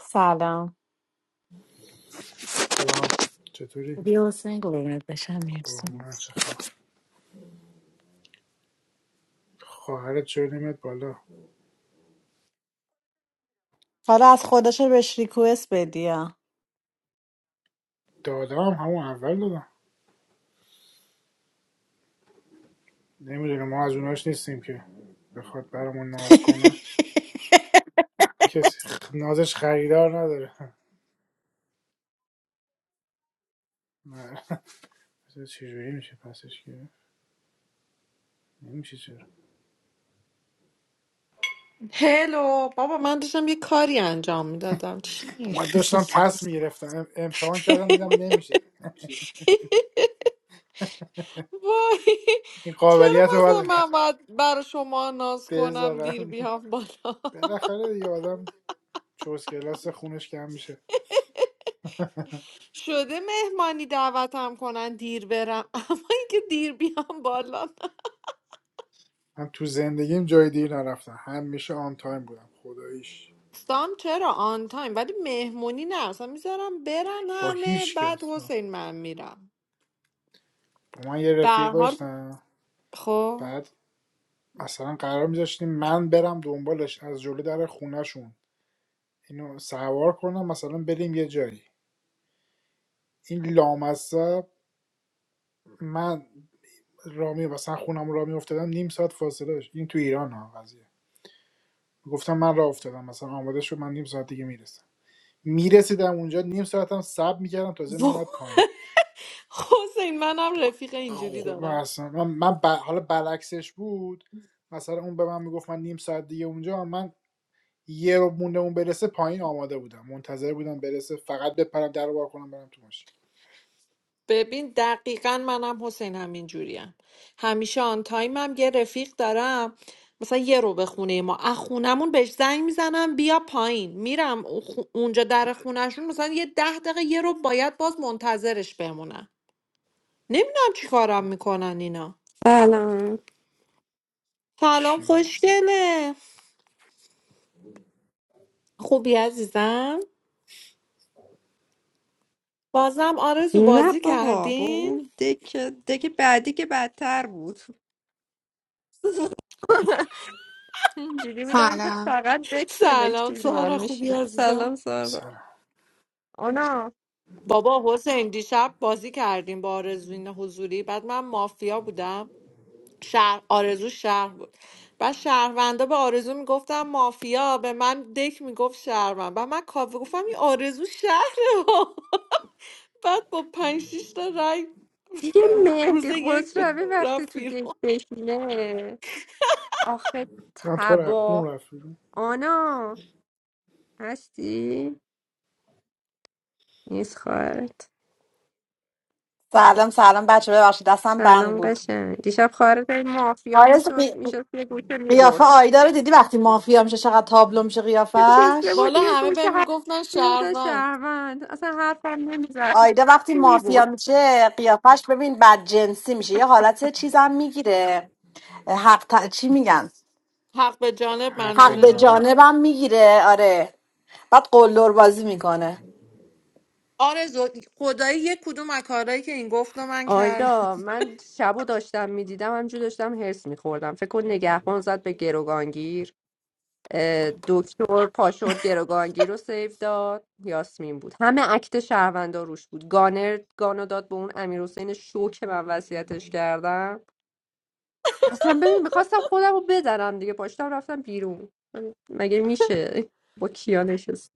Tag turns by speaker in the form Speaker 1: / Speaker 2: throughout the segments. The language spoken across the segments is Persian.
Speaker 1: سلام
Speaker 2: سلام چطوری؟
Speaker 1: بیا حسین قربونت بشم مرسی
Speaker 2: قربونت چخبر؟ خواهرت چرا نمیاد بالا
Speaker 1: حالا از خودش رو بهش ریکوست بدی ها.
Speaker 2: دادم همون اول دادم نمیدونه ما از اوناش نیستیم که بخواد برامون ناز کنه کسی خ- نازش خریدار نداره نه. بذار چجوری میشه پسش گرفت نمیشه چرا
Speaker 3: هلو بابا من داشتم یه کاری انجام میدادم چی؟
Speaker 2: من داشتم پس میگرفتم امتحان کردم دیدم نمیشه
Speaker 3: وای
Speaker 2: این
Speaker 3: چرا
Speaker 2: قابلیت رو
Speaker 3: مثلا
Speaker 2: باید
Speaker 3: من باید برا شما ناز کنم دیر
Speaker 2: بذارن
Speaker 3: بیام بالا
Speaker 2: بالاخره دیگه آدم چوز کلاس خونش کم میشه
Speaker 3: شده مهمانی دعوتم کنن دیر برم اما اینکه دیر بیام بالا نه.
Speaker 2: من تو زندگیم جای دیگه نرفتم همیشه آن تایم بودم خداییش
Speaker 3: استام چرا آن تایم ولی مهمونی نه اصلا میذارم برن
Speaker 2: با
Speaker 3: همه
Speaker 2: هیچ
Speaker 3: بعد
Speaker 2: کس نه.
Speaker 3: حسین من میرم
Speaker 2: با من یه
Speaker 3: به
Speaker 2: رفیق
Speaker 3: هر حال
Speaker 2: داشتم
Speaker 3: خب
Speaker 2: بعد مثلا قرار میذاشتیم من برم دنبالش از جلو در خونهشون اینو سوار کنم مثلا بریم یه جایی این لامصب من رامی مثلا خونم را می افتادم نیم ساعت فاصله داشت این تو ایران ها قضیه گفتم من راه افتادم مثلا آماده شد من نیم ساعت دیگه میرسم میرسیدم اونجا نیم ساعتم صبر میکردم تازه میومد پایین
Speaker 3: حسین منم رفیق اینجوری
Speaker 2: خب من
Speaker 3: دارم
Speaker 2: اصلا من, من ب- حالا برعکسش بود مثلا اون به من میگفت من نیم ساعت دیگه اونجا من یه رو مونده اون برسه پایین آماده بودم منتظر بودم برسه فقط بپرم در رو بار کنم برم تو ماشین
Speaker 3: ببین دقیقا منم حسین همین جوریم همیشه آن تایمم یه رفیق دارم مثلا یه رو به خونه ما از خونمون بهش زنگ میزنم بیا پایین میرم او- خو- اونجا در خونشون مثلا یه ده دقیقه یه رو باید باز منتظرش بمونم نمیدونم چی کارم میکنن اینا
Speaker 4: سلام
Speaker 3: سلام
Speaker 2: چی
Speaker 3: خوشگله خوبی عزیزم بازم آرزو
Speaker 4: نه
Speaker 3: بازی
Speaker 4: بابا با
Speaker 3: کردین
Speaker 4: اون دک دک بعدی که بدتر بود اینجوری بودم که
Speaker 5: Sana
Speaker 4: فقط دک
Speaker 3: سلام
Speaker 4: سلکتیو من
Speaker 3: سارا خوبی
Speaker 4: میشینم
Speaker 3: عزیزم
Speaker 4: سلام سارا
Speaker 2: سلام
Speaker 4: آنا
Speaker 3: بابا حسین دیشب بازی کردیم با آرزوین حضوری بعد من مافیا بودم شهر آرزو شهر بود بعد شهروندا به آرزو میگفتم مافیا به من دک میگفت شهروند بعد من کافه گفتم این آرزو شهره ها. بعد با پنج شیش تا رای
Speaker 4: دیگه
Speaker 3: روز
Speaker 4: مهدی
Speaker 3: یک به-
Speaker 4: قطربی وقتی
Speaker 3: رفت
Speaker 4: تو دک
Speaker 3: بیرون
Speaker 4: بشینه آخه
Speaker 2: من تو رو اون
Speaker 4: تبا
Speaker 2: رفت بیرون.
Speaker 4: آنا هستی؟ نیست خواهرت
Speaker 1: سلام سلام بچه ببخشید دستم بند
Speaker 4: سلام
Speaker 1: بود
Speaker 4: قشنگ دیشب خواهرت این مافیا
Speaker 1: آیا
Speaker 4: میشد میشد یه گوشه میبرد
Speaker 1: قیافه آیدا رو دیدی وقتی مافیا میشه چقدر تابلو میشه
Speaker 4: نشسته
Speaker 1: قیافش
Speaker 4: بود
Speaker 3: بالا
Speaker 4: یه
Speaker 3: همه به
Speaker 4: گوشه هر
Speaker 3: میگفتن
Speaker 4: میگفتن
Speaker 3: شهروند
Speaker 4: شهروند اصلا حرفم نمیزد
Speaker 1: آیدا وقتی مافیا
Speaker 4: میبرد
Speaker 1: میشه قیافش ببین بد جنسی میشه یه حالت چیزم میگیره حق ت... چی میگن
Speaker 3: حق به جانب
Speaker 2: حق
Speaker 1: حق
Speaker 2: به
Speaker 3: منظور
Speaker 1: به
Speaker 2: جانه
Speaker 3: تو
Speaker 1: جانبم میگیره آره بعد قلدر بازی میکنه
Speaker 3: آرزو خدایی یک کدوم از کارهایی که این گفت رو من کردم
Speaker 4: آیدا من شبو داشتم میدیدم همجور داشتم هرس میخوردم فکر کن نگهبان زد به گروگانگیر اه، دکتر پاشورد گروگانگیر رو سیو داد یاسمین بود همه اکت شهروندا روش بود گانر گانو داد به اون امیر حسین شو که من وصیتش کردم اصلا ببین میخواستم خودم رو بزنم دیگه پاشتم رفتم بیرون مگه میشه با کیا نشستم؟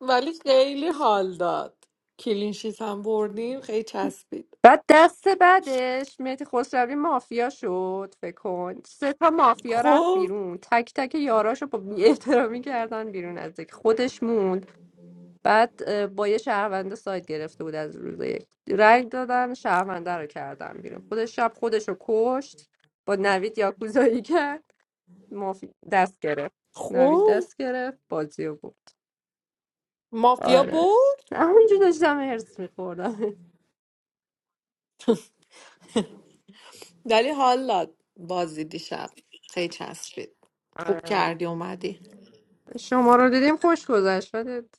Speaker 3: ولی خیلی حال داد کلینشیت هم بردیم خیلی چسبید
Speaker 4: بعد دست بعدش مهدی خسروی مافیا شد فکر کن سه تا مافیا رفت
Speaker 3: خب
Speaker 4: بیرون تک تک یاراشو با بی‌احترامی کردن بیرون از یک خودش موند بعد اه، با یه شهرونده سایت گرفته بود از روز یک رنگ دادن شهرونده رو کردن بیرون خودش شب خودش رو کشت با نوید یاکوزایی کرد مافی... دست گرفت نوید
Speaker 3: خب
Speaker 4: دست گرفت بازی رو بود
Speaker 3: مافیا
Speaker 4: آره
Speaker 3: برد
Speaker 4: همونجور داشتم هرس میخوردم
Speaker 3: ولی حال داد بازی دیشب خیلی چسبید خوب
Speaker 4: آره.
Speaker 3: کردی اومدی
Speaker 4: شما رو دیدیم خوش گذشت ولی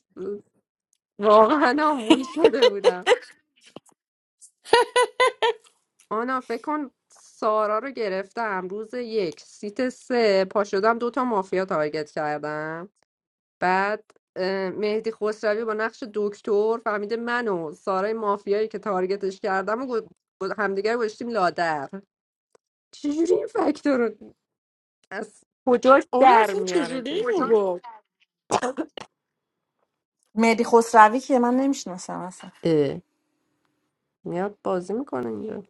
Speaker 4: واقعا آمبول شده بودم آنا فکر کن سارا رو گرفتم روز یک سیت سه پا شدم دوتا مافیا تارگت کردم بعد اه، مهدی خسروی با نقش دکتر فهمیده من و سارای مافیایی که تارگتش کردم و گو- گو- همدیگر رو گذاشتیم لادر چجوری این فاکتور رو از کجاش
Speaker 3: آره
Speaker 4: در
Speaker 3: اصلا
Speaker 4: میاره
Speaker 3: چجوری اینو
Speaker 4: جدی
Speaker 3: گفت
Speaker 1: مهدی خسروی که من نمیشناسم اصلا
Speaker 4: اه، میاد بازی میکنه اینجا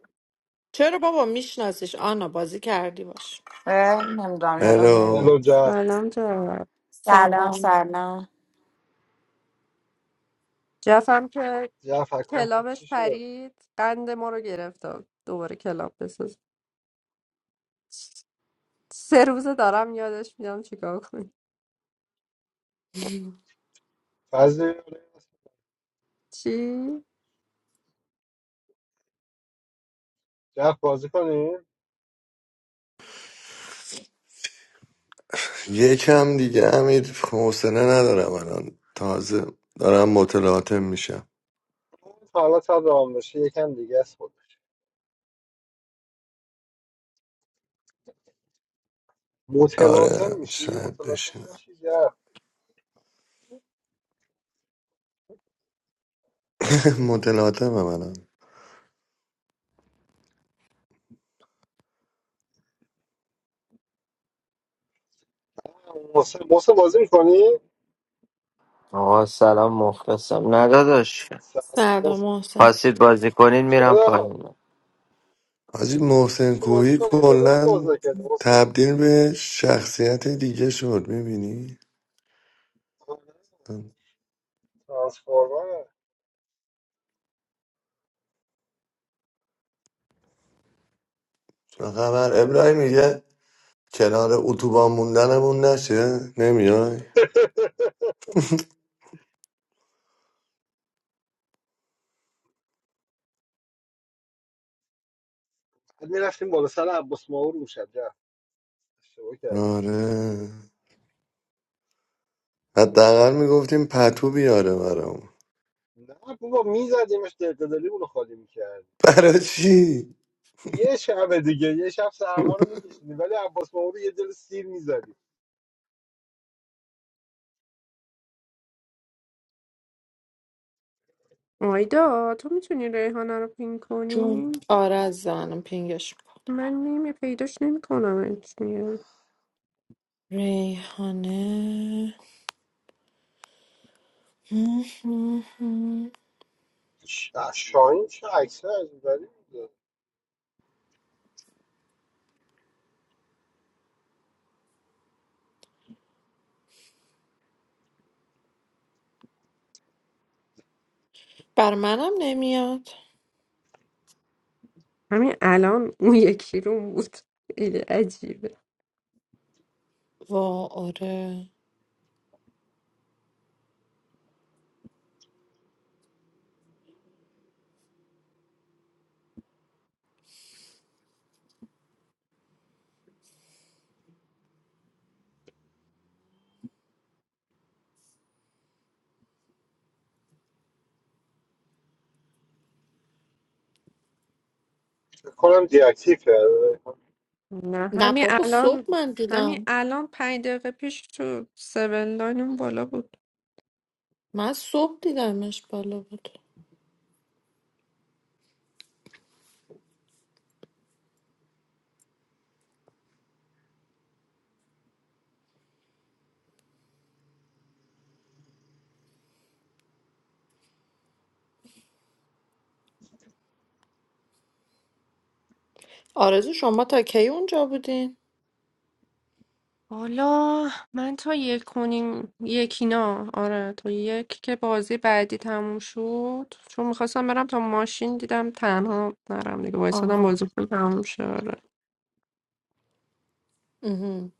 Speaker 3: چرا بابا میشناسیش آنا بازی کردی باش
Speaker 1: نمیدونم یادم
Speaker 6: Hello.
Speaker 1: نمیاد
Speaker 7: الو جف
Speaker 4: سلام جواد
Speaker 1: سلام
Speaker 3: سلام
Speaker 1: سلام
Speaker 4: جفم که
Speaker 7: جف اکانت
Speaker 4: کلابش
Speaker 7: چی شد
Speaker 4: پرید قند ما رو گرفت دوباره کلاب بساز سه روزه دارم یادش میدم چیکار کنی
Speaker 7: فضلی
Speaker 4: چی؟
Speaker 7: جف بازی کنیم
Speaker 6: One of the other hopes is that the weather is not bad. They
Speaker 7: تا حالا تا رام بشه یکم دیگه است خود
Speaker 6: are
Speaker 7: متلاطم میشی
Speaker 6: fresh. They
Speaker 7: متلاطم نشی جف
Speaker 6: are motelated. They are. They are probably motelated. They are.
Speaker 7: محسن محسن بازی میکنی
Speaker 8: آقا سلام مخلصم نه داداش
Speaker 7: سلام
Speaker 3: سلام
Speaker 7: محسن
Speaker 3: محسن
Speaker 8: خواستید بازی کنین میرم
Speaker 7: چرا
Speaker 8: پایین
Speaker 6: When the
Speaker 7: چی بازی کنی خیلی وقت بازی نکردی محسن
Speaker 6: weather is good, they change to the personality of
Speaker 7: ترانسفورمر
Speaker 6: the other. You see. The news says that it is October. It is not coming. It is. Actually, they said that it is September.
Speaker 7: بعد میرفتیم بالا سر عباس ماور میشد جف اشتباه کردی نه بابا میزدیمش دلدلی اونو خالی میکردی
Speaker 6: What?
Speaker 7: یه شب دیگه یه شب سرما رو میکشیدیم ولی عباس ماهو رو یه دل سیر میزدیم
Speaker 4: آیدا تو میتونی ریحانه رو پین
Speaker 3: جون
Speaker 4: کنی؟
Speaker 3: آره از زنم پینگش میکنم
Speaker 4: من نمی پیداش نمی کنم
Speaker 3: ریحانه
Speaker 7: شاهین چه عکس عجیبی
Speaker 3: بر منم نمیاد
Speaker 4: همین الان اون یکی رو بود خیلی عجیبه
Speaker 3: وا آره
Speaker 7: فکر کنم دیاکتیو کرده
Speaker 4: نه
Speaker 3: نه
Speaker 4: همین
Speaker 3: بابا
Speaker 4: الان
Speaker 3: صبح من
Speaker 4: همین
Speaker 3: دیدم
Speaker 4: الان پنج دقیقه پیش تو سبن لاین اون بالا بود
Speaker 3: من صبح دیدمش بالا بود آرزو شما تا کی اونجا بودین؟
Speaker 4: حالا من تا یک کنیم یک اینا آره تا یک که بازی بعدی تموم شد چون میخواستم برم تا ماشین دیدم تنها نرم دیگه وایسادم
Speaker 3: آها
Speaker 4: بازیتون تموم شد آره.
Speaker 3: مهم.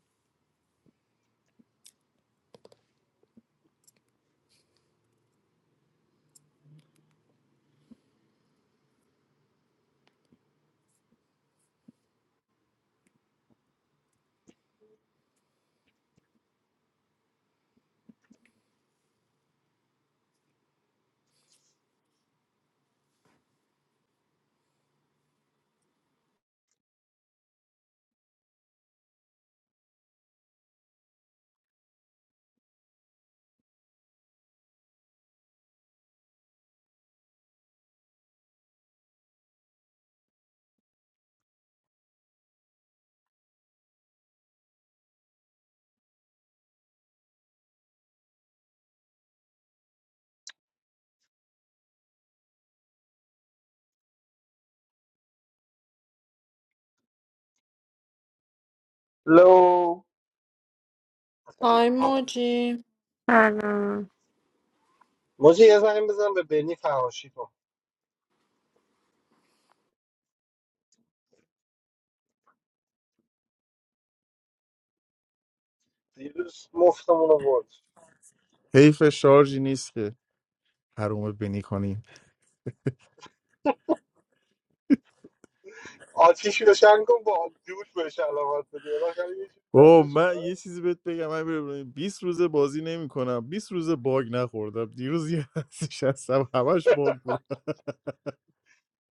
Speaker 9: لو
Speaker 3: های موجی
Speaker 4: سلام
Speaker 7: موجی یه زنگ بزن به بنی فراشی کن دیروز مفتمون رو برد
Speaker 9: می-
Speaker 7: آتیشی روشن کن با دود بهش علامت بده بالاخره یه چیز باید
Speaker 9: اوه
Speaker 7: بهش
Speaker 9: من
Speaker 7: علامت بده.
Speaker 9: یه چیزی بهت بگم من ببینم 20 روز بازی نمیکنم 20 روز باگ نخوردم دیروز یه هستش هستم همش باگ بود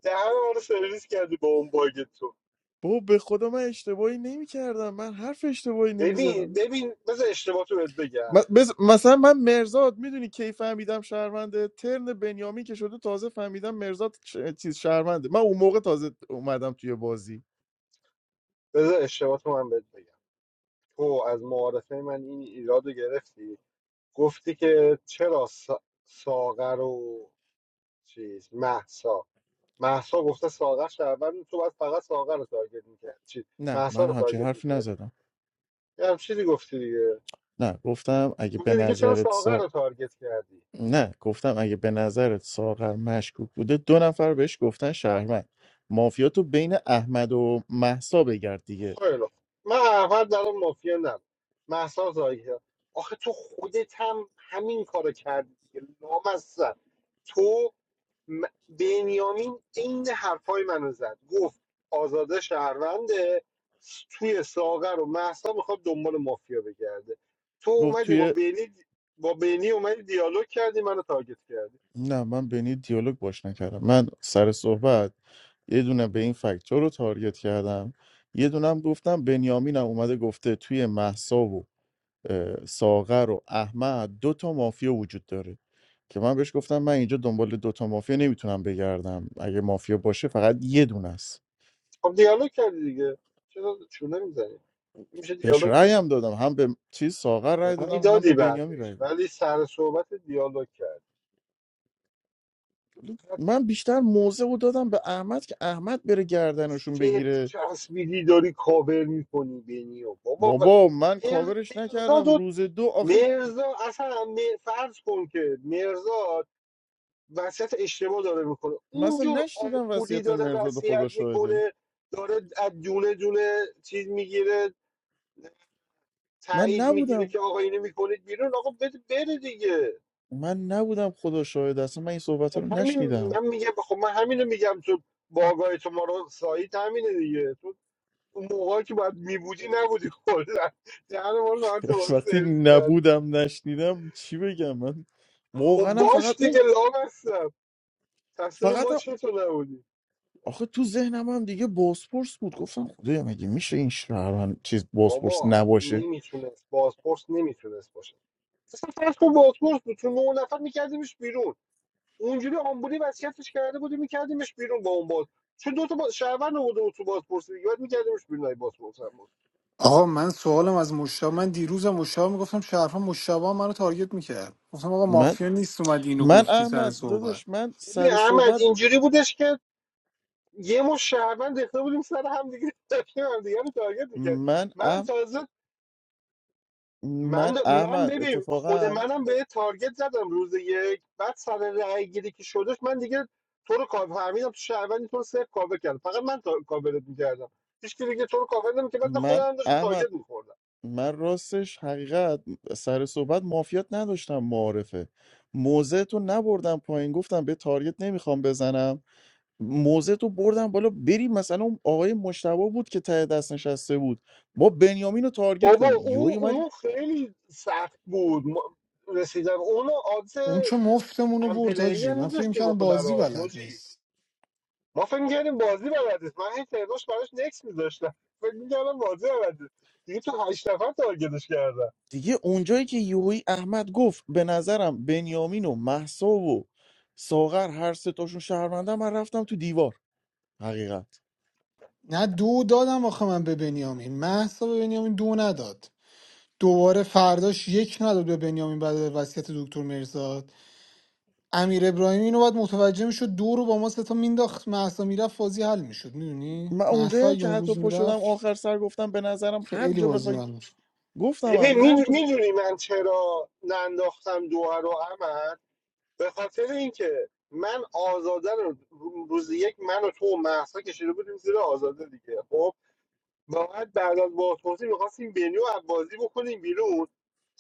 Speaker 7: دهن ما رو سرویس کردی با اون باگ تو
Speaker 9: بابا به خدا من اشتباهی نمیکردم من حرف اشتباهی
Speaker 7: ببین
Speaker 9: نمیزدم
Speaker 7: ببین بذار اشتباه تو بهت بگم
Speaker 9: مثلا من مرزاد میدونی کی فهمیدم شهرونده ترن بنیامین که شده تازه فهمیدم مرزاد ش- چیز شهرونده من اون موقع تازه اومدم توی بازی
Speaker 7: بذار اشتباه تو من بهت بگم تو از معارفه من این ایراد رو گرفتی گفتی که چرا سا- ساغر و چیز مهسا مهسا گفته ساغر شهروند تو باید فقط ساغر رو تارگت میکرد چی
Speaker 9: نه
Speaker 7: مهسا
Speaker 9: من
Speaker 7: رو
Speaker 9: همچین
Speaker 7: تارگت
Speaker 9: حرفی
Speaker 7: میکردی
Speaker 9: نزدم
Speaker 7: یه هم چیزی گفتی دیگه
Speaker 9: نه گفتم اگه به
Speaker 7: گفتی دیگه چرا
Speaker 9: نظرت
Speaker 7: ساغر
Speaker 9: سا...
Speaker 7: رو تارگت کردی
Speaker 9: نه گفتم اگه به نظرت ساغر مشکوک بوده دو نفر بهش گفتن شهروند مافیا تو بین احمد و محسا بگرد دیگه
Speaker 7: خیلی خوب. من اول در اون مافیا نم مهسا تارگت کرد. آخه تو خودت هم همین کارو کردی دیگه لامصب تو م- بنیامین عین حرفای منو زد گفت آزاده شهرونده توی ساغر و محسا میخواد دنبال مافیا بگرده تو
Speaker 9: گفت
Speaker 7: اومدی با
Speaker 9: توی
Speaker 7: بینی با بینی اومدی دیالوگ کردی منو تارگت کردی
Speaker 9: نه من بینی دیالوگ باش نکردم من سر صحبت یه دونه به این فکتور رو تارگت کردم یه دونم گفتم بنیامینم اومده گفته توی محسا و اه، ساغر و احمد دو تا مافیا وجود داره که من بهش گفتم من اینجا دنبال دو تا مافیا نمیتونم بگردم اگه مافیا باشه فقط یه دونه است
Speaker 7: خب دیالوگ کردی دیگه چرا چونه میزنی میشه
Speaker 9: بهش
Speaker 7: دیالوگ
Speaker 9: رأی
Speaker 7: دیگه
Speaker 9: هم دادم هم به چیز ساغر رأی
Speaker 7: رأی
Speaker 9: دادم هم به
Speaker 7: دادی
Speaker 9: بنیامین رأی
Speaker 7: بعدش
Speaker 9: دادم
Speaker 7: ولی سر صحبت دیالوگ کرد
Speaker 9: من بیشتر موضع رو دادم به احمد که احمد بره گردنشون
Speaker 7: سفت
Speaker 9: بگیره
Speaker 7: چسبیدی داری کاور میکنی بینی و بابا و...
Speaker 9: بابا من کاورش
Speaker 7: مرزاد
Speaker 9: نکردم روز دو آخه
Speaker 7: مرزا اصلا م- فرض کن که مرزا وسط اشتباه داره میکنه
Speaker 9: مثلا
Speaker 7: اونجور
Speaker 9: نشنیدم
Speaker 7: آمبولی
Speaker 9: وصیت
Speaker 7: داره
Speaker 9: مرزاد خدا
Speaker 7: وصیت
Speaker 9: شاهده
Speaker 7: میکنه داره از دونه دونه چیز میگیره
Speaker 9: من
Speaker 7: تایید میگیره
Speaker 9: نبودم
Speaker 7: که آقا اینو میکنید بیرون آقا بده بره دیگه
Speaker 9: من نبودم خدا شاهده اصلا من این صحبت رو
Speaker 7: خب همین
Speaker 9: نشنیدم
Speaker 7: من میگم خب من همینو میگم تو باگاه تو ما رو سایت همینه دیگه تو اون موقعی که باید میبودی نبودی کلا دهن ما رو به هم تو بازی
Speaker 9: وقتی
Speaker 7: سرویس کرد
Speaker 9: نبودم نشنیدم چی بگم من
Speaker 7: خب
Speaker 9: واقعا هم فقط
Speaker 7: باش
Speaker 9: اون
Speaker 7: دیگه لام هستم تصویر
Speaker 9: فقط
Speaker 7: ما چطور نبودی
Speaker 9: آخه تو ذهنم هم دیگه باسپورس بود گفتم خدایا مگه میشه این شهروند چیز باسپورس
Speaker 7: بابا
Speaker 9: نباشه
Speaker 7: نمیتونست بازپرس نمیتونست باشه اصلا فرض کن بازپرس بود تو نه نفر میکردیمش بیرون اونجوری آمبولی وصیتش کرده بودی میکردیمش بیرون با اون باز چون دو تا با... شهروند آورده بود تو بازپرس دیگه بعد میکردیمش بیرون ای بازپرس هم بود
Speaker 10: آقا من سوالم از مشتاق من دیروزم مشتاق میگفتم شرفا مشتاق هم منو تارگت میکرد گفتم آقا
Speaker 9: من
Speaker 10: مافیا نیست اومدی اینو
Speaker 9: من
Speaker 10: گفتی سر
Speaker 9: احمد
Speaker 10: صحبت
Speaker 9: داداش من
Speaker 7: ببین
Speaker 9: سر
Speaker 7: احمد
Speaker 9: صحبت
Speaker 7: اینجوری بودش که یه مو شهروند ریخته بودیم سر هم دیگه داشتیم هم دیگه رو تارگت میکرد
Speaker 9: من
Speaker 7: من
Speaker 9: اح...
Speaker 7: تازه
Speaker 9: من
Speaker 7: من من
Speaker 9: احمد
Speaker 7: ببین خود
Speaker 9: اتفاقا
Speaker 7: منم به تارگت زدم روز یک بعد سر رأی گیری که شدش من دیگه تو رو کاور فهمیدم تو شهروندی تو رو صفر کاور کرد فقط من تا- کاورت میکردم هیچ کی دیگه تو رو کاور نمی که بعد
Speaker 9: من
Speaker 7: خودم هم داشتم
Speaker 9: احمد
Speaker 7: تارگت میخوردم
Speaker 9: من راستش حقیقت سر صحبت معافیت نداشتم معارفه موزه تو نبردم پایین گفتم به تاریت نمیخوام بزنم موزه تو بردم بالا بری مثلا اون آقای مشتبه بود که ته دست نشسته بود ما بنیامین رو تارگت
Speaker 7: بابا
Speaker 9: کنی یهو
Speaker 7: او
Speaker 9: اومدی
Speaker 7: اون خیلی سخت بود ما- رسیدم اون آدز
Speaker 10: اون چه مفتمونو برد
Speaker 7: امپلی
Speaker 10: حاجی
Speaker 7: هم
Speaker 10: من فکر
Speaker 7: میذاشتیم
Speaker 10: میکردم
Speaker 7: بخور
Speaker 10: بازی
Speaker 7: براش
Speaker 10: بلد
Speaker 7: موجی
Speaker 10: نیست
Speaker 7: ما فکر میکردیم بازی بلدیست من هی ترداش براش نکس میذاشتم فکر میکردم بازی بلدیست دیگه تو هشت نفر تارگتش کردم
Speaker 9: دیگه اونجایی که یوهی احمد گفت به نظرم بنیامین و محسا و ساغر هر سه تاشون شهروندن من رفتم تو دیوار حقیقت
Speaker 10: نه دو دادم آخه من به بنیامین محسا به بنیامین دو نداد دوباره فرداش یک نداد به بنیامین بعد از وصیت دکتر مرزاد امیر ابراهیمی اینو باید متوجه میشد دو رو با ما سه تا مینداخت محسا میرفت بازی حل میشد میدونی
Speaker 9: من اونجایی
Speaker 10: محسا
Speaker 9: هم که
Speaker 10: یه
Speaker 9: حتی
Speaker 10: روز
Speaker 9: پا شدم
Speaker 10: میرفت
Speaker 9: آخر سر گفتم به نظرم هر
Speaker 10: خیلی
Speaker 9: جا
Speaker 10: بازی حل
Speaker 9: بخواید
Speaker 10: می‌شد.
Speaker 9: گفتم هم
Speaker 7: ببین
Speaker 9: هر جا
Speaker 7: میدونی من چرا ننداختم دوها رو عمل به خاطر اینکه من آزاده رو روز یک من و تو و محسا کشیده بودیم زیر آزاده دیگه خب باید بعد از بازپرسی میخواستیم بنی و عبازی بکنیم بیرون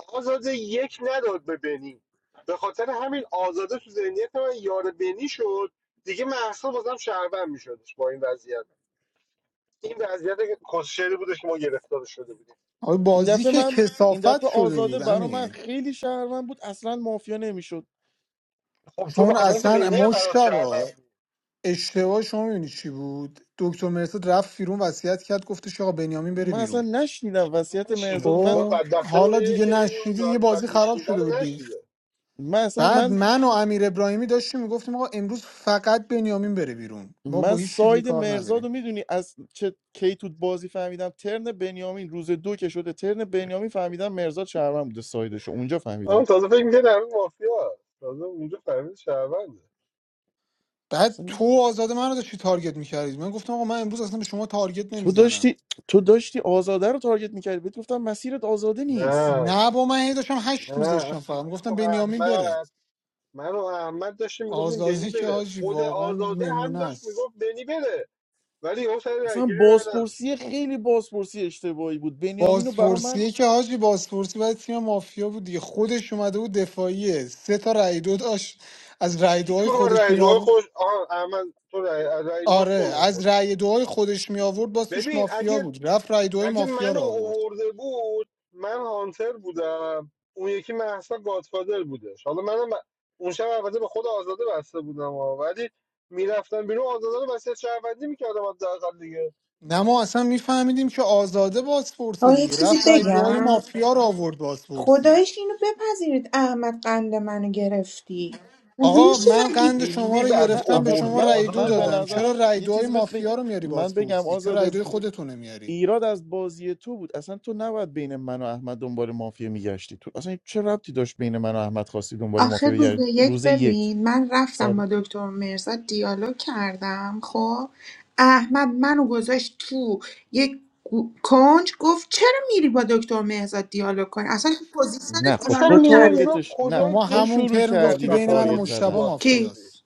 Speaker 7: آزاده یک نداد به بنی به خاطر همین آزاده تو ذهنیت من یار بنی شد دیگه محسا بازم شهروند میشدش با این وضعیت این وضعیت که کسشری بودش که ما گرفتار شده بودیم
Speaker 10: آره
Speaker 9: این
Speaker 10: بازی
Speaker 9: دفعه
Speaker 10: که
Speaker 9: من این
Speaker 10: کسافت
Speaker 9: دفعه
Speaker 10: شده
Speaker 9: آزاده
Speaker 10: بود
Speaker 9: برا من
Speaker 10: امین
Speaker 9: خیلی شهروند بود اصلا مافیا نمیشد
Speaker 7: خب تو به
Speaker 10: چون
Speaker 7: خاطر اینکه
Speaker 10: اصلا
Speaker 7: بینی هم برات
Speaker 10: مشتبا
Speaker 7: شهروند
Speaker 10: اشتباه شما میبینی چی بود دکتر مرسد رفت بیرون وصیت کرد گفتش آقا بنیامین بره
Speaker 9: من اصلا
Speaker 10: بیرون
Speaker 9: نشنیدم وصیت مرزاد
Speaker 7: نشیده
Speaker 9: من
Speaker 7: ما
Speaker 10: خب
Speaker 7: بدبختمون
Speaker 10: حالا
Speaker 7: اینه
Speaker 10: دیگه
Speaker 7: که این
Speaker 10: نشیدی
Speaker 7: اونجا
Speaker 10: دیگه
Speaker 7: که بعد
Speaker 10: بازی خراب
Speaker 7: میشیده
Speaker 10: شده بود
Speaker 7: رو
Speaker 10: دیگه
Speaker 7: نشیده
Speaker 9: من اصلا
Speaker 10: بعد
Speaker 9: من
Speaker 10: من و امیر ابراهیمی داشتیم میگفتیم آقا امروز فقط بنیامین بره بیرون ما با
Speaker 9: من
Speaker 10: هیچ چی دیگه
Speaker 9: ساید
Speaker 10: کار
Speaker 9: مرزاد رو
Speaker 10: نداریم
Speaker 9: میدونی از چه کی تو بازی فهمیدم ترن بنیامین روز دو که شده ترن بنیامین فهمیدم مرزاد شهروند بوده سایدش رو. اونجا
Speaker 7: اما
Speaker 9: فهمیدم
Speaker 7: تازه فکر میکنه در اون مافیا است. تازه اونجا فهمید شهرونده
Speaker 10: بعد
Speaker 9: اصلا
Speaker 10: تو و آزاد منو داشتی تارگت میکردید من گفتم آقا من امروز اصلا به شما تارگت
Speaker 9: تو
Speaker 10: نمیزنم
Speaker 9: داشتی تو داشتی آزاده رو تارگت میکردی بهت گفتم مسیرت آزاده نیست
Speaker 7: نه
Speaker 10: نه با من هی داشتم هشت
Speaker 7: نه من
Speaker 10: میذاشتم فقط
Speaker 7: و
Speaker 10: میگفتم بنیامین بره
Speaker 7: احمد من و احمد داشتیم میگفتیم بنی
Speaker 10: آزاده که
Speaker 7: بره
Speaker 10: حاجی
Speaker 7: خود
Speaker 10: واقعا
Speaker 7: آزاده هم
Speaker 10: نمونه
Speaker 7: داشت
Speaker 10: است
Speaker 7: میگفت بنی بره ولی اون سر
Speaker 9: اصلا
Speaker 7: رایگیری رای نداد
Speaker 9: بازپرسی خیلی بازپرسی اشتباهی بود بنیامین رو برا من
Speaker 10: بازپرسیه که حاجی بازپرسی باید تیم مافیا بود دیگه خودش اومده بود دفاعیه سه تا رأی دو داشت از رأی
Speaker 7: هیچ
Speaker 10: دوهای
Speaker 7: کنو بر
Speaker 10: خودش
Speaker 7: رای
Speaker 10: می
Speaker 7: دوهای
Speaker 10: آورد
Speaker 7: خوش آه احمد تو رای, رای دوهاش
Speaker 10: آره
Speaker 7: تو رو
Speaker 10: از
Speaker 7: آورده.
Speaker 10: رأی دوهای خودش می آورد باز توش
Speaker 7: ببین
Speaker 10: مافیا
Speaker 7: اگه
Speaker 10: بود رفت رأی دوهای
Speaker 7: اگه
Speaker 10: مافیا رو
Speaker 7: منو
Speaker 10: آورد
Speaker 7: اوورده بود من هانتر بودم اون یکی محسا گادفادر بودش حالا منم اون شب البته به خود آزاده بسته بودم ها. ولی میرفتم بیرون آزاده رو وسیعت شهروندی میکردم حداقل دیگه
Speaker 10: نه ما اصلا میفهمیدیم که آزاده بازپرسه
Speaker 11: آقا یه
Speaker 10: دیگه
Speaker 11: چیزی
Speaker 10: رفت رأی دوهای
Speaker 11: بگم
Speaker 10: مافیا رو آورد بازپرسی
Speaker 11: خدایش اینو بپذیرید احمد قند منو گرفتی مگه
Speaker 10: آقا
Speaker 11: میشه
Speaker 10: من
Speaker 11: نگی
Speaker 10: قند شما
Speaker 7: خیلی
Speaker 10: رو
Speaker 7: بد
Speaker 9: نه
Speaker 10: گرفتم به
Speaker 9: آخه
Speaker 10: شما
Speaker 7: اووردی
Speaker 9: من
Speaker 10: رأی دو
Speaker 7: آزاد
Speaker 9: من به
Speaker 10: دادم چرا
Speaker 9: نظرم
Speaker 7: بازپرسی
Speaker 10: رأی
Speaker 9: یه
Speaker 10: دوهای
Speaker 9: چیزی بهت بگم
Speaker 10: مافیا رو میاری
Speaker 9: من بگم
Speaker 10: بازپرسی چرا رأی
Speaker 9: آزاده
Speaker 10: دوهای خودتو نمیاری
Speaker 9: ایراد از بازی تو بود اصلا تو نباید بین من و احمد دنبال مافیا میگشتی تو اصلا چه ربطی داشت بین من و احمد خواستی دنبال
Speaker 11: آخه
Speaker 9: مافیا
Speaker 11: روز
Speaker 9: بگردی
Speaker 11: یک
Speaker 9: روز یک
Speaker 11: ببین من
Speaker 9: سر
Speaker 11: رفتم با دکتر مرزا دیالوگ کردم خب احمد منو گذاشت تو یک گو- کنج گفت چرا میری با دکتر مهزاد دیالوگ کنی اصلا تو
Speaker 9: نه
Speaker 11: پوزیشن
Speaker 9: خب
Speaker 7: اصلا
Speaker 9: تو
Speaker 11: دیالوگ
Speaker 7: میرزا
Speaker 11: نداری
Speaker 9: تارگتش نه
Speaker 7: کجای
Speaker 10: شما
Speaker 9: تو
Speaker 7: دک
Speaker 10: همون
Speaker 9: شروع
Speaker 7: بود
Speaker 10: ترم گفتی
Speaker 9: کردی به
Speaker 7: بدبخ
Speaker 10: بین من و
Speaker 9: تارگت
Speaker 7: اووردیش تو
Speaker 10: مشتبه
Speaker 9: زدن
Speaker 11: کی
Speaker 7: بازپرسی
Speaker 10: مافیاست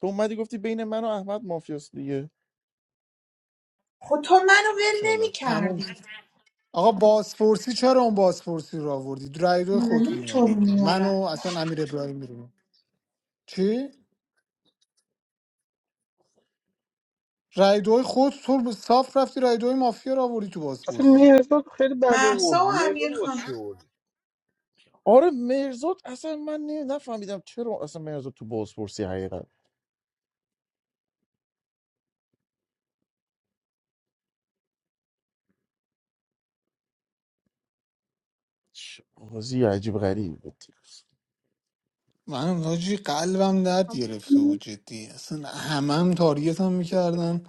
Speaker 9: تو اومدی گفتی بین من و احمد مافیاست دیگه
Speaker 11: خب تو منو ول نمی
Speaker 10: انشالله تموم
Speaker 11: کردی
Speaker 10: شد آقا بازپرسی چرا اون بازپرسی رو آوردی رای دو خودتون
Speaker 11: معلوم
Speaker 10: می
Speaker 11: تو رو
Speaker 10: آوردی
Speaker 11: میارم
Speaker 10: منو اصلا امیر ابراهیمی رو چی رای دوی خود تو به صاف رفتی رای دوی مافیا رو آوردی تو
Speaker 7: اصلا
Speaker 10: بازپرسی
Speaker 7: میرزا خیلی بد
Speaker 11: محسا و
Speaker 7: اووردی مهرزاد
Speaker 11: امیر
Speaker 7: واسه
Speaker 11: خان
Speaker 7: چی اووردی
Speaker 9: آره مرزاد اصلا من نی- نفهمیدم چرا اصلا مرزاد تو بازپرسی حقیقت چه بازی عجیب غریب بود
Speaker 10: من حاجی قلبم درد گرفته
Speaker 12: I'm.
Speaker 10: بود جدی اصلا همم تاریت هم میکردن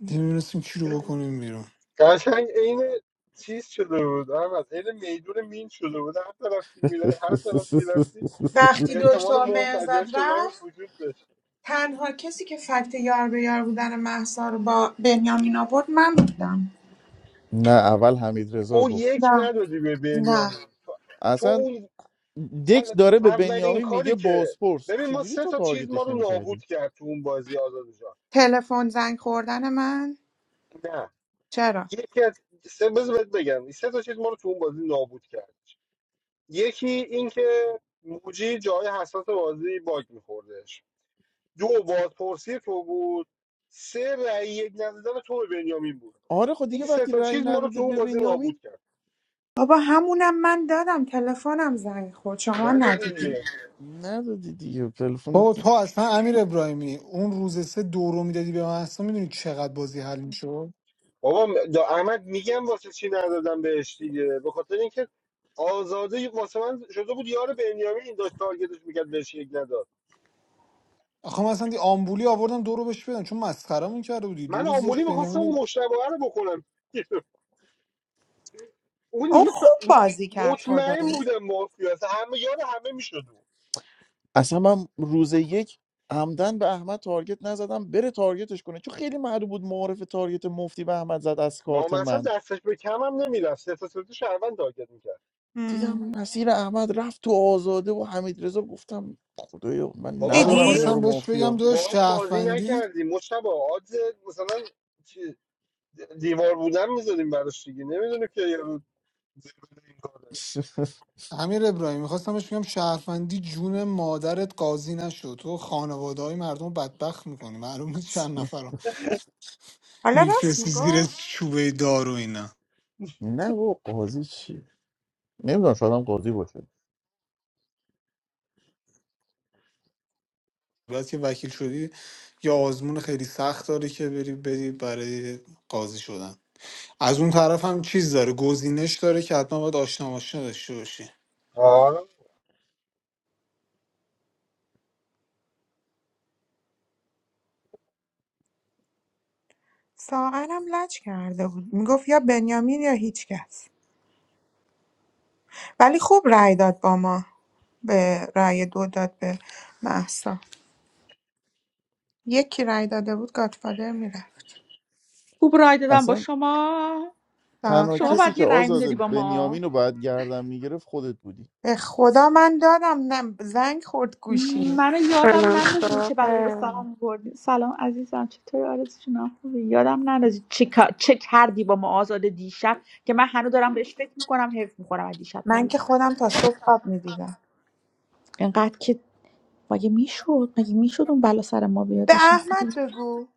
Speaker 10: نمیدونستیم کی رو بکنیم بیرون
Speaker 7: قشنگ عین چیز شده بود احمد عین میدون مین شده بود هر طرف میرفت هر طرف میرفتی
Speaker 11: وقتی
Speaker 7: به
Speaker 11: دکتر
Speaker 7: احتمال منفجر
Speaker 11: مرزاد
Speaker 7: شدن
Speaker 11: رفت
Speaker 7: وجود داشت
Speaker 11: تنها کسی که فکت یار به یار بودن مهسا رو با بنیامین آورد من بودم
Speaker 9: نه اول حمید رضا
Speaker 7: او
Speaker 9: گفت
Speaker 7: یک
Speaker 11: نه
Speaker 7: ندادی به
Speaker 11: نه
Speaker 7: بنیامین تو, تو
Speaker 9: اصلا
Speaker 7: اون
Speaker 9: دک
Speaker 7: ال-
Speaker 9: داره به
Speaker 7: اولین
Speaker 9: بنیامین میگه
Speaker 7: کاری که
Speaker 9: بازپرس
Speaker 7: ببین ما
Speaker 9: چجوری
Speaker 7: سه
Speaker 9: تو
Speaker 7: تا چیز ما
Speaker 9: تارگتش
Speaker 7: رو نابود
Speaker 9: نمیکردی
Speaker 7: کرد تو اون بازی آزاد جان
Speaker 11: تلفن زنگ خوردن من
Speaker 7: نه
Speaker 11: چرا
Speaker 7: یکی از سه بذار بهت بگم سه تا چیز ما رو تو اون بازی نابود کرد یکی اینکه موجی جای حساس بازی باگ میخوردش دو بازپرسی تو بود سه رأی یک ندادن تو به بنیامین بود
Speaker 9: آره خب دیگه
Speaker 7: این سه
Speaker 9: وقتی
Speaker 7: تا
Speaker 9: رأی
Speaker 7: چیز ما رو تو
Speaker 9: نداده
Speaker 7: اون
Speaker 9: به
Speaker 7: بازی نابود
Speaker 9: بنیامین
Speaker 7: کرد
Speaker 11: بابا همونم من دادم تلفنم زنگ خورد شما
Speaker 7: نداده
Speaker 11: ندیدی
Speaker 7: دیگه
Speaker 9: ندادی دیگه تلفن
Speaker 10: بابا تو اصلا امیر ابراهیمی اون روز سه دو رو میدادی به من اصلا میدونی چقدر بازی حل می‌شد؟
Speaker 7: بابا م- دا احمد میگم واسه چی ندادم بهش دیگه به خاطر اینکه آزاده واسه من شده بود یار بنیامین داشت تارگتش میکرد بهش یک نداد
Speaker 10: آخه من اصلا دی آمبولی آوردم دو رو بهش بدم چون مسخرمون کرده بودی دو
Speaker 7: من
Speaker 10: روز
Speaker 7: آمبولی
Speaker 10: داشت
Speaker 7: میخواستم اون
Speaker 10: بنیامین
Speaker 7: مشتبه رو بکنم اون
Speaker 11: او
Speaker 7: دیگه
Speaker 11: خوب
Speaker 7: ف- م-
Speaker 11: بازی کرد
Speaker 7: مطمئن
Speaker 11: خدایی
Speaker 7: بودم مافیا است. همه یار همه میشد
Speaker 9: اصلا من روز یک عمدن به احمد تارگت نزدم بره تارگتش کنه چون خیلی معلوم بود معارف تارگت مفتی به احمد زد از
Speaker 7: ما
Speaker 9: کارت
Speaker 7: مثلا
Speaker 9: من
Speaker 7: دستش به کمم نمیرفت سه تا سه تا شهروند تارگت میکرد
Speaker 9: دیدم
Speaker 11: هم.
Speaker 9: مسیر احمد رفت تو آزاده و حمید رضا گفتم خدایا من
Speaker 10: من
Speaker 7: بابا
Speaker 9: ندارم
Speaker 11: دیدی
Speaker 9: اینا
Speaker 10: میخواستم
Speaker 9: رو
Speaker 10: بهش بگم
Speaker 9: مافیا
Speaker 10: دو
Speaker 7: باهاش بازی
Speaker 10: شهروندی
Speaker 7: نکردیم مشتبه آدز مثلا چی- دیوار بودن میذاریم براش دیگه نمیدونه که یه روز زیبل این کاره
Speaker 10: امیر ابراهیم میخواستم بهش بگم شهروندی جون مادرت قاضی نشد تو خانواده های مردم رو بدبخت میکنی معلوم نیست چند نفر
Speaker 11: حالا راست
Speaker 10: میفرستی زیر
Speaker 11: میگفت
Speaker 10: چوبه دار و اینا
Speaker 9: نه و قاضی چی نمیدونم شاید هم قاضی باشه
Speaker 10: بعد که وکیل شدی یا آزمون خیلی سخت داری که بری بدی برای قاضی شدن از اون طرف هم چیز داره گزینش داره که حتما باید آشنا ماشنا داشته باشی
Speaker 7: آره
Speaker 11: ساغرم لج کرده بود میگفت یا بنیامین یا هیچکس ولی خوب رأی داد با ما به رأی دو داد به محسا یکی رأی داده بود گادفادر میره
Speaker 13: خوب رای دادم با
Speaker 9: اصلا
Speaker 13: شما
Speaker 9: تنها
Speaker 11: آخه
Speaker 13: شما
Speaker 9: کسی
Speaker 13: باید
Speaker 9: که
Speaker 13: یه رای
Speaker 9: آزاده
Speaker 13: میدادی با ما
Speaker 9: بنیامین رو باید گردن میگرفت خودت بودی
Speaker 11: به خدا من دادم نه زنگ خورد گوشی
Speaker 13: منو یادم
Speaker 4: سلام
Speaker 13: نندازی چه بلایی به
Speaker 4: سلام.
Speaker 13: سلام بردی سلام عزیزم چطوری آرزو جونم خوبی یادم نندازی چه, کا- چه کردی با ما آزاد دیشب که من هنوز دارم بهش فکر میکنم حرف میکنم از دیشب تا
Speaker 11: من
Speaker 13: حالا
Speaker 11: که خودم تا صبح خواب میدیدم
Speaker 13: اینقدر که مگه میشد مگه میشد اون بلا سر ما بیاد
Speaker 11: به
Speaker 13: دیشب
Speaker 11: احمد بگو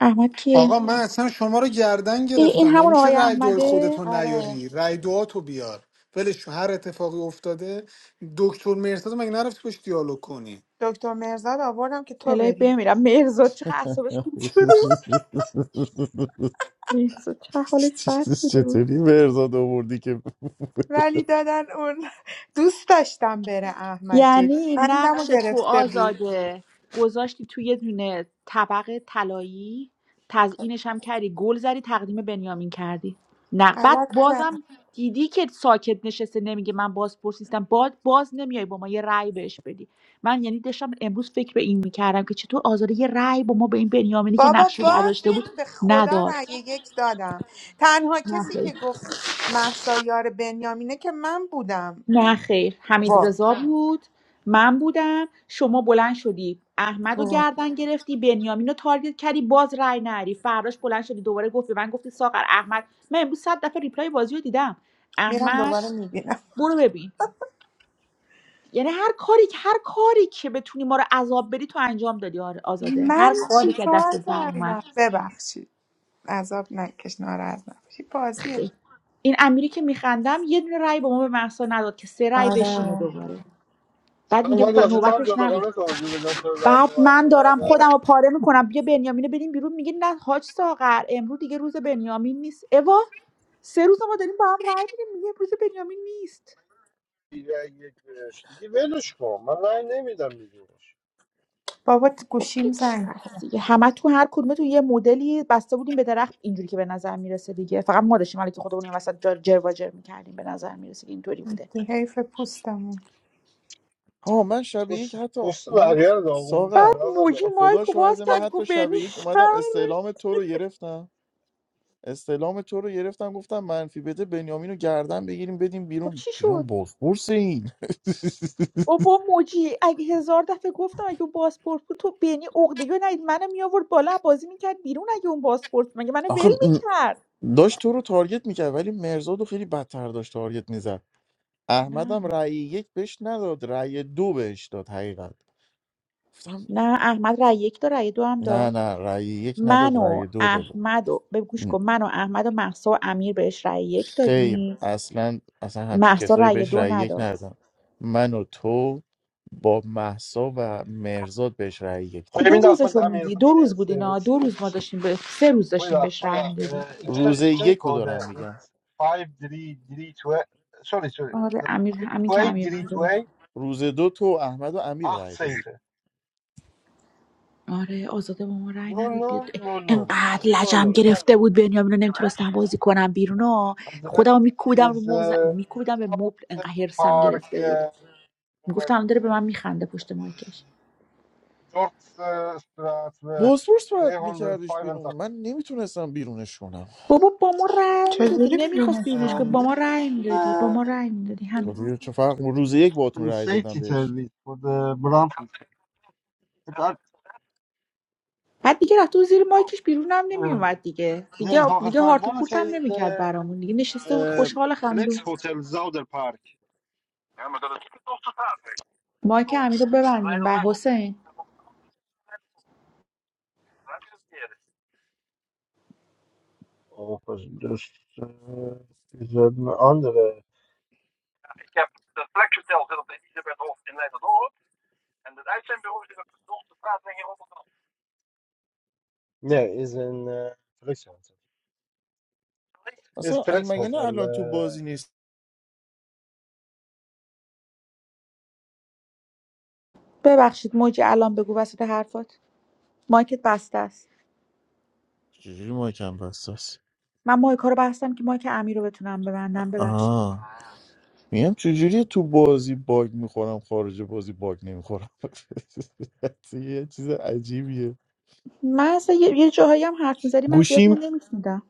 Speaker 13: احمد کیه
Speaker 10: آقا من اصلا شما رو گردن
Speaker 13: ای این
Speaker 10: گرفتم مگه
Speaker 13: همون
Speaker 10: میشه
Speaker 13: آقای
Speaker 10: رای دو
Speaker 13: احمده
Speaker 10: خودتو
Speaker 11: آره
Speaker 10: نیاری رای
Speaker 9: آره.
Speaker 10: دواتو بیار ولش کن. هر اتفاقی افتاده دکتر مرتضی مگه نرفتی باش دیالوگ کنی
Speaker 11: دکتر مرزاد آوردم که تو
Speaker 13: الهی
Speaker 11: بری
Speaker 13: بمیرم مهرزاد چه اعصابش خوب شده بود. مهرزاد چه حالش بد شده بود.
Speaker 9: چطوری مرزاد آوردی که
Speaker 11: ولی دادن اون دوست داشتم بره احمد جدی
Speaker 13: یعنی
Speaker 11: بندم
Speaker 13: نقش تو
Speaker 11: گرفته بود
Speaker 13: آزاده گذاشتی توی یه دونه طبق طلایی
Speaker 11: خب،
Speaker 13: تزیینش هم کردی گل زدی تقدیم بنیامین کردی نه بعد
Speaker 11: غلط
Speaker 13: بازم
Speaker 11: کردم
Speaker 13: دیدی که ساکت نشسته نمیگه من باز پرسیستم باز, باز نمیای با ما یه رأی بهش بدی من یعنی داشتم امروز فکر به این میکردم که چطور آزاده یه رأی با ما به این بنیامینی که
Speaker 11: بابا
Speaker 13: نقش رو
Speaker 11: باز
Speaker 13: برداشته بود
Speaker 11: نمی به خدا رأی
Speaker 13: نداد
Speaker 11: یک دادم تنها کسی که گفت محسایار بنیامینه که من بودم
Speaker 13: نه خیر حمید
Speaker 11: وا
Speaker 13: آه. بود من بودم شما بلند شدی احمد رو
Speaker 11: وا.
Speaker 13: گردن گرفتی بنیامین رو تارگت کردی باز رای نری فراش بلند شدی دوباره گفت به من گفتی ساغر احمد من امروز صد دفعه ریپلای بازی رو دیدم
Speaker 11: میرم
Speaker 13: احمد
Speaker 11: دوباره میبینم
Speaker 13: برو ببین یعنی هر کاری که هر کاری که بتونی ما رو عذاب بدی تو انجام دادی آره، آزاده
Speaker 11: من
Speaker 13: هر کاری که
Speaker 11: چیکار
Speaker 13: دستت در
Speaker 11: کردم
Speaker 13: اومد
Speaker 11: ببخشید عذاب نکش ناراحت نباشی بازیه
Speaker 13: خیر. این امیری که میخندم یه دونه رای به ما به محسا نداد که سه رای بشینه
Speaker 11: آره
Speaker 13: دوباره بعد
Speaker 7: الان
Speaker 13: میگه
Speaker 7: باید واسه تو هم
Speaker 13: نوبتش نبود
Speaker 7: جداگانه توضیح بدم تو رای به
Speaker 13: بعد من
Speaker 7: محصه
Speaker 13: دارم خودم
Speaker 7: ندم
Speaker 13: رو پاره میکنم بیا بنیامین رو بریم بیرون میگه نه حاج ساغر امروز دیگه روز بنیامین نیست اوا سه روز ما داریم با هم رای میدیم میگه روز بنیامین نیست
Speaker 7: رای یک بهش دیگه ولش کن من رای نمیدم دیگه بهش
Speaker 11: بابا
Speaker 13: خب
Speaker 11: گوشیم
Speaker 13: هیچ
Speaker 11: زنگ
Speaker 13: پس دیگه همه تو هر کدومه تو یه مدلی بسته بودیم به درخت اینجوری که به نظر میرسه دیگه فقط ما داشتیم حالا که خودمون این وسط جا- جر و جر میکردیم به نظر میرسه که اینطوری بوده
Speaker 11: خورد حیف پوستمون
Speaker 9: ها من شب یک
Speaker 7: پوست
Speaker 9: حتی
Speaker 7: پوست
Speaker 9: من
Speaker 7: بقیه رو داغون
Speaker 13: بعد
Speaker 9: ساغر
Speaker 7: میکنه آزاده
Speaker 13: موجی
Speaker 9: خدا
Speaker 13: مایکو باز
Speaker 9: شاهده من
Speaker 13: کرد گو
Speaker 9: حتی شب
Speaker 13: بنی
Speaker 9: یک اومدم
Speaker 13: شهره.
Speaker 9: استعلام تو رو گرفتم استعلام تو رو گرفتم گفتم منفی بده بنیامین رو گردن بگیریم بدیم
Speaker 13: خب
Speaker 9: بیرون
Speaker 13: چی شد
Speaker 9: دیدم بازپرس این
Speaker 13: بابا موجی اگه هزار دفعه گفتم اگه اون پاسپورت بود تو بینی عقده یا نید منو می آورد بالا بازی میکرد بیرون اگه اون پاسپورت بود. مگه منو
Speaker 9: آخه
Speaker 13: ول
Speaker 9: م،
Speaker 13: میکرد
Speaker 9: داشت تو رو تارگت میکرد ولی مرزاد رو خیلی بدتر داشت تارگت میزد احمدم
Speaker 13: نه
Speaker 9: رأی یک بهش نداد رأی دو بهش داد حقیقت گفتم
Speaker 13: نه احمد رای یک داد رای دو هم
Speaker 9: نه
Speaker 13: داد
Speaker 9: نه رأی یک
Speaker 13: من
Speaker 9: نداد
Speaker 13: و
Speaker 9: رأی دو داد
Speaker 13: احمد و به گوش
Speaker 9: م،
Speaker 13: کن من و احمد و محسا و امیر بهش رای یک
Speaker 9: خیر
Speaker 13: دادیم
Speaker 9: اصلا اصلا همچین
Speaker 13: محسا
Speaker 9: کسایی
Speaker 13: رای
Speaker 9: بهش
Speaker 13: دو
Speaker 9: رأی یک
Speaker 13: نداد
Speaker 9: ندادن من و تو با محسا و مرزاد بهش رأی یک
Speaker 7: خب ببین
Speaker 13: کدوم
Speaker 9: دادیم
Speaker 13: روزش
Speaker 7: داخل
Speaker 13: رو
Speaker 7: امیر
Speaker 13: میگی
Speaker 7: خان
Speaker 13: دو
Speaker 7: سیف
Speaker 13: روز بود اینا
Speaker 7: سرویس
Speaker 13: دو روز ما داشتیم به سه روز
Speaker 7: پوی
Speaker 13: داشتیم
Speaker 7: داخل
Speaker 13: بهش رای میدادیم
Speaker 7: ایکیمن
Speaker 9: روز
Speaker 7: ایدای
Speaker 9: یک رو دارم
Speaker 7: کوده
Speaker 9: میگم
Speaker 7: 5 3 3 2 سوری سوری
Speaker 13: آره امیر همین که
Speaker 7: 5
Speaker 13: امیر می‌داد.
Speaker 7: 2 3
Speaker 9: روز دو تو احمد و امیر
Speaker 7: acht
Speaker 9: رای دادی
Speaker 7: zeven
Speaker 13: آره آزاده با ما رأی
Speaker 7: nul
Speaker 13: نداد بیاد
Speaker 7: nul
Speaker 13: اه،
Speaker 7: nul nul.
Speaker 13: انقدر
Speaker 7: Helemaal
Speaker 13: لجم
Speaker 7: leuk.
Speaker 13: گرفته بود بنیامین رو نمیتونستم بازی کنم بیرون ها
Speaker 7: Het adres
Speaker 13: خودم میکودم رو
Speaker 7: is
Speaker 13: مبز...
Speaker 7: eh
Speaker 13: میکودم به مبل انقدر هرسم
Speaker 7: Zouderpark,
Speaker 13: گرفته بود
Speaker 7: eh, Noord,
Speaker 13: میگفتم داره به من میخنده پشت مایکش
Speaker 7: Dorpsstraatweg
Speaker 9: بازپرس باید میکردش بیرون
Speaker 7: 285.
Speaker 9: من نمیتونستم بیرونش کنم
Speaker 13: بابا با ما رأی میدادی
Speaker 11: چجوری
Speaker 13: نمیخواست
Speaker 11: بیرونش
Speaker 13: بیرونش
Speaker 7: Eh,
Speaker 13: کنی
Speaker 11: کنم
Speaker 13: با ما
Speaker 7: nee, ik
Speaker 13: رأی
Speaker 7: ben
Speaker 13: میدادی با ما
Speaker 7: eh,
Speaker 13: رأی میدادی همین
Speaker 9: گفتی چه فرق روز یک باتون
Speaker 7: van
Speaker 9: رای دادم
Speaker 7: safety
Speaker 9: بهش
Speaker 7: service voor de brandweer. Het had,
Speaker 13: بعد دیگه رفته بود زیر مایکش بیرونم
Speaker 7: eh,
Speaker 13: نمیومد دیگه دیگه
Speaker 7: nee, volgens
Speaker 13: دیگه
Speaker 7: mij
Speaker 13: هارت و
Speaker 7: wonen
Speaker 13: پورت هم
Speaker 7: ze in
Speaker 13: نمیکرد
Speaker 7: de
Speaker 13: برامون دیگه نشسته بود
Speaker 7: eh,
Speaker 13: خوشحال خندون
Speaker 7: Flex Hotel Zouderpark.
Speaker 13: مایک حمیدو ببندین و حسین
Speaker 7: Oh, dus eh, is een andere. No, is in uh, Flixhotel. Is
Speaker 9: اصلا این مگه نه
Speaker 7: Flixhotel
Speaker 9: الان تو
Speaker 7: uh,
Speaker 9: بازی نیست
Speaker 13: ببخشید موجی الان بگو وسط حرفات مایکت بسته است
Speaker 9: چجوری ما کم بساس
Speaker 13: من مایک ها رو بستم که مایک امیر رو بتونم ببندم ببخشید
Speaker 9: آه میگم چجوری تو بازی باگ میخورم خارج بازی باگ نمیخورم یه چیز عجیبیه
Speaker 13: من اصلا یه, یه جاهایی هم حرف میزدی من زیاد
Speaker 9: گوشیم
Speaker 13: مونده نمیشنیدم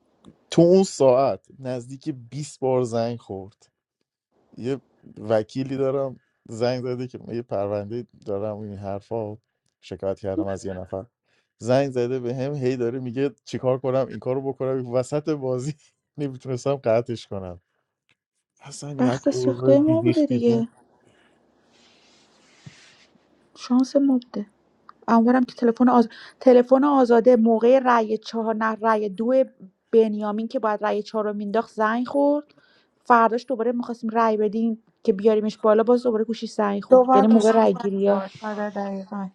Speaker 9: تو اون ساعت نزدیک 20 بار زنگ خورد یه وکیلی دارم زنگ زده که یه پرونده دارم و این حرفا شکایت کردم از یه نفر زنگ زده به هم هی داره میگه چیکار کنم این کارو بکنم وسط بازی نمیتونستم قطعش کنم اصلا یک
Speaker 13: بخت
Speaker 9: اوضاع
Speaker 13: سوخته ما بوده
Speaker 9: بیریختی بود
Speaker 13: دیگه شانس ما بوده امیدوارم که تلفن آز... تلفن آزاده موقع رأی چهار نه رأی دو بنیامین که باید رأی چهار رو مینداخت زنگ خورد فرداش دوباره میخواستیم رأی بدیم که بیاریمش بالا باز دوباره گوشی زنگ خورد
Speaker 11: دوبار
Speaker 13: یعنی موقع
Speaker 11: گوشیم
Speaker 13: رأی
Speaker 11: زنگ
Speaker 13: گیری
Speaker 11: خورد آره دقیقا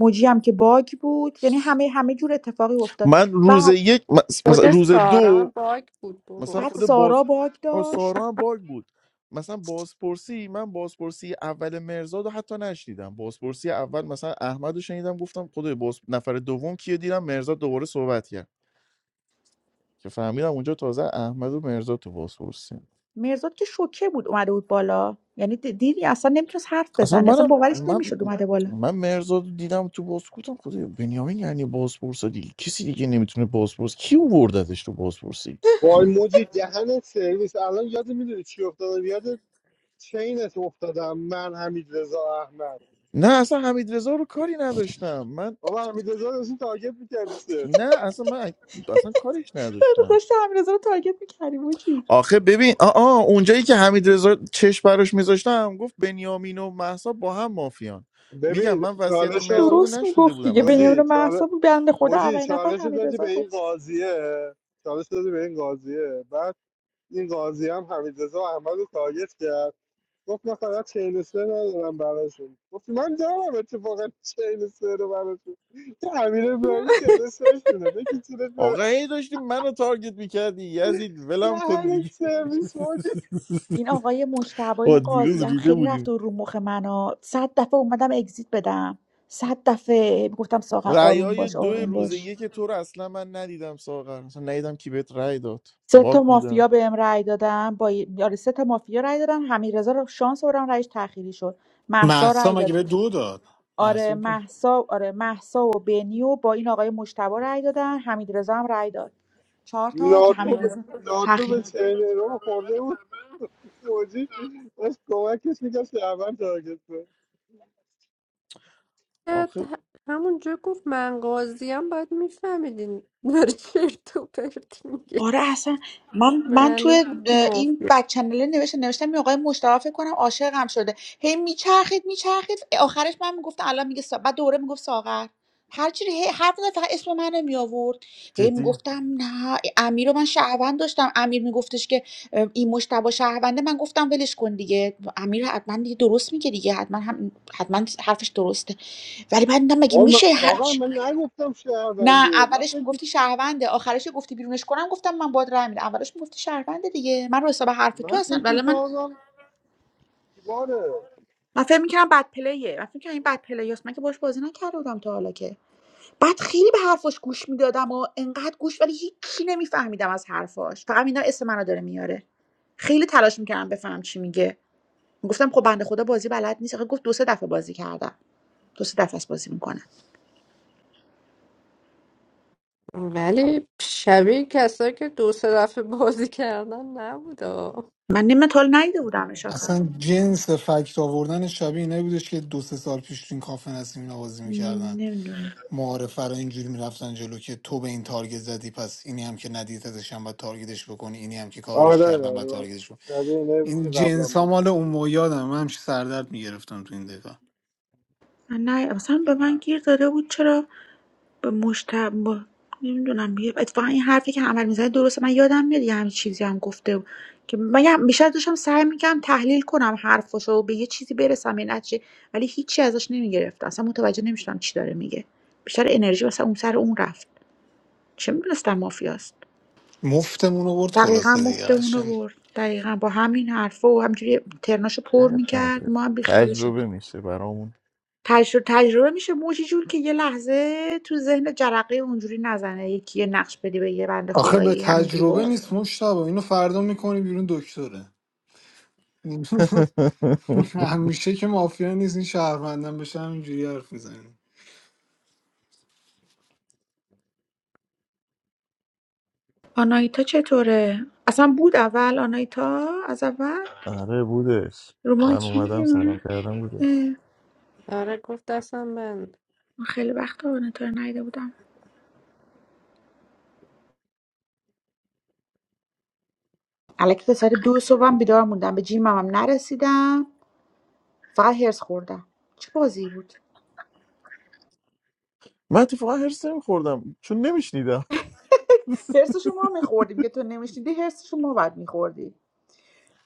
Speaker 13: موجی هم که باگ بود یعنی همه همه جور اتفاقی
Speaker 9: من
Speaker 13: افتاد
Speaker 9: روز یک مس- مثلا
Speaker 4: خود
Speaker 9: روز
Speaker 4: سارا
Speaker 9: دو
Speaker 4: هم باگ بود
Speaker 9: مثلا
Speaker 4: بابا
Speaker 13: بعد
Speaker 9: خود
Speaker 13: سارا
Speaker 9: باز
Speaker 13: باگ
Speaker 9: آه،
Speaker 13: داشت
Speaker 9: سارا هم باگ بود مثلا بازپرسی من بازپرسی اول مرزاد رو حتی نشنیدم بازپرسی اول مثلا احمد رو شنیدم گفتم خدای باز نفر دوم کیو دیدم مرزاد دوباره صحبت کرد که فهمیدم اونجا تازه احمد و مرزاد تو بازپرسی
Speaker 13: مرزاد که شوکه بود اومده بود بالا یعنی د- دیدی اصلا نمیتونست حرف
Speaker 9: اصلا
Speaker 13: بزنه اصلا
Speaker 9: منم
Speaker 13: باورش
Speaker 9: من
Speaker 13: نمیشد اومده بالا
Speaker 9: من مرزاد رو دیدم تو باز گفتم خدای بنیامین یعنی بازپرس دیگه کسی دیگه نمیتونه بازپرس کی وردتش تو بازپرسی
Speaker 7: وای موجی دهنت سرویس الان یاد میدونی چی افتادم یاد چینت افتادم من حمید رضا احمد
Speaker 9: نه اصلا حمید رو کاری نداشتم من
Speaker 7: بابا حمید رضا داشتی تارگت میکردی سه
Speaker 9: نه اصلا من اصلا کاریش نداشتم
Speaker 13: داشت امیرزا رو تارگت میکردیم و چی
Speaker 9: آخه ببین آ آ اونجایی که حمید رضا چش براش میذاشتم گفت بنیامین و مهسا با هم مافیان میگم
Speaker 7: ببین
Speaker 9: من وصیت
Speaker 7: چالشو
Speaker 9: مرزاد رو
Speaker 13: درست
Speaker 9: نشنیده
Speaker 13: میگفت
Speaker 9: بودم
Speaker 13: دیگه
Speaker 9: اصلا
Speaker 13: بنیامین
Speaker 7: موجی
Speaker 13: محسا
Speaker 7: چال
Speaker 13: بود بنده خدا
Speaker 7: موجی
Speaker 13: اولین نفر
Speaker 7: چالش دادی
Speaker 13: حمیدرضا
Speaker 7: به این
Speaker 13: گفت
Speaker 7: قاضیه چالش دادی به این قاضیه بعد این قاضیه هم حمید رضا احمد رو تارگت کرد گفت من فقط 43 ندارم براشون گفت من دارم اتفاقا 43 رو براشون یه امیر ابراهیمی 43 شونه بگی چیرش
Speaker 9: آقا
Speaker 7: برم
Speaker 9: هی داشتی منو تارگت میکردی یزید
Speaker 7: یه
Speaker 9: ولم کن
Speaker 7: همین
Speaker 9: دیگه
Speaker 7: سرویس موجی
Speaker 13: این آقای مجتبی
Speaker 9: با
Speaker 13: این
Speaker 9: دیروز
Speaker 13: قاضی هم
Speaker 9: ریده
Speaker 13: خیلی رفت
Speaker 9: بودیم
Speaker 13: و رو مخ منو صد دفعه اومدم اگزییت بدم صد دفعه گفتم ساغر آروم
Speaker 9: رأیای
Speaker 13: باش
Speaker 9: دو
Speaker 13: آروم
Speaker 9: روزه
Speaker 13: باش
Speaker 9: یک تو رو اصلا من ندیدم ساغر اصلا ندیدم کی بهت رأی داد
Speaker 13: سه
Speaker 9: باگ
Speaker 13: تا
Speaker 9: بودم
Speaker 13: مافیا بهم رأی دادن با آره سه تا مافیا رأی دادن حمیدرضا رو شانس آوردم رأیش تأخیری شد مهسا
Speaker 10: محسا
Speaker 13: رأی
Speaker 10: مگه
Speaker 13: داد
Speaker 10: به دو داد محسا
Speaker 13: آره مهسا آره مهسا و بنی و با این آقای مجتبی رأی دادن حمیدرضا هم رأی داد چهار تا که
Speaker 7: ناتو به
Speaker 13: حمیدرضا
Speaker 7: ناتو
Speaker 13: تأخیر
Speaker 7: به چین رو خورده بود موجی داشت کمکش میگه شهروند تارگت بود
Speaker 4: بعد
Speaker 9: آخه
Speaker 4: همونجا گفت من قاضیم باید میفهمیدین داری چرت و پرت میگه
Speaker 13: آره اصلا من من
Speaker 4: معلوم
Speaker 13: توی اه، این
Speaker 4: بود
Speaker 13: بک چنله نوشتم نوشتم این آقای مشتاق فکر کنم عاشقم شده هی میچرخید میچرخید آخرش من میگفتم الان میگه سا... بعد دوره میگفت ساغر هر چی هی هر دفعه فقط اسم منو می آورد هی
Speaker 9: جدی
Speaker 13: میگفتم نه امیر رو من شهروند داشتم امیر میگفتش که اه، این مشتبه شهرونده من گفتم ولش کن دیگه امیر حتما دیگه درست میگه دیگه حتما هم حتما حرفش درسته ولی بعد دیدم مگه
Speaker 7: آقا من
Speaker 13: میشه هر
Speaker 7: آقا من نگفتم
Speaker 13: نه
Speaker 7: شهرونده من
Speaker 13: اولش
Speaker 7: فکر
Speaker 13: میگفتی شهرونده آخرش گفتی بیرونش کنم گفتم من باهات رای میدم اولش میگفتی شهرونده دیگه من رو حساب حرف تو
Speaker 7: من
Speaker 13: هستن
Speaker 7: فکر
Speaker 13: ولی من
Speaker 7: میکردم دیواره
Speaker 13: من فکر میکردم بد پلیه من فکر میکردم این بد پلیاست من که باش بازی نکرده بودم تا حالا که بعد خیلی به حرفاش گوش میدادم و انقدر گوش ولی هیچی نمیفهمیدم از حرفاش فقط میدونم اسم منو داره میاره خیلی تلاش میکردم بفهمم چی میگه گفتم خب بنده خدا بازی بلد نیست آخه گفت دو سه دفعه بازی کردم دو سه دفعه است بازی میکنم
Speaker 4: ولی شبیه کسایی که دو سه دفعه بازی کردن نبود
Speaker 13: من نیم تا حالا ندیده بودم
Speaker 10: اصلا جنس فکت آوردن شبیه اینایی بودش که دو سه سال پیش تو این کافه نسیم نوازی میکردن
Speaker 13: نمیدونم
Speaker 10: معارفه رو اینجوری میرفتن جلو که تو به این تارگت زدی پس اینی هم که ندیدتش هم باید تارگتش بکنی اینی هم که کاورش
Speaker 7: آره
Speaker 10: کردن باید
Speaker 7: آره،
Speaker 10: تارگتش بکنی.
Speaker 7: شبیه اینه بود که
Speaker 10: این
Speaker 7: قبلا
Speaker 10: جنس ها
Speaker 7: بود.
Speaker 10: مال اون مویادم من همیشه سردرد میگرفتم تو این دکا
Speaker 13: نه اصلا به من گیر داده بود چرا به مشت مشتب نمیدونم بی... اتفاقا این حرفی که عمل میزنه درسته من یادم میاد یه همین چیزی هم گفته بود که من یه- بیشتر داشتم سعی میکنم تحلیل کنم حرفشو و به یه چیزی برسم به نتیجه ولی هیچی ازش نمیگرفتم اصلا متوجه نمیشدم چی داره میگه بیشتر انرژی واسه اون سر اون رفت چه میدونستم مافیاست
Speaker 10: مفتمون برد
Speaker 13: دقیقا
Speaker 10: خلاصه دیگه
Speaker 13: مفت اونو
Speaker 10: قشنگ
Speaker 13: برد دقیقا با همین حرفا و همجوری ترناشو پر
Speaker 9: عیب
Speaker 13: میکرد
Speaker 9: نداره.
Speaker 13: ما هم
Speaker 9: تجربه میشه برامون
Speaker 13: تجر تجربه میشه موجی جون که یه لحظه تو ذهن جرقه اونجوری نزنه یکی یه نقش بده به یه بنده
Speaker 10: آخه به
Speaker 13: خدایی همینجوری با
Speaker 10: تجربه
Speaker 13: اون
Speaker 10: نیست مشتبه اینو فردا میکنی بیرون دکتره همیشه که مافیا نیست این شهروندم بشه همینجوری حرف میزنیم
Speaker 13: آنایتا چطوره اصلا بود اول آنایتا از اول
Speaker 9: آره بودش
Speaker 13: رو ما
Speaker 9: من
Speaker 13: کی
Speaker 9: اومدم
Speaker 13: می‌گم؟
Speaker 9: سلام کردم بودش
Speaker 13: اه،
Speaker 4: آره گفت دستم بند
Speaker 13: من خیلی وقت آنایتا رو ندیده بودم الکی تا ساعت دو صبحم بیدار موندم به جیمم هم نرسیدم فقط هرس خوردم چه بازی بود
Speaker 9: من اتفاقا هرس نمیخوردم چون نمیشنیدم
Speaker 13: هرس ما میخوردیم که تو نمیشنیدی هرس ما باید میخوردی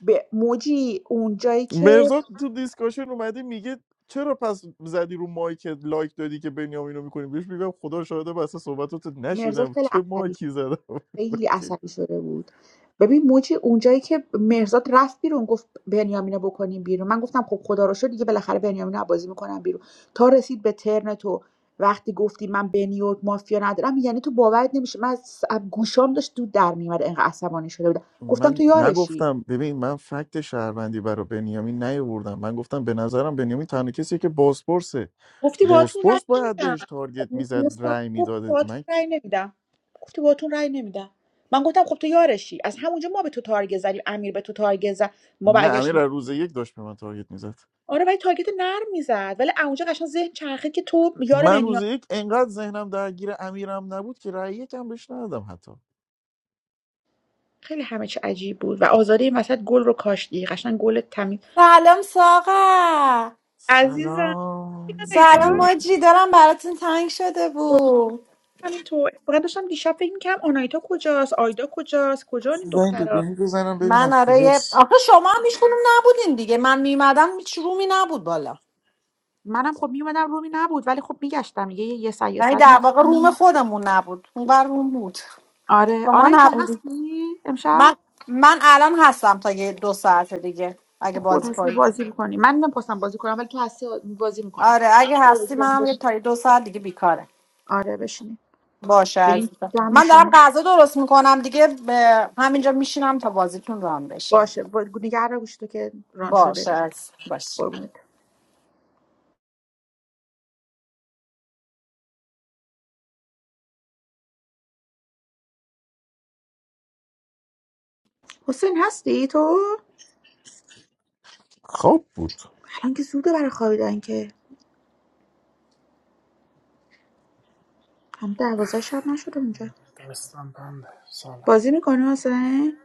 Speaker 13: به موجی اون جایی که
Speaker 9: مرزا تو دیسکاشن اومده میگه چرا پس زدی رو مایک لایک دادی که بنیامینو میکنیم بهش میگم خدا شاهده بسه صحبتاتو
Speaker 13: مرزا
Speaker 9: نشیدم
Speaker 13: خیلی
Speaker 9: چه
Speaker 13: عصبی
Speaker 9: مایکی زدم
Speaker 13: خیلی عصبی شده بود ببین موجی اونجایی که مرزاد رفت بیرون گفت بنیامینو بکنیم بیرون من گفتم خب خدا رو شد دیگه بالاخره بنیامینو از بازی میکنم بیرون تا رسید به ترن تو وقتی گفتی من بنی و مافیا ندارم یعنی تو باورت نمیشه من از از گوشام داشت دود در میومد انقدر عصبانی شده بودم گفتم
Speaker 9: من
Speaker 13: تو یارشی
Speaker 9: نگفتم ببین من فکت شهروندی برای بنیامین نیاوردم من گفتم به نظرم بنیامین تنها کسیه که بازپرسه
Speaker 13: گفتی باهاتون رای
Speaker 9: بازپرس باید
Speaker 13: نمیدم
Speaker 9: بهش تارگت میزد
Speaker 13: مستقیم
Speaker 9: رأی
Speaker 13: گفت
Speaker 9: میداده
Speaker 13: باهاتون
Speaker 9: من
Speaker 13: رای نمیدم گفتی باهاتون رای نمیدم من گفتم خب تو یارشی از همونجا ما به تو تارگت زدیم امیر به تو تارگت زد ما
Speaker 9: نه
Speaker 13: برگشتیم
Speaker 9: امیر از روز یک داشت به من تارگت میزد
Speaker 13: آره ولی تارگت نرم میزد ولی اونجا قشنگ ذهن چرخید که تو یار
Speaker 9: من روز
Speaker 13: بنیان
Speaker 9: یک انقدر ذهنم درگیر امیرم نبود که رأی یکم بهش ندادم حتی
Speaker 13: خیلی همه چی عجیب بود و آزاده این وسط گل رو کاشتی قشنگ گل تمیز
Speaker 1: سلام ساقه
Speaker 13: عزیزم
Speaker 9: سلام
Speaker 1: سلام
Speaker 13: ایتار
Speaker 9: آنه
Speaker 1: باجی دارم براتون تنگ شده بود
Speaker 13: همین تو فقط داشتم دیشب فکر میکردم آنایتا کجاست آیدا کجاست کجا این
Speaker 9: زنگ به
Speaker 13: دخترا
Speaker 9: بینی بزنم
Speaker 1: من
Speaker 9: ببینم
Speaker 1: آره یه-
Speaker 9: کجاست
Speaker 1: آخه شما هم هیچ کدوم نبودین دیگه من میمدم هیچ رومی نبود بالا
Speaker 13: منم خب میومدم رومی نبود ولی خب میگشتم دیگه، یه یه سر یه
Speaker 1: یعنی
Speaker 13: ساعت
Speaker 1: در واقع روم
Speaker 13: میرفتم
Speaker 1: خودمون نبود اون بر روم بود
Speaker 13: آره
Speaker 1: شما
Speaker 13: آنایتا
Speaker 1: نبودید
Speaker 13: هستی امشب
Speaker 1: من من الان هستم تا یه دو ساعت دیگه اگه
Speaker 13: خب
Speaker 1: بازی
Speaker 13: هستی
Speaker 1: کنید
Speaker 13: بازی میکنی من نمیخواستم بازی کنم ولی تو هستی بازی میکنم
Speaker 1: آره اگه هستی منم یه تا یه دو ساعت دیگه بیکارم
Speaker 13: آره بشینی
Speaker 1: باشه
Speaker 13: بریم
Speaker 1: عزیزم
Speaker 13: جمع
Speaker 1: من
Speaker 13: میشم
Speaker 1: دارم غذا درست میکنم دیگه به همینجا میشینم تا بازیتون رام بشه
Speaker 13: باشه با- نگه رو گوشتو که ران شده
Speaker 1: باشه عزیزم. باشه
Speaker 13: قربونت حسین هستی تو
Speaker 9: خواب بود
Speaker 13: الان که زوده برای خوابیدن که هم دوازده شب نشده اونجا
Speaker 2: دستم بنده سلام
Speaker 13: بازی میکنی حسین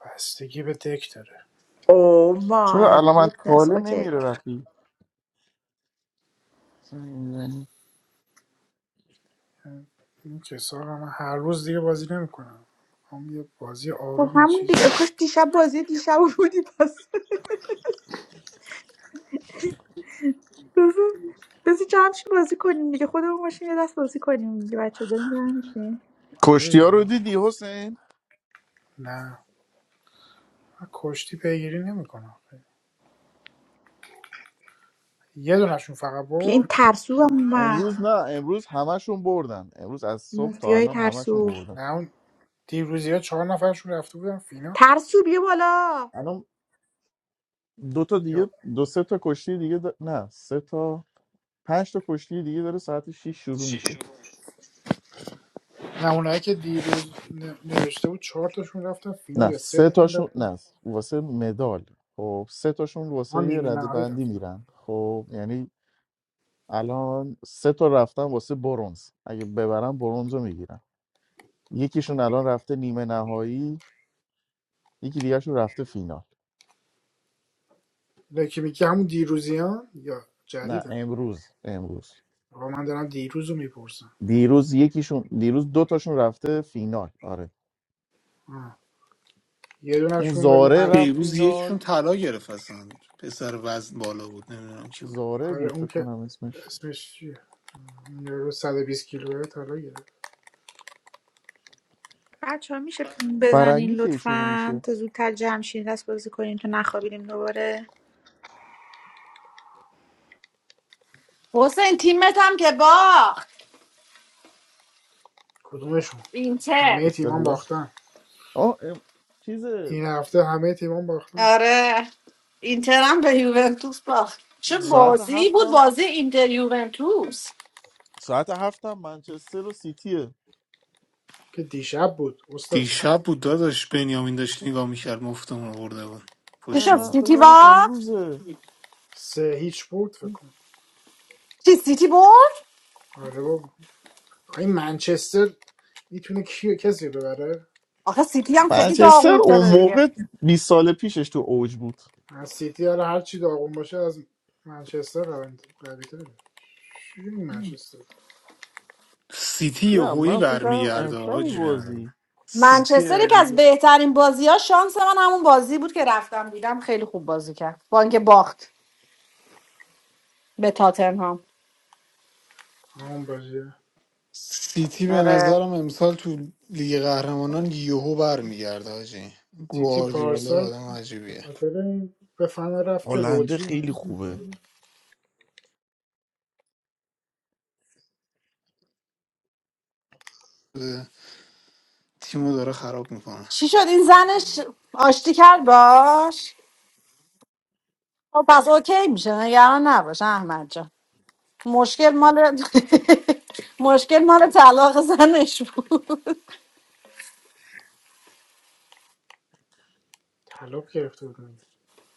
Speaker 2: بستگی به دک داره
Speaker 13: او
Speaker 9: چرا
Speaker 13: مای
Speaker 9: علامت
Speaker 13: گودنس
Speaker 9: کاله
Speaker 13: اوکی
Speaker 9: نمیره وقتی زنگ می‌زنی؟
Speaker 2: این کسا من هر روز دیگه بازی نمیکنم هم یه بازی
Speaker 13: خب
Speaker 2: آروم یه
Speaker 13: همون
Speaker 2: چیز
Speaker 13: دیگه کاش دیشب بازی دیشب رو بودی پس بذار بذار جمع شیم بازی کنیم دیگه خودمون باشیم یه دست بازی کنیم دیگه بچه داریم جمع میشیم
Speaker 2: آره
Speaker 9: کشتی ها رو دیدی حسین
Speaker 2: نه من کشتی پیگیری نمیکنم یه دونشون فقط
Speaker 13: بیا این
Speaker 2: برد
Speaker 13: ترسو هم
Speaker 9: امروز
Speaker 13: اومد
Speaker 9: نه امروز همشون بردن امروز از صبح تا
Speaker 13: مافیای
Speaker 9: الان همشون
Speaker 13: ترسو
Speaker 9: بردن
Speaker 2: نه اون دیروزی ها چهار نفرشون رفته بودن فینال
Speaker 13: ترسو بیا بالا
Speaker 9: الان دو تا
Speaker 2: یا
Speaker 9: دیگه دو سه تا کشتی دیگه دا- نه سه تا پنج تا کشتی دیگه داره ساعت 6 شروع میشه
Speaker 2: نمونه‌ای که دیروز ن- نوشته بود چهار تاشون رفتن فینال
Speaker 9: نه
Speaker 2: یا سه
Speaker 9: سه
Speaker 2: تاشون
Speaker 9: تاشون
Speaker 2: رفتن
Speaker 9: نه واسه مدال خب سه تاشون واسه
Speaker 2: آن
Speaker 9: یه
Speaker 2: نیمه
Speaker 9: رده
Speaker 2: نهایی
Speaker 9: بندی
Speaker 2: رفتن
Speaker 9: میرن خب یعنی الان سه تا رفتن واسه برونز اگه ببرن برونز رو میگیرن یکیشون الان رفته نیمه نهایی یکی دیگرشون رفته فینال
Speaker 2: لکی میگه همون دیروزیان یا
Speaker 9: نه
Speaker 2: جدیدن
Speaker 9: امروز امروز
Speaker 2: آقا من دارم دیروز رو میپرسم
Speaker 9: دیروز یکیشون دیروز دو تاشون رفته فینال آره
Speaker 2: آه. یه
Speaker 9: اون
Speaker 2: دونشون ولی
Speaker 9: زاره
Speaker 2: هست
Speaker 9: رفت
Speaker 10: دیروز یکشون
Speaker 9: فینال
Speaker 10: طلا گرفت اصلا پسر وزن بالا بود نمیدونم کی بود
Speaker 9: زاره
Speaker 2: آره
Speaker 9: بود
Speaker 2: اون
Speaker 9: فکر
Speaker 2: که
Speaker 9: کنم اسمش
Speaker 2: اسمش چیه اون یارو 120 کیلوه طلا گرفت
Speaker 13: بچه ها میشه پین بزنین
Speaker 9: فرنگی کی شروع
Speaker 13: لطفا
Speaker 9: میشه
Speaker 13: تا زودتر جمع شین دست بازی کنیم تا نخوابیدیم دوباره
Speaker 1: حسین تیمت هم که باخت
Speaker 2: کدومشون
Speaker 1: اینتر
Speaker 2: همه تیمان
Speaker 9: استقلال
Speaker 2: باختن
Speaker 9: آه ام... چیز
Speaker 2: این هفته همه تیمان باختن
Speaker 1: آره اینتر هم به یوونتوس باخت چه
Speaker 2: آره.
Speaker 9: ساعت
Speaker 1: بازی بود
Speaker 9: هفتم
Speaker 1: بازی اینتر یوونتوس
Speaker 9: ساعت هفتم منچستر و سیتیه
Speaker 2: که دیشب بود استاد
Speaker 10: دیشب بود داداش بنیامین داشت نگاه میکرد مفتمون برده بود
Speaker 1: چه
Speaker 9: اه،
Speaker 10: پشت
Speaker 1: شد
Speaker 10: بوم.
Speaker 9: من فکر
Speaker 1: سیتی
Speaker 9: کردم
Speaker 1: باخت
Speaker 9: امروزه
Speaker 2: سه هیچ برد فکر کنم
Speaker 1: چی سیتی برد
Speaker 2: آره بابا این منچستر میتونه کی کسی رو ببره
Speaker 1: آخه سیتی هم خیلی
Speaker 9: منچستر
Speaker 1: داغون
Speaker 9: اون
Speaker 1: شده دیگه
Speaker 9: موقع 20 سال پیشش تو اوج بود
Speaker 2: از سیتی حالا هر چی داغون باشه از منچستر قوی قوی‌تره. چی می‌گی منچستر
Speaker 10: سیتی
Speaker 9: یا
Speaker 10: هویی
Speaker 9: من فکر کردم
Speaker 10: برمیگرده
Speaker 9: امشب
Speaker 10: آجی
Speaker 9: بازی
Speaker 1: منچستر یک
Speaker 10: سیتی
Speaker 1: از بهترین بازی ها شانس من همون بازی بود که رفتم دیدم خیلی خوب بازی کرد با اینکه باخت به تاتنهام
Speaker 2: همون باشه
Speaker 10: سیتی به
Speaker 1: آره
Speaker 10: نظرم امسال تو لیگ قهرمانان یهو برمیگرده حاجی
Speaker 2: سیتی
Speaker 10: گواردیولا
Speaker 2: پارسال
Speaker 10: آدم
Speaker 2: به
Speaker 10: عجیبیه
Speaker 2: خاطر این به فنا رفت که
Speaker 9: هلنده
Speaker 2: رودری
Speaker 9: خیلی
Speaker 2: مصدوم
Speaker 9: خوبه
Speaker 2: شد
Speaker 10: تیمو داره خراب میکنه
Speaker 1: چی شد این زنش آشتی کرد باش خب پس اوکی میشه نگران نباش احمد جان مشکل مال مشکل مال طلاق زنش بود
Speaker 2: طلاق گرفته بود میگه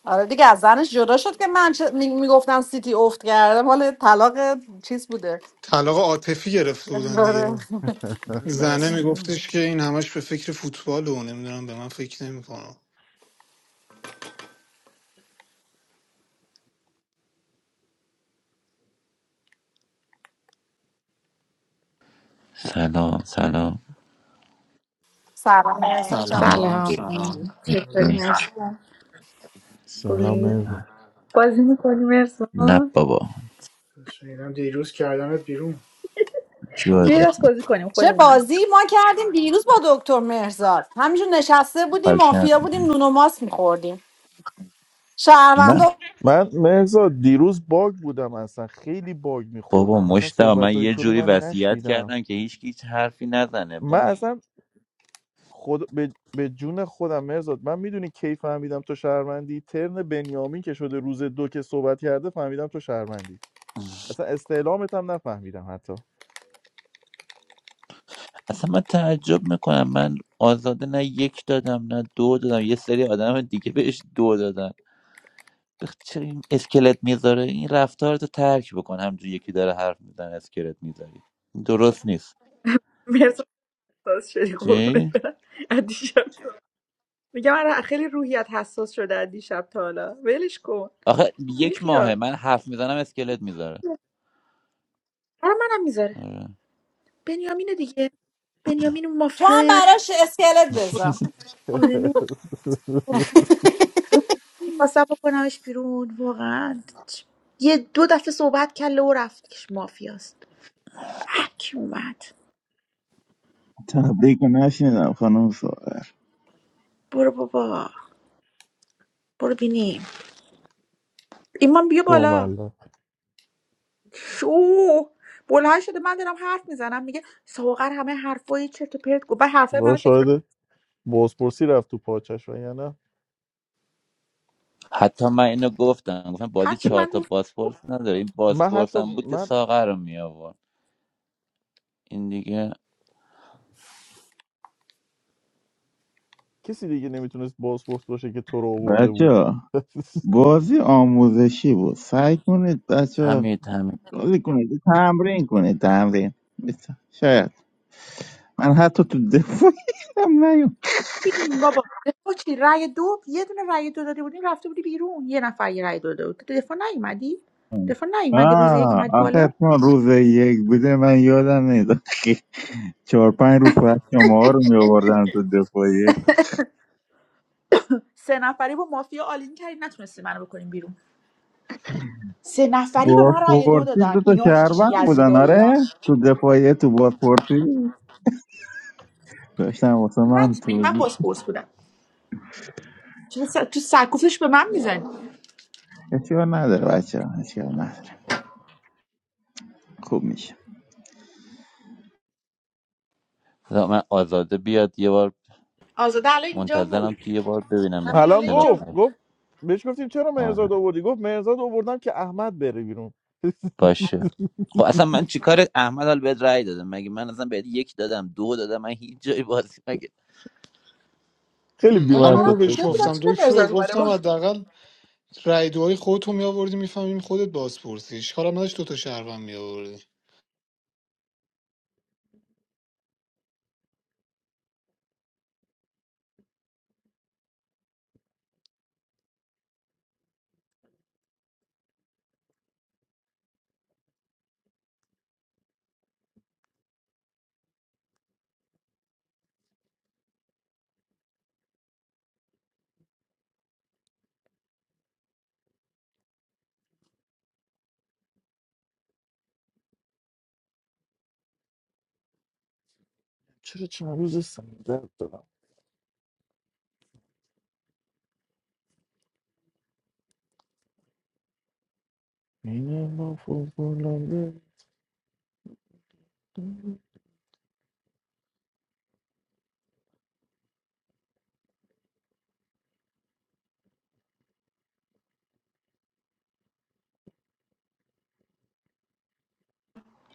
Speaker 1: آره دیگه از زنش جدا شد که من چه- می- میگفتم سیتی افت کرده مال طلاق چیز بوده
Speaker 10: طلاق عاطفی گرفته بودن
Speaker 1: آره.
Speaker 10: دیگه
Speaker 2: من
Speaker 10: زنه
Speaker 2: رسمی نم
Speaker 10: میگفتش که این همش به فکر فوتبال و نمیدونم به من فکر نمیکنه
Speaker 14: سلام سلام
Speaker 1: سلام مهرزاد جان.
Speaker 14: سلام
Speaker 10: سلام
Speaker 13: سلام
Speaker 14: خوبی؟
Speaker 2: کیه
Speaker 10: سلام
Speaker 2: سلام
Speaker 13: چطوری
Speaker 14: نه
Speaker 13: هستم
Speaker 9: سلام
Speaker 13: خوبی
Speaker 9: مرزا
Speaker 13: بازی میکنی
Speaker 14: نه
Speaker 13: مرسان
Speaker 14: بابا
Speaker 2: شنیدم دیروز کردنت بیرون
Speaker 14: جوازی
Speaker 13: بیا دست
Speaker 14: کن
Speaker 13: بازی کنیم
Speaker 1: چه
Speaker 13: خودمونیم
Speaker 1: بازی ما کردیم دیروز با دکتر مهرزاد همینجور نشسته بودیم
Speaker 14: فالکن
Speaker 1: مافیا بودیم نون و ماست میخوردیم
Speaker 14: من
Speaker 1: شهروندا
Speaker 9: من مرزا دیروز باگ بودم اصلا خیلی باگ
Speaker 14: بابا
Speaker 9: میخوردم اصلا
Speaker 14: مشتاق من
Speaker 9: صحبت های
Speaker 14: یه
Speaker 9: تو رو
Speaker 14: جوری
Speaker 9: من
Speaker 14: وصیت
Speaker 9: نشنیدم
Speaker 14: کردم که هیچ کی هیچ حرفی نزنه
Speaker 9: من
Speaker 14: باز
Speaker 9: اصلا خود به, به جون خودم مرزاد من میدونی کی فهمیدم تو شهروندی ترن بنیامین که شده روز دو که صحبت کرده فهمیدم تو شهروندی اصلا استعلامت هم نفهمیدم حتی
Speaker 14: اصلا من تعجب میکنم من آزاده نه یک دادم نه دو دادم یه سری آدم دیگه بهش دو دادن بخ- چرا این اسکلت میذاره این رفتار رو ترک بکن همجوری یکی داره حرف میزنه اسکلت میذاری درست نیست
Speaker 13: مرسی حساس شدی قربونت
Speaker 14: چی
Speaker 13: برم از دیشب میگم آره خیلی روحیت حساس شده از دیشب تا حالا ولش کن
Speaker 14: آخه
Speaker 13: بی
Speaker 14: یک ماهه
Speaker 13: خیال
Speaker 14: من حرف میزنم اسکلت میذاره
Speaker 13: برای منم میذاره بنیامین دیگه بنیامین اون
Speaker 1: تو هم
Speaker 13: مافیای
Speaker 1: براش اسکلت بذار
Speaker 13: آرنو رو میخواستم بکنمش بیرون واقعا یه دو دفعه صحبت کله و رفت که مافیاست بک اومد
Speaker 15: تبریک رو نشنیدم خانم سوهر
Speaker 13: برو بابا برو بینیم ایمان بیا بالا
Speaker 9: کاملا
Speaker 13: شو بلند شده من دارم حرف میزنم میگه ساغر همه حرفای چرت و پرت گفت بعد حرفای
Speaker 9: با
Speaker 13: منو تکرار
Speaker 9: شاید بازپرسی رفت تو پاچش و یا نه
Speaker 14: حتی من اینو گفتم گفتم بازی
Speaker 13: هرچی
Speaker 14: چهار
Speaker 13: من
Speaker 14: تا
Speaker 13: گفتم
Speaker 14: بازپرس نداره این
Speaker 9: من
Speaker 14: بازپرس
Speaker 9: حتی
Speaker 14: هم بود که
Speaker 9: من
Speaker 14: ساغر رو می آورد این دیگه
Speaker 9: کسی دیگه نمیتونست بازپرس باشه که تو رو آورده بود
Speaker 15: بچه بازی آموزشی بود سعی کنید بچه
Speaker 14: همین همین
Speaker 15: بازی کنید تمرین کنید تمرین بس- شاید من حتی تو دفاعی هم نیوم
Speaker 13: بین بابا دفاع چی رأی دو یه دونه رأی دو داده بودیم رفته بودی بیرون یه نفر یه رأی دو داده بود تو دفاع نیومدی دفاع نیومدی روز یک
Speaker 15: آه
Speaker 13: اومدی
Speaker 15: آخه
Speaker 13: بالا
Speaker 15: چون روز یک بوده من یادم نیست چهار پنج روز بعد شما ها رو می آوردن تو دفاعیه
Speaker 13: سه نفری با مافیا آلین کردی نتونستی منو بکنیم بیرون سه نفری به من رأی دو
Speaker 15: بازپرسی دو
Speaker 13: دادن
Speaker 15: تا
Speaker 13: اینا دیگه چه
Speaker 15: شهروند بودن
Speaker 13: یزیدایی ها.
Speaker 15: آره تو دفاعیه تو بازپرسی داشتم واسه
Speaker 13: من
Speaker 15: من
Speaker 13: من
Speaker 15: توضیح
Speaker 13: بازپرس بودم چرا س- تو سرکوفش به من میزنی
Speaker 15: اشتباه نداره بچه ها، اشتباه نداره خوب میشه
Speaker 14: من آزاده بیاد یه بار
Speaker 13: آزاده الان اینجا بود
Speaker 14: منتظرم تو یه بار ببینمش
Speaker 13: همین
Speaker 14: تو
Speaker 13: الان
Speaker 9: الان
Speaker 14: کلاب
Speaker 13: اینجا بود
Speaker 9: گفت گفت بهش گفتیم چرا
Speaker 14: آره
Speaker 9: مهرزاد آوردی گفت مهرزاد آوردم که احمد بره بیرون
Speaker 14: باشه خب اصلا من چیکار احمد حال بهت رأی دادم مگه من اصلا بهت یک دادم دو دادم من هیچ جای بازی مگه
Speaker 9: خیلی
Speaker 13: والا
Speaker 10: همونو
Speaker 9: بی‌منطق
Speaker 13: منم
Speaker 10: بهش
Speaker 13: مونده
Speaker 9: داشت
Speaker 13: بودم
Speaker 10: گفتم
Speaker 13: چرا
Speaker 10: دکتر
Speaker 13: مرزاد اومده
Speaker 10: گفتم
Speaker 13: بود
Speaker 10: حداقل رای دوهای خودتو میآوردی میفهمیم خودت بازپرسی اشکال هم نداشت دوتا شهروند میآوردی
Speaker 9: چرا چند روز سنگ درد دارم اینه ما فوق‌العاده. نه،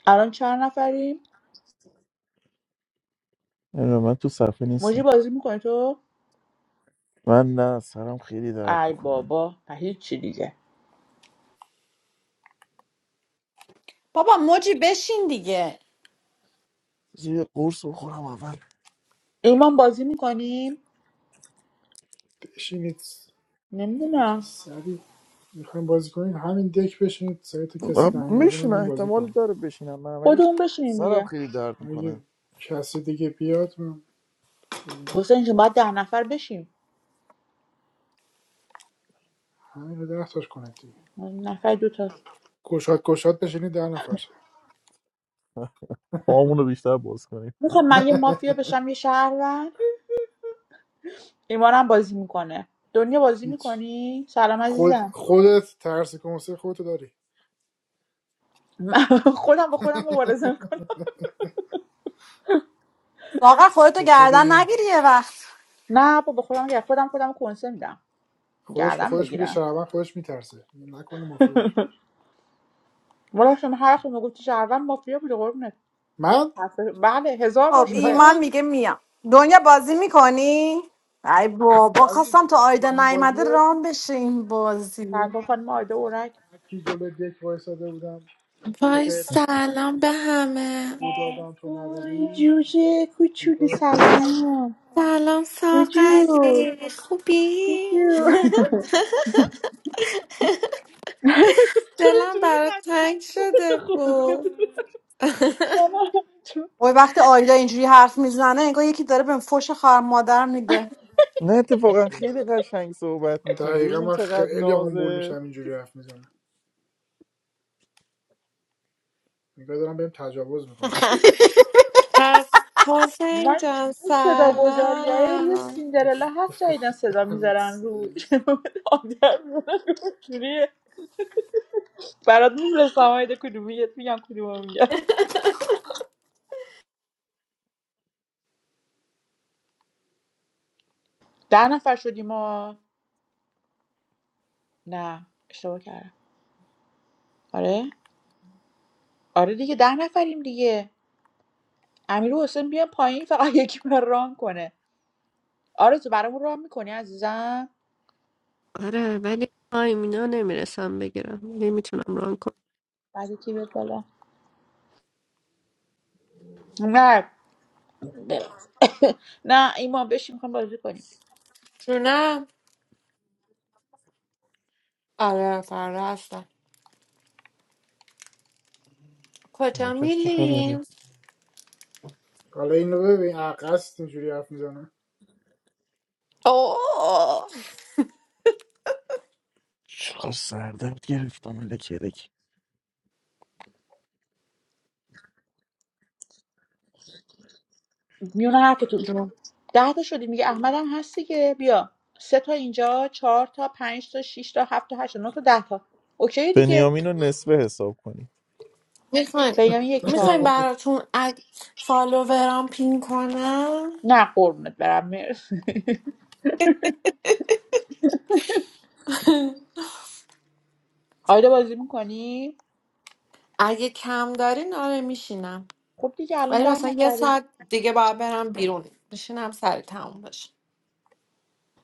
Speaker 13: الان چند نفریم
Speaker 9: نه، من تو صفحه
Speaker 13: موجی
Speaker 9: نیستم
Speaker 13: بازی میکنی تو
Speaker 9: من نه سرم خیلی درد
Speaker 13: ای
Speaker 9: میکنه
Speaker 13: بابا و هیچی دیگه
Speaker 1: بابا موجی بشین دیگه
Speaker 9: یه قرص بخورم اول
Speaker 13: ایمان بازی میکنیم
Speaker 2: بشینید
Speaker 13: نمیدونم
Speaker 2: سری میخوایم بازی کنید همین دک بشینید سری تو کسی نیومده من,
Speaker 9: میشینه
Speaker 2: من بازی
Speaker 9: احتمال
Speaker 2: کنم
Speaker 9: داره بشینم من ولی
Speaker 13: خودمون بشینیم
Speaker 9: سرم
Speaker 13: دیگه
Speaker 9: خیلی درد
Speaker 2: اگه
Speaker 9: میکنه
Speaker 2: کسی دیگه بیاد من
Speaker 13: حسین جون باید ده نفر بشیم
Speaker 2: همین رو ده تاش کنید دیگه
Speaker 13: نفر دوتا
Speaker 2: گشاد گشاد بشینید ده نفر شه.
Speaker 9: پامون رو بیشتر باز کنیم
Speaker 13: میخوام من یه مافیا بشم یه شهروند ایمانم بازی میکنه دنیا بازی
Speaker 2: هیچ
Speaker 13: میکنی سلام
Speaker 2: خود
Speaker 13: عزیزم
Speaker 2: خودت ترس کنسه خودتو داری
Speaker 13: من خودم با خودم مبارزه میکنم
Speaker 1: واقعا خودتو
Speaker 2: چطوری
Speaker 1: گردن
Speaker 2: این
Speaker 1: نگیری یه وقت
Speaker 13: نه با با خودم گرم خودم خودم کنسه میدم
Speaker 2: خودش به
Speaker 13: گردم
Speaker 2: خودش میگه
Speaker 13: بگیرم
Speaker 2: شهروند خودش میترسه نکنه مافیا باشه
Speaker 13: والا شما هر وقت میگفتی شهروند مافیا بوده قربونت
Speaker 2: من
Speaker 13: حرف- بله هزار بار
Speaker 1: خب
Speaker 13: شده
Speaker 1: ایمان
Speaker 2: من
Speaker 1: میگه میام دنیا بازی میکنی؟ ای بابا
Speaker 2: یزید
Speaker 1: خواستم تا آیدا
Speaker 2: اون بازی
Speaker 1: نیومده رام بشه این بازی
Speaker 13: سرکار خانم آیده اورک
Speaker 2: کی جلو دک وایساده بودم به
Speaker 3: وای
Speaker 2: اد
Speaker 3: سلام به همه
Speaker 2: دادم تو
Speaker 13: وای
Speaker 2: ندادی
Speaker 13: جوجه کوچولو سلام
Speaker 3: سلام
Speaker 13: جوجو
Speaker 3: ساقری خوبی؟
Speaker 13: جوجو چرا
Speaker 3: دلم
Speaker 13: اینجوری
Speaker 3: برات
Speaker 13: میخندی
Speaker 3: تنگ شده
Speaker 13: قربونت
Speaker 3: بود
Speaker 13: نه، نه.
Speaker 1: وای وقتی آیدا اینجوری حرف میزنه انگار یکی داره به فوش خواهر مادر میده
Speaker 9: نه اتفاقا خیلی قشنگ صحبت میکنه
Speaker 2: دقیقا
Speaker 9: ببین
Speaker 2: من
Speaker 9: چقدر
Speaker 2: خیلی آمبول
Speaker 9: نازه
Speaker 2: میشم اینجوری حرف میزنم نگاه دارم بهم تجاوز میکنم
Speaker 3: پس حسین
Speaker 13: من
Speaker 3: جان
Speaker 13: این صدا
Speaker 2: خدا
Speaker 13: گذاری های روی
Speaker 3: سلام
Speaker 13: سیندرلا هست جدیدن صدا میذارن رو آدم رو جوریه برات میفرستم های کدومیت میگم کدومو میگم ده نفر شدیم ما نه اشتباه کردم آره آره دیگه ده نفریم دیگه امیر و حسین بیا پایین فقط یکی من ران کنه آره تو برامون ران میکنی عزیزم
Speaker 4: آره ولی تایم اینا نمیرسم بگیرم نمیتونم ران کنم
Speaker 13: بعد کی بیاد بالا نه نه ایمان بشین میخوام بازی کنیم
Speaker 3: جونم آره فردا هستم
Speaker 9: هر
Speaker 3: کجا
Speaker 9: شب چه خبره
Speaker 3: میلیم؟
Speaker 2: حالا اینو ببین عقص اینجوری حرف میزنه
Speaker 9: چقدر سردرد گرفتم الکی الکی
Speaker 13: میونه حرفتون
Speaker 3: جون
Speaker 13: ده تا شدیم دیگه احمدم هستی که بیا سه تا اینجا چهار تا پنج تا شش تا هفت تا هشت تا نه تا ده تا اوکی دیگه
Speaker 9: بنیامین رو نصفه حساب کنیم
Speaker 3: میخوایم
Speaker 13: بنیامین یک
Speaker 3: میخوایم
Speaker 13: چهارم
Speaker 3: براتون اگ فالوورام پین کنم
Speaker 13: نه قربونت برم مرسی آیدا بازی میکنی
Speaker 3: اگه کم دارین آره میشینم
Speaker 13: خب دیگه الان
Speaker 3: ولی
Speaker 13: ده
Speaker 3: مثلا یه
Speaker 13: نفریم
Speaker 3: ساعت دیگه باید برم بیرون میشینم سری تموم بشه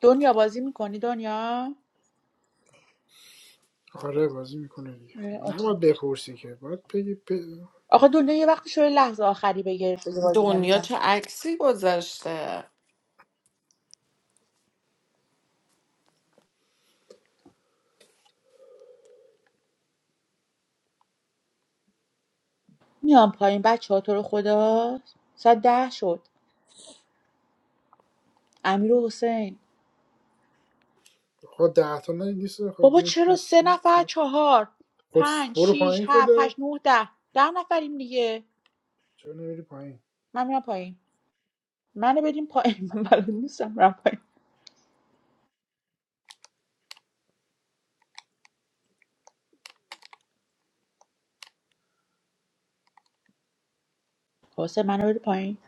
Speaker 13: دنیا بازی میکنی دنیا
Speaker 2: آره بازی میکنه دیگه
Speaker 13: اه، اوکی.
Speaker 2: نباید بپرسی که باید بگی ب...
Speaker 13: آخه دنیا یه وقتی شده لحظه آخری بگه بگه بازی
Speaker 3: دنیا چه
Speaker 13: نمیکنم
Speaker 3: عکسی گذاشته
Speaker 13: میام پایین بچه ها تو رو خدا ساعت ده شد امیر و حسین
Speaker 2: خود ده تا نه نیست خود
Speaker 13: بابا
Speaker 2: یک
Speaker 13: چرا
Speaker 2: دو
Speaker 13: سه
Speaker 2: سه
Speaker 13: نفر
Speaker 2: چهار.
Speaker 13: چهار
Speaker 2: خود
Speaker 13: پنج
Speaker 2: برو
Speaker 13: شیش
Speaker 2: پایین
Speaker 13: هفت
Speaker 2: خودت
Speaker 13: هشت نه ده ده نفریم دیگه
Speaker 2: چرا نمیری پایین
Speaker 13: من میرم پایین منو بدیم پایین من بلد نیستم میرم پایین واسه منو بده پایین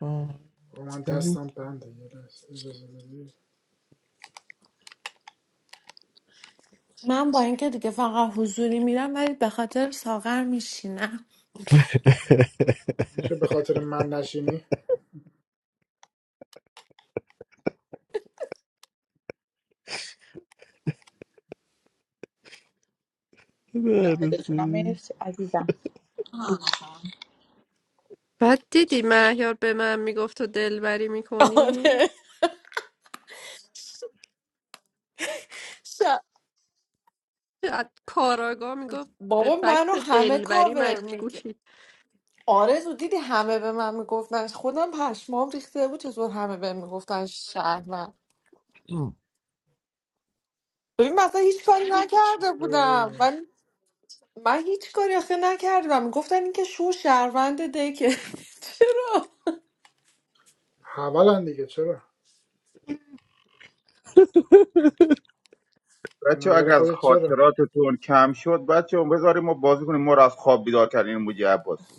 Speaker 9: آه،
Speaker 2: با من
Speaker 9: ببین.
Speaker 2: دستم بنده یه لحظه اجازه بدی
Speaker 3: من با اینکه دیگه فقط حضوری میرم ولی به خاطر ساغر میشینم
Speaker 2: چه به خاطر من نشینی
Speaker 13: نه،
Speaker 9: دهنت
Speaker 13: دلتونم
Speaker 9: سرویس.
Speaker 13: مرسی عزیزم
Speaker 4: بعد دیدی مهیار به من میگفت تو دلبری میکنی
Speaker 3: آره ش-
Speaker 4: از کاراگاه میگفت به
Speaker 3: بابا منو
Speaker 4: فکت
Speaker 3: همه
Speaker 4: دلبری
Speaker 3: کاور میگه
Speaker 4: مشکوکی
Speaker 3: آرزو دیدی همه به من میگفتن خودم پشمام ریخته بود چطور همه به میگفتن شهر ببین مثلا هیچ کاری نکرده بودم من من هیچ کاری آخه نکردم گفتن اینکه شو شهروند دکه چرا
Speaker 2: حولن دیگه چرا به
Speaker 15: بچه ها
Speaker 2: نظر
Speaker 15: اگر از
Speaker 2: خودت چرا
Speaker 15: خاطراتتون کم شد بچه ها بذاریم ما بازی کنیم ما رو از خواب بیدار کردین موجی عباسی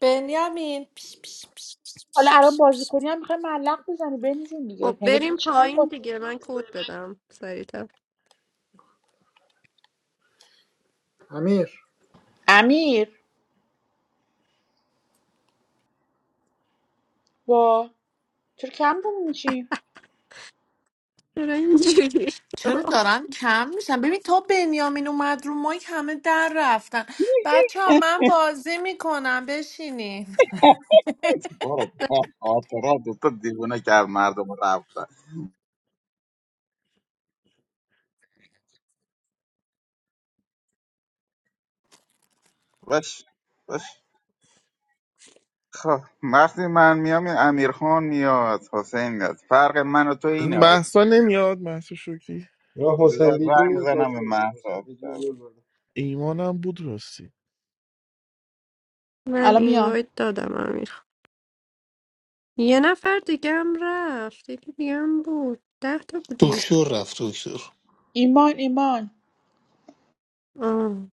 Speaker 3: بنیامین پیش پیش پیش.
Speaker 13: حالا الان بازی کنی هم میخوای ملق بزنی بینشون دیگه
Speaker 4: خب
Speaker 13: مگه بابا
Speaker 4: بریم
Speaker 13: چیکار
Speaker 4: پایین
Speaker 13: کنی
Speaker 4: دیگه من کد بدم سریعتر
Speaker 2: امیر
Speaker 13: امیر با چرا کم رو میشی
Speaker 4: چرا اینجوری
Speaker 3: چرا
Speaker 4: شد؟
Speaker 3: دارن کم میشن ببین تا بنیامین اومد رو مایک همه در رفتن بچه ها من بازی میکنم بشینین
Speaker 15: برو بخواب خاطرات تو دیوونه کرد مردم رو رفتن باش باش خب وقتی من میام این امیرخان میاد حسین میاد فرق من و تو اینه
Speaker 9: محسا نمیاد محسا شکری
Speaker 7: یا
Speaker 15: بذار
Speaker 7: حسین بیدی
Speaker 15: رنگ
Speaker 7: میاد
Speaker 15: بزنم به
Speaker 7: بازی میکنه حسین
Speaker 15: محصاب
Speaker 7: بیدی رو بیار بالا
Speaker 9: ایمانم بود راستی
Speaker 4: من
Speaker 13: الان
Speaker 4: این
Speaker 13: میان
Speaker 4: وایت دادم امیر خان. یه نفر دیگه هم رفت یکی دیگه هم بود ده تا بودین
Speaker 10: دکتر رفت دکتر
Speaker 13: ایمان ایمان
Speaker 4: آه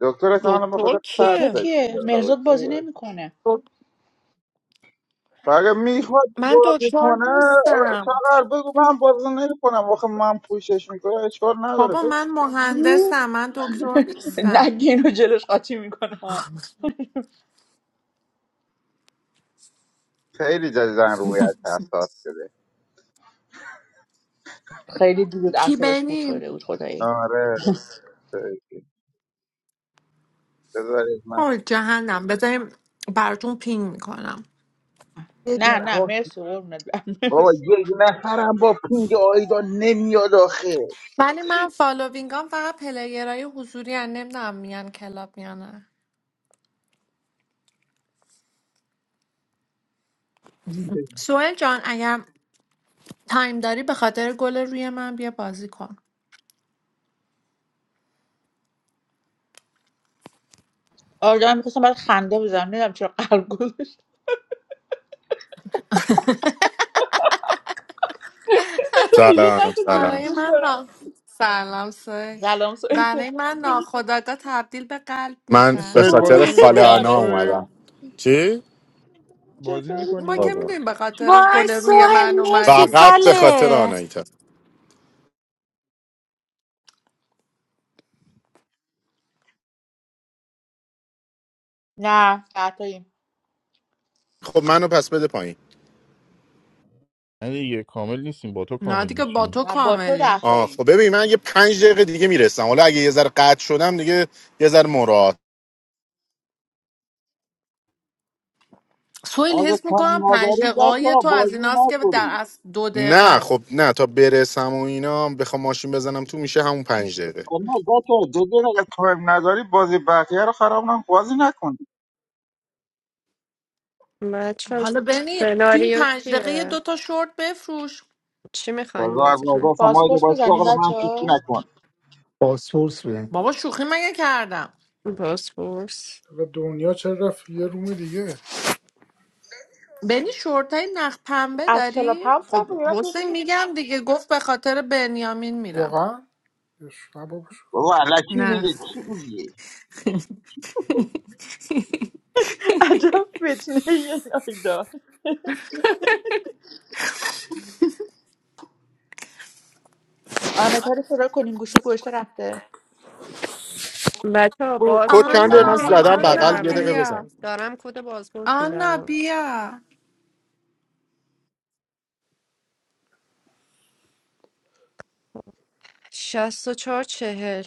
Speaker 15: دکتر اصلا به خود
Speaker 3: دکتر
Speaker 13: دکتر
Speaker 3: کیه
Speaker 15: ترسش
Speaker 13: کیه مهرزاد
Speaker 15: میاد
Speaker 13: بازی نمیکنه
Speaker 3: دک-
Speaker 15: فقط میخواد
Speaker 3: من
Speaker 15: بازی
Speaker 3: دکتر
Speaker 15: کنه آ،
Speaker 3: نیستم
Speaker 15: بگو من بازی نمیکنم آخه من پوشش میکنم اشکال نداره
Speaker 3: بابا
Speaker 15: بگو.
Speaker 3: من مهندسم من دکتر نیستم
Speaker 13: نگین رو جلوش قاطی میکنه
Speaker 15: خیلی جدیدن روی حساس شده
Speaker 13: خیلی دود
Speaker 3: کی
Speaker 13: اعصابش خود
Speaker 3: بنی؟
Speaker 13: شده بود خدایی
Speaker 15: آره خیلی. بذارید من
Speaker 3: آه جهنم بذاریم براتون پین میکنم
Speaker 15: یه
Speaker 13: نه
Speaker 15: جن-
Speaker 13: نه
Speaker 15: ها،
Speaker 13: مرسی قربونت برم
Speaker 15: بابا
Speaker 13: مرسی
Speaker 15: یه نفرم با پینگ آیدا نمیاد آخه
Speaker 3: ولی من فالووینگام فقط پلیرهای حضوری هن نمیدونم میان کلاب یا نه سوهل جان اگر تایم داری به خاطر گل روی من بیا بازی کن
Speaker 13: آره میخواستم برات خنده بزنم نمیدونم چرا قلب گذاشت دیگه
Speaker 16: سلام
Speaker 13: نتون
Speaker 3: برای
Speaker 16: سلام
Speaker 13: درستش
Speaker 3: من
Speaker 13: کنم
Speaker 3: نا... سلام سوهل
Speaker 13: سلام سوید
Speaker 3: برای
Speaker 13: چطور
Speaker 3: من ناخداگاه تبدیل به قلب
Speaker 16: من به
Speaker 3: میشن
Speaker 9: سویل
Speaker 16: خاطر
Speaker 13: خوبه.
Speaker 9: بازی
Speaker 16: خاله
Speaker 9: میکنی
Speaker 16: آنا
Speaker 13: آره
Speaker 9: سویل
Speaker 16: اومدم
Speaker 13: شما
Speaker 16: چی؟
Speaker 9: بازی
Speaker 13: چطوری
Speaker 3: ما
Speaker 9: میکنی
Speaker 13: تو؟
Speaker 3: که
Speaker 16: بازم.
Speaker 3: میدونیم به خاطر
Speaker 1: وای
Speaker 3: گل روی من
Speaker 1: سوهل مرسی
Speaker 3: اومدیم
Speaker 16: فقط به خاطر
Speaker 1: خاله
Speaker 16: آنایتا
Speaker 13: نه ده تاییم
Speaker 16: خب منو پس بده پایین
Speaker 9: نه دیگه کامل نیستیم با تو
Speaker 3: نه
Speaker 9: کامل
Speaker 3: دیگه با
Speaker 9: میشیم
Speaker 3: تو
Speaker 13: نه با تو
Speaker 3: کاملیم
Speaker 13: ده
Speaker 16: آه
Speaker 13: تاییم
Speaker 16: خب ببین من یه پنج دقیقه دیگه میرسم حالا اگه یه ذره قطع شدم دیگه یه ذره مراد
Speaker 3: سویل
Speaker 15: اگه
Speaker 3: حس میکنم
Speaker 15: تایم
Speaker 3: پنج
Speaker 15: نداری
Speaker 3: دقیقه تو
Speaker 15: بچه
Speaker 3: از
Speaker 15: بازی
Speaker 3: ایناست که در
Speaker 15: نکنی
Speaker 3: اصل دو دقیقه
Speaker 16: نه
Speaker 3: است
Speaker 16: خب نه تا برسم و اینا بخوام ماشین بزنم تو میشه همون پنج دقیقه
Speaker 15: نه بچه جدی میگم، اگه تایم نداری بازی بقیه رو خراب نکن بازی نکن
Speaker 4: بچه
Speaker 3: حالا بنی تو این
Speaker 4: سناریو
Speaker 3: پنج دقیقه یه دو
Speaker 4: چیه
Speaker 3: تا شورت بفروش
Speaker 4: چی میخواین
Speaker 15: بازار
Speaker 4: بازی کنی
Speaker 15: گفتم آیدا
Speaker 13: پاسپورت
Speaker 15: با
Speaker 13: بزنیم
Speaker 15: شغل من
Speaker 13: بچه
Speaker 15: شوخی
Speaker 13: ها
Speaker 15: نکن
Speaker 10: بازپرس
Speaker 3: بابا شوخی مگه کردم
Speaker 4: بازپرس
Speaker 2: حالا دنیا چرا رفت یه روم دیگه
Speaker 3: بنی شورتای نخ پنبه
Speaker 13: از کلاب
Speaker 3: داری؟
Speaker 13: هاوس هم
Speaker 3: خب
Speaker 13: فقط نشون
Speaker 3: حسین
Speaker 13: میدیم
Speaker 3: میگم دیگه گفت به خاطر بنیامین میرم
Speaker 2: واقعا یه ش- نه بابا شوخی.
Speaker 15: بابا علکی
Speaker 3: نه
Speaker 15: میگه چی میگی
Speaker 13: عجب فتنه یه نایدا آنتا رو صدا کنیم گوشو گوشته رفته
Speaker 4: بچه
Speaker 16: خب، کد چند
Speaker 4: بازپرس
Speaker 16: دقیقه من
Speaker 4: اوکی
Speaker 3: آنا
Speaker 4: این
Speaker 16: زدم
Speaker 4: دیگه
Speaker 3: آنا
Speaker 16: بغل یه دقیقه
Speaker 4: همه
Speaker 3: بیا
Speaker 16: بزن
Speaker 4: دارم کد بازپرس
Speaker 3: آنا
Speaker 4: میدم
Speaker 3: بیا
Speaker 4: شست و چهار چهل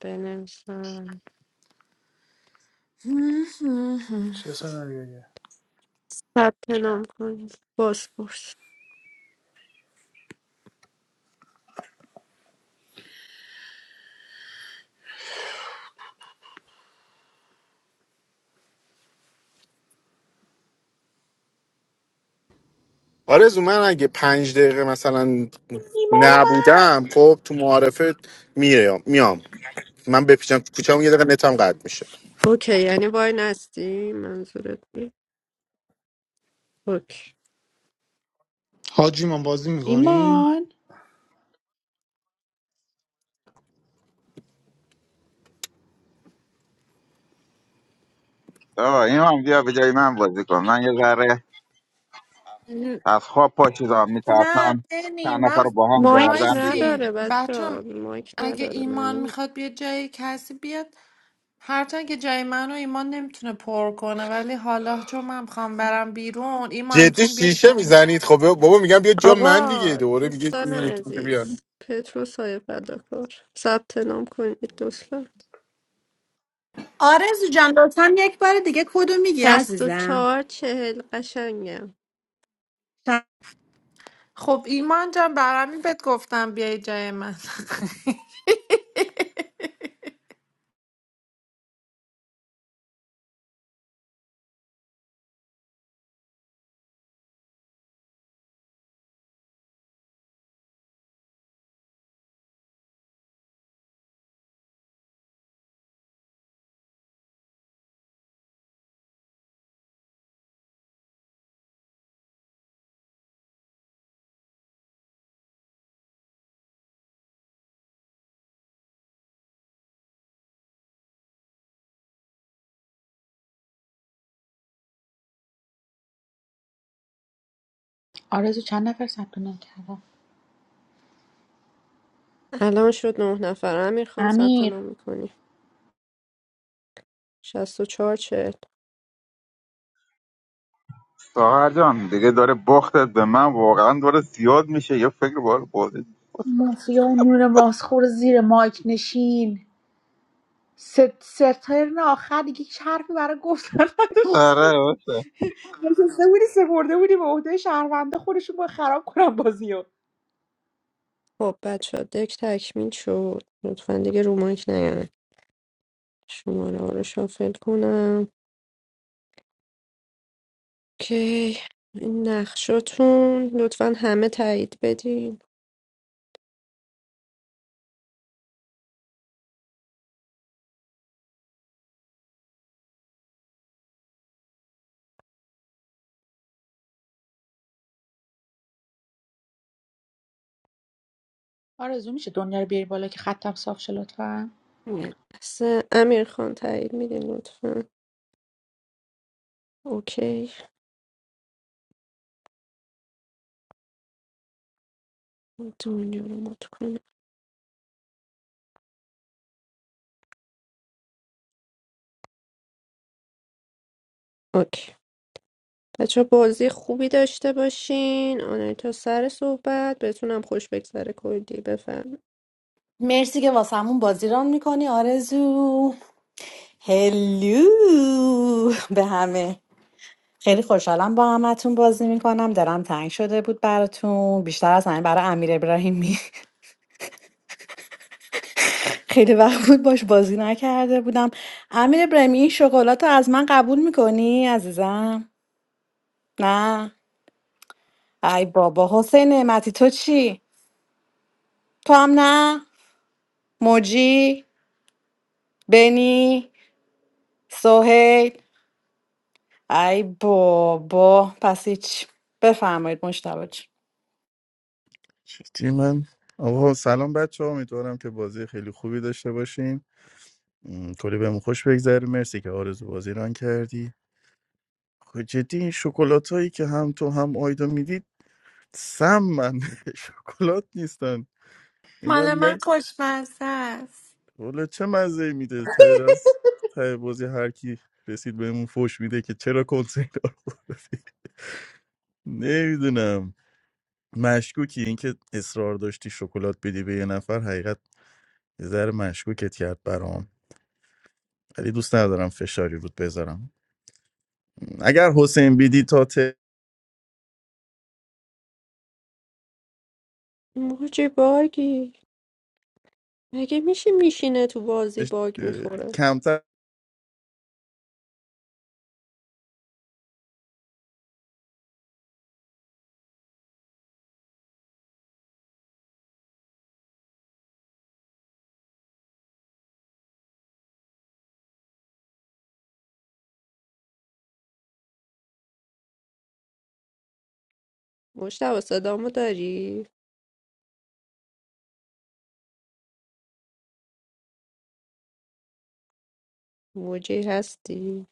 Speaker 4: بنویسم
Speaker 2: چه سناریویه
Speaker 4: ثبت نام کنید بازپرس
Speaker 16: آرزو من اگه پنج دقیقه مثلا
Speaker 13: ایمان اومد
Speaker 16: نبودم خب تو معارفه میام میام من بپیچم تو کوچه‌مون یه دقیقه نتم قطع میشه
Speaker 4: اوکی یعنی وای نستی منظورت بی؟ اوکی
Speaker 10: حاجی من بازی میکنی؟
Speaker 13: ایمان
Speaker 15: آقا این هم بیا به جای من بازی کن من یه ذره از خواب پا شدم
Speaker 3: نه
Speaker 15: میترسم
Speaker 3: بنی
Speaker 15: چند نفر رو
Speaker 3: من
Speaker 15: با هم
Speaker 4: مایک
Speaker 15: گردن دیگه
Speaker 3: وایسین
Speaker 4: نداره
Speaker 3: بچه
Speaker 4: بچه مایک
Speaker 3: اگه
Speaker 4: نداره
Speaker 3: ایمان
Speaker 4: معلوم
Speaker 3: میخواد بیا جای کسی بیاد هرچند که جای منو ایمان نمیتونه پر کنه ولی حالا چون من میخوام برم بیرون ایمان
Speaker 16: جدی
Speaker 3: میتونی بیا
Speaker 16: شیشه
Speaker 3: جای
Speaker 16: میزنید خب بابا میگم بیا جا من دیگه
Speaker 4: آقا
Speaker 16: دوباره میگه
Speaker 4: دوستان
Speaker 16: این یکی دیگه بیا
Speaker 4: عزیز پترو سایه فداکار ثبت نام کنید دوستان
Speaker 1: آرزو جان لطفا یک بار دیگه کدو میگی
Speaker 4: شست و
Speaker 1: عزیزم
Speaker 4: چهار چهل قشنگم
Speaker 3: خب ایمان جان برام بهت گفتم بیای جای من
Speaker 13: آرزو چند نفر ثبت نام کردن
Speaker 4: الان شد نه نفر امیر خان ثبت
Speaker 13: امیر
Speaker 4: نام میکنی شست و چهار چهل
Speaker 15: ساهر جان دیگه داره بختت به من واقعا داره زیاد میشه یه فکر بار بازی
Speaker 13: مافیا و نون ماسخور زیر مایک نشین ست سترن آخر دیگه هیچ حرفی برای گفتن نداشت
Speaker 15: آره باشه
Speaker 13: نشسته بودی سپرده بودی به عهده شهرونده خودشون با خراب کنم بازیو
Speaker 4: خب بچه دک تکمیل شد لطفا دیگه رو مایک نیاین شماره ها رو شافل کنم اوکی این نقشاتون لطفا همه تایید بدین
Speaker 13: آرزو میشه دنیا رو بیاری بالا که خطم صاف شه لطفاً
Speaker 4: یه لحظه امیر خان تایید میدین لطفا اوکی دنیا رو مات کنیم اوکی بچه بازی خوبی داشته باشین آنه تا سر صحبت بتونم خوش بگذره کردی بفهم
Speaker 1: مرسی که واسمون بازی ران میکنی آرزو هلو به همه خیلی خوشحالم با همتون بازی میکنم دلم تنگ شده بود براتون بیشتر از همه برای امیر ابراهیمی خیلی وقت بود باش بازی نکرده بودم امیر ابراهیمی این شکلات رو از من قبول میکنی عزیزم نه ای بابا حسین نعمتی تو چی تو هم نه موجی بنی سهیل ای بابا پس هیچ بفرمایید مشتبه
Speaker 9: چی من آقا سلام بچه ها امیدوارم که بازی خیلی خوبی داشته باشیم م، کلی بهم خوش بگذره مرسی که آرزو بازی ران کردی خب جدی این شکلات هایی که هم تو هم آیدا میدید سم من شکلات نیستن این من
Speaker 3: مال من
Speaker 9: نه
Speaker 3: خوشمزه است
Speaker 9: والا چه مزه میده ته دست ته بازی هر کی رسید بهمون فوش میده که چرا کنسرت نمیدونم مشکوکی اینکه اصرار داشتی شکلات بدی به یه نفر حقیقت یه ذره مشکوکت کرد برام ولی دوست ندارم فشاری رود بذارم اگر حسین بیدی تا تش...
Speaker 4: موجی باگی مگه میشه میشینه تو بازی باگ میخوره
Speaker 9: کمتر
Speaker 4: مشتبه صدامو داری؟ موجی هستی؟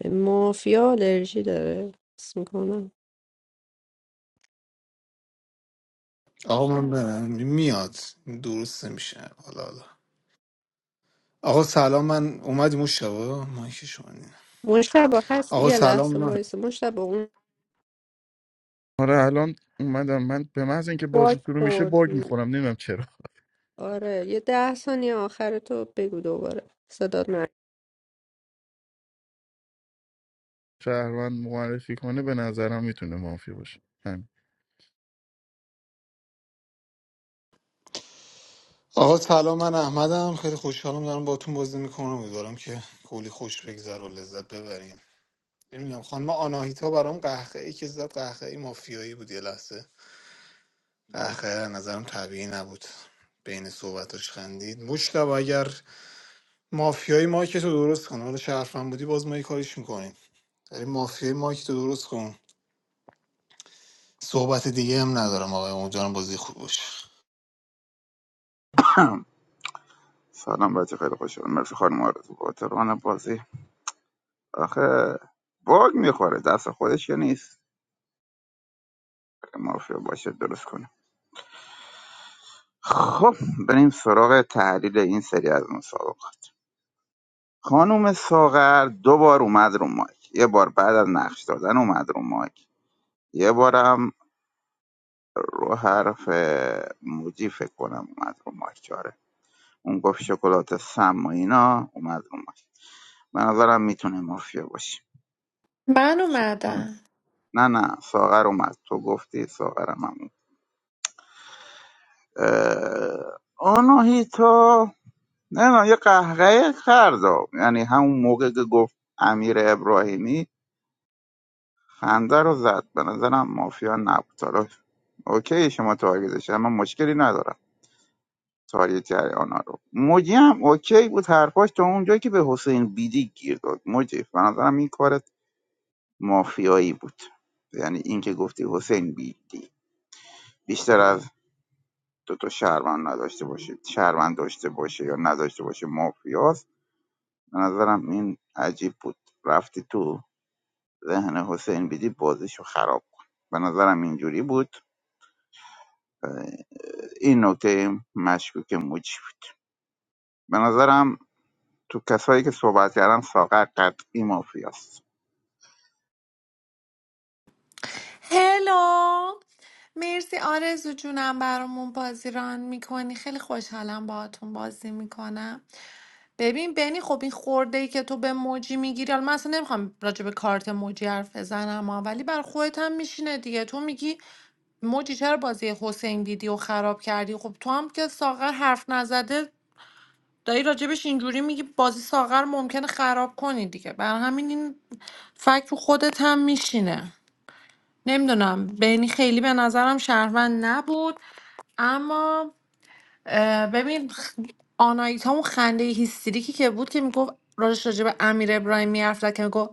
Speaker 4: به مافیا الرژی داره حس میکنم
Speaker 10: آقا من برم میاد درست میشه، حالا حالا آقا سلام من اومدی مشتبه من که شما نیم.
Speaker 4: مشتبه هست
Speaker 10: آقا
Speaker 4: یه
Speaker 10: سلام
Speaker 4: لحظه
Speaker 10: من
Speaker 4: وایسه مشتبه اون
Speaker 9: آره الان اومدم من به محض اینکه
Speaker 4: باگ
Speaker 9: بازی شروع میشه باگ
Speaker 4: خوردی
Speaker 9: میخورم نمیدونم چرا
Speaker 4: آره یه ده ثانیه آخر تو بگو دوباره صدات من
Speaker 9: شهروند معرفی کنه به نظرم میتونه مافی باشه همین.
Speaker 10: آقا سلام من احمدم خیلی خوشحالم دارم باتون بازی میکنم امیدوارم که کلی خوش بگذر و لذت ببریم نمیدونم خانم آناهیتا برام قهقه ای که زد قهقه ای مافیایی بود یه لحظه قهقه از نظرم طبیعی نبود بین صحبتاش خندید مشتبه اگر مافیایی ما که تو درست کن حالا شرفم بودی باز ما یه کاریش میکنیم داری مافیای مایک تو درست کن صحبت دیگه هم ندارم آقای امیدوارم بازی خوب باشه
Speaker 15: سلام بچه خیلی خوش آمد مرسی خانم آرزو باتران بازی آخه باگ میخوره دست خودش یا نیست مافیا باشه درست کنه خب بریم سراغ تحلیل این سری از مسابقه خانم ساغر دو بار اومد رو مایک یه بار بعد از نقش دادن اومد رو مایک یه بارم رو حرف موجی فکر کنم اومد رو مایک چاره اون گفت شکلات سم و اینا اومد رو مایک به نظرم میتونه مافیا باشه
Speaker 3: من اومدم
Speaker 15: نه نه ساغر اومد تو گفتی ساغرم هم اومد آناهیتا نه نه یه قهقه کرد یعنی همون موقع که گفت امیر ابراهیمی خنده رو زد به نظرم مافیا نبود حالا اوکی شما تارگتش اما مشکلی ندارم تاریت آنها رو موجی هم اوکی بود حرفاش تا اونجایی که به حسین بیدی گیر داد موجی به نظرم این کارت مافیایی بود یعنی اینکه گفتی حسین بیدی بیشتر از دو تا شهروند نداشته باشه شهروند داشته باشه یا نداشته باشه مافیاست به نظرم این عجیب بود رفتی تو ذهن حسین بیدی بازیشو خراب کن به نظرم اینجوری بود این نکته مشکوک موجی بود به نظرم تو کسایی که صحبت کردن ساغر قطعی مافیاست
Speaker 3: هلو مرسی آرزو جونم برامون بازی ران میکنی خیلی خوشحالم باهاتون بازی میکنم ببین بنی خب این خورده ای که تو به موجی میگیری حالا من اصلا نمیخوام راجع به کارت موجی حرف بزنم ها، ولی بر خودت هم میشینه دیگه تو میگی موجی چرا بازی حسین دیدی و خراب کردی خب تو هم که ساغر حرف نزده داری راجبش اینجوری میگی بازی ساغر ممکنه خراب کنی دیگه بر همین این فکر رو خودت هم میشینه نمیدونم بینی خیلی به نظرم شهروند نبود اما اه، ببین خ- آنایتا اون خنده هیستریکی که بود که میگفت راجش راجع امیر ابراهیمی حرف زد که میگفت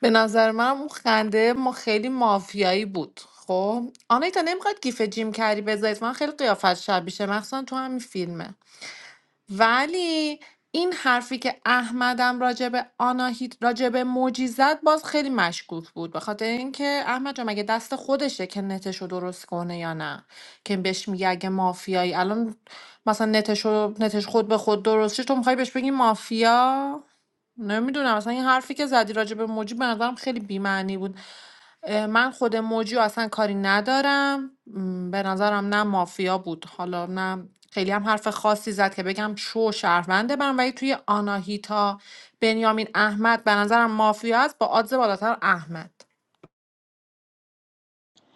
Speaker 3: به نظر منم اون خنده ما خیلی مافیایی بود خب آنایتا نمیخواد گیف جیم کری بذارید من خیلی قیافت شبیشه مخصوصا تو همین فیلمه ولی این حرفی که احمدم راجع به آناهیت راجب موجی زد باز خیلی مشکوک بود به خاطر اینکه احمد جان مگه دست خودشه که نتشو درست کنه یا نه که بهش میگه اگه مافیایی الان مثلا نتشو نتش خود به خود درست شه تو میخوای بهش بگی مافیا نمیدونم مثلا این حرفی که زدی راجع به موجی به نظرم خیلی بی‌معنی بود اه، من خود موجی رو اصلا کاری ندارم م، به نظرم نه مافیا بود حالا نه خیلی هم حرف خاصی زد که بگم شو شهرونده من ولی توی آناهیتا بنیامین احمد به نظرم مافیا است با آدز بالاتر احمد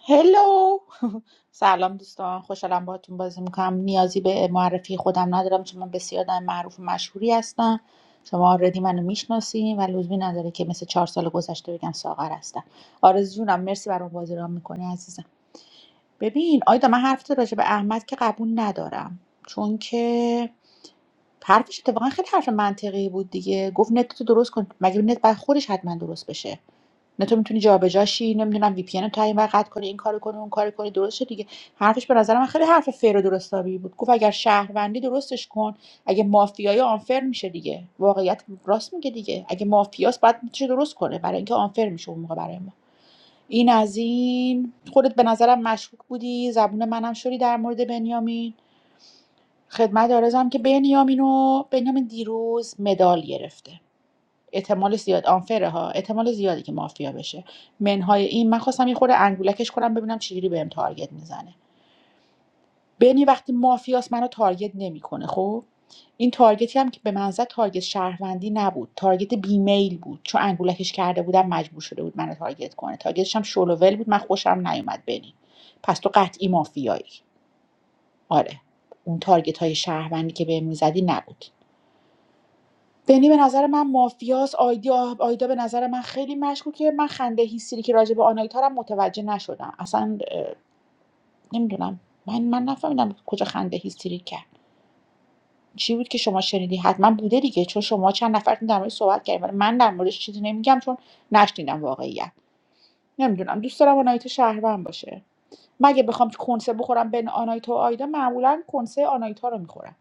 Speaker 13: هلو سلام دوستان خوشحالم باهاتون بازی میکنم نیازی به معرفی خودم ندارم چون من بسیار آدم معروف و مشهوری هستم شما آردی منو میشناسین و لزومی نداره که مثل چهار سال گذشته بگم ساغر هستم آرزو جونم مرسی برام بازی رام میکنی عزیزم ببین آیدا من حرفت راجع به احمد که قبول ندارم چون که حرفش اتفاقا خیلی حرف منطقی بود دیگه گفت نت تو درست کن مگه نت بعد خودش حتما درست بشه نه تو میتونی جابجاشی نمیدونم وی پی ان رو تا این ور قطع کنی این کارو کنی اون کارو کنی درسته دیگه حرفش به نظر من خیلی حرف فیر و درستابی بود گفت اگر شهروندی درستش کن اگه مافیای آنفر میشه دیگه واقعیت راست میگه دیگه اگه مافیاس باید میشه درست کنه برای اینکه آنفر میشه اون موقع برای ما این از این خودت به نظرم مشکوک بودی زبون منم شدی در مورد بنیامین خدمت آرزم که بنیامین و بنیامین دیروز مدال گرفته احتمال زیاد آنفره ها احتمال زیادی که مافیا بشه منهای این من خواستم یه خورده انگولکش کنم ببینم چجوری بهم تارگت میزنه بنی وقتی مافیاس منو تارگت نمیکنه خب این تارگتی هم که به من زد تارگت شهروندی نبود تارگت بیمیل بود چون انگولکش کرده بودم مجبور شده بود منو تارگت کنه تارگتش هم شلوول بود من خوشم نیومد بنی پس تو قطعی مافیایی آره اون تارگت های شهروندی که بهم میزدی نبود بنی به نظر من مافیاس آیدا آیدا به نظر من خیلی مشکوکه من خنده هیستری که راجع به آنایتا رو هم متوجه نشدم اصلا اه، نمیدونم من من نفهمیدم کجا خنده هیستری کرد چی بود که شما شنیدی حتما بوده دیگه چون شما چند نفرتون در مورد صحبت کردیم ولی من در موردش چیزی نمیگم چون نشنیدم واقعیت نمیدونم دوست دارم آنایتا شهروند باشه مگه بخوام کنسه بخورم بین آنایتا و آیدا معمولا کنسه آنایتا رو میخورم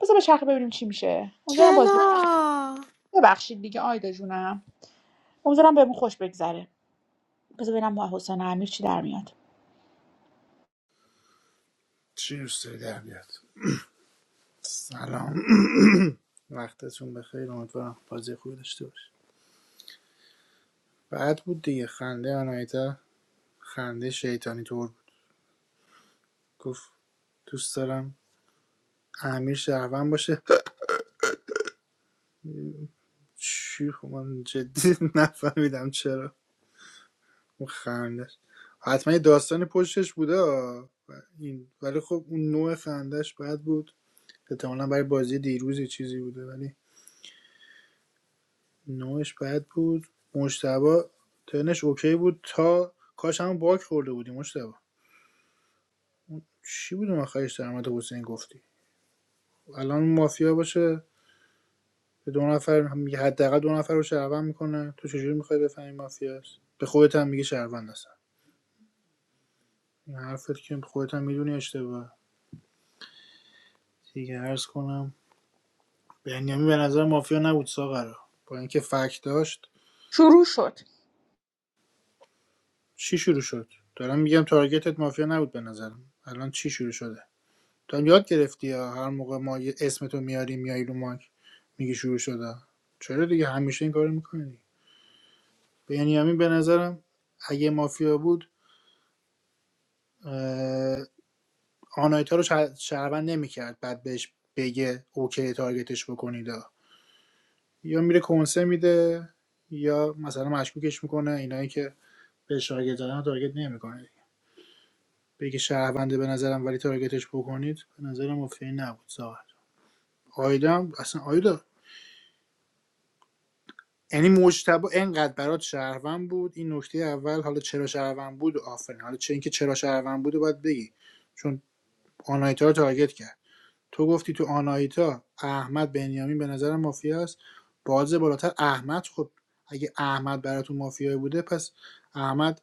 Speaker 13: بذار به چرخه ببینیم چی میشه امیدوارم بازی
Speaker 3: چرا؟
Speaker 13: ببخشید دیگه آیدا جونم امیدوارم بهمون خوش بگذره بذار ببینم ما حسین امیر چی در میاد
Speaker 2: چی دوست داری در بیاد سلام وقتتون بخیر امیدوارم بازی خوبی داشته باشید بعد بود دیگه خنده آنایتا خنده شیطانی طور بود گفت دوست دارم امیر شهروند باشه چی خب من جدی نفهمیدم چرا اون خندش حتما یه داستانی پشتش بوده این ولی خب اون نوع خندش بد بود احتمالا برای بازی دیروز چیزی بوده ولی نوعش بد بود مجتبی تنش اوکی بود تا کاش همون باک خورده بودیم مشتبه چی بودم آخرش درآمد حسین گفتی الان مافیا باشه به دو نفر هم میگه حداقل دو نفر رو شهروند میکنه تو چجوری میخوای بفهمی مافیاست به خودت هم میگه شهروند هستن این حرفت که خودت هم میدونی اشتباه دیگه عرض کنم بنیامین به نظر مافیا نبود ساغر با اینکه فک داشت
Speaker 13: شروع شد
Speaker 2: چی شروع شد دارم میگم تارگتت مافیا نبود به نظرم الان چی شروع شده تو هم یاد گرفتی یا هر موقع ما یه اسم تو میاریم میای رو ماک میگی شروع شده چرا دیگه همیشه این کارو میکنی بنیامین به نظرم اگه مافیا بود اه، آنایتا رو شهروند نمیکرد بعد بهش بگه اوکی تارگتش بکنید یا میره کنسه میده یا مثلا مشکوکش میکنه اینایی که به تارگت زدن تارگت نمیکنه بگه شهرونده به نظرم ولی تارگتش بکنید به نظرم مفیدی نبود ظاهر آیدا هم- اصلا آیدا یعنی مجتبی اینقدر برات شهروند بود این نکته اول حالا چرا شهروند بود آفرین حالا چه اینکه چرا شهروند بود و باید بگی چون آنایتا رو تارگت کرد تو گفتی تو آناهیتا احمد بنیامین به نظر مافیا است باز بالاتر احمد خب اگه احمد براتون مافیای بوده پس احمد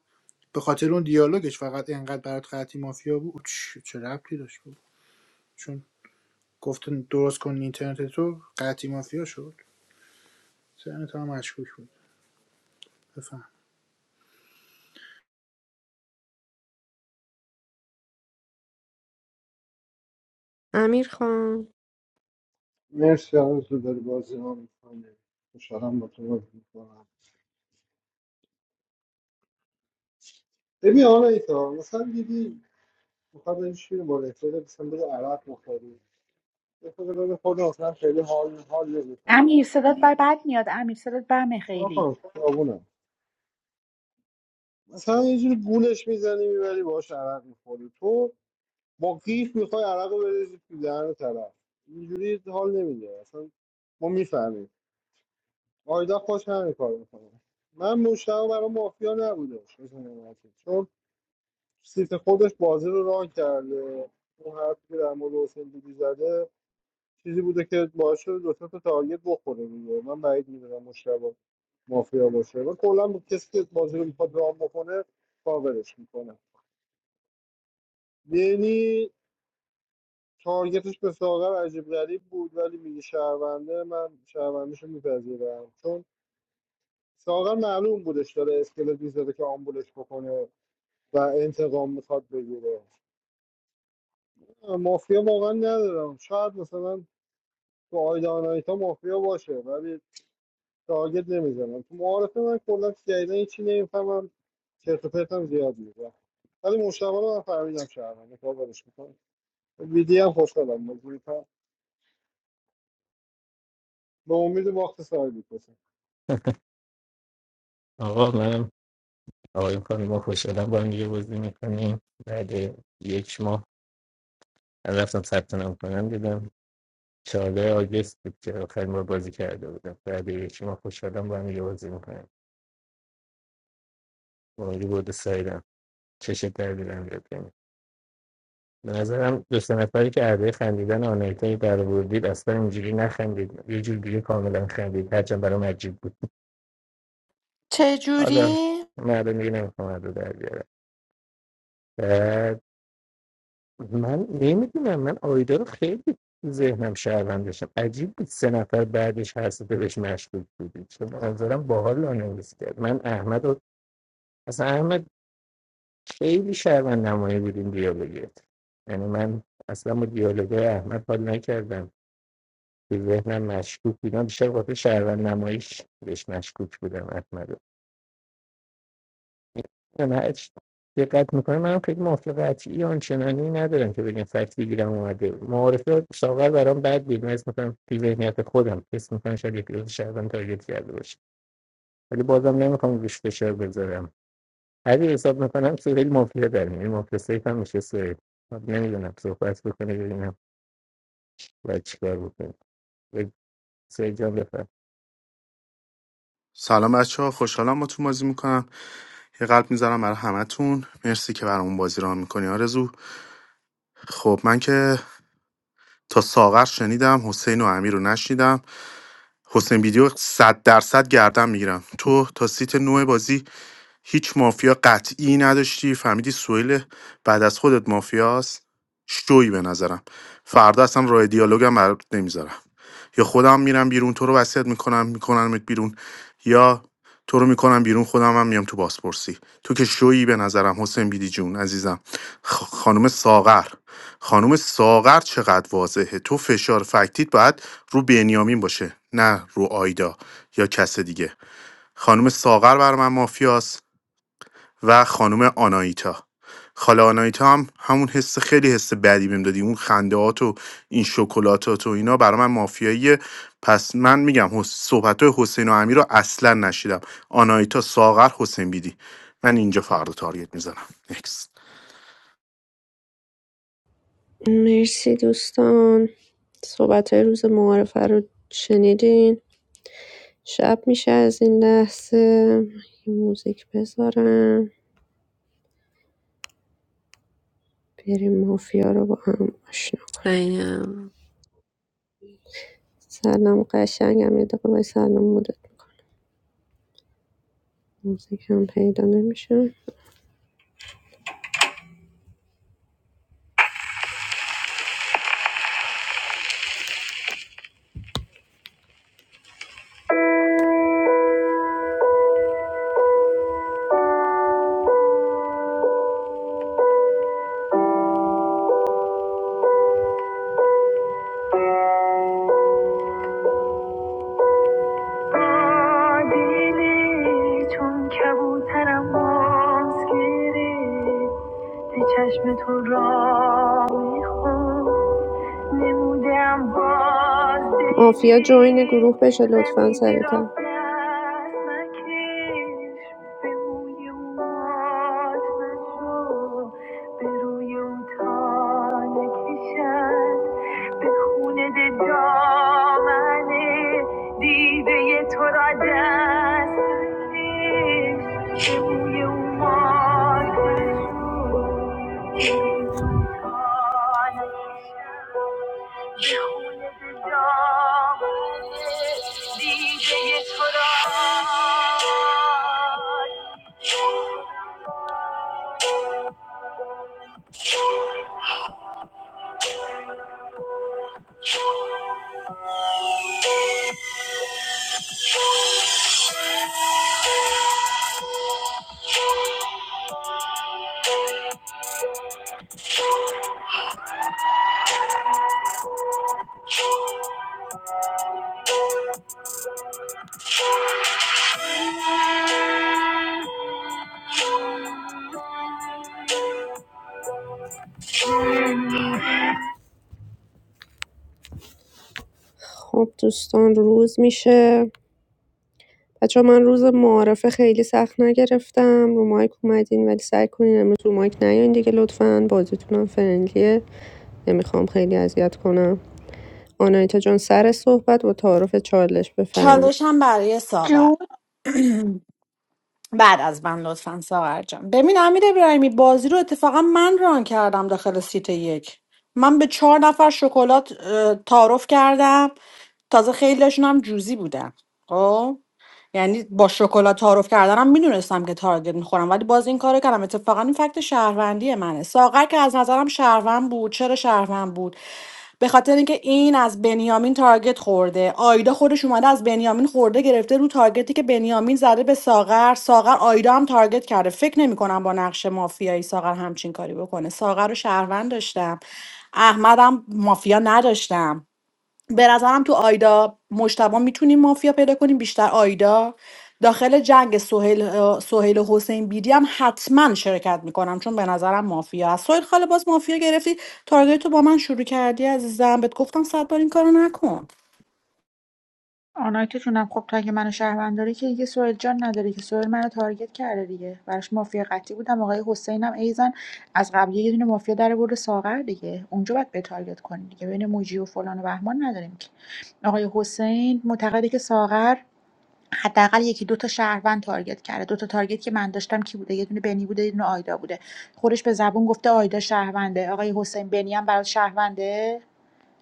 Speaker 2: به خاطر اون دیالوگش فقط انقدر برات قطعی مافیا بود چ- چه ربطی داشت بود چون گفتن درست کن اینترنت تو قطعی مافیا شد سرنت هم مشکوک بود بفهم
Speaker 4: امیر خان
Speaker 7: مرسی هنوز تو داری بازی ها میکنه خوشحالم با تو بازی میکنم ببین آنا ایتا مثلا دیدی میخواد این شیر با رفیقه مثلا بده عرق بخوری یه خود بده خود مثلا خیلی حال حال نمیکنه
Speaker 13: امیر
Speaker 7: باید
Speaker 13: صدات بر بد میاد امیر صدات بمه
Speaker 7: چرا
Speaker 13: خیلی
Speaker 7: کنم خیابونم مثلا یه جوری گولش میزنی میبری باهاش عرق میخوری تو با قیف میخوای عرق رو بریزی تو دهن طرف اینجوری حال نمیده اصلا ما میفهمیم آیدا خوش همین کار میکنه من مشتاق برای مافیا نبوده چون سیت خودش بازی رو ران کرده اون حرفی که در مورد حسین دیدی زده چیزی بوده که باعث شده دو سه تا تارگت بخوره دیگه من بعید میدونم مشتاق مافیا باشه و کلا با کسی که بازی رو میخواد ران بکنه کاورش میکنه یعنی تارگتش به ساغر عجیب غریب بود ولی میگه شهرونده من شهروندیش میپذیرم چون ساغر معلوم بودش داره اسکلت میزده که آمبولش بکنه و انتقام میخواد بگیره مافیا واقعا ندارم شاید مثلا تو آیدا آناهیتا مافیا باشه ولی تارگت نمیزنم تو معارفه من کلا جدیدا هیچی نمیفهمم چرت و پرتم زیاد میگم ولی مشتبه رو من فهمیدم شهروند کاورش میکنم ویدی هم خوشحالم مجبورتم به امید باخت سایه میکشم
Speaker 17: آقا منم آقای کامی ما خوشحالم با هم دیگه بازی میکنیم بعد یک ماه من رفتم ثبت نام کنم دیدم 14 آگست بود که آخرین بار بازی کرده بودم بعد یک ماه خوشحالم با هم دیگه بازی میکنیم مالی بود سایدم چشم در دیدم بیاد کنیم به نظرم دو سه نفری که عربه خندیدن آنایتایی برآوردید اصلا اینجوری نخندید یه جور دیگه کاملا خندید هرچند برام عجیب بود حالا
Speaker 3: چجوری؟
Speaker 17: مردم دیگه نمیخوام رو در بیارم من نمیدونم من آیدا رو خیلی ذهنم شهروند داشتم عجیب بود سه نفر بعدش هر سفه بهش مشکوک بودی چون به نظرم باحال آنالیز کرد من احمد رو اصلا احمد خیلی شهروند نمایی بودیم دیالوگیت یعنی من اصلا با دیالوگای احمد حال نکردم به ذهنم مشکوک بودم بیشتر قاطع شهروند نماییش بهش مشکوک بودم احمد یا نه اچ دقت میکنه من خیلی مافیا قطعی آنچنانی ندارم که بگم فکت بگیرم اومده معارفه ساغر برام بد بود من اسم میکنم توی ذهنیت خودم اسم میکنم شاید یک روز شهروند تارگت کرده باشه ولی بازم نمیخوام روش فشار بذارم هرچی حساب میکنم سهیل مافیا در میاد مافیا سیف هم میشه سهیل نمیدونم صحبت بکنه ببینم باید چیکار بکنه سهیل جان بفرمایید.
Speaker 16: سلام بچه ها خوشحالم با تو بازی میکنم یه قلب میذارم برای همتون مرسی که برامون بازی را میکنی آرزو خب من که تا ساغر شنیدم حسین و امیر رو نشنیدم حسین ویدیو 100 درصد گردن میگیرم تو تا سیت نوع بازی هیچ مافیا قطعی نداشتی فهمیدی سویل بعد از خودت مافیاست شوی به نظرم فردا اصلا راه دیالوگم برات نمیذارم یا خودم میرم بیرون تو رو وصیت میکنم میکنمت بیرون یا تو رو میکنم بیرون خودم هم میام تو بازپرسی تو که شویی به نظرم حسین بیدی جون عزیزم خ- خانم ساغر خانم ساغر چقدر واضحه تو فشار فکتیت باید رو بنیامین باشه نه رو آیدا یا کس دیگه خانم ساغر بر من مافیاست و خانم آنایتا خاله آنایتا هم همون حس خیلی حس بدی بهم دادی اون خندهات و این شکلاتات و اینا برای من مافیاییه پس من میگم صحبت های حسین و امیر رو اصلا نشیدم آنایتا ساغر حسین بیدی من اینجا فردا تارگت میزنم نکست
Speaker 4: مرسی دوستان صحبت های روز معارفه رو شنیدین شب میشه از این لحظه یه موزیک بذارم بریم مافیا رو با هم آشنا کنیم
Speaker 18: spaniel
Speaker 4: سلام قشنگم یه دقیقه باید سلام مدت میکنم موزیک هم پیدا نمیشه آدیلی چون کبوترم باز گیری به چشمتون را میخون نمودم باز مافیا جوین گروه بشه لطفا سریعتر به موی اومات به خونه دامنه دیده تو را دست کشید که بوی او مال گل خب دوستان روز میشه بچه من روز معارفه خیلی سخت نگرفتم رو مایک اومدین ولی سعی کنین امروز رو مایک نیاین دیگه لطفا بازیتونم فرنگلیه نمیخوام خیلی اذیت کنم آنایتا جان سر صحبت با تعارف چالش بفهم
Speaker 1: چالش هم برای ساغر
Speaker 13: جون
Speaker 1: بعد از من لطفا ساغر جان ببین امیر ابراهیمی بازی رو اتفاقا من ران کردم داخل سیت یک من به چهار نفر شکلات اه، تعارف کردم تازه خیلیشون هم جوزی بودن خب یعنی با شکلات تعارف کردنم میدونستم که تارگت میخورم ولی باز این کارو کردم اتفاقا این فکت شهروندی منه ساغر که از نظرم شهروند بود چرا شهروند بود به خاطر اینکه این از بنیامین تارگت خورده آیدا خودش اومده از بنیامین خورده گرفته رو تارگتی که بنیامین زده به ساغر ساغر آیدا هم تارگت کرده فکر نمیکنم با نقش مافیایی ساغر همچین کاری بکنه ساغر رو شهروند داشتم احمدم مافیا نداشتم به نظرم تو آیدا مشتبه میتونیم مافیا پیدا کنیم بیشتر آیدا داخل جنگ سهیل, سهیل و حسین بیدی هم حتما شرکت میکنم چون به نظرم مافیا هست سهیل خاله باز مافیا گرفتی تارگت تو با من شروع کردی عزیزم بهت گفتم صد بار این کارو نکن
Speaker 13: آنایتا جونم خب تا که منو شهروند داری که دیگه سوال جان نداره که سوال منو تارگت کرده دیگه براش مافیا قطعی بودم آقای حسینم ایزن از قبل یه دونه مافیا در برده ساغر دیگه اونجا باید به تارگت کنی دیگه بین موجی و فلان و بهمان نداریم که آقای حسین معتقده که ساغر حداقل یکی دو تا شهروند تارگت کرده دو تا تارگت که من داشتم کی بوده یه دونه بنی بوده یه دونه آیدا بوده خودش به زبون گفته آیدا شهرونده آقای حسین بنی هم برات شهرونده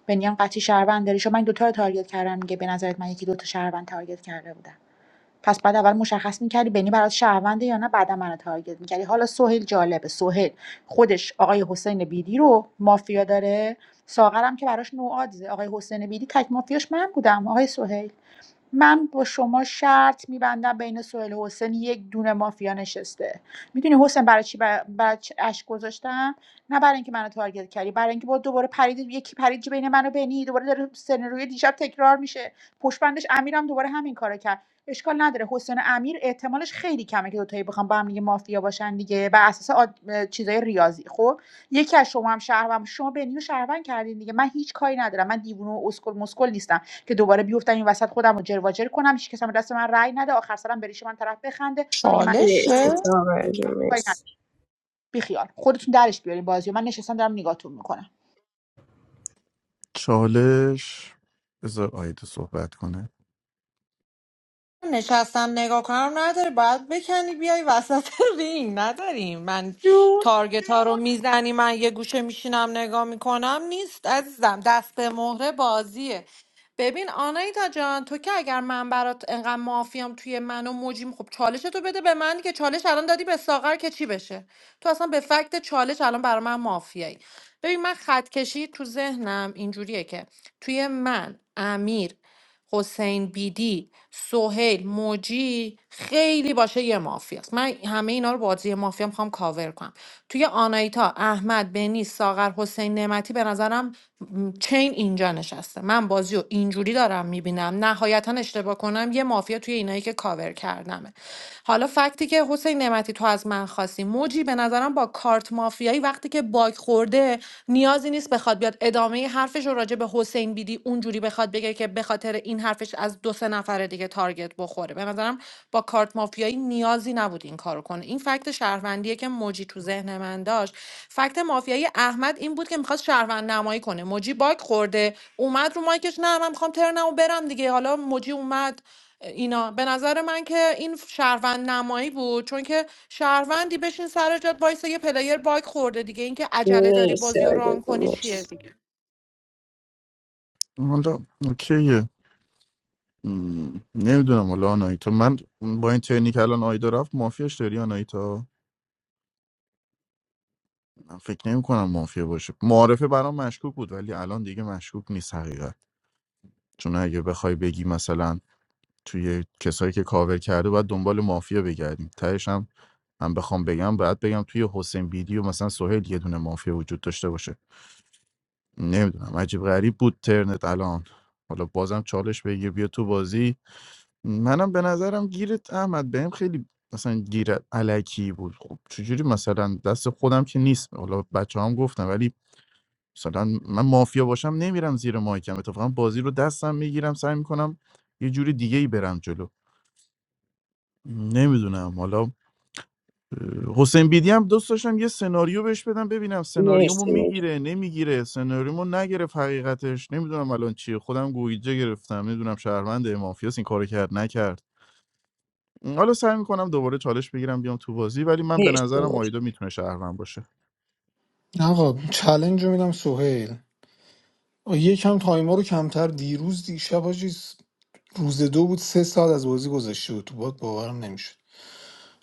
Speaker 13: بنی هم قطعی شهروند داری شما من دو تا رو تارگت کردم میگه به نظرت من یکی دو تا شهروند تارگت کرده بودم پس بعد اول مشخص میکردی بنی برات شهرونده یا نه بعد منو تارگت میکردی حالا سهیل جالبه سهیل خودش آقای حسین بیدی رو مافیا داره ساغرم که براش نوآدزه آقای حسین بیدی تک مافیاش من بودم آقای سهیل من با شما شرط میبندم بین سهیل و حسین یک دونه مافیا نشسته میدونی حسین برای چی برای, برای چی اشک گذاشتم نه برای اینکه منو تارگت کردی برای اینکه با دوباره پرید یکی پرید بین منو و دوباره داره سناریوی دیشب تکرار میشه پشت بندش امیرم دوباره همین کارو کرد اشکال نداره حسین و امیر احتمالش خیلی کمه که دو تایی بخوام با هم دیگه مافیا باشن دیگه بر اساس آد... چیزای ریاضی خب یکی از شما هم شهروند شما بنی و شهروند کردین دیگه من هیچ کاری ندارم من دیوونه و اسکل مسکل نیستم که دوباره بیفتم این وسط خودم رو جر و جر کنم هیچ کس هم دست من رأی نده آخر سرم بریش من طرف بخنده بگه من
Speaker 3: چالشه
Speaker 13: کاری ندارم بیخیال خودتون درش بیارین بازی من نشستم دارم نگاهتون میکنم
Speaker 9: چالش بذار آیده صحبت کنه
Speaker 3: نشستم نگاه کنم نداره باید بکنی بیای وسط رینگ نداریم من تارگت ها رو میزنی من یه گوشه میشینم نگاه میکنم نیست عزیزم دست به مهره بازیه ببین آنایتا جان تو که اگر من برات انقدر مافیام توی من و موجیم خب چالش تو بده به من که چالش الان دادی به ساغر که چی بشه تو اصلا به فکت چالش الان برای من مافیایی ببین من خط کشی تو ذهنم اینجوریه که توی من امیر حسین بیدی سهیل موجی خیلی باشه یه مافیاست من همه اینا رو بازی مافیا میخوام کاور کنم توی آنایتا احمد بنی ساغر حسین نعمتی به نظرم م، چین اینجا نشسته من بازی رو اینجوری دارم میبینم نهایتا اشتباه کنم یه مافیا توی اینایی که کاور کردمه حالا فکتی که حسین نعمتی وقتی تو از من خواستی موجی به نظرم با کارت مافیایی وقتی که باگ خورده نیازی نیست بخواد بیاد ادامه حرفش رو راجع به حسین بیدی اونجوری بخواد بگه که به خاطر این حرفش از دو سه نفر دیگه تارگت بخوره به نظرم با کارت مافیایی نیازی نبود این کارو کنه این فکت شهروندیه که موجی تو ذهن من داشت فکت مافیایی احمد این بود که میخواست شهروند نمایی کنه موجی باگ خورده اومد رو مایکش نه من میخوام ترنمو برم دیگه حالا موجی اومد اینا به نظر من که این شهروند نمایی بود چون که شهروندی بشین سر جات وایسه یه پلیر باگ خورده دیگه اینکه عجله داری بازی رو ران کنی چیه
Speaker 9: حالا اوکیه نمیدونم حالا آنایتا من با این تکنیک الان آیدا رفت مافیاش داری آنایتا من فکر نمی کنم مافیا باشه معارفه برام مشکوک بود ولی الان دیگه مشکوک نیست حقیقت چون اگه بخوای بگی مثلا توی کسایی که کاور کرده باید دنبال مافیا بگردیم تهش هم من بخوام بگم باید بگم توی حسین بیدی و مثلا سهیل یه دونه مافیا وجود داشته باشه نمیدونم عجیب غریب بود ترنت الان حالا بازم چالش بگیر بیا تو بازی منم به نظرم گیرت احمد بهم خیلی مثلا گیر علکی بود خب چجوری مثلا دست خودم که نیست حالا بچه هم گفتم ولی مثلا من مافیا باشم نمیرم زیر مایکم اتفاقا بازی رو دستم میگیرم سعی میکنم یه جوری دیگه ای برم جلو نمیدونم حالا اه، حسین بیدی هم دوست داشتم یه سناریو بهش بدم ببینم سناریومو میگیره نمیگیره سناریومو نگرفت حقیقتش نمیدونم الان چیه خودم گویجه گرفتم نمیدونم شهروند مافیاس این کارو کرد نکرد حالا سعی میکنم دوباره چالش بگیرم بیام تو بازی ولی من به نظرم آیدا میتونه شهروند باشه
Speaker 10: آقا چلنج رو میدم سهیل آه، یکم تایما رو کمتر دیروز دیشب حاجی روز دو بود سه ساعت از بازی گذشته بود تو باد باورم نمیشد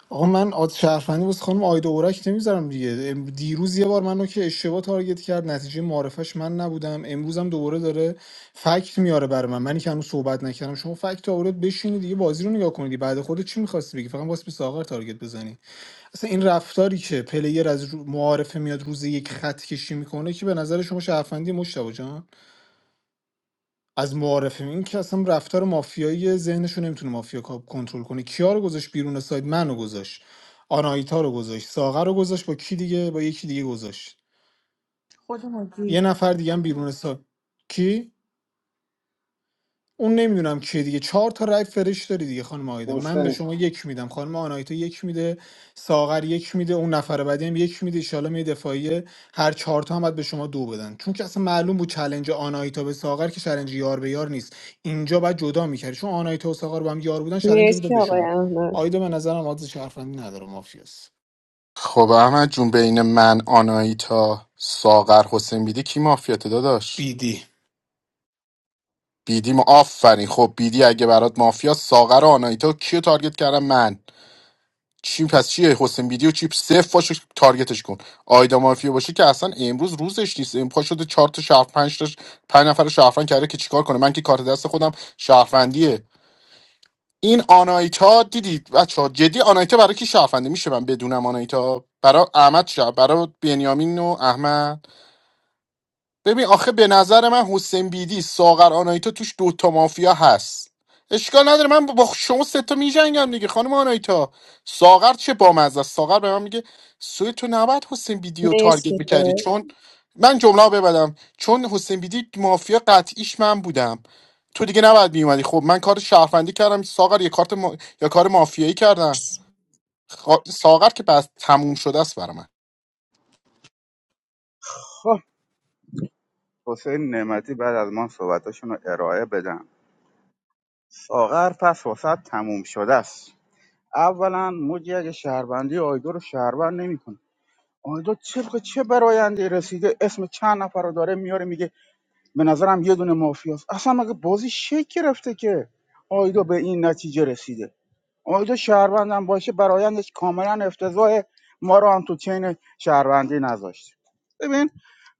Speaker 10: آقا من آد شرفندی واسه خانم آیدا اورک نمیذارم دیگه ام- دیروز یه بار منو که اشتباه تارگت کرد نتیجه معرفش من نبودم امروزم دوباره داره فکت میاره برای من منی که هنوز صحبت نکردم شما فکت آورد بشینی دیگه بازی رو نگاه کنید بعد خودت چی میخواستی بگی فقط واسه به ساغر تارگت بزنی مثلا این رفتاری که پلیر از رو- معارفه میاد روز یک خط کشی میکنه که به نظر شما شرفندی مشتبه جان از معارفه این که اصلا رفتار مافیایی ذهنشو نمیتونه مافیا کاب کنترل کنه کیا رو گذاشت بیرون ساید منو گذاشت آنایتا رو گذاشت ساغر رو گذاشت با کی دیگه با یکی دیگه گذاشت
Speaker 13: خودم
Speaker 10: یه
Speaker 13: مجید
Speaker 10: نفر دیگه هم بیرون ساید کی اون نمیدونم کیه دیگه چهار تا رای فرش داری دیگه خانم آیدا من به
Speaker 7: حسین
Speaker 10: شما یک میدم خانم آنایتا یک میده ساغر یک میده اون نفر بعدی هم یک میده ایشالا می دفاعی هر چهار تا هم باید به شما دو بدن چون که اصلا معلوم بود چلنج آنایتا به ساغر که چلنج یار به یار نیست اینجا باید جدا میکردی چون آنایتا و ساغر با هم یار بودن چلنج رو میداد
Speaker 4: مرسی
Speaker 10: به
Speaker 4: آقای
Speaker 10: شما
Speaker 4: احمد
Speaker 10: آیدا به نظرم عادت شرفندی نداره مافیاس
Speaker 16: خب احمد جون بین من آنایتا ساغر حسین بیدی کی مافیاته داداش
Speaker 10: بیدی
Speaker 16: بیدی ما آفرین خب بیدی اگه برات مافیا ساغر و آنایتا کیو تارگت کردم من چی پس چیه حسین ویدیو چیپ صفر پاشو تارگتش کن آیدا مافیا باشه که اصلا امروز روزش نیست این پا شده چهار تا شهر پنج تا پنج نفر رو شهروند کرده که چیکار کنه من که کارت دست خودم شهروندیه این آنایتا دیدید بچه جدی آنایتا برای کی شهرونده میشه من بدونم آنایتا برای احمد شهر برای بنیامین و احمد ببین آخه به نظر من حسین بیدی ساغر آنایتا توش دوتا مافیا هست اشکال نداره من با شما سه تا میجنگم دیگه خانم آنایتا ساغر چه بامزه است ساغر به من میگه سوی تو نباید حسین بیدی رو تارگت میکردی چون من جمله رو ببندم چون حسین بیدی مافیا قطعیش من بودم تو دیگه نباید میومدی خب من کار شهروندی کردم ساغر یه کارت ما... یا کار مافیایی کردم خا- ساغر که بس تموم شده است برای من
Speaker 15: خب حسین نعمتی بعد از من صحبتاشون رو ارائه بدم ساغر پس وسط تموم شده است اولا موجی اگه شهروندی آیدو رو شهروند نمیکنه آیدو طبق چه براینده رسیده اسم چند نفر رو داره میاره میگه به نظرم یه دونه مافیاست اصلا مگه بازی شکل گرفته که آیدو به این نتیجه رسیده اونجا شهروندم باشه برایندش کاملا افتضاح ما رو هم تو چین شهروندی نذاشت ببین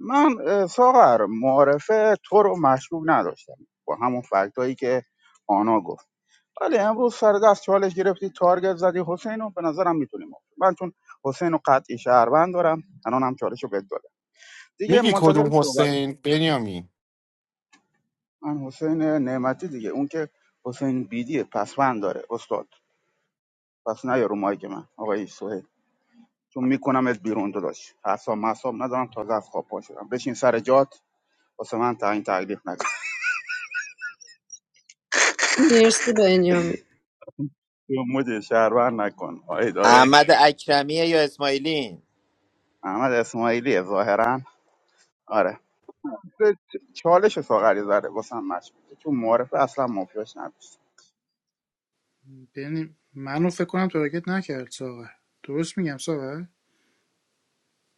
Speaker 15: من اه، ساغر معارفه تو رو مشکوک نداشتم با همون فکتایی که آنا گفت ولی امروز سر دست چالش گرفتی تارگت زدی حسین رو به نظرم میتونیم من چون حسین رو قطعی شهروند دارم الان هم چالش رو بهت دادم دیگه منتظر صحبت من حسین نعمتی دیگه اون که حسین بیدی پسوند داره استاد پس نه رو مایک من آقای سهیل چون میکنمت بیرون داداش حساب مصاب ندارم تازه از خواب پا شدم بشین سر جات واسه من تعیین تکلیف نکن
Speaker 4: مرسی بنیامین
Speaker 15: یا مجه شهرور نکن آی دارو
Speaker 19: احمد اکرمیه یا اسماعیلین
Speaker 15: احمد اسماعیلی ظاهرا آره به چ- چالش ساغری زره واسه هم مشکوکه چون معرفه اصلا مافیاش نداشت
Speaker 2: ببین منو فکر کنم تارگت نکرد ساغر درست میگم ساغر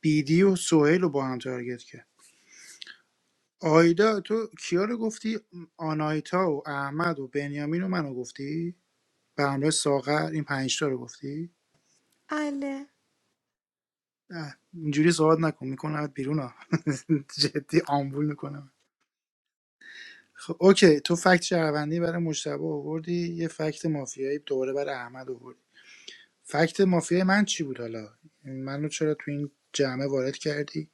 Speaker 2: بیدی و سهیل رو با هم تارگت کرد آیدا تو کیا رو گفتی آنایتا و احمد و بنیامین و منو گفتی به همراه ساغر این پنج تا رو گفتی
Speaker 3: دیگه
Speaker 2: اه، اینجوری صحبت نکن میکنم بیرون ها جدی آمبول میکنم خب اوکی تو فکت شهروندی برای مشتبه آوردی یه فکت مافیایی دوباره برای احمد آوردی فکت مافیای من چی بود حالا منو چرا تو این جمعه وارد کردی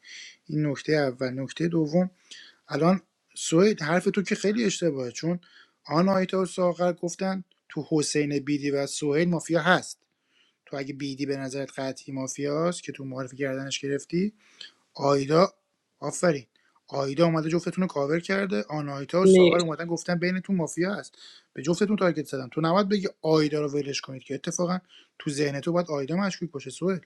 Speaker 2: این نکته اول نکته دوم الان سوید حرف تو که خیلی اشتباهه چون آناهیتا و ساغر گفتن تو حسین بیدی و سوهیل مافیا هست تو اگه بیدی به نظرت قطعی مافیاست که تو معرفی کردنش گرفتی آیدا آفرین آیدا اومده جفتتون رو کاور کرده آناهیتا و ساغر اومدن گفتن بین تو مافیا هست به جفتتون تارگت زدم تو نباید بگی آیدا رو ولش کنید که اتفاقا تو ذهن تو باید آیدا مشکوک باشه سوهل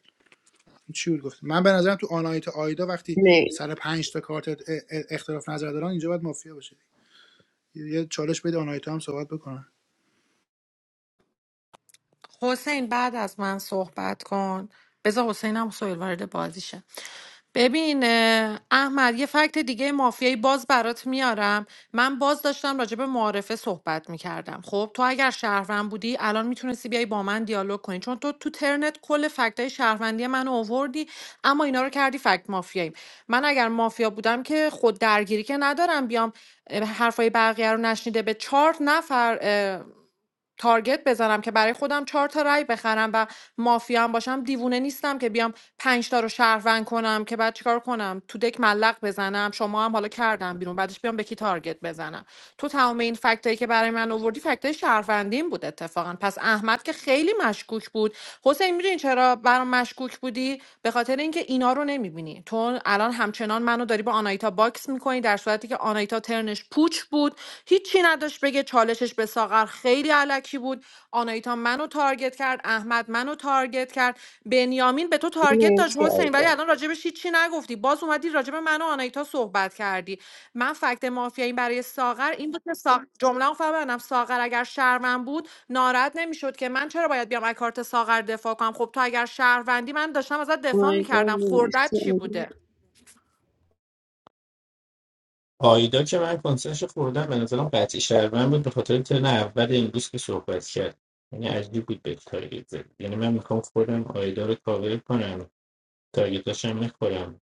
Speaker 2: این چی بود گفت من به نظرم تو آناهیتا آیدا وقتی
Speaker 4: مر-
Speaker 2: سر پنج تا کارت ا- ا- اختلاف نظر دارن اینجا باید مافیا باشه یه چالش بده آنایتا هم صحبت بکنن
Speaker 3: حسین بعد از من صحبت کن بذار حسین هم سویل وارد بازی شه ببین اه، احمد یه فکت دیگه مافیایی باز برات میارم من باز داشتم راجع به معارفه صحبت میکردم خب تو اگر شهروند بودی الان میتونستی بیای با من دیالوگ کنی چون تو تو ترنت کل فکتای شهروندی من آوردی اما اینا رو کردی فکت مافیایی من اگر مافیا بودم که خود درگیری که ندارم بیام اه، حرفای بقیه رو نشنیده به چهار نفر اه، تارگت بزنم که برای خودم چهار تا رأی بخرم و مافیا هم باشم دیوونه نیستم که بیام پنج تا رو شهروند کنم که بعد چیکار کنم تو دک ملق بزنم شما هم حالا کردم بیرون بعدش بیام به کی تارگت بزنم تو تمام این فکتایی که برای من آوردی فکتای شهروندیم بود اتفاقا پس احمد که خیلی مشکوک بود حسین میدونی چرا برام مشکوک بودی به خاطر اینکه اینا رو نمیبینی تو الان همچنان منو داری با آنایتا باکس میکنی در صورتی که آنایتا پوچ بود هیچی نداشت بگه چالشش به ساغر خیلی علکی بود آنایتا منو تارگت کرد احمد منو تارگت کرد بنیامین به تو تارگت داشت حسین ولی الان راجبش هیچی نگفتی باز اومدی راجب من و آنایتا صحبت کردی من فکت مافیایی برای ساغر این بود که سا... جمله رو فهمیدم ساغر اگر شهروند بود ناراحت نمیشد که من چرا باید بیام از کارت ساغر دفاع کنم خب تو اگر شهروندی من داشتم ازت دفاع میکردم خوردت چی بوده
Speaker 17: آیدا که من کنسرش خوردم به نظرم قطعی شهروند بود به خاطر ترن اول امروز که صحبت کرد یعنی عجیب بود به تارگت زد یعنی من میخوام خودم آیدا رو کاور کنم تارگتاش هم نخورم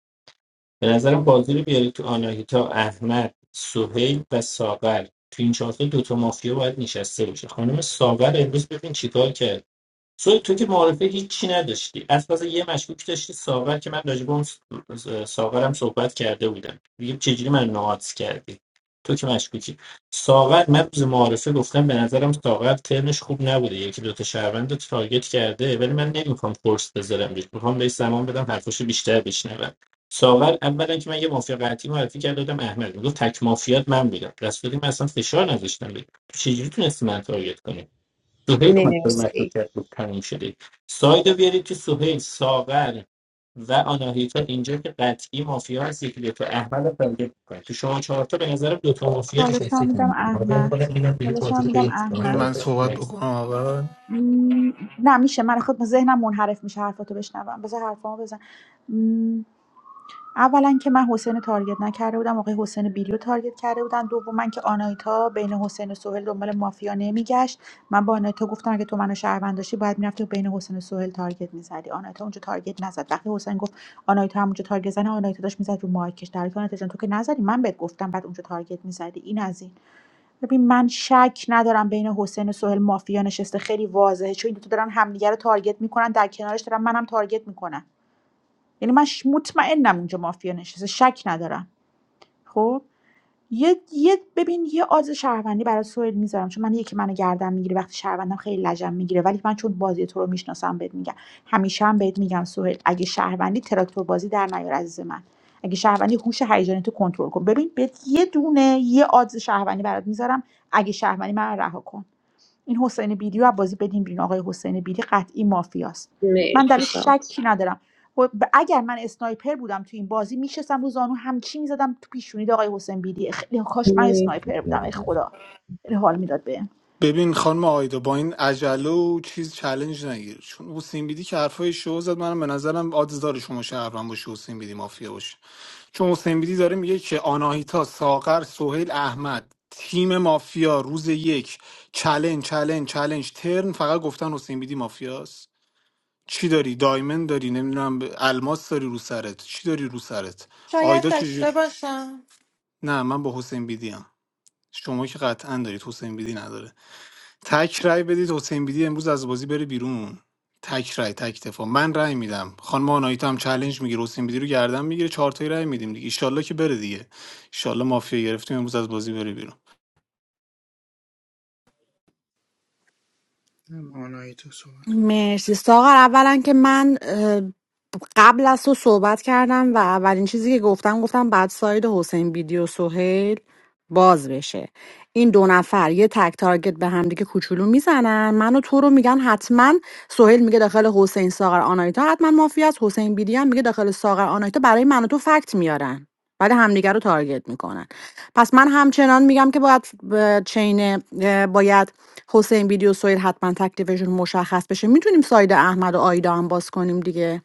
Speaker 17: به نظرم بازی رو بیاری تو آناهیتا احمد سهیل و ساغر تو این چهارتا دوتا مافیا باید نشسته باشه خانم ساغر امروز ببین چیکار کرد سوی تو که معارفه هیچی نداشتی از پس یه مشکوک داشتی ساغر که من راجع به اون ساغرم صحبت کرده بودم دیگه چجوری من نواتس کردی تو که مشکوکی ساغر من روز معارفه گفتم به نظرم ساغر ترنش خوب نبوده یکی دوتا شهروند رو تارگت کرده ولی من نمیخوام فرس بذارم روش میخوام بهش زمان بدم حرفاشو بیشتر بشنوم ساغر اولا که من یه مافیا قطعی معرفی کرده بودم احمد میگفت تک مافیات من بودم دست من اصلا فشار نذاشتم بهش. تو چجوری تونستی من تارگت کنی سهیل اومد تو رو مشکوک
Speaker 4: مرسی
Speaker 17: کرد بود تموم شده سایدو بیارید که سهیل ساغر و آناهیتا اینجا که قطعی مافیا هست یکی تو احمد رو تارگت میکنه تو شما چهار تا به نظرم دوتا مافیا
Speaker 13: چالش
Speaker 17: نشسته
Speaker 13: هم
Speaker 17: که
Speaker 13: میدم
Speaker 17: حاضر
Speaker 13: احمد
Speaker 17: میکنم ببینم دیگه
Speaker 13: چالش
Speaker 17: بازی
Speaker 13: هم
Speaker 17: رو
Speaker 13: میدم
Speaker 17: ببینم شما چهار
Speaker 13: احمد
Speaker 10: من
Speaker 17: تا.
Speaker 10: صحبت
Speaker 17: Next.
Speaker 10: بکنم اول
Speaker 13: م، نه میشه من خود ذهنم منحرف میشه حرفاتو بشنوم بذار حرفامو بزن اولا که من حسین رو تارگت نکرده بودم آقای حسین بیلی رو تارگت کرده بودن دوما که آنایتا بین حسین و سهیل دنبال مافیا نمیگشت من با آنایتا گفتم اگه تو منو شهروند داشتی باید میرفتی و بین حسین و سهیل تارگت میزدی آنایتا اونجا تارگت نزد وقتی حسین گفت آنایتا همونجا تارگت زنه آنایتا داشت میزد رو مایکش در حالی که آنایتا جان تو که نزدی من بهت گفتم بعد اونجا تارگت میزدی این از این ببین من شک ندارم بین حسین و سهیل مافیا نشسته خیلی واضحه چون این دو تا دارن همدیگه رو تارگت میکنن در کنارش دارن منم تارگت میکنن یعنی من ش- مطمئنم اونجا مافیا نشسته شک ندارم خب یه, یه ببین یه آز شهروندی برای سوئد میذارم چون من یکی منو گردن میگیره وقتی شهروندم خیلی لجن میگیره ولی من چون بازی تو رو میشناسم بهت میگم همیشه هم بهت میگم سوئد اگه شهروندی تراکتور بازی در نیار عزیز من اگه شهروندی هوش هیجانی تو کنترل کن ببین بهت یه دونه یه آز شهروندی برات میذارم اگه شهروندی من رها کن این حسین بیلی رو از بازی بدیم بیرون آقای حسین بیلی قطعی مافیاست من در
Speaker 4: مرسی سا
Speaker 13: شکی ندارم و اگر من اسنایپر بودم تو این بازی میشستم رو زانو همچی میزدم تو پیشونی آقای حسین بیلی خیلی کاش من
Speaker 4: مرسی
Speaker 13: اسنایپر بودم
Speaker 4: سارا.
Speaker 13: ای خدا خیلی حال میداد بهم
Speaker 10: ببین خانم آیدا با این عجله و چیز چلنج نگیر چون حسین بیدی که حرفای شو زد منم به نظرم آدز داره شما شهروند باشه حسین بیدی مافیا باشه چون حسین بیدی داره میگه که آناهیتا ساغر سهیل احمد تیم مافیا روز یک چلنج چلنج چلنج ترن فقط گفتن حسین بیدی مافیاست چی داری دایمن داری نمیدونم الماس داری رو سرت چی داری رو سرت
Speaker 3: شاید
Speaker 10: آیدا چجوری
Speaker 3: داشته باشم
Speaker 10: نه من با حسین بیدی هم. شما که قطعا دارید حسین بیدی نداره تک رای بدید حسین بیدی امروز از بازی بره بیرون تک رای تک دفاع من رای میدم خانم آناهیتا هم چالش میگیره حسین بیدی رو گردن میگیره چهار تایی رای میدیم دیگه ایشالله که بره دیگه ایشالله مافیا گرفتیم امروز از بازی بره بیرون
Speaker 2: نم، آنایتا صحبت کرد.
Speaker 1: مرسی ساغر اولا که من اه، قبل از تو صحبت کردم و اولین چیزی که گفتم گفتم بعد ساید حسین بیدی و سهیل باز بشه این دو نفر یه تک تارگت به همدیگه کوچولو میزنن من و تو رو میگن حتما سهیل میگه داخل حسین ساغر آنایتا حتما مافیاست حسین بیدی هم میگه داخل ساغر آنایتا برای من و تو فکت میارن بعد همدیگه رو تارگت میکنن پس من همچنان میگم که باید ب- چین اه، باید حسین بیدی و سویل حتما تکلیفشون مشخص بشه میتونیم ساید احمد و آیدا هم باز کنیم دیگه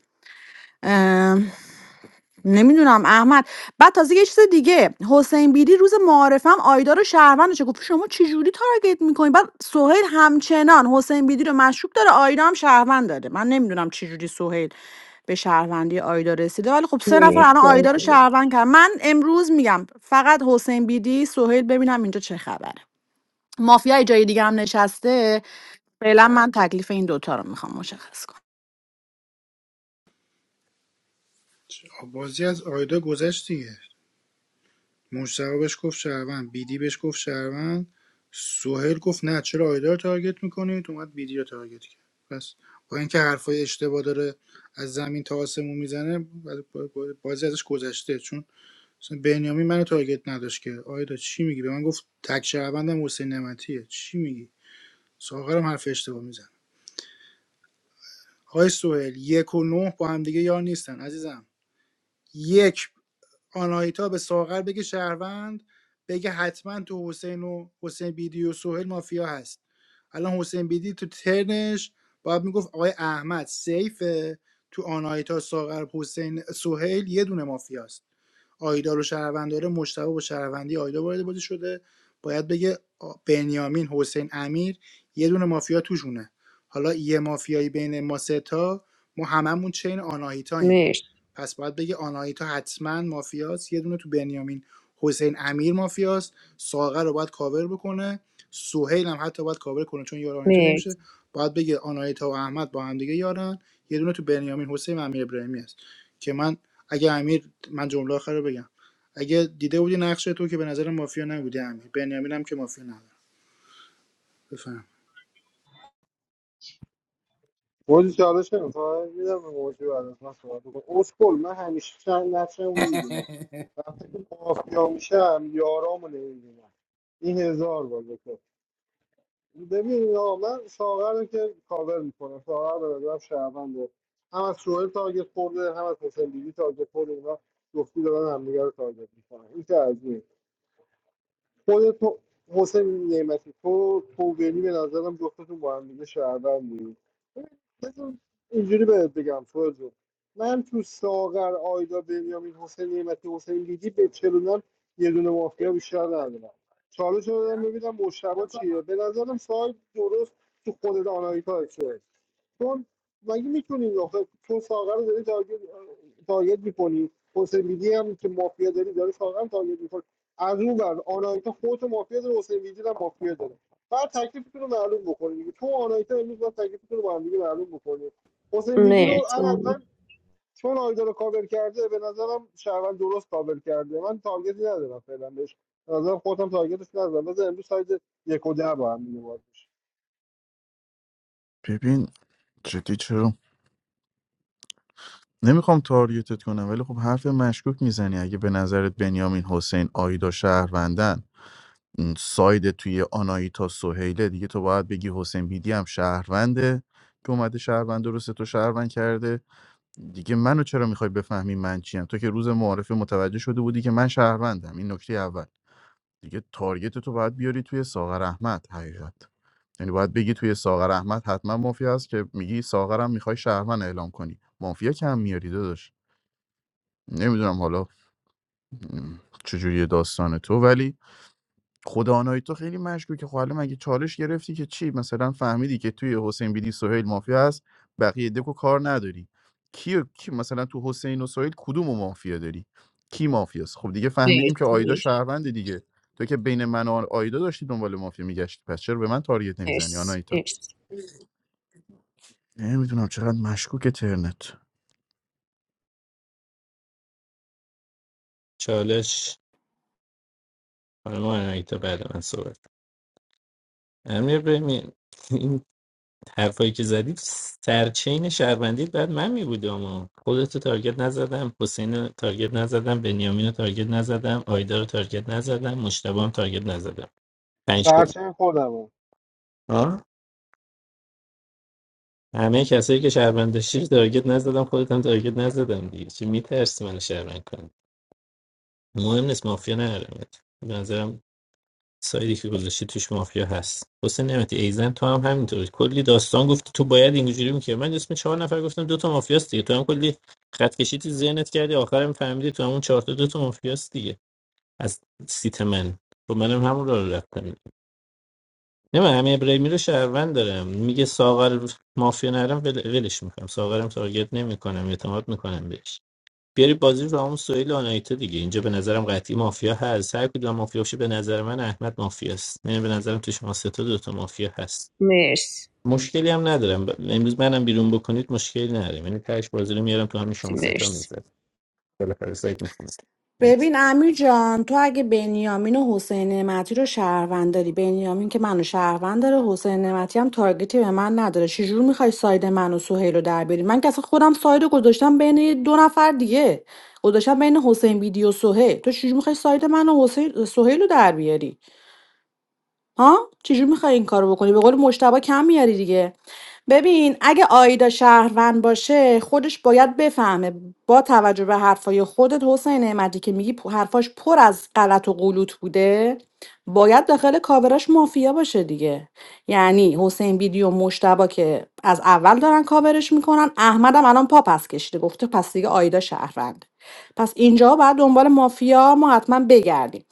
Speaker 1: نمیدونم احمد بعد تازه یه چیز دیگه حسین بیدی روز معارفم آیدا رو شهروندش گفت شما چه جوری تارگت میکنین بعد سهیل همچنان حسین بیدی رو مشکوک داره آیدا هم شهروند داره من نمیدونم چه جوری سهیل به شهروندی آیدا رسیده ولی خب سه نفر
Speaker 4: مرسی
Speaker 1: الان آیدا رو
Speaker 4: عزیز.
Speaker 1: شهروند کرد من امروز میگم فقط حسین بیدی سهیل ببینم اینجا چه خبره مافیا جای دیگه هم نشسته فعلا من تکلیف این دوتا رو میخوام مشخص کنم
Speaker 2: بازی از آیدا گذشت دیگه مجتبی بهش گفت شهروند بیدی بهش گفت شهروند سهیل گفت نه چرا آیدا رو تارگت میکنید اومد بیدی رو تارگت کرد پس با اینکه حرفای اشتباه داره از زمین تا آسمون میزنه بازی ازش گذشته چون مثلا بنیامین منو تارگت نداشت که آیدا چی میگی به من گفت تک شهروندم حسین نمتیه چی میگی ساغرم حرف اشتباه میزنه آقای سهیل یک و نه با هم دیگه یار نیستن عزیزم یک آناهیتا به ساغر بگه شهروند بگه حتما تو حسین و حسین بیدی و سهیل مافیا هست الان حسین بیدی تو ترنش باید میگفت آقای احمد سیفه تو آناهیتا ساغر حسین سهیل یه دونه مافیاست آیدا رو شهروند داره مشتبه با شهروندی آیدا وارد بازی شده باید بگه آ- بنیامین حسین امیر یه دونه مافیا توشونه حالا یه مافیایی بین ما سه تا ما هممون چین آناهیتاییم
Speaker 4: مرسی
Speaker 2: پس باید بگه آناهیتا حتما مافیاست یه دونه تو بنیامین حسین امیر مافیاست ساغر رو باید کاور بکنه سهیل هم حتی باید کاور کنه چون یار آناهیتا
Speaker 4: مرسی
Speaker 2: نمیشه باید بگه آناهیتا و احمد با هم دیگه یارن یه دونه تو بنیامین حسین و امیر ابراهیمی هست که من اگه امیر من جمله آخر رو بگم اگه دیده بودی نقش تو که به نظر مافیا نبودی امیر بنیامین هم که مافیا نداره بفهم
Speaker 7: موجی چالش نمیخوای میدم به موجی بعد از من صحبت کنم اسکل من همیشه چند نقشم میدونم وقتی که مافیا میشم یارامو نمیدونم این هزار بار بکن ببین آقا من ساغر رو که کاور میکنم ساغر به نظرم شهرونده هم از سوهل تارگت خورده هم از حسین بیبی تارگت خورده اینا گفتی دارن همدیگه رو تارگت میکنن این که از این. خود تو حسین نعمتی تو توبینی به نظرم جفتتون با هم دیگه شهروند بودید بذار اینجوری بهت بگم فرد من تو ساغر آیدا بنیامین حسین نعمتی حسین بیدی به چلونم یه دونه مافیا بیشتر ندارم چالش رو دارم ببینم مشتبه چیه به نظرم سال درست تو خود آنایتا چون مگه میتونی آخه تو ساقه رو داری تارگت تارگت میکنی حسین بیدی هم که مافیا داری داره ساقه هم تارگت میکنی از اون بر آنایتا خودت مافیا داره حسین بیدی هم مافیا داره بعد تکلیفتون رو معلوم بکنی دیگه تو و آنایتا امروز باید تکلیفتون رو با هم دیگه معلوم بکنی حسین بیدی رو
Speaker 4: مرسی
Speaker 7: انا
Speaker 4: امیر.
Speaker 7: چون آیدا رو کاور کرده به نظرم شهروند درست کاور کرده من تارگتی ندارم فعلا بهش به نظرم خودم تارگتش ندارم بذار امروز سایز یک و ده با هم دیگه باز بشه
Speaker 9: ببین جدی چرا نمیخوام تارگتت کنم ولی خب حرف مشکوک میزنی اگه به نظرت بنیامین حسین آیدا شهروندن م، ساید توی آنایتا سهیله دیگه تو باید بگی حسین بیدی هم شهرونده که اومده شهروند درسته تو شهروند کرده دیگه منو چرا میخوای بفهمی من چیم تو که روز معارفه متوجه شده بودی که من شهروندم این نکته اول دیگه تارگت تو باید بیاری توی ساغر احمد حقیقت یعنی باید بگی توی ساغر احمد حتما مافیا هست که میگی ساغرم میخوای شهرمن اعلام کنی مافیا کم میاری داداش نمیدونم حالا م، چجوری داستان تو ولی خدا آناهی تو خیلی مشکوکه خب حالا مگه چالش گرفتی که چی مثلا فهمیدی که توی حسین بیدی سهیل مافیا هست بقیه دکو کار نداری کی, کی مثلا تو حسین و سهیل کدوم و مافیا داری کی مافیاست خب دیگه فهمیدیم که
Speaker 4: مرسی
Speaker 9: آیدا
Speaker 4: دیگه.
Speaker 9: شهرونده دیگه تو که بین من و آیدا داشتی دنبال مافیا میگشتی پس چرا به من تارگت نمیزنی
Speaker 4: مرسی
Speaker 9: آناهیتا
Speaker 4: مرسی
Speaker 9: نمیدونم چقدر مشکوک ترنت
Speaker 17: چالش خانم آناهیتا بعد من صحبت امیر ببین حرفایی که زدی سرچین شهروندی بعد من می بودم اما خودتو تارگت نزدم حسین رو تارگت نزدم بنیامین رو تارگت نزدم آیدا رو تارگت نزدم مشتبه هم تارگت نزدم پنج کس-
Speaker 7: سرچه خودمه
Speaker 17: آه؟ همه کسایی که شهروند داشتی رو تارگت نزدم خودتم تارگت نزدم دیگه چی میترسی من شهروند کنی مهم نیست مافیا نرمت به نظرم سایدی که گذاشتی توش مافیا هست حسین نعمتی ایزن تو هم همینطوری کلی داستان گفتی تو باید اینجوری میکرد من اسم چهار نفر گفتم دو تا مافیاست دیگه تو هم کلی خط کشی تو ذهنت کردی آخرم فهمیدی تو همون چهار تا دو تا مافیاست دیگه از سیت من تو منم همون رو رفتم نه من همه ابراهیمی رو شهروند دارم میگه ساغر مافیا نرم ول- ولش میکنم ساغرم تارگت نمیکنم اعتماد میکنم بهش بیاری بازی رو همون سهیل آنایتا دیگه اینجا به نظرم قطعی مافیا هست هر کدوم مافیا باشه به نظر من احمد مافیاست یعنی به نظرم تو شما سه تا دوتا مافیا هست
Speaker 4: مرسی
Speaker 17: مشکلی هم ندارم ب- امروز منم بیرون بکنید مشکلی ندارم یعنی تهش بازی رو میارم تو همین شما سه تا
Speaker 4: مرسی
Speaker 17: میزد بالاخره سایت میخونه
Speaker 1: ببین امیر جان تو اگه بنیامین و حسین نعمتی رو شهروند داری بنیامین که منو شهروند داره حسین نعمتی هم تارگتی به من نداره چجور میخوای ساید من و سهیل رو در بیاری من که اصلا خودم ساید رو گذاشتم بین دو نفر دیگه گذاشتم بین حسین بیدی و سهیل تو چجور میخوای ساید من و حسین سهیل رو در بیاری ها چجوری میخوای این کارو بکنی به قول مشتبه کم میاری دیگه ببین اگه آیدا شهروند باشه خودش باید بفهمه با توجه به حرفای خودت حسین نعمتی که میگی پ- حرفاش پر از غلط و غلوط بوده باید داخل کاوراش مافیا باشه دیگه یعنی حسین بیدی و مشتبه که از اول دارن کاورش میکنن احمدم الان پا پس کشیده گفته پس دیگه آیدا شهروند پس اینجا باید دنبال مافیا ما حتما بگردیم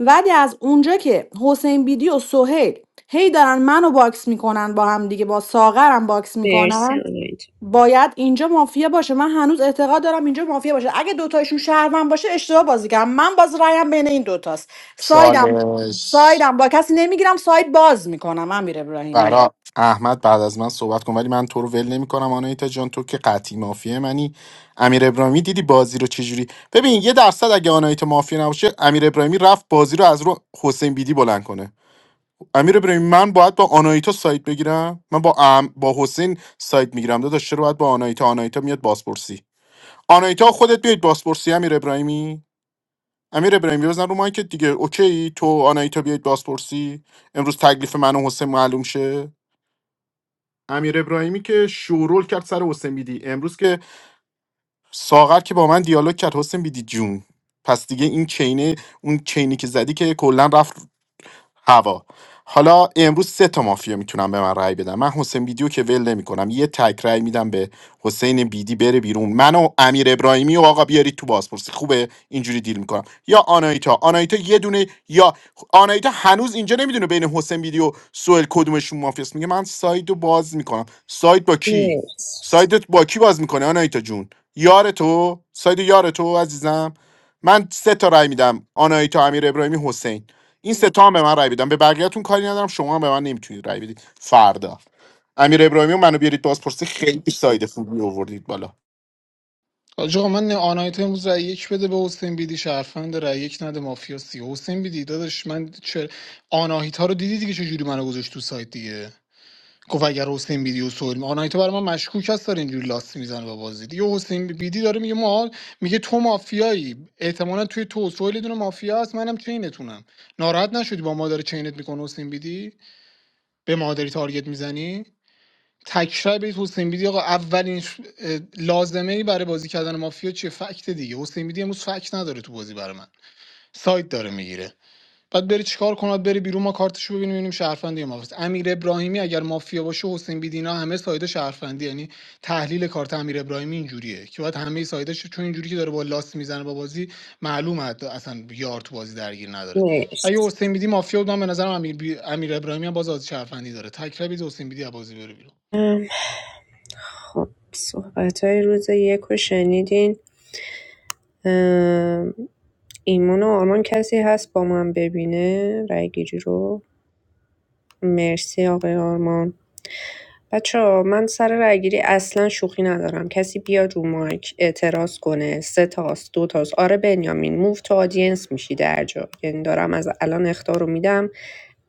Speaker 1: ولی از اونجا که حسین بیدی و سهیل هی دارن منو باکس میکنن با هم دیگه با ساغرم باکس میکنن
Speaker 4: آنایتا.
Speaker 1: باید اینجا مافیا باشه من هنوز اعتقاد دارم اینجا مافیا باشه اگه دوتایشون شهروند باشه اشتباه بازی کردم من باز رایم بین این دوتاست سایدم
Speaker 16: چالش
Speaker 1: سایدم با کسی نمیگیرم ساید باز میکنم امیر ابراهیمی
Speaker 16: برا احمد بعد از من صحبت کن ولی من تو رو ول نمیکنم آنایتا جان تو که قطعی مافیه منی امیر ابراهیمی دیدی بازی رو چجوری ببین یه درصد اگه آنایتا مافیا نباشه امیر ابراهیمی رفت بازی رو از رو حسین بیدی بلند کنه امیر ابراهیمی من باید با آنایتا سایت بگیرم من با ام... با حسین سایت میگیرم داداش چرا باید با آنایتا آنایتا میاد بازپرسی آنایتا خودت بیاید بازپرسی امیر ابراهیمی امیر ابراهیمی بزن رو مایکت دیگه اوکی تو آنایتا بیاید بازپرسی امروز تکلیف من و حسین معلوم شه امیر ابراهیمی که شورول کرد سر حسین بیدی امروز که ساغر که با من دیالوگ کرد حسین بیدی جون پس دیگه این چینه اون چینی که زدی که کلا رفت هوا حالا امروز سه تا مافیا میتونم به من رأی بدم من حسین بیدیو که ول نمیکنم یه تک رأی میدم به حسین بیدی بره بیرون من و امیر ابراهیمی و آقا بیارید تو بازپرسی خوبه اینجوری دیل میکنم یا آنایتا آنایتا یه دونه یا آنایتا هنوز اینجا نمیدونه بین حسین بیدی و سوئل کدومشون مافیاست میگه من ساید باز میکنم ساید با کی
Speaker 4: مرسی
Speaker 16: سایدت با کی باز میکنه آنایتا جون یار تو ساید یار تو عزیزم من سه تا رأی میدم آنایتا امیر ابراهیمی حسین این سه تا هم به من رای بدن به بقیه‌تون کاری ندارم شما هم به من نمیتونید رای بدید فردا امیر ابراهیمی رو منو بیارید بازپرسی خیلی ساید خوبی آوردید بالا
Speaker 10: آج آقا من آنایت امروز رای یک بده به حسین بیدی شرفند رای یک نده مافیا سی حسین بیدی داداش من چه آناهیتا رو دیدی دیگه چجوری منو گذاشت تو سایت دیگه گفت اگر حسین بیدی و سهیل آنایتا برای من مشکوک هست داره اینجوری لاست میزنه با بازی دیگه حسین بیدی داره میگه ما میگه تو مافیایی احتمالا توی تو سهیل یه دونه مافیا هست منم چینتونم ناراحت نشدی با ما داره چینت میکنه حسین بیدی به ما داری تارگت میزنی تکرار بیت حسین بیدی آقا اولین ش- اه، لازمه ای برای بازی کردن مافیا چیه فکت دیگه حسین بیدی امروز فکت نداره تو بازی برای من سایت داره میگیره بعد بری چیکار کنات بری بیرون ما کارتشو ببینیم ببینیم شهروندی یا مافیاست امیر ابراهیمی اگر مافیا باشه حسین بیدینا همه سایده شهروندی یعنی تحلیل کارت امیر ابراهیمی اینجوریه که باید همه سایداش چون اینجوری که داره با لاست میزنه با بازی معلومه حتی اصلا یار تو بازی درگیر نداره اگه
Speaker 4: مرسی
Speaker 10: حسین بیدی مافیا بود من به نظرم امیر, بی... امیر ابراهیمی هم باز از شهروندی داره تکربید حسین بیدی از بازی بره بیرون
Speaker 4: خب صحبت های روز یک رو شنیدین ام، ایمان و آرمان کسی هست با من ببینه رای گیری رو مرسی آقای آرمان بچه من سر رای گیری اصلا شوخی ندارم کسی بیاد رو مایک اعتراض کنه سه تاست دو تاست آره بنیامین موو تو آدینس میشی در جا یعنی دارم از الان اختار رو میدم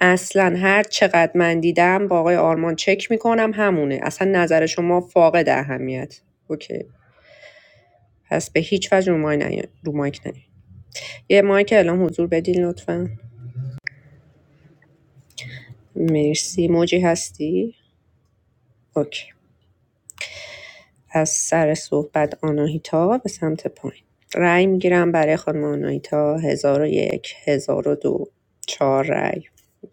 Speaker 4: اصلا هر چقدر من دیدم با آقای آرمان چک میکنم همونه اصلا نظر شما فاقد اهمیت اوکی پس به هیچ وجه رو مایک نیاین. رو یه مایک اعلام حضور بدین لطفا مرسی موجی هستی اوکی از سر صحبت آناهیتا به سمت پایین رأی میگیرم برای خانم آناهیتا هزار و یک هزار و دو چهار رأی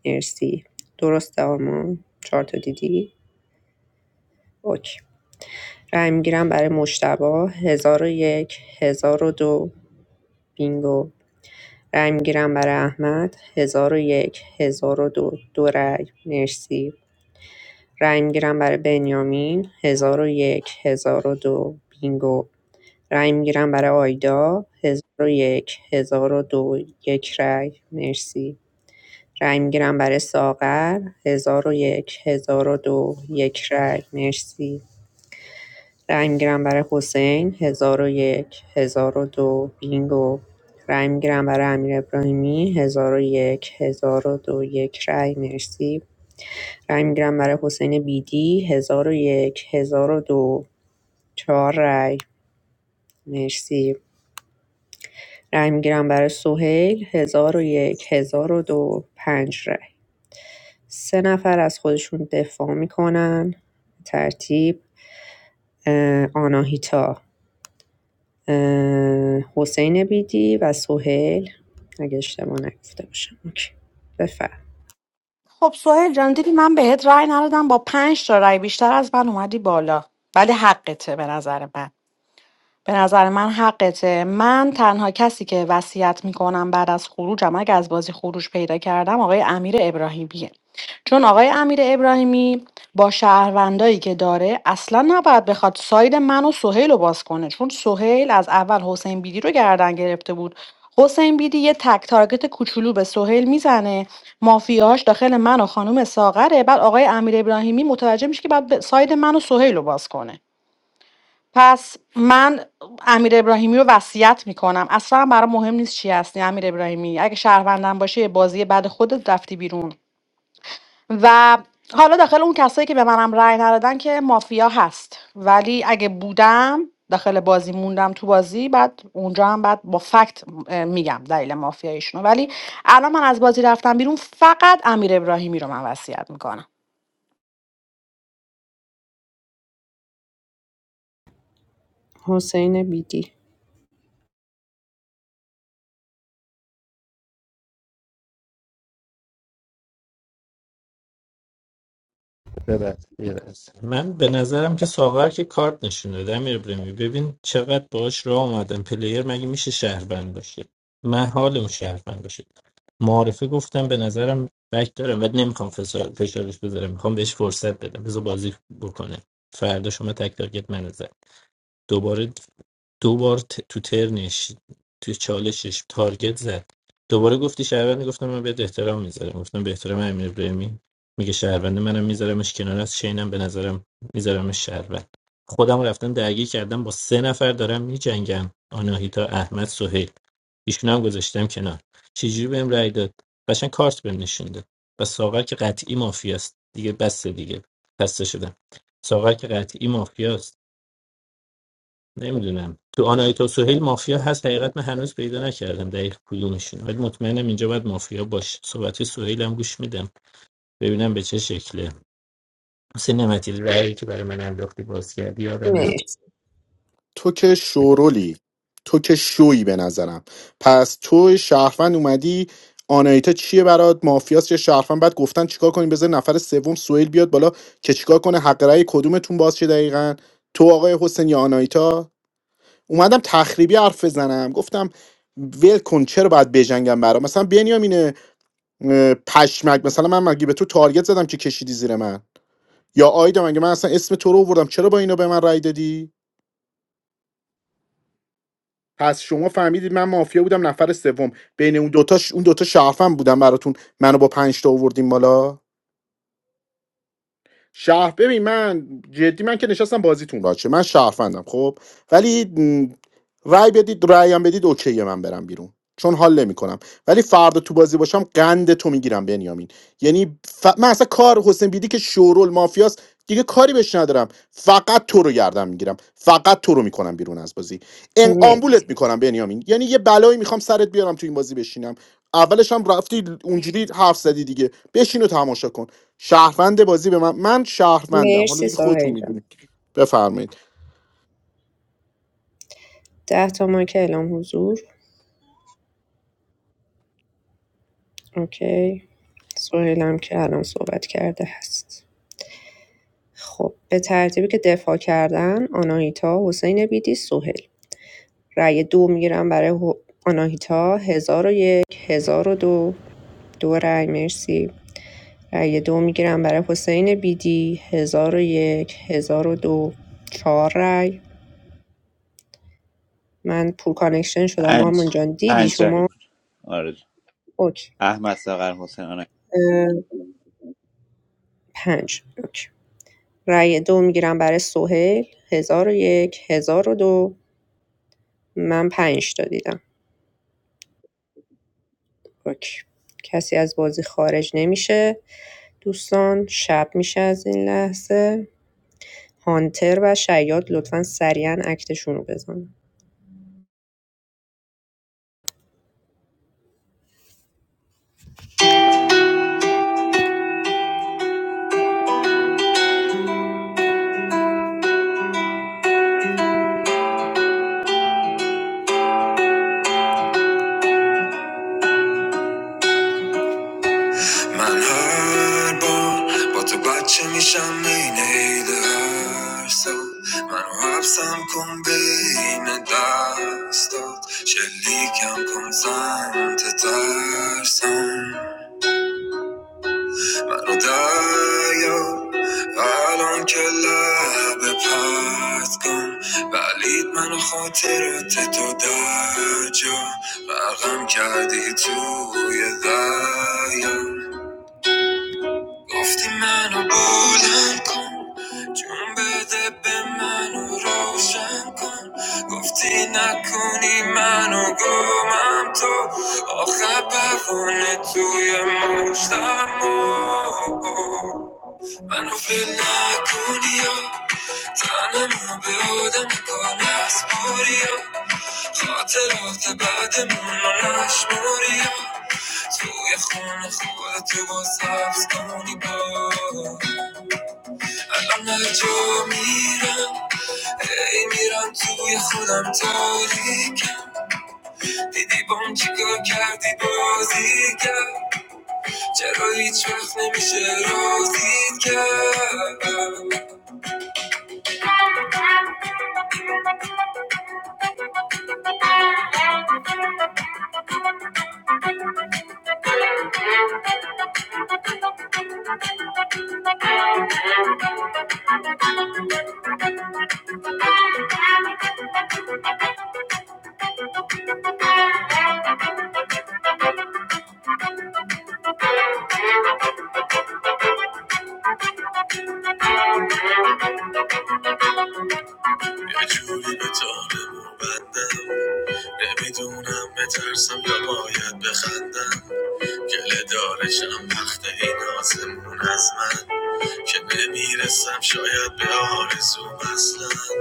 Speaker 4: مرسی درسته آرمان چهار تا دیدی اوکی رأی میگیرم برای مشتبا هزار و یک هزار و دو بینگو رأی میگیرم برای احمد هزار و یک هزار و دو دو رأی مرسی رأی میگیرم برای بنیامین 1001 1002 بینگو رأی میگیرم برای آیدا 1001 1002 یک هزار و دو یک رای مرسی رأی میگیرم برای ساغر 1001 1002 یک هزار و دو یک رای مرسی رأی میگیرم برای حسین 1001 1002 بینگو رأی میگیرم برای امیر ابراهیمی 1001 1002 یک هزار و دو، یک رأی مرسی رای میگیرم برای حسین بیدی هزار و یک هزار و دو چهار رای مرسی رای میگیرم برای سهیل هزار و یک هزار و دو پنج رای سه نفر از خودشون دفاع میکنن ترتیب اه، آناهیتا اه، حسین بیدی و سهیل اگه اشتباه نگفته باشم اوکی. بفرم
Speaker 1: خب سوهل جان دیدی من بهت رأی ندادم با پنج تا رأی بیشتر از من اومدی بالا ولی حقته به نظر من به نظر من حقته من تنها کسی که وصیت میکنم بعد از خروجم اگه از بازی خروج پیدا کردم آقای امیر ابراهیمیه چون آقای امیر ابراهیمی با شهروندایی که داره اصلا نباید بخواد ساید من و سهیل رو باز کنه چون سهیل از اول حسین بیدی رو گردن گرفته بود حسین بیدی یه تک تارگت کوچولو به سهیل میزنه مافیاش داخل من و خانم ساغره بعد آقای امیر ابراهیمی متوجه میشه که بعد به- ساید من و سهیل رو باز کنه پس من امیر ابراهیمی رو وصیت میکنم اصلا برام مهم نیست چی هستی امیر ابراهیمی اگه شهروندم باشه یه بازی بعد خودت رفتی بیرون و حالا داخل اون کسایی که به منم رأی ندادن که مافیا هست ولی اگه بودم داخل بازی موندم تو بازی بعد اونجا هم بعد با فکت اه، میگم دلیل مافیاییشونو ولی الان من از بازی رفتم بیرون فقط امیر ابراهیمی رو من وصیت میکنم
Speaker 4: حسین بیدی
Speaker 17: یه یه لحظه. من به نظرم که ساغر که کارت نشون داده امیر ابراهیمی ببین چقدر باش راه آمدن پلیر مگه میشه شهروند باشه محال اون شهروند باشه معارفه گفتم به نظرم بک دارم ولی نمیخوام فشار- فشارش بذارم میخوام بهش فرصت بدم بذار بازی بکنه فردا شما تک تارگت من نظر. دوباره دو بار ت- تو ترنش تو چالشش تارگت زد دوباره گفتی شهروند گفتم من بهت احترام میذارم گفتم به احترام امیر ابراهیمی میگه شهروند منم میذارمش کنار از شینم به نظرم میذارمش شهروند خودم رفتم درگیر کردم با سه نفر دارم میجنگم آناهیتا احمد سهیل ایشون هم گذاشتم کنار چجوری بهم رأی داد قشنگ کارت بهم نشون داد و ساغر که قطعی مافیاست دیگه بس دیگه خسته شدم ساغر که قطعی مافیاست نمیدونم تو آنایتا سوهیل مافیا هست حقیقت من هنوز پیدا نکردم دقیق کدومشون ولی مطمئنم اینجا باید مافیا باشه صحبت سوهیل هم گوش میدم ببینم به چه شکله حسین نمتی رأیی که برای من انداختی باز کردی یا نه
Speaker 4: مرسی
Speaker 16: تو که شورولی تو که شویی به نظرم پس تو شهروند اومدی آنایتا چیه برات مافیاس یا شهروند بعد گفتن چیکار کنیم بذار نفر سوم سوئیل بیاد بالا که چیکار کنه حق رأی کدومتون باز شه دقیقا تو آقای حسین یا آنایتا اومدم تخریبی حرف بزنم گفتم ول کن چرا باید بجنگم برا مثلا بنیامین اه، پشمک مثلا من مگه به تو تارگت زدم که کشیدی زیر من یا آیدا مگه من اصلا اسم تو رو آوردم چرا با اینا به من رای دادی پس شما فهمیدید من مافیا بودم نفر سوم بین اون دوتاش اون دوتا شرفم بودم براتون منو با پنج تا آوردیم بالا شهر ببین من جدی من که نشستم بازیتون باشه من شهروندم خب ولی م، رای بدید رای هم بدید اوکی من برم بیرون چون حال نمیکنم ولی فردا تو بازی باشم قند تو میگیرم بنیامین یعنی ف... من اصلا کار حسین بیدی که شورول مافیاست دیگه کاری بهش ندارم فقط تو رو گردم میگیرم فقط تو رو میکنم بیرون از بازی ان
Speaker 4: مرسی
Speaker 16: آمبولت میکنم بنیامین یعنی یه بلایی میخوام سرت بیارم تو این بازی بشینم اولش هم رفتی اونجوری حرف زدی دیگه بشین و تماشا کن شهروند بازی به من من شهروندم حالا
Speaker 4: مرسی
Speaker 16: دیگه خودتون
Speaker 4: سهیل جان
Speaker 16: میدونید بفرمایید
Speaker 4: ده تا مایک اعلام حضور اوکی سوهیلم که الان صحبت کرده هست خب به ترتیبی که دفاع کردن آناهیتا حسین بیدی سوهل رأی دو میگیرم برای هو- آناهیتا هزار و یک هزار و دو دو رأی مرسی رأی دو میگیرم برای حسین بیدی هزار و یک هزار و دو چهار رأی من پول کانکشن شدم
Speaker 14: پنج
Speaker 4: آرمان جان دیدی
Speaker 14: پنج رای
Speaker 4: شما
Speaker 14: بود آره جان.
Speaker 4: اوکی
Speaker 14: احمد ساغر حسین آنک
Speaker 4: پنج اوکی رأی دو میگیرم برای سهیل هزار و یک هزار و دو من پنج تا دیدم اوکی. کسی از بازی خارج نمیشه دوستان شب میشه از این لحظه هانتر و شیاد لطفا سریعا اکتشون رو بزنن من هر بار با تو بچه میشم این عید هر منو حبسم کن بین دستات شلیکم کن سمت ترسم خدایا الان که لب پس کن ولید من خاطرت تو در جا غرقم کردی توی دریا گفتی منو بلند کن جون بده به منو روشن کن گفتی نکنی منو گمم تو آخه پروانه توی مشتم منو فیل نکنیا تنمو به آدم کار نسپاریا خاطرات بعدمون رو نشماریا توی خون خودتو با سبز کنی با الان هر جا میرم ای میرم توی خودم تاریکم دیدی بام چیکار کردی بازی کرد چرا هیچ وقت نمیشه رازید کرد یه جوری به جانم بندم نمیدونم بترسم یا باید بخندم گله دارشم وقت این آزمون از من که نمیرسم شاید به آرزوم اصلا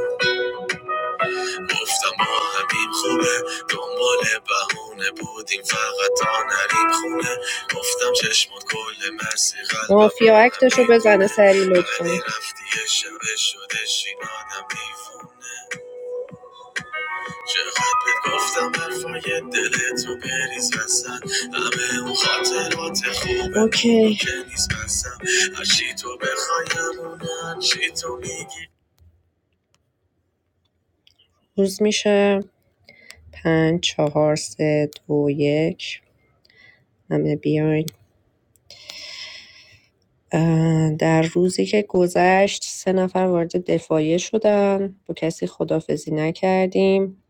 Speaker 4: گفتم ما همیم خوبه دنبال بهونه بودیم فقط تا نریم خونه گفتم چشمات کل مرسی قلبم مافیا اکتشو بزنه سری لطفا ولی رفتی شبه شده شین دیوونه چقدر بهت گفتم حرفای دلتو بریز وسط همه اون خاطرات خوبه اوکی که نیست بسم هرچی تو بخوایم اون هرچی تو میگی روز میشه پنج چهار سه دو یک همه بیاین در روزی که گذشت سه نفر وارد دفاعیه شدن با کسی خدافزی نکردیم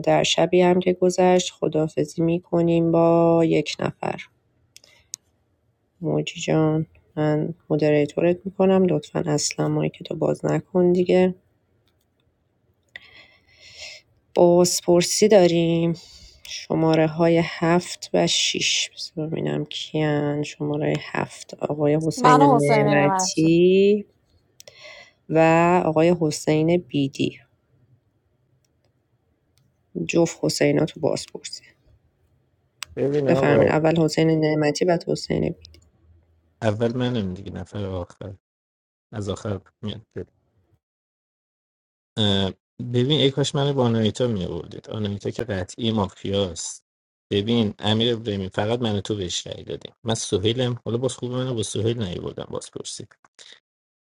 Speaker 4: در شبی هم که گذشت خدافزی میکنیم با یک نفر موجی جان من مدریتورت میکنم لطفا اصلا مایک تو باز نکن دیگه بازپرسی داریم شماره های هفت و شیش بذار ببینم کیان شماره هفت آقای حسین
Speaker 1: منو حسین نعمتی
Speaker 4: نعمتی و آقای حسین بیدی جفت حسینا تو بازپرسی
Speaker 17: ببین
Speaker 4: بفرمایید
Speaker 17: آقا
Speaker 4: اول حسین نعمتی بعد حسین بیدی
Speaker 17: اول منم دیگه نفر آخر از آخر میاد اه، ببین ای کاش منو با آنایتا می آوردید آنایتا که قطعی مافیاست ببین امیر ابراهیمی فقط من و تو بهش رأی دادیم من سهیلم حالا باز خوب منو با سهیل نیاوردم باز پرسی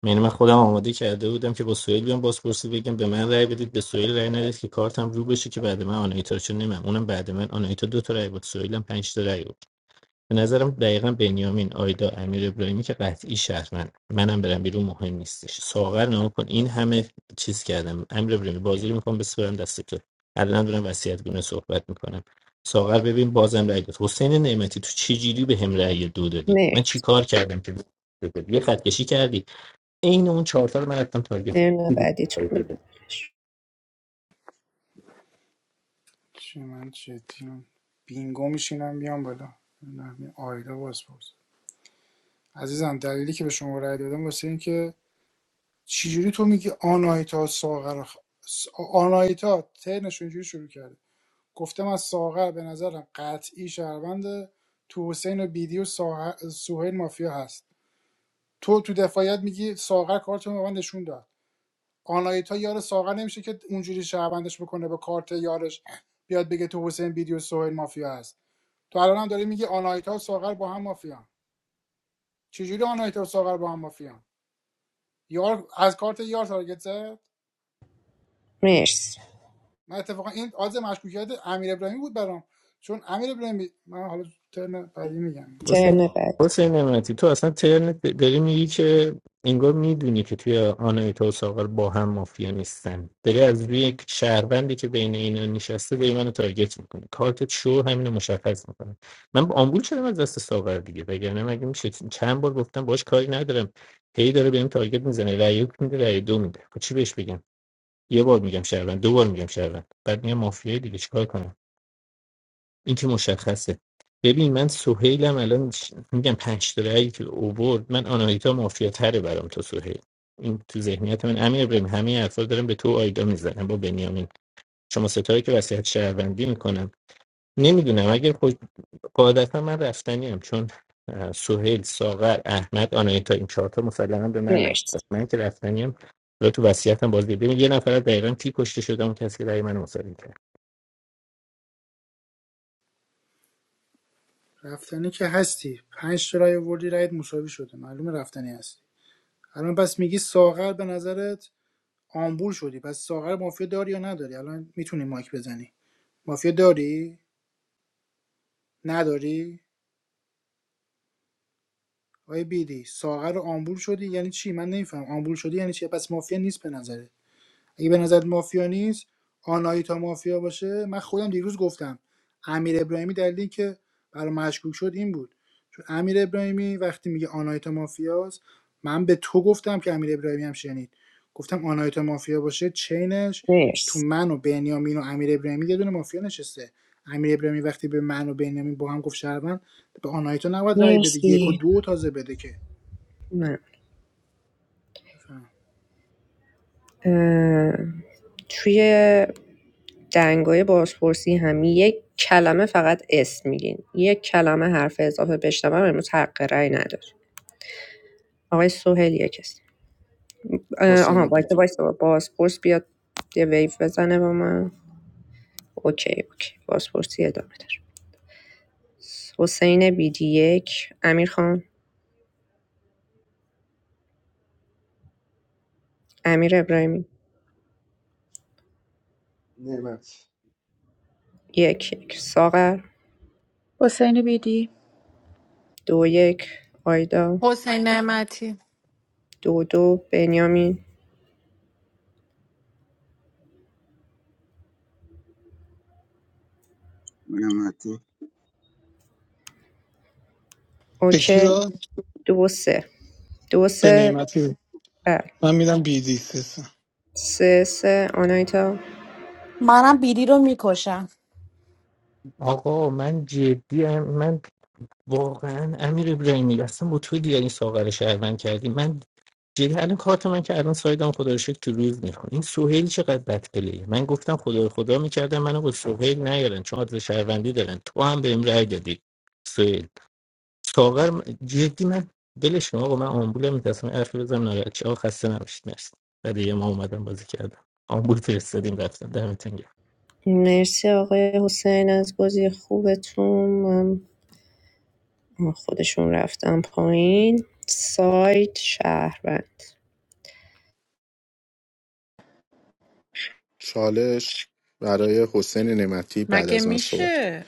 Speaker 17: یعنی من خودم آماده کرده بودم که با سویل بیام بازپرسی بگم به من رأی بدید به سویل رأی ندید که کارتم رو بشه که بعد من آنایتا رو چون نمیم اونم بعد من آنایتا دو تا رأی بود سویلم پنج تا رأی بود به نظرم دقیقا بنیامین آیدا امیر ابراهیمی که قطعی شهرمند منم برم بیرون مهم نیستش ساغر نام کن این همه چیز کردم امیر ابراهیمی بازی رو میکنم بسپرم دست تو الان دارم وصیت گونه صحبت میکنم ساغر ببین بازم رأی داد حسین نعمتی تو چه جوری به هم رأی دو دادی من
Speaker 4: مرسی
Speaker 17: چی کار کردم که یه خط کشی کردی عین اون چهار تا رو من رفتم تارگت
Speaker 4: ترن بعدیتون بگیم
Speaker 2: چی من چی بینگو میشینم بیام بالا نه، آیدا باز پرس. عزیزم دلیلی که به شما رأی دادم واسه این که چجوری تو میگی آناهیتا ساغر خ... س- آناهیتا ترنش اینجوری شروع کرده گفتم از ساغر به نظرم قطعی شهروند تو حسین و بیدی و ساغر... سوهیل مافیا هست تو تو دفاعیت میگی ساغر کارتون به من نشون داد آناهیتا یار ساغر نمیشه که اونجوری شهروندش بکنه با کارت یارش بیاد بگه تو حسین بیدی و سوهیل مافیا هست تو الان هم داری میگی آناهیتا و ساغر با هم مافیا چجوری آناهیتا و ساغر با هم مافیا یار از کارت یار تارگت زد
Speaker 4: مرسی
Speaker 2: من اتفاقا این آز مشکوکیت امیر ابراهیمی بود برام چون امیر ابراهیمی من حالا ترن بعدی میگم
Speaker 17: حسین
Speaker 4: ترن بعد
Speaker 17: حسین نعمتی تو اصلا ترن داری میگی که انگار میدونی که توی آنایتا و ساغر با هم مافیا نیستن داری از روی یک شهروندی که بین اینا نشسته داری منو تارگت میکنه کارت شو همینو مشخص میکنه من با آمبول شدم از دست ساغر دیگه وگرنه مگه میشه چند بار گفتم باش کاری ندارم هی داره بهم تارگت میزنه رأی یک میده رأی دو میده خب چی بهش بگم یه بار میگم شهروند دو بار میگم شهروند بعد میگم مافیای دیگه چیکار کنم این که مشخصه ببین من سهیلم الان ش- میگم پنج تا رأیی که اوورد من آناهیتا مافیا تره برام تا سهیل این تو ذهنیت من امیر ابراهیم همه حرفا دارم به تو و آیدا میزنم با بنیامین شما ستایی که وصیت شهروندی میکنم نمیدونم اگر خود قاعدتا من رفتنی ام، چون اه، سهیل ساغر احمد آناهیتا این چهارتا مسلما به من رفت
Speaker 4: مرسی
Speaker 17: من که رفتنی هم تو وصیتم باز دیگه. ببین یه نفر از دقیقا کی کشته شده اون کسی که رأی من مسلم کرد
Speaker 2: رفتنی که هستی پنج تا رای وردی رایت مساوی شده معلومه رفتنی هستی الان پس میگی ساغر به نظرت آمبول شدی پس ساغر مافیا داری یا نداری الان میتونی مایک بزنی مافیا داری نداری آی بیدی ساغر آمبول شدی یعنی چی من نمیفهم آمبول شدی یعنی چی پس مافیا نیست به نظر اگه به نظرت مافیا نیست آنایتا مافیا باشه من خودم دیروز گفتم امیر ابراهیمی دلیلی که برای مشکوک شد این بود چون امیر ابراهیمی وقتی میگه آنایتا مافیاست من به تو گفتم که امیر ابراهیمی هم شنید گفتم آنایتا مافیا باشه چینش تو
Speaker 4: مرسی
Speaker 2: من و بنیامین و امیر ابراهیمی یه دونه مافیا نشسته امیر ابراهیمی وقتی به من و بنیامین با هم گفت شهروند به آنایتا نباید رأی بده یک و
Speaker 4: مرسی
Speaker 2: دو تازه بده که
Speaker 4: من.
Speaker 2: بفهم.
Speaker 4: اه، توی دنگای بازپرسی هم یک کلمه فقط اسم میگین یک کلمه حرف اضافه بشنوم امروز حق رأی نداره آقای سهیل یک اسم. اه، آها
Speaker 16: حسین
Speaker 4: باید
Speaker 16: بیدی
Speaker 4: وایسا بازپرس بیاد یه ویو بزنه با من اوکی اوکی بازپرسی ادامه داره حسین بیدی یک امیر خان امیر ابراهیمی
Speaker 7: نعمت
Speaker 4: یک یک ساغر دو یک آیدا
Speaker 3: حسین نعمتی
Speaker 4: دو دو بنیامین
Speaker 15: نعمتی
Speaker 10: به کی
Speaker 4: اوکی
Speaker 10: داد
Speaker 4: دو سه دو
Speaker 10: به
Speaker 4: سه
Speaker 10: نعمتی
Speaker 4: بله
Speaker 10: من میدم بیدی سه
Speaker 4: سه سه آنایتا
Speaker 1: منم بیری رو میکشم
Speaker 17: آقا من جدی ام، من واقعا امیر ابراهیمی اصلا با تو دیگه این ساغر رو شهروند کردی من جدی الان کارت من که الان سایدم خدا رو شکر تو روز میکن این سوهیل چقدر بد پلیه من گفتم خدا رو خدا میکردم منو با سوهیل نیارن چون عادل شهروندی دارن تو هم بهم رأی دادی سوهیل ساغر م- جدی من بلش کن آقا من آمبولم میترسم حرفی بزنم ناراحت چه آقا خسته نباشید مرسی بعد یه ما اومدم بازی کردم آمبول فرستادیم رفتم دمتون گرم
Speaker 4: مرسی آقای حسین از بازی خوبتون من آه، خودشون رفتم پایین سایت شهروند
Speaker 16: چالش برای حسین نعمتی بعد
Speaker 3: مگه
Speaker 16: از من صحبت کن
Speaker 3: میشه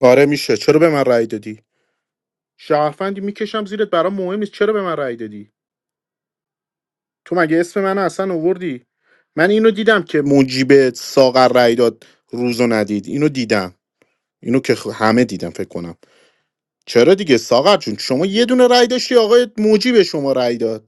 Speaker 16: آره میشه چرا به من رأی دادی شهروندی میکشم زیرت برام مهم نیست چرا به من رأی دادی تو مگه اسم من اصلا اووردی من اینو دیدم که موجیب ساغر رأی داد روزو ندید اینو دیدم اینو که خ- همه دیدم فکر کنم چرا دیگه ساغر جون شما یه دونه رأی داشتی آقای موجی به شما رأی داد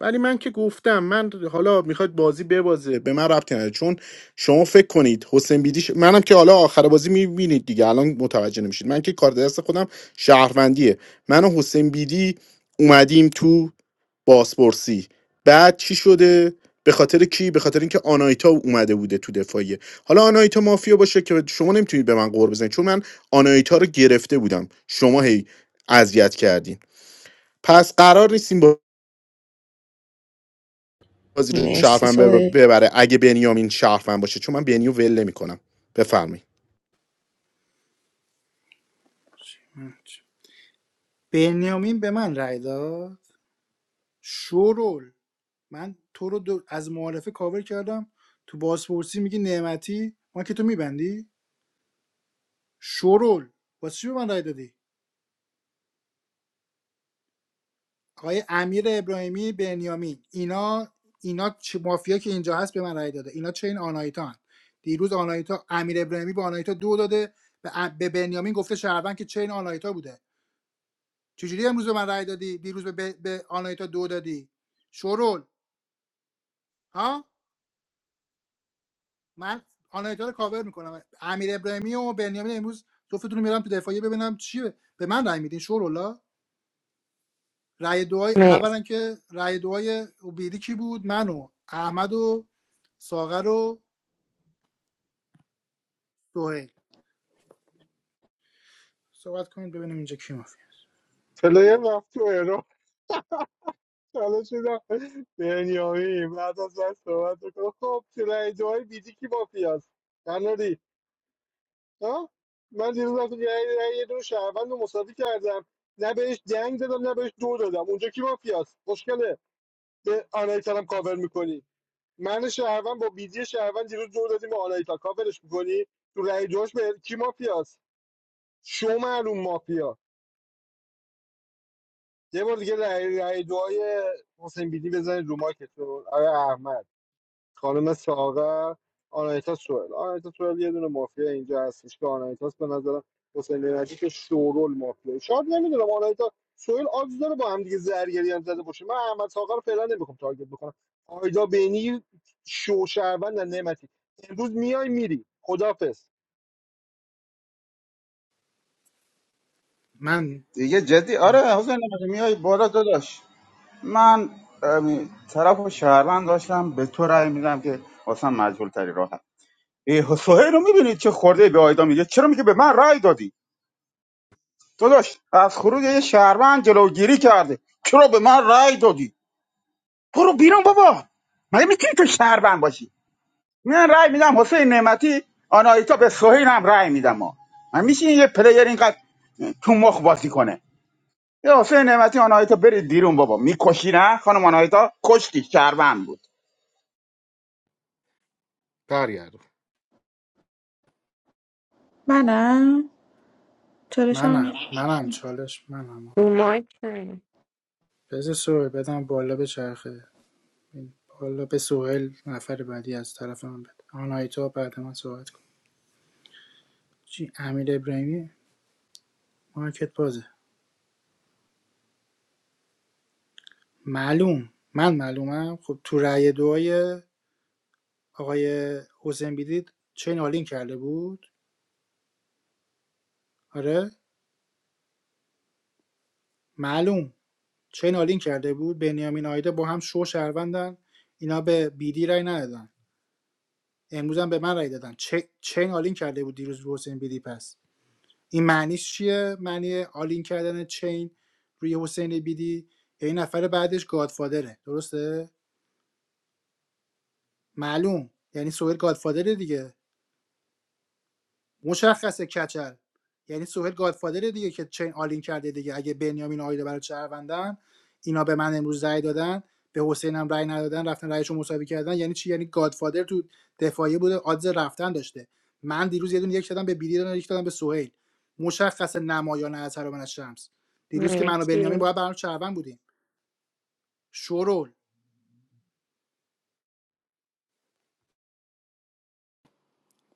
Speaker 16: ولی من که گفتم من حالا میخواد بازی ببازه به من ربطی نداره چون شما فکر کنید حسین بیدیش منم که حالا آخر بازی میبینید دیگه الان متوجه نمیشید من که کار دست خودم شهروندیه من و حسین بیدی اومدیم تو بازپرسی بعد چی شده به خاطر کی به خاطر اینکه آنایتا اومده بوده تو دفاعیه حالا آنایتا مافیا باشه که شما نمیتونید به من قور بزنید چون من آنایتا رو گرفته بودم شما هی اذیت کردین پس قرار نیستیم با بازی رو
Speaker 4: مرسی
Speaker 16: شرفم بب-
Speaker 4: سوهل
Speaker 16: ببره اگه بنیامین شرفم باشه چون من بنیو ول نمیکنم بفرمایید
Speaker 2: بنیامین به من رأی داد شورول من تو رو دو- از معارفه کاور کردم تو بازپرسی میگی نعمتی ما که تو میبندی شورول واسه چی به من رای دادی آقای امیر ابراهیمی بنیامین اینا اینا چه مافیا که اینجا هست به من رای داده اینا چه این آنایتا هن. دیروز آنایتا امیر ابراهیمی به آنایتا دو داده به, ا- به بنیامین گفته شهروند که چه این آنایتا بوده چجوری امروز به من رای دادی دیروز به, به به آنایتا دو دادی شورول ها من آنایتا رو کاور میکنم امیر ابراهیمی و بنیامین امروز جفتتون رو میرم تو دفاعیه ببینم چیه به من رای میدین شورولا رای دوای
Speaker 4: مرسی
Speaker 2: اولا که رأی دوای اوبیدی کی بود من و احمد و ساغر و سهیل صحبت کنید ببینیم اینجا کی مافی
Speaker 7: پلیر رفت تو ایران حالا شدم بنیامین بعد از من صحبت بکنم خب تو رای دوهای بیدی کی با پیاز قناری ها من دیروز رفت رای رای یه دو شهروند رو مساوی کردم نه بهش جنگ دادم نه بهش دو دادم اونجا کی با پیاز مشکله به آنایتر هم کاور میکنی من شهروند با بیدی شهروند دیروز دو دادیم به آنایتا کاورش میکنی تو رای دوش به کی مافیاست شو معلوم مافیا یه بار دیگه رای, رای دوهای حسین بیدی بزنید رو مایکتون آره احمد خانم ساغر آنایتا سوئل آنایتا سوئل یه دونه مافیا اینجا هستش که آنایتاس به نظرم حسین نعمتی که شورول مافیا شاید نمیدونم آنایتا سوئل آگز داره با هم دیگه زرگری هم زده باشه من احمد ساغر رو فعلا نمیخوام تارگت بکنم آیدا بینی شو شهروند نعمتی امروز میای میری خدافظ
Speaker 2: من
Speaker 15: دیگه جدی آره حسین نعمتی میای بالا داداش من امی، طرف و شهروند داشتم به تو رأی میدم که واسه مجهول تری راه ای حسین رو میبینید چه خورده به آیدا میگه چرا میگه به من رأی دادی داداش از خروج یه شهروند جلوگیری کرده چرا به من رأی دادی برو بیرون بابا مگه میتونی تو شهروند باشی من رأی میدم حسین نعمتی آنایتا به سهیل هم رأی میدم ما من میشه یه پلیر اینقدر تو مخ بازی کنه یه حسین نعمتی آنایتا برید بیرون بابا میکشی نه خانم آنایتا کشتی شهروند بود
Speaker 16: برگردم
Speaker 13: منم چالشم
Speaker 2: منم منم چالش منم
Speaker 4: مایکل
Speaker 2: بذار سوهل بدم بالا به چرخه بالا به سوهل نفر بعدی از طرف من بده آنایتا بعد من صحبت کن چی امیر ابراهیمی مارکت بازه معلوم من معلومم خب تو رأی دعای آقای حسین بیدید چه نالین کرده بود آره معلوم چه نالین کرده بود بنیامین آیده با هم شو شهروندن اینا به بیدی رای ندادن امروز هم به من رای دادن چه چین آلین کرده بود دیروز رو حسین بیدی پس این معنیش چیه معنی آلین کردن چین روی حسین بیدی یعنی نفر بعدش گادفادره درسته معلوم یعنی سوهل گادفادره دیگه مشخصه کچل یعنی سوهل گادفادر دیگه که چین آلین کرده دیگه اگه بنیامین آیدا برای شهروندن اینا به من امروز رأی دادن به حسین هم رأی ندادن رفتن رأیشو مساوی کردن یعنی چی یعنی گادفادر تو دفاعی بوده آدز رفتن داشته من دیروز یه دونه یک دادم به بیلی دادم یک دادم به سهیل مشخصه نمایان از هر من شمس دیروز که من و بنیامین
Speaker 4: مرسی
Speaker 2: باید برام شهروند بودیم شورول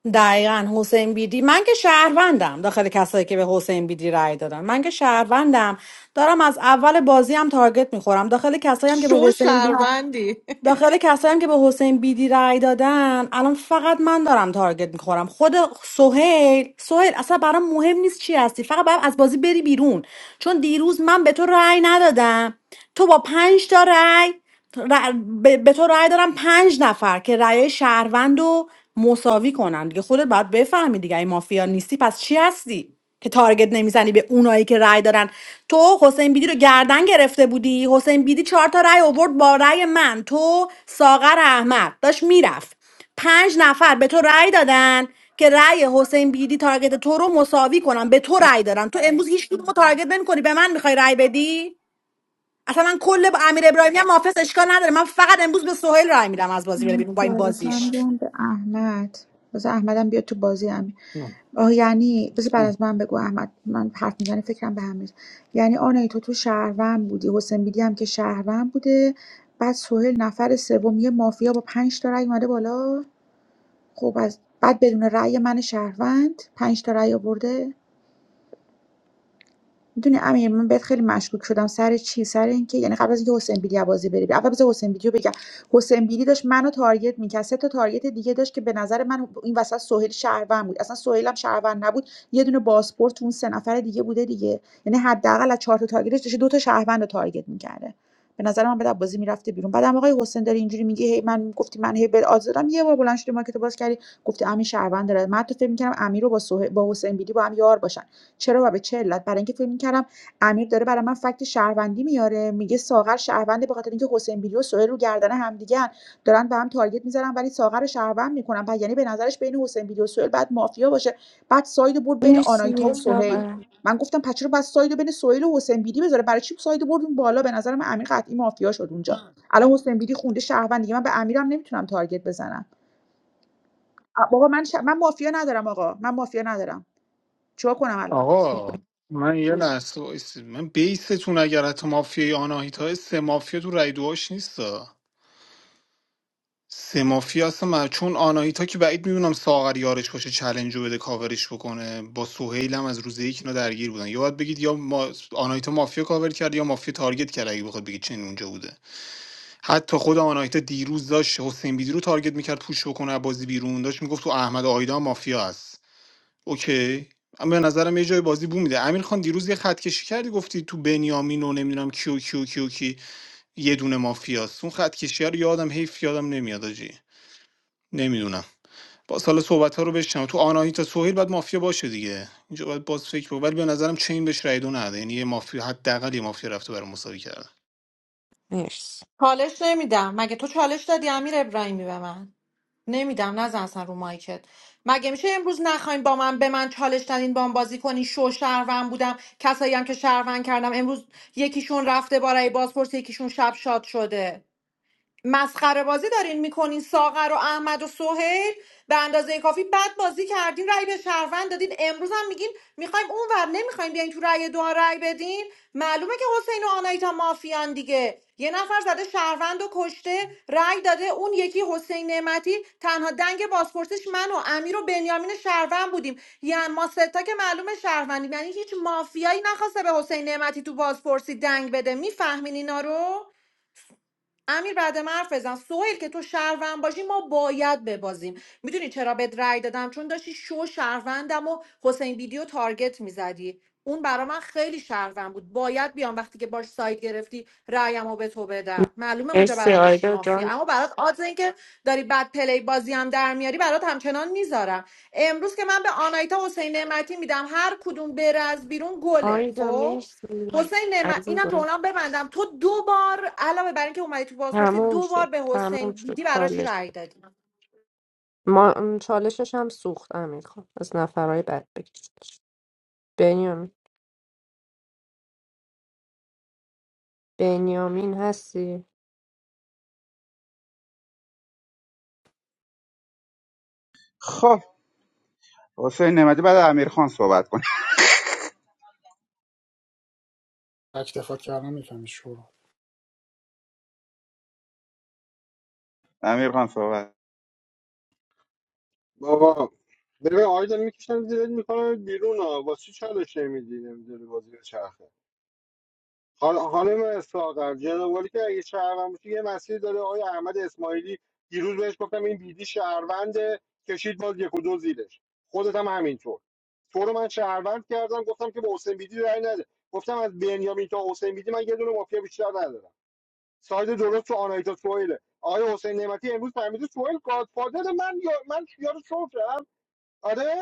Speaker 1: دقیقا حسین بیدی من که شهروندم داخل کسایی که به حسین بیدی رأی دادن من که شهروندم دارم از اول بازی هم تارگت میخورم داخل کسایی هم که به
Speaker 3: شو
Speaker 1: حسین بیدی
Speaker 3: شهروندی
Speaker 1: داخل کسایی هم که به حسین بیدی رأی دادن الان فقط من دارم تارگت میخورم خود سهیل سهیل اصلا برام مهم نیست چی هستی فقط باید از بازی بری بیرون چون دیروز من به تو رأی ندادم تو با پنج تا رأی ر- به به تو رأی دارم پنج نفر که رأی شهروند رو مساوی کنن دیگه خودت باید بفهمی دیگه این مافیا نیستی پس چی هستی که تارگت نمیزنی به اونایی که رأی دارن تو حسین بیدی رو گردن گرفته بودی حسین بیدی چهار تا رأی آورد با رأی من تو ساغر احمد داشت میرفت پنج نفر به تو رأی دادن که رأی حسین بیدی تارگت تو رو مساوی کنن به تو رأی دادن تو امروز هیچ کدوم رو تارگت نمیکنی به من میخوای رأی بدی اصلا من کل با امیر ابراهیمی هم حافظ اشکال نداره من فقط امروز به سهیل رأی میدم از بازی بره بیرون با این
Speaker 13: چالشم
Speaker 1: بازیش
Speaker 13: میدم به احمد بذار احمدم بیاد تو بازی همین آه یعنی بذار بعد از من بگو احمد من حرف میزنه فکرم به همین یعنی آنایی تو تو شهروند بودی حسین بیدی هم که شهروند بوده بعد سهیل نفر سوم یه مافیا با پنج تا رأی اومده بالا خب از بعد بدون رأی من شهروند پنج تا رأی آورده میدونی امیر من بهت خیلی مشکوک شدم سر چی سر اینکه یعنی قبل از اینکه حسین بیلی عبازی بری بیرون. اول بذار حسین بیلی رو بگم حسین بیلی داشت منو تارگت میکرد سه تا تارگت دیگه داشت که به نظر من این وسط سهیل شهروند بود اصلا سهیل هم شهروند نبود یه دونه پاسپورت تو اون سه نفر دیگه بوده دیگه یعنی حداقل از چهار تا تارگتش داشت دو تا شهروند رو تارگت میکرده به نظر من بعد بازی میرفته بیرون بعدم آقای حسین داره اینجوری میگه هی من گفتی من هی به آزادم یه بار بلند شدی مارکت باز کردی گفتی امین شهروند داره من تو فکر میکردم امیر رو با سهیل- با حسین بیلی با هم یار باشن چرا و به چه علت برای اینکه فکر می‌کردم امیر داره برای من فکت شهروندی میاره میگه ساغر شهرونده به خاطر اینکه حسین بیلی و سهیل رو گردن همدیگه‌ان دارن به هم تارگت میزنن ولی ساغر رو شهروند میکنن بعد یعنی به نظرش بین حسین بیلی و سهیل بعد مافیا باشه بعد ساید برد بین آنایتا و سهیل من گفتم پس چرا بس ساید بین سهیل و حسین بیلی بذاره برای چی ساید برد اون بالا به نظر من امیر قطعی مافیا شد اونجا الان حسین بیلی خونده شهروند دیگه من به امیرم نمیتونم تارگت بزنم آ، بابا من ش... من مافیا ندارم آقا من مافیا ندارم چیکار کنم الان
Speaker 10: آقا من یه لحظه وایسید من بیستون اگر حتی مافیای آناهیتا سه مافیا تو رای دوهاش نیستا سه مافیا هستم من چون آناهیتا که بعید میدونم ساغر یارش باشه چلنج رو بده کاورش بکنه با سهیل هم از روز یک اینا درگیر بودن یا باید بگید یا ما... آناهیتا مافیا کاور کرد یا مافیا تارگت کرد اگه بخواد بگید چنین اونجا بوده حتی خود آناهیتا دیروز داشت حسین بیدی رو تارگت میکرد پوش بکنه از بازی بیرون داشت میگفت تو احمد و آیدا مافیا هست اوکی من به نظرم یه جای بازی بو میده امیر خان دیروز یه خط کشی کردی گفتی تو بنیامین و نمیدونم کیو کیو کیو کی یه دونه مافیاست اون خط کشی رو یادم حیف یادم نمیاد آجی نمیدونم با سال صحبت ها رو بشنم تو آناهیتا سهیل باید مافیا باشه دیگه اینجا باید باز فکر بود ولی به نظرم چین بهش رای دو نده یعنی یه مافیا حداقل یه مافیا رفته برای مساوی کردن
Speaker 4: مرسی
Speaker 3: چالش نمیدم مگه تو چالش دادی امیر ابراهیمی به من نمیدم نزن اصلا رو مایکت مگه میشه امروز نخواین با من به من چالش دادین با من بازی کنی شو شهروند بودم کسایی هم که شهروند کردم امروز یکیشون رفته برای بازپرس یکیشون شب شاد شده مسخره بازی دارین میکنین ساغر و احمد و سهیل به اندازه کافی بد بازی کردین رأی به شهروند دادین امروز هم میگین میخوایم اون اونور نمیخوایم بیاین تو رأی دو رأی بدین معلومه که حسین و آنایتا مافیان دیگه یه نفر زده شهروند و کشته رأی داده اون یکی حسین نعمتی تنها دنگ بازپرسش من و امیر و بنیامین شهروند بودیم یعنی ما ستا که معلومه شهروندیم یعنی هیچ مافیایی نخواسته به حسین نعمتی تو بازپرسی دنگ بده میفهمین اینا رو امیر بعد من حرف بزن سوهل که تو شهروند باشی ما باید ببازیم میدونی چرا بهت رأی دادم چون داشتی شو شهروندم و حسین ویدیو تارگت میزدی اون برا من خیلی شهروند بود باید بیام وقتی که باش سایت گرفتی رأیم رو به تو بدم معلومه اونجا
Speaker 4: مرسی
Speaker 3: برام میشی
Speaker 4: آیدا
Speaker 3: مافیا
Speaker 4: جان
Speaker 3: اما برات آدز این که داری بد پلی بازی هم در میاری برات همچنان میذارم امروز که من به آنایتا حسین نعمتی میدم هر کدوم بره از بیرون گله
Speaker 4: آیدا
Speaker 3: خب
Speaker 4: مرسی
Speaker 3: حسین نعمت اینم
Speaker 4: عزیزم
Speaker 3: جمله ببندم تو دو بار علاوه بر اینکه اومدی تو بازپرسی
Speaker 4: تموم
Speaker 3: دو بار
Speaker 4: شد
Speaker 3: به
Speaker 4: تموم
Speaker 3: حسین
Speaker 4: شد
Speaker 3: بیدی براشی
Speaker 4: چالش
Speaker 3: رأی دادی
Speaker 4: ما م، چالشش هم سوخت امیر خان از نفرهای بد بکشتش بنیامین بنیامین هستی
Speaker 15: خب حسین نعمتی بعد امیرخان صحبت کنه
Speaker 2: تکتفا کردن میفهمی شورول
Speaker 15: امیرخان صحبت
Speaker 7: بابا ببین آیدا میکشن زیرت میکنم بیرون ها واسه چی چالش نمیدی نمیدونی بازی به چرخه حالا خانم ساغر جنوالی که اگه شهروند باشه یه مسیری داره آقای احمد اسماعیلی دیروز بهش گفتم این بیدی شهرونده کشید باز یک و دو زیرش خودت هم همینطور تو رو من شهروند کردم گفتم که به حسین بیدی رأی نده گفتم از بنیامین تا حسین بیدی من یه دونه مافیا بیشتر ندارم ساید درست تو آنایتا سوئیل آقای حسین نعمتی امروز فهمیده سوئیل گادفادر من یا من یارو شو کردم آره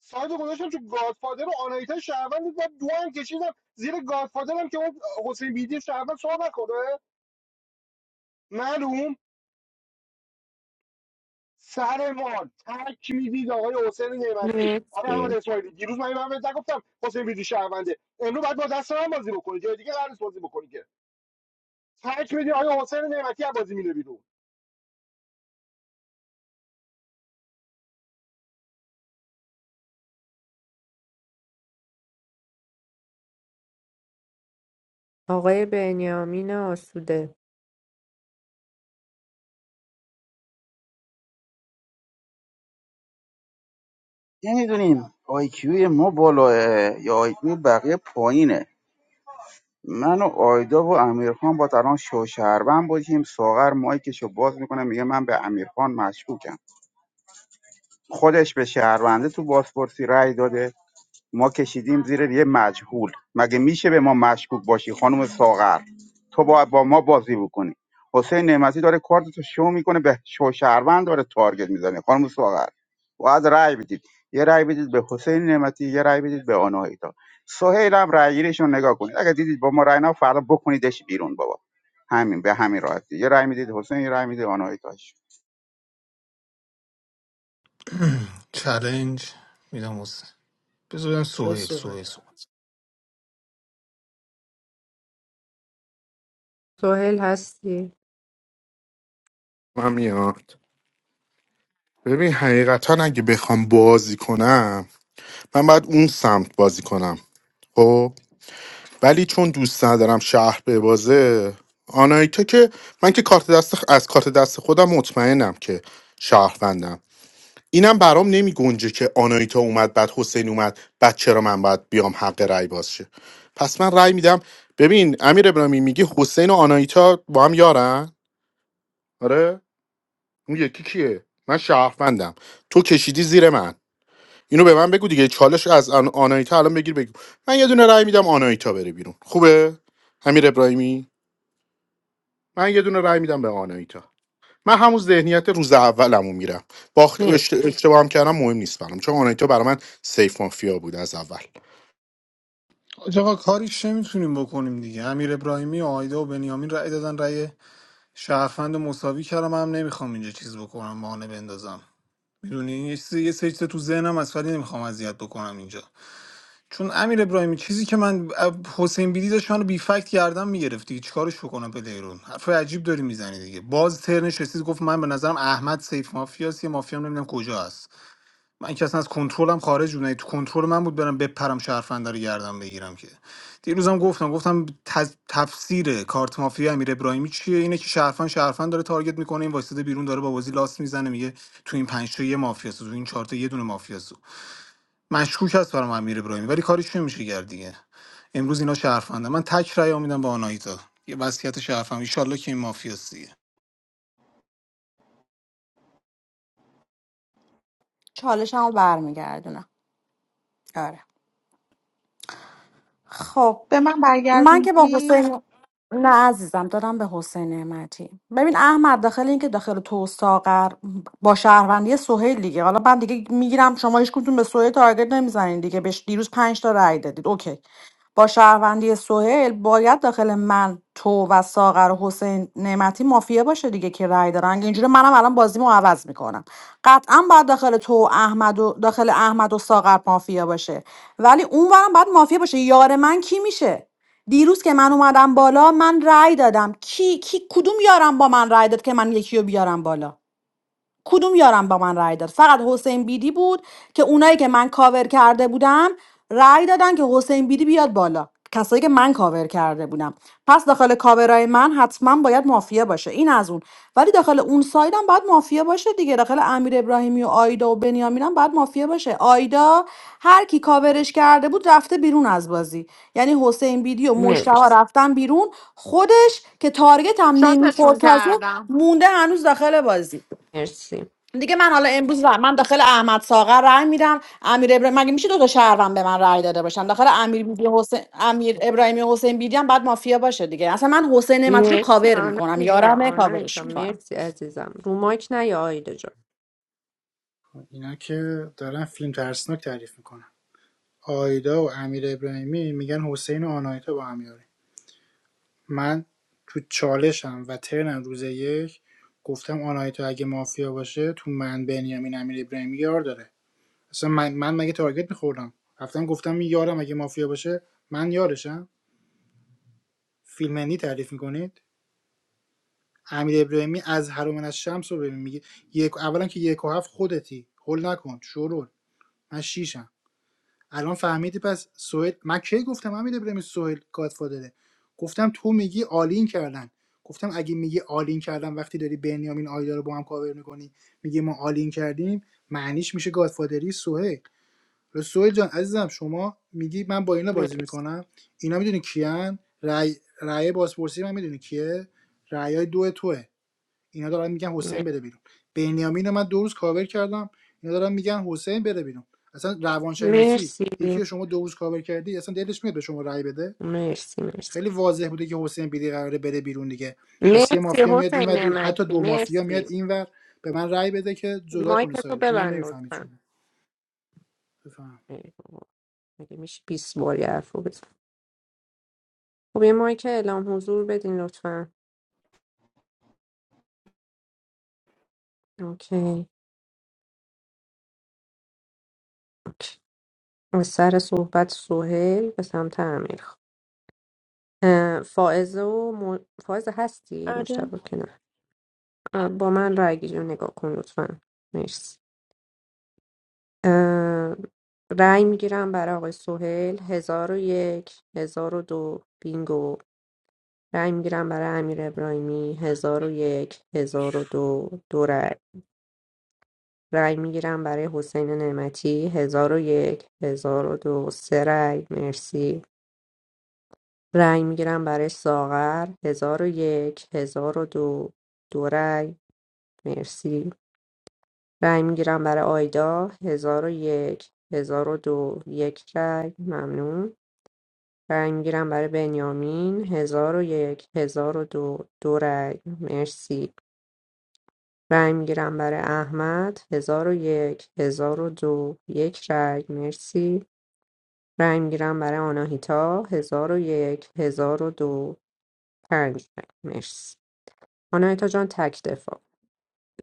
Speaker 7: سایت رو گذاشتم تو گادفادر و آنایتا شهروند بود و دو هم کشیدم زیر گادفادر هم که اون حسین بیدی شهروند صحبت کنه معلوم سر ما تک میدید آقای حسین نعمتی آقای احمد
Speaker 4: مرسی
Speaker 7: اسماعیلی دیروز من من بهت نگفتم حسین بیدی شهرونده امروز بعد با دست من بازی بکنی جای دیگه قرار نیست بازی بکنی که تک میدی آقای حسین نعمتی از بازی میره بیرون
Speaker 4: آقای بنیامین آسوده
Speaker 15: نمیدونیم آیکیوی ما بالاه یا آیکیوی بقیه پایینه من و آیدا و امیرخان با الان شو شهروند باشیم ساغر مایکشو باز میکنه میگه من به امیرخان مشکوکم خودش به شهرونده تو بازپرسی رأی داده ما کشیدیم زیر یه مجهول مگه میشه به ما مشکوک باشی خانم ساغر تو باید با ما بازی بکنی حسین نعمتی داره کارتو شو میکنه به شو شهروند داره تارگت میزنه خانم ساغر باید رأی بدید یه رأی بدید به حسین نعمتی یه رأی بدید به آناهیتا سهیل هم رأی گیریش نگاه کنید اگه دیدید با ما رأی نه فردا بکنیدش بیرون بابا همین به همین راحتی یه رأی میدید حسین یه رأی میدید آناهیتاش
Speaker 10: چالنج میدم حسین بذار بدم
Speaker 2: به
Speaker 10: سهیل
Speaker 2: سهیل
Speaker 10: سهیل صحبت
Speaker 4: سوهل هستی
Speaker 16: من میاد ببین حقیقتا اگه بخوام بازی کنم من باید اون سمت بازی کنم خب ولی چون دوست ندارم شهر به بازه آنایتا که من که کارت دست از کارت دست خودم مطمئنم که شهروندم اینم برام نمی گنجه که آنایتا اومد بعد حسین اومد بعد چرا من باید بیام حق رأی باز شه پس من رأی میدم ببین امیر ابراهیمی میگه حسین و آنایتا با هم یارن آره اون یکی کیه من شهروندم تو کشیدی زیر من اینو به من بگو دیگه چالش از آن... آنایتا الان بگیر بگو من یه دونه رأی میدم آنایتا بره بیرون خوبه امیر ابراهیمی من یه دونه رأی میدم به آنایتا من همون ذهنیت روز اولمو میرم باخت
Speaker 4: مر-
Speaker 16: اشت- اشتباه هم کردم مهم نیست برام چون آنایتا برای من سیف مافیا بود از اول
Speaker 10: آج آقا کاریش نمیتونیم بکنیم دیگه امیر ابراهیمی و آیدا و بنیامین رای دادن رای شهروند رو مساوی کردم هم نمیخوام اینجا چیز بکنم بهانه بندازم میدونی یه چیزی یه سری چیزا تو ذهنم از ولی نمیخوام اذیت بکنم اینجا چون امیر ابراهیمی چیزی که من حسین بیدی داشت منو بی فکت گردن میگرفتی چیکارش بکنم پلیرون حرف عجیب داری میزنی دیگه باز ترنش رسید گفت من به نظرم احمد سیف مافیاست یه مافیا هم نمیدونم کجا هست من که اصلا از کنترلم خارج بود نه تو کنترل من بود برم بپرم شرفنده رو گردم بگیرم که دیروزم گفتم گفتم تز... تفسیر کارت مافیا امیر ابراهیمی چیه اینه که شرفن شرفن داره تارگت میکنه این واسطه بیرون داره با بازی لاست میزنه میگه تو این پنج تا یه مافیاست تو این چهار تا یه دونه مافیاست مشکوک هست برام امیر ابراهیمی ولی کاریش نمیشه کرد دیگه امروز اینا شرفنده من تک رأی میدم به آناهیتا یه وصیت شرفم ان شاء الله که این مافیاست دیگه
Speaker 1: چالشمو برمیگردونم آره خب
Speaker 13: به من
Speaker 1: من که با
Speaker 13: برگردوندی
Speaker 1: حسین نه عزیزم دادم به حسین نعمتی ببین احمد داخل این که داخل تو ساغر با شهروندی سهیل دیگه حالا من دیگه میگیرم شما هیچ کدوم به سهیل تارگت نمیزنین دیگه بهش دیروز پنج تا رأی دادید اوکی با شهروندی سهیل باید داخل من تو و ساغر و حسین نعمتی مافیا باشه دیگه که رأی دارن اینجوری منم الان بازیمو عوض میکنم قطعا باید داخل تو و احمد و داخل احمد و ساغر مافیا باشه ولی اونورم باید مافیا باشه یار من کی میشه دیروز که من اومدم بالا من رأی دادم کی کی کدوم یارم با من رأی داد که من یکی رو بیارم بالا کدوم یارم با من رأی داد فقط حسین بیدی بود که اونایی که من کاور کرده بودم رأی دادن که حسین بیدی بیاد بالا کسایی که من کاور کرده بودم پس داخل کاورای من حتما باید مافیا باشه این از اون ولی داخل اون سایدم باید مافیا باشه دیگه داخل امیر ابراهیمی و آیدا و بنیامینم باید مافیا باشه آیدا هر کی کاورش کرده بود رفته بیرون از بازی یعنی حسین بیدی و مشتبه
Speaker 4: مرسی
Speaker 1: رفتن بیرون خودش که تارگت هم نمیخورد
Speaker 3: شاتشون
Speaker 1: تازه
Speaker 3: کردم
Speaker 1: مونده هنوز داخل بازی
Speaker 4: مرسی
Speaker 1: دیگه من حالا امروز رای- من داخل احمد ساغر رای میدم امیر ابراهیم مگه میشه دو تا شهروند به من رای داده باشن داخل امیر بیبی حسین امیر ابراهیمی حسین بیدی هم بعد مافیا باشه دیگه اصلا من حسین نعمتی رو
Speaker 4: مرسی
Speaker 1: کاور میکنم
Speaker 4: آنایتا
Speaker 1: یارمه کاورش
Speaker 4: آنایتا
Speaker 1: میکنم
Speaker 4: مرسی عزیزم رو مایک نه یا آیدا جان
Speaker 2: اینا که دارن فیلم ترسناک تعریف میکنن آیدا و امیر ابراهیمی میگن حسین و آناهیتا با هم یارن من تو چالشم و ترنم روز یک گفتم آناهیتا اگه مافیا باشه تو من بنیامین امیر ابراهیمی یار داره اصلا من, من مگه تارگت میخوردم رفتم گفتم یارم اگه مافیا باشه من یارشم فیلمنی تعریف میکنید امیر ابراهیمی از هرومن از شمس رو ببین میگه یک اولا که یک و هفت خودتی هول نکن شورول من شیشم الان فهمیدی پس سوئد من کی گفتم من میده بریم سوئد گادفادره گفتم تو میگی آلین کردن گفتم اگه میگی آلین کردن وقتی داری بنیامین آیدا رو با هم کاور میکنی میگی ما آلین کردیم معنیش میشه گادفادری سهیل سهیل جان عزیزم شما میگی من با اینا بازی
Speaker 4: مرسی
Speaker 2: میکنم اینا میدونی کیان رای رای بازپرسی من میدونی کیه رای دو توه اینا دارن میگن
Speaker 4: مر-
Speaker 2: حسین بره بیرون بنیامین رو من دو روز کاور کردم اینا دارن میگن حسین بره بیرون اصلا روانشناسی
Speaker 4: مرسی
Speaker 2: یکی رو
Speaker 4: مرسی
Speaker 2: شما دو روز کاور کردی اصلا دلش میاد به شما رأی بده
Speaker 4: مرسی
Speaker 2: خیلی واضح بوده که حسین بیری قراره بره بیرون دیگه پس یه
Speaker 4: مرسی
Speaker 2: مافیا میاد این
Speaker 4: حسین
Speaker 2: و دو... حتی
Speaker 4: نعمتی
Speaker 2: دو مافیا میاد
Speaker 4: مرسی
Speaker 2: این ور به من رأی بده که جدا
Speaker 4: مایک
Speaker 2: کنه
Speaker 4: تو
Speaker 2: سایدو این هم
Speaker 4: ببند
Speaker 2: نمیفهمید
Speaker 4: لطفا
Speaker 2: شما بفهم
Speaker 4: ای بابا، مگه میشه 20 باری حرف رو بزن خب یه مایک اعلام حضور بدین لطفا اوکی اوکی. از سر صحبت سوهل به سمت امیر فائزه و م... فائزه هستی
Speaker 20: Ada.
Speaker 4: مشتبه که نه اه، با من رای گیری رو نگاه کن لطفا مرسی اه، رأی میگیرم برای آقای سهیل هزار و یک هزار و دو بینگو رأی میگیرم برای امیر ابراهیمی هزار و یک هزار و دو دو رأی رأی میگیرم برای حسین نعمتی هزار و یک هزار و دو سه رأی مرسی رأی میگیرم برای ساغر هزار و یک هزار و دو دو رأی مرسی رأی میگیرم برای آیدا هزار و یک هزار و دو یک رأی ممنون رای میگیرم برای بنیامین هزار و یک هزار و دو دو رای مرسی رای میگیرم برای احمد هزار و یک هزار و دو یک رای مرسی رای میگیرم برای آناهیتا هزار و یک هزار و دو پنج رای مرسی آناهیتا جان تک دفاع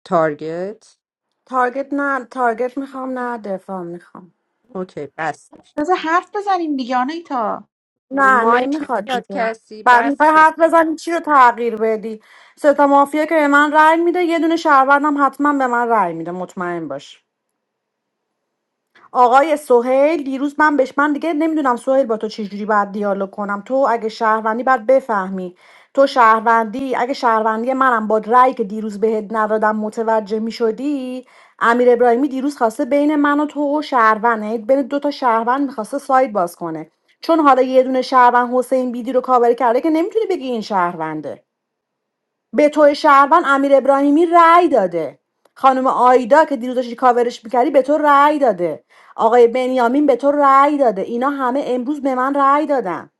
Speaker 4: تارگت
Speaker 1: تارگت نه تارگت میخوام نه دفاع میخوام
Speaker 4: اوکی بس
Speaker 13: بذار حرف بزنیم دیگه آنیتا
Speaker 1: نه
Speaker 4: مایک
Speaker 1: نمیخواد
Speaker 4: نمیاد
Speaker 1: دیگه
Speaker 4: کسی
Speaker 1: بعد
Speaker 4: بس
Speaker 1: میخوای حرف بزنی چی رو تغییر بدی ستا مافیا که به من رای میده یه دونه شهروندم حتما به من رای میده مطمئن باش آقای سهیل دیروز من بهش من دیگه نمیدونم سهیل با تو چجوری باید دیالوگ کنم تو اگه شهروندی باید بفهمی تو شهروندی اگه شهروندی منم با رأی که دیروز بهت ندادم متوجه میشدی امیر ابراهیمی دیروز خواسته بین من و تو و شهروند یعنی بین دو تا شهروند میخواسته ساید باز کنه چون حالا یه دونه شهروند حسین بیدی رو کاور کرده که نمیتونی بگی این شهرونده به توی شهروند امیر ابراهیمی رأی داده خانم آیدا که دیروز داشتی کاورش میکردی به تو رأی داده آقای بنیامین به تو رأی داده اینا همه امروز به من رأی دادن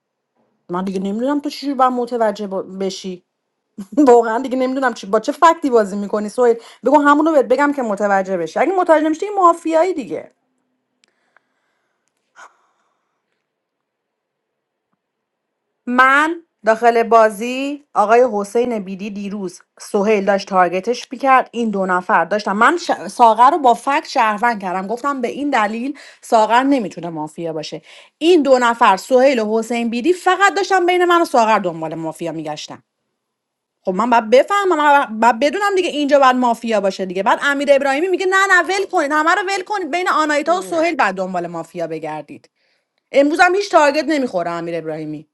Speaker 1: من دیگه نمیدونم تو چجوری باید متوجه با- بشی واقعا دیگه نمیدونم چی با چه فکتی بازی میکنی سویل بگو همونو بهت بگم که متوجه بشی اگه متوجه نمیشی دیگه مافیایی دیگه من داخل بازی آقای حسین بیدی دیروز سهیل داشت تارگتش میکرد این دو نفر داشتم من ش... ساغر رو با فکت شهروند کردم گفتم به این دلیل ساغر نمیتونه مافیا باشه این دو نفر سهیل و حسین بیدی فقط داشتم بین من و ساغر دنبال مافیا میگشتم خب من باید بفهمم من باید بدونم دیگه اینجا باید مافیا باشه دیگه بعد امیر ابراهیمی میگه نه نه ول کنید همه رو ول کنید بین آنایتا و سهیل بعد دنبال مافیا بگردید امروز هم هیچ تارگت نمیخوره امیر ابراهیمی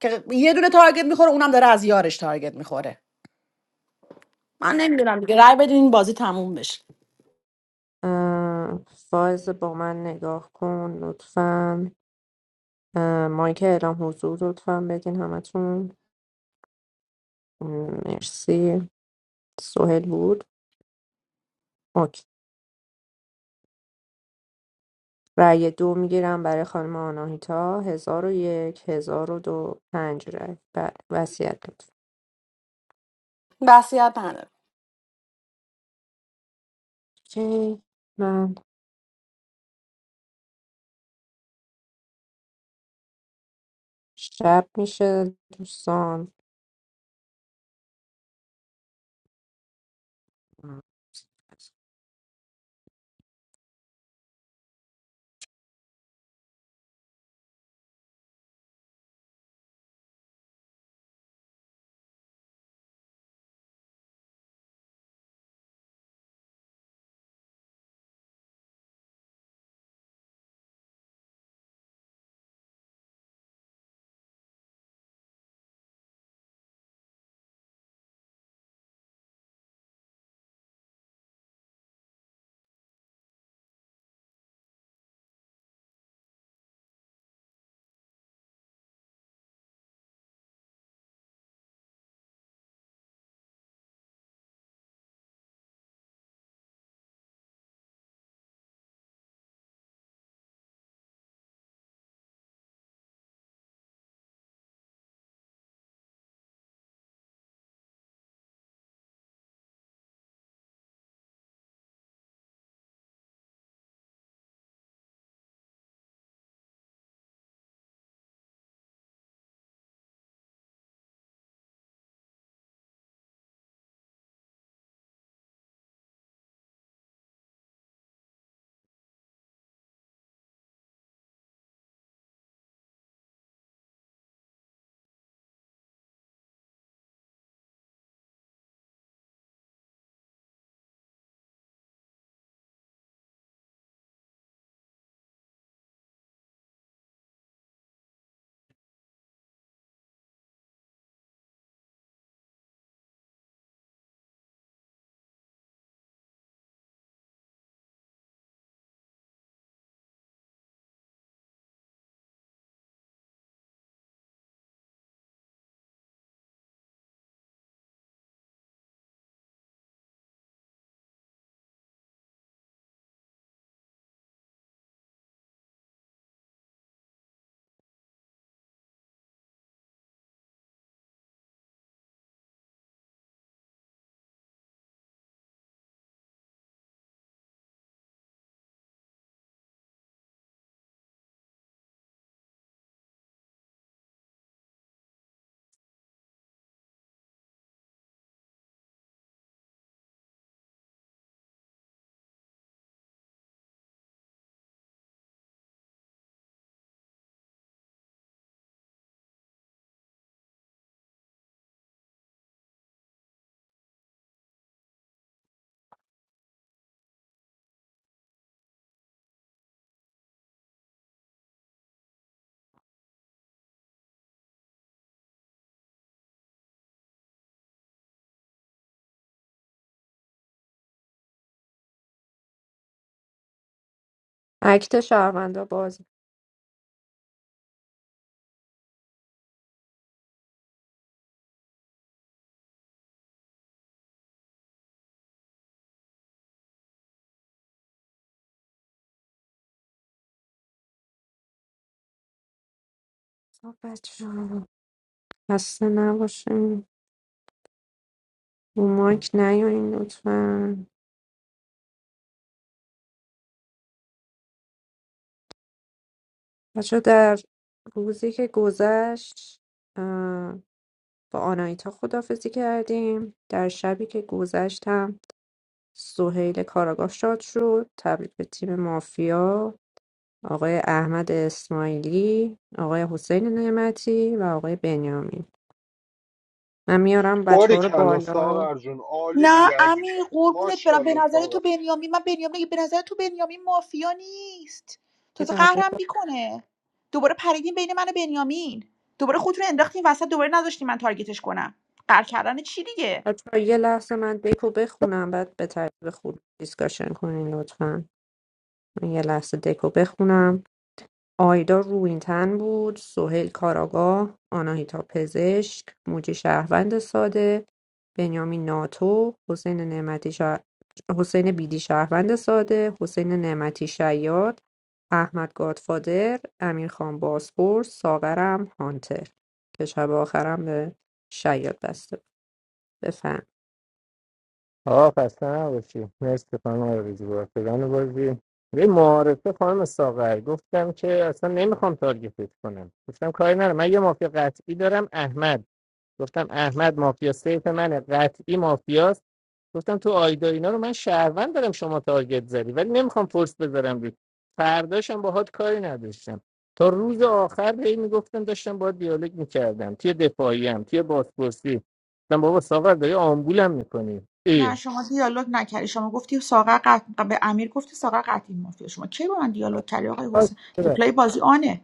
Speaker 1: که یه دونه تارگت میخوره اونم داره از یارش تارگت میخوره من نمیدونم دیگه رای بدین این بازی تموم بشه
Speaker 4: اه، فائزه با من نگاه کن لطفاً اه، مایک اعلام حضور لطفا بگین همتون م، مرسی سهل بود اوکی رأی دو میگیرم برای خانم آناهیتا هزار و یک هزار و دو پنج رأی بله وسیعت لطفا
Speaker 1: وصیت نداره
Speaker 4: اوکی من شب میشه دوستان اکت شهروندا باز خب بچه ها، خسته نباشیم رو مایک نیاین لطفا بچه ها، در روزی که گذشت با آناهیتا خداحافظی کردیم در شبی که گذشت هم سهیل کاراگاه شاد شد تبریک به تیم مافیا آقای احمد اسماعیلی آقای حسین نعمتی و آقای بنیامین من میارم بچه
Speaker 7: باری
Speaker 4: ها رو
Speaker 7: کلا
Speaker 4: بالا
Speaker 7: ساغر جون عالی
Speaker 13: نه
Speaker 7: بودی
Speaker 13: امی
Speaker 7: عزیزم
Speaker 13: قربونت برم به
Speaker 7: ماشاءالله
Speaker 13: نظر تو بنیامین من بنیامین نگه- به نظر تو بنیامین مافیا نیست
Speaker 4: که
Speaker 13: تازه
Speaker 4: بقیه
Speaker 13: قهرم میکنه دوباره پریدین بین من و بنیامین دوباره خودتون رو انداختین وسط دوباره نذاشتین من تارگتش کنم قهر کردن چی دیگه
Speaker 4: بچه ها. یه لحظه من دکو بخونم بعد به ترتیب خود دیسکاشن کنین لطفا من یه لحظه دکو بخونم آیدا روینتن بود، سهیل کاراگاه، آناهیتا پزشک، موجی شهروند ساده، بنیامین ناتو، حسین نعمتی شهر... حسین بیدی شهروند ساده، حسین نعمتی شیاد، احمد گادفادر، امیر خان باسپور، ساغرم هانتر که شب آخرم به شیاد بسته بود. بفهم
Speaker 17: آه خسته نباشی مرسی خانم آرزو بازی بازی یه معارفه خانم ساغر گفتم که اصلا نمیخوام تارگتت کنم گفتم کاری ندارم من یه مافیا قطعی دارم احمد گفتم احمد مافیا سیف منه قطعی مافیاست گفتم تو آیدا اینا رو من شهروند دارم شما تارگت زدی ولی نمیخوام فرس بذارم روی فرداشم باهات کاری نداشتم تا روز آخر هی میگفتم داشتم باهات دیالوگ میکردم توی دفاعیم توی بازپرسی گفتم بابا ساغر داری آمبولم میکنی
Speaker 13: نه شما دیالوگ نکردی شما گفتی ساغر قط... به امیر گفتی ساغر قطعی مافیا شما کی با من دیالوگ کردی آقای
Speaker 17: باش
Speaker 13: حسین
Speaker 17: ببخش.
Speaker 13: ریپلای بازی آنه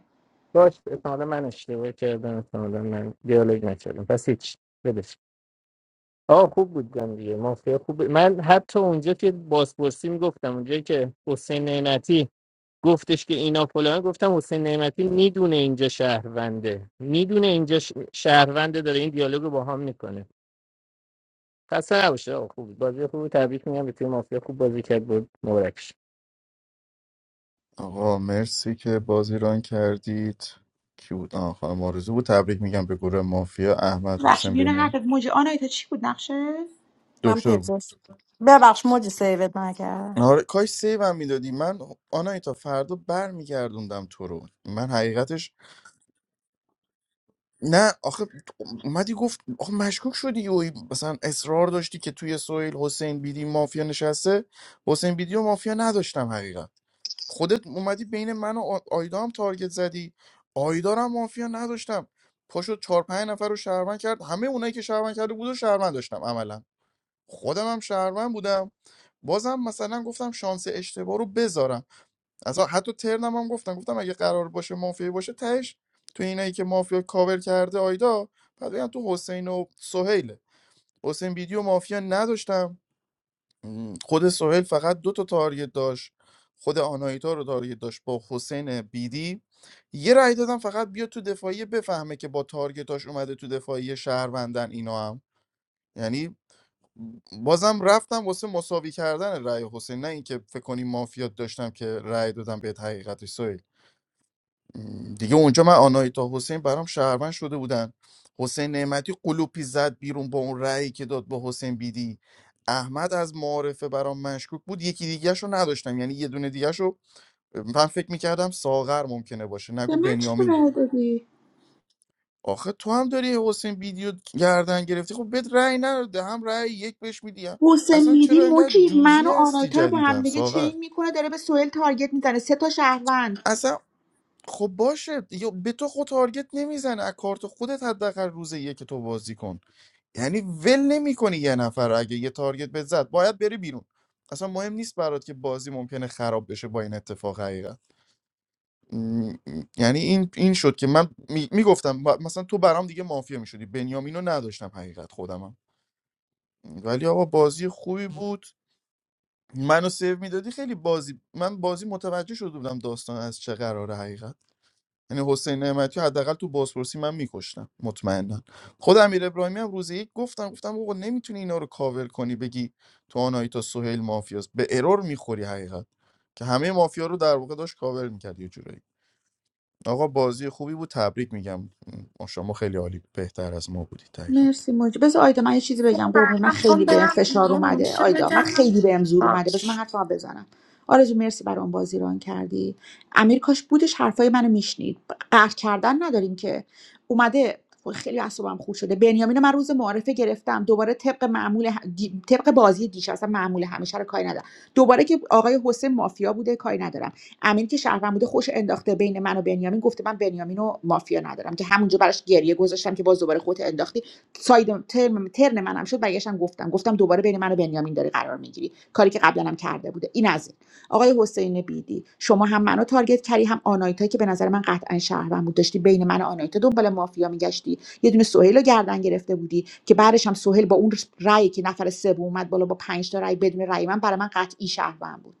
Speaker 17: باش احتمالا من اشتباه کردم احتمالا من دیالوگ نکردم پس هیچ بدش آه خوب بود گم دیگه مافیا خوب بود. من حتی اونجا که بازپرسی میگفتم اونجا که حسین نعمتی گفتش که اینا فلان گفتم حسین نعمتی میدونه اینجا شهرونده میدونه اینجا ش- شهرونده داره این دیالوگ رو با هم میکنه خسته نباشه آه خوب بود. بازی خوب بود. تبریک میگم به تیم مافیا خوب بازی کرد بود مبارکش
Speaker 9: آقا مرسی که بازی ران کردید کی بود آه خانم آرزو بود تبریک میگم به گروه مافیا احمد
Speaker 13: بخش
Speaker 9: حسین
Speaker 13: میونه
Speaker 9: بنیام
Speaker 13: حقت موج آنه تا چی بود نقشه
Speaker 1: من
Speaker 9: دکتر بود
Speaker 1: پزشک ببخش موجی سیوت نکردم
Speaker 9: آره کاش سیوم میدادی من آنایی تا فردا برمیگردوندم تو رو من حقیقتش نه آخه اومدی گفت آخه مشکوک شدی یهویی. مثلا اصرار داشتی که توی سویل حسین بیدی مافیا نشسته حسین بیدی و مافیا نداشتم حقیقت خودت اومدی بین من و آ- آیدا هم تارگت زدی آیدا رو هم مافیا نداشتم پاشو چهار پنج نفر رو شهروند کرد همه اونایی که شهروند کرده بود و شهروند داشتم عملا خودم هم شهروند بودم بازم مثلا گفتم شانس اشتباه رو بذارم اصلا حتی ترنم هم گفتم گفتم اگه قرار باشه مافیا باشه تهش تو اینایی که مافیا کاور کرده آیدا بعد بگم تو حسین و سهیله حسین ویدیو مافیا نداشتم م، خود سهیل فقط دو تا تارگت داشت خود آناهیتا رو تارگت داشت با حسین بیدی یه رأی دادم فقط بیا تو دفاعیه بفهمه که با تارگتاش اومده تو دفاعیه شهروندن اینا هم یعنی بازم رفتم واسه مساوی کردن رأی حسین نه اینکه فکر کنی مافیات داشتم که رأی دادم به حقیقتش سهیل دیگه اونجا من آناهیتا حسین برام شهروند شده بودن حسین نعمتی قلوپی زد بیرون با اون رأیی که داد با حسین بیدی احمد از معارفه برام مشکوک بود یکی دیگه رو نداشتم یعنی یه دونه دیگه رو من فکر میکردم ساغر ممکنه باشه
Speaker 13: به
Speaker 9: نگو
Speaker 13: من چرا
Speaker 9: بنیامین بود
Speaker 13: رای دادی
Speaker 9: آخه تو هم داری حسین بیدیو گردن گرفتی خب بهت رأی نداده هم رأی یک بهش میدی هم-
Speaker 13: حسین
Speaker 9: اصلا چرا
Speaker 13: میدی
Speaker 9: انقدر
Speaker 13: موجی
Speaker 9: جوزی
Speaker 13: من و
Speaker 9: هستی
Speaker 13: آنایتا رو با
Speaker 9: جدیدن
Speaker 13: هم دیگه
Speaker 9: ساغر
Speaker 13: چین میکنه داره به سوئل تارگت میزنه سه تا شهروند
Speaker 9: اصلا خب باشه یا به تو خود تارگت نمیزنه از کارت خودت حداقل روز یه که تو بازی کن یعنی ول نمیکنی یه نفر رو اگه یه تارگت بهت زد باید بری بیرون اصلا مهم نیست برات که بازی ممکنه خراب بشه با این اتفاق حقیقت م- م- یعنی این این شد که من میگفتم مثلا تو برام دیگه مافیا میشدی بنیامینو نداشتم حقیقت خودمم ولی آقا بازی خوبی بود منو سیو میدادی خیلی بازی من بازی متوجه شده بودم داستان از چه قراره حقیقت یعنی حسین نعمتی رو حداقل تو بازپرسی من میکشتم مطمئنا خود امیر ابراهیمی هم روز یک گفتم گفتم آقا نمیتونی اینا رو کاور کنی بگی تو آنایی تا سهیل مافیاست به ارور میخوری حقیقت که همه مافیا رو در واقع داشت کاور میکرد یه جورایی آقا بازی خوبی بود تبریک میگم شما خیلی عالی بهتر از ما بودی حقیقت
Speaker 13: مرسی موج بذار آیدا من یه چیزی بگم قربونت من
Speaker 3: من میخوام
Speaker 13: خیلی بهم
Speaker 3: برم
Speaker 13: فشار
Speaker 3: بیرون
Speaker 13: اومده
Speaker 3: میشه
Speaker 13: آیدا من
Speaker 3: بگم
Speaker 13: خیلی بهم زور اومده بذار من
Speaker 3: باش
Speaker 13: حرفا بزنم آرزو مرسی برام بازی ران کردی امیر کاش بودش حرفای منو میشنید قهر کردن نداریم که اومده وای، خیلی اعصابم خورد شده بنیامین من روز معارفه گرفتم دوباره طبق معمول ه- دی- طبق بازی دیش اصلا معمول همیشه رو کاری ندارم دوباره که آقای حسین مافیا بوده کاری ندارم امیر که شهروند بوده خوش انداخته بین من و بنیامین گفته من بنیامین و مافیا ندارم که همونجا براش گریه گذاشتم که باز دوباره خودت انداختی ساید ترم ترن منم شد برگشتم گفتم گفتم دوباره بین من و بنیامین داری قرار میگیری کاری که قبلا هم کرده بوده این از این آقای حسین بیدی شما هم منو تارگت کردی هم آنایتا که به نظر من قطعا شهروند بود داشتی بین من و آنایتا دنبال مافیا میگشتی یه دونه سهیل رو گردن گرفته بودی که بعدش هم سهیل با اون رأی که نفر سوم اومد بالا با پنج تا رأی بدون رأی من برای من قطعی شهروند بود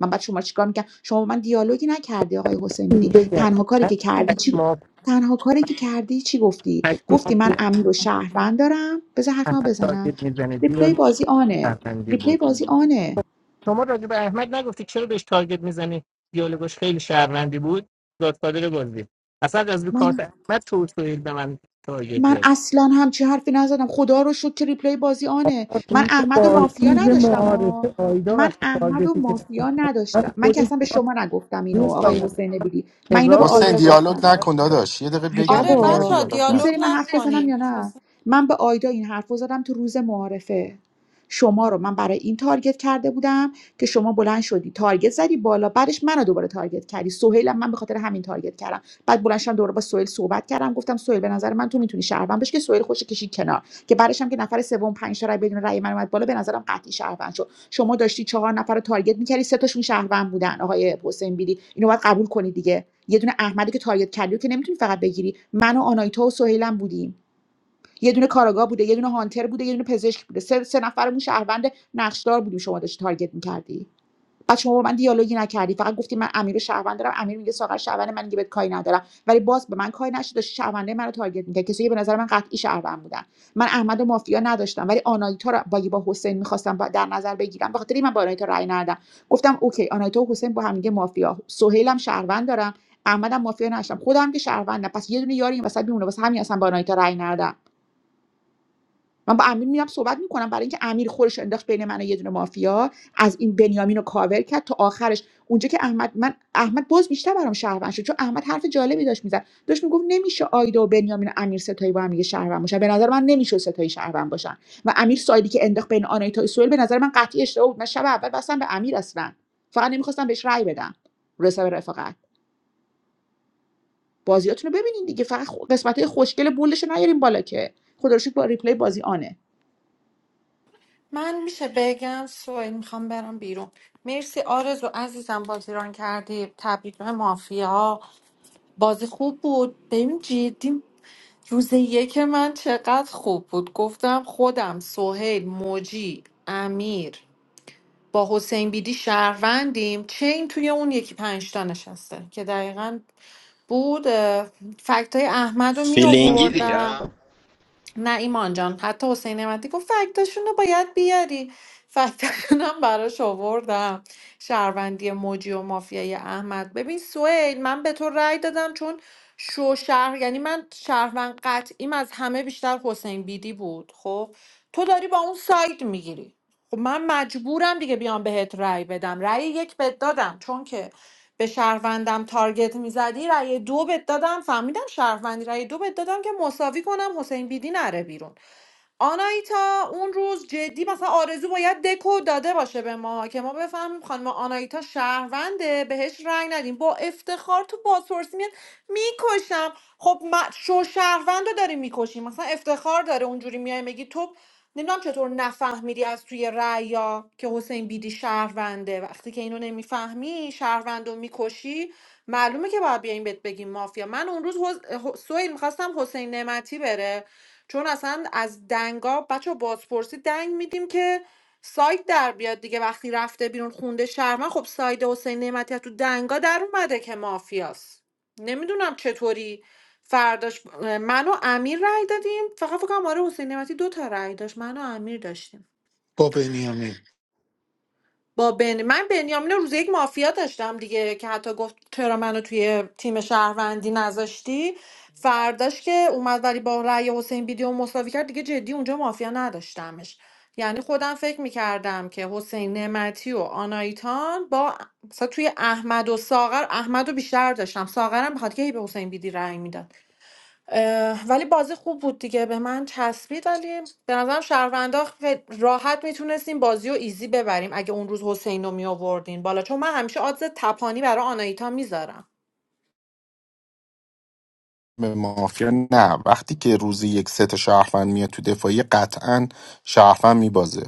Speaker 13: من بعد شما چیکار میکنم شما با من دیالوگی نکردی آقای حسین بیدی
Speaker 17: بگم
Speaker 13: تنها کاری که
Speaker 17: هشت
Speaker 13: کردی چی
Speaker 17: ماف
Speaker 13: تنها کاری که کردی چی گفتی
Speaker 17: هشت
Speaker 13: گفتی من
Speaker 17: مافیا
Speaker 13: امیر و شهروند دارم بذار
Speaker 17: همه
Speaker 13: حرفمو بزنم
Speaker 17: تارگت میزنه
Speaker 13: ریپلی بازی آنه
Speaker 17: شهروندی
Speaker 13: ریپلی
Speaker 17: بود
Speaker 13: بازی آنه
Speaker 17: شما راجع به احمد نگفتی چرا بهش تارگت میزنی دیالوگش خیلی شهروندی بود گادفادر بازی اصلا از رو کارت
Speaker 13: من
Speaker 17: احمد تو تویل به من تارگت
Speaker 13: من
Speaker 17: زد
Speaker 13: اصلا همچی حرفی نزدم خدا رو شکر که ریپلی بازی آنه من
Speaker 17: اون که
Speaker 13: احمد و مافیا
Speaker 17: بازی به
Speaker 13: نداشتم آه.
Speaker 17: معارفه آیدا
Speaker 13: من
Speaker 17: وقتی
Speaker 13: احمد و
Speaker 17: تارگتی که به من
Speaker 13: مافیا نداشتم
Speaker 17: زد،
Speaker 13: من که
Speaker 17: خودش
Speaker 13: اصلا به
Speaker 17: شما
Speaker 13: شما نگفتم اینو
Speaker 17: درست
Speaker 13: آقای
Speaker 17: آمده
Speaker 13: حسین بیدی من اینو به
Speaker 17: هزار
Speaker 16: حسین
Speaker 17: دلار
Speaker 13: آیدا
Speaker 17: باز
Speaker 16: دیالوگ
Speaker 13: گفتم
Speaker 16: نکن
Speaker 17: کرد
Speaker 16: داداش یه دقیقه
Speaker 3: آره
Speaker 16: بگین یه دقیقه
Speaker 13: عجبا
Speaker 3: بچه
Speaker 16: دیالوگ
Speaker 3: دیالوگ
Speaker 13: میذاری
Speaker 16: نکن
Speaker 13: من حرف بزنم یا
Speaker 3: نکنیم
Speaker 13: نه من به آیدا این حرف رو زدم تو روز معارفه شما رو من برای این تارگت کرده بودم که شما بلند شدی تارگت زدی بالا بعدش منو دوباره تارگت کردی سهیلم من به خاطر همین تارگت کردم بعد بلند شدم دوباره با سهیل صحبت کردم گفتم سهیل به نظر من تو میتونی شهروند بشی که سهیل خوش کشید کنار که بعدش هم که نفر سوم پنج تا رای بدون رای من اومد بالا به نظرم قطعی شهروند شد شما داشتی چهار نفر رو تارگت میکردی سه تاشون شهروند بودن آقای حسین بیلی اینو باید قبول کنید دیگه یه دونه احمدی که تارگت کردی رو که نمیتونی فقط بگیری من و آنایتا و سهیلم بودیم یه دونه کاراگاه بوده یه دونه هانتر بوده یه دونه پزشک بوده سه, سه نفرمون شهروند نقشدار بودیم شما داشتی تارگت میکردی بعد شما با من دیالوگی نکردی فقط گفتی من امیر رو شهروند دارم امیر میگه ساغر شهروند من دیگه بهت کاری ندارم ولی باز به من کاری نشد داشت شهرونده منو تارگت میکرد کسی که به نظر من قطعی شهروند بودن من احمد و مافیا نداشتم ولی آنایتا رو با با حسین میخواستم در نظر بگیرم بخاطر این من با آنایتا رأی ندادم گفتم اوکی آنایتا و حسین با هم دیگه مافیا سهیلم شهروند دارم احمدم مافیا نداشتم خودم که شهروندم پس یه دونه یاری این وسط میمونه واسه همین اصلا با آنایتا رأی ندادم من با امیر میرم صحبت میکنم برای اینکه امیر خورش انداخت بین من و یه دونه مافیا از این بنیامین رو کاور کرد تا آخرش اونجا که احمد من احمد باز بیشتر برام شهروند شد چون احمد حرف جالبی داشت میزد داشت میگفت نمیشه آیدا و بنیامین و امیر ستایی با هم دیگه شهروند باشن به نظر من نمیشه ستایی شهروند باشن و امیر سایدی که انداخت بین آنایتا و سوئیل به نظر من قطعی اشتباه بود من شب اول بستم به امیر اصلا فقط نمیخواستم بهش رأی بدم رسا به رفاقت بازیاتونو ببینین دیگه فقط قسمت های خوشگل بولش نیارین بالا که خدا رو شکر با ریپلی بازی آنه
Speaker 3: من میشه بگم سوئیل میخوام برم بیرون مرسی آرزو عزیزم بازیران کردی تبریک به مافیا بازی خوب بود ببین جدی روز یک من چقدر خوب بود گفتم خودم سهیل موجی امیر با حسین بیدی شهروندیم چه این توی اون یکی پنجتا نشسته که دقیقا بود فکت های احمد رو
Speaker 19: فیلینگی
Speaker 3: می
Speaker 19: دیگه
Speaker 3: نه ایمان جان حتی حسین نعمتی گفت فکتاشون رو باید بیاری فکتاشون هم براش آوردم شهروندی موجی و مافیای احمد ببین سویل من به تو رأی دادم چون شو شهر یعنی من شهروند قطعیم از همه بیشتر حسین بیدی بود خب تو داری با اون ساید میگیری خب من مجبورم دیگه بیام بهت رأی بدم رأی یک بد دادم چون که به شهروندم تارگت میزدی رأی دو بت دادم فهمیدم شهروندی رأی دو بت دادم که مساوی کنم حسین بیدی نره بیرون آنایتا اون روز جدی مثلا آرزو باید دکو داده باشه به ما که ما بفهمیم خانم آنایتا شهرونده بهش رنگ ندیم با افتخار تو بازپرسی میاد میکشم خب ما شو شهروند رو داریم میکشیم مثلا افتخار داره اونجوری میای بگی تو نمیدونم چطور نفهمیدی از توی رأیا که حسین بیدی شهرونده وقتی که اینو نمیفهمی شهروند رو میکشی معلومه که باید بیایم بهت بگیم مافیا من اون روز حس... سویل میخواستم حسین نعمتی بره چون اصلا از دنگا بچه بازپرسی دنگ میدیم که ساید در بیاد دیگه وقتی رفته بیرون خونده شهروند خب ساید حسین نعمتی از تو دنگا در اومده که مافیاست نمیدونم چطوری فرداش من و امیر رای دادیم فقط فکر کنم آره حسین نعمتی دو تا رای داشت من و امیر داشتیم
Speaker 10: با بنیامین
Speaker 3: با بن... من بنیامین رو روز یک مافیا داشتم دیگه که حتی گفت چرا منو توی تیم شهروندی نذاشتی فرداش که اومد ولی با رأی حسین ویدیو مساوی کرد دیگه جدی اونجا مافیا نداشتمش یعنی خودم فکر میکردم که حسین نعمتی و آنایتان با مثلا توی احمد و ساغر احمد رو بیشتر داشتم ساغرم بخاطر که هی به حسین بیدی رأی میداد اه، ولی بازی خوب بود دیگه به من چسبید ولی به نظرم شهروندا خیل- راحت میتونستیم بازی و ایزی ببریم اگه اون روز حسین رو میآوردین بالا چون من همیشه آدز تپانی برای آنایتا میذارم
Speaker 16: به مافیا نه وقتی که روزی یک ست شهروند میاد تو دفاعی قطعا شهروند میبازه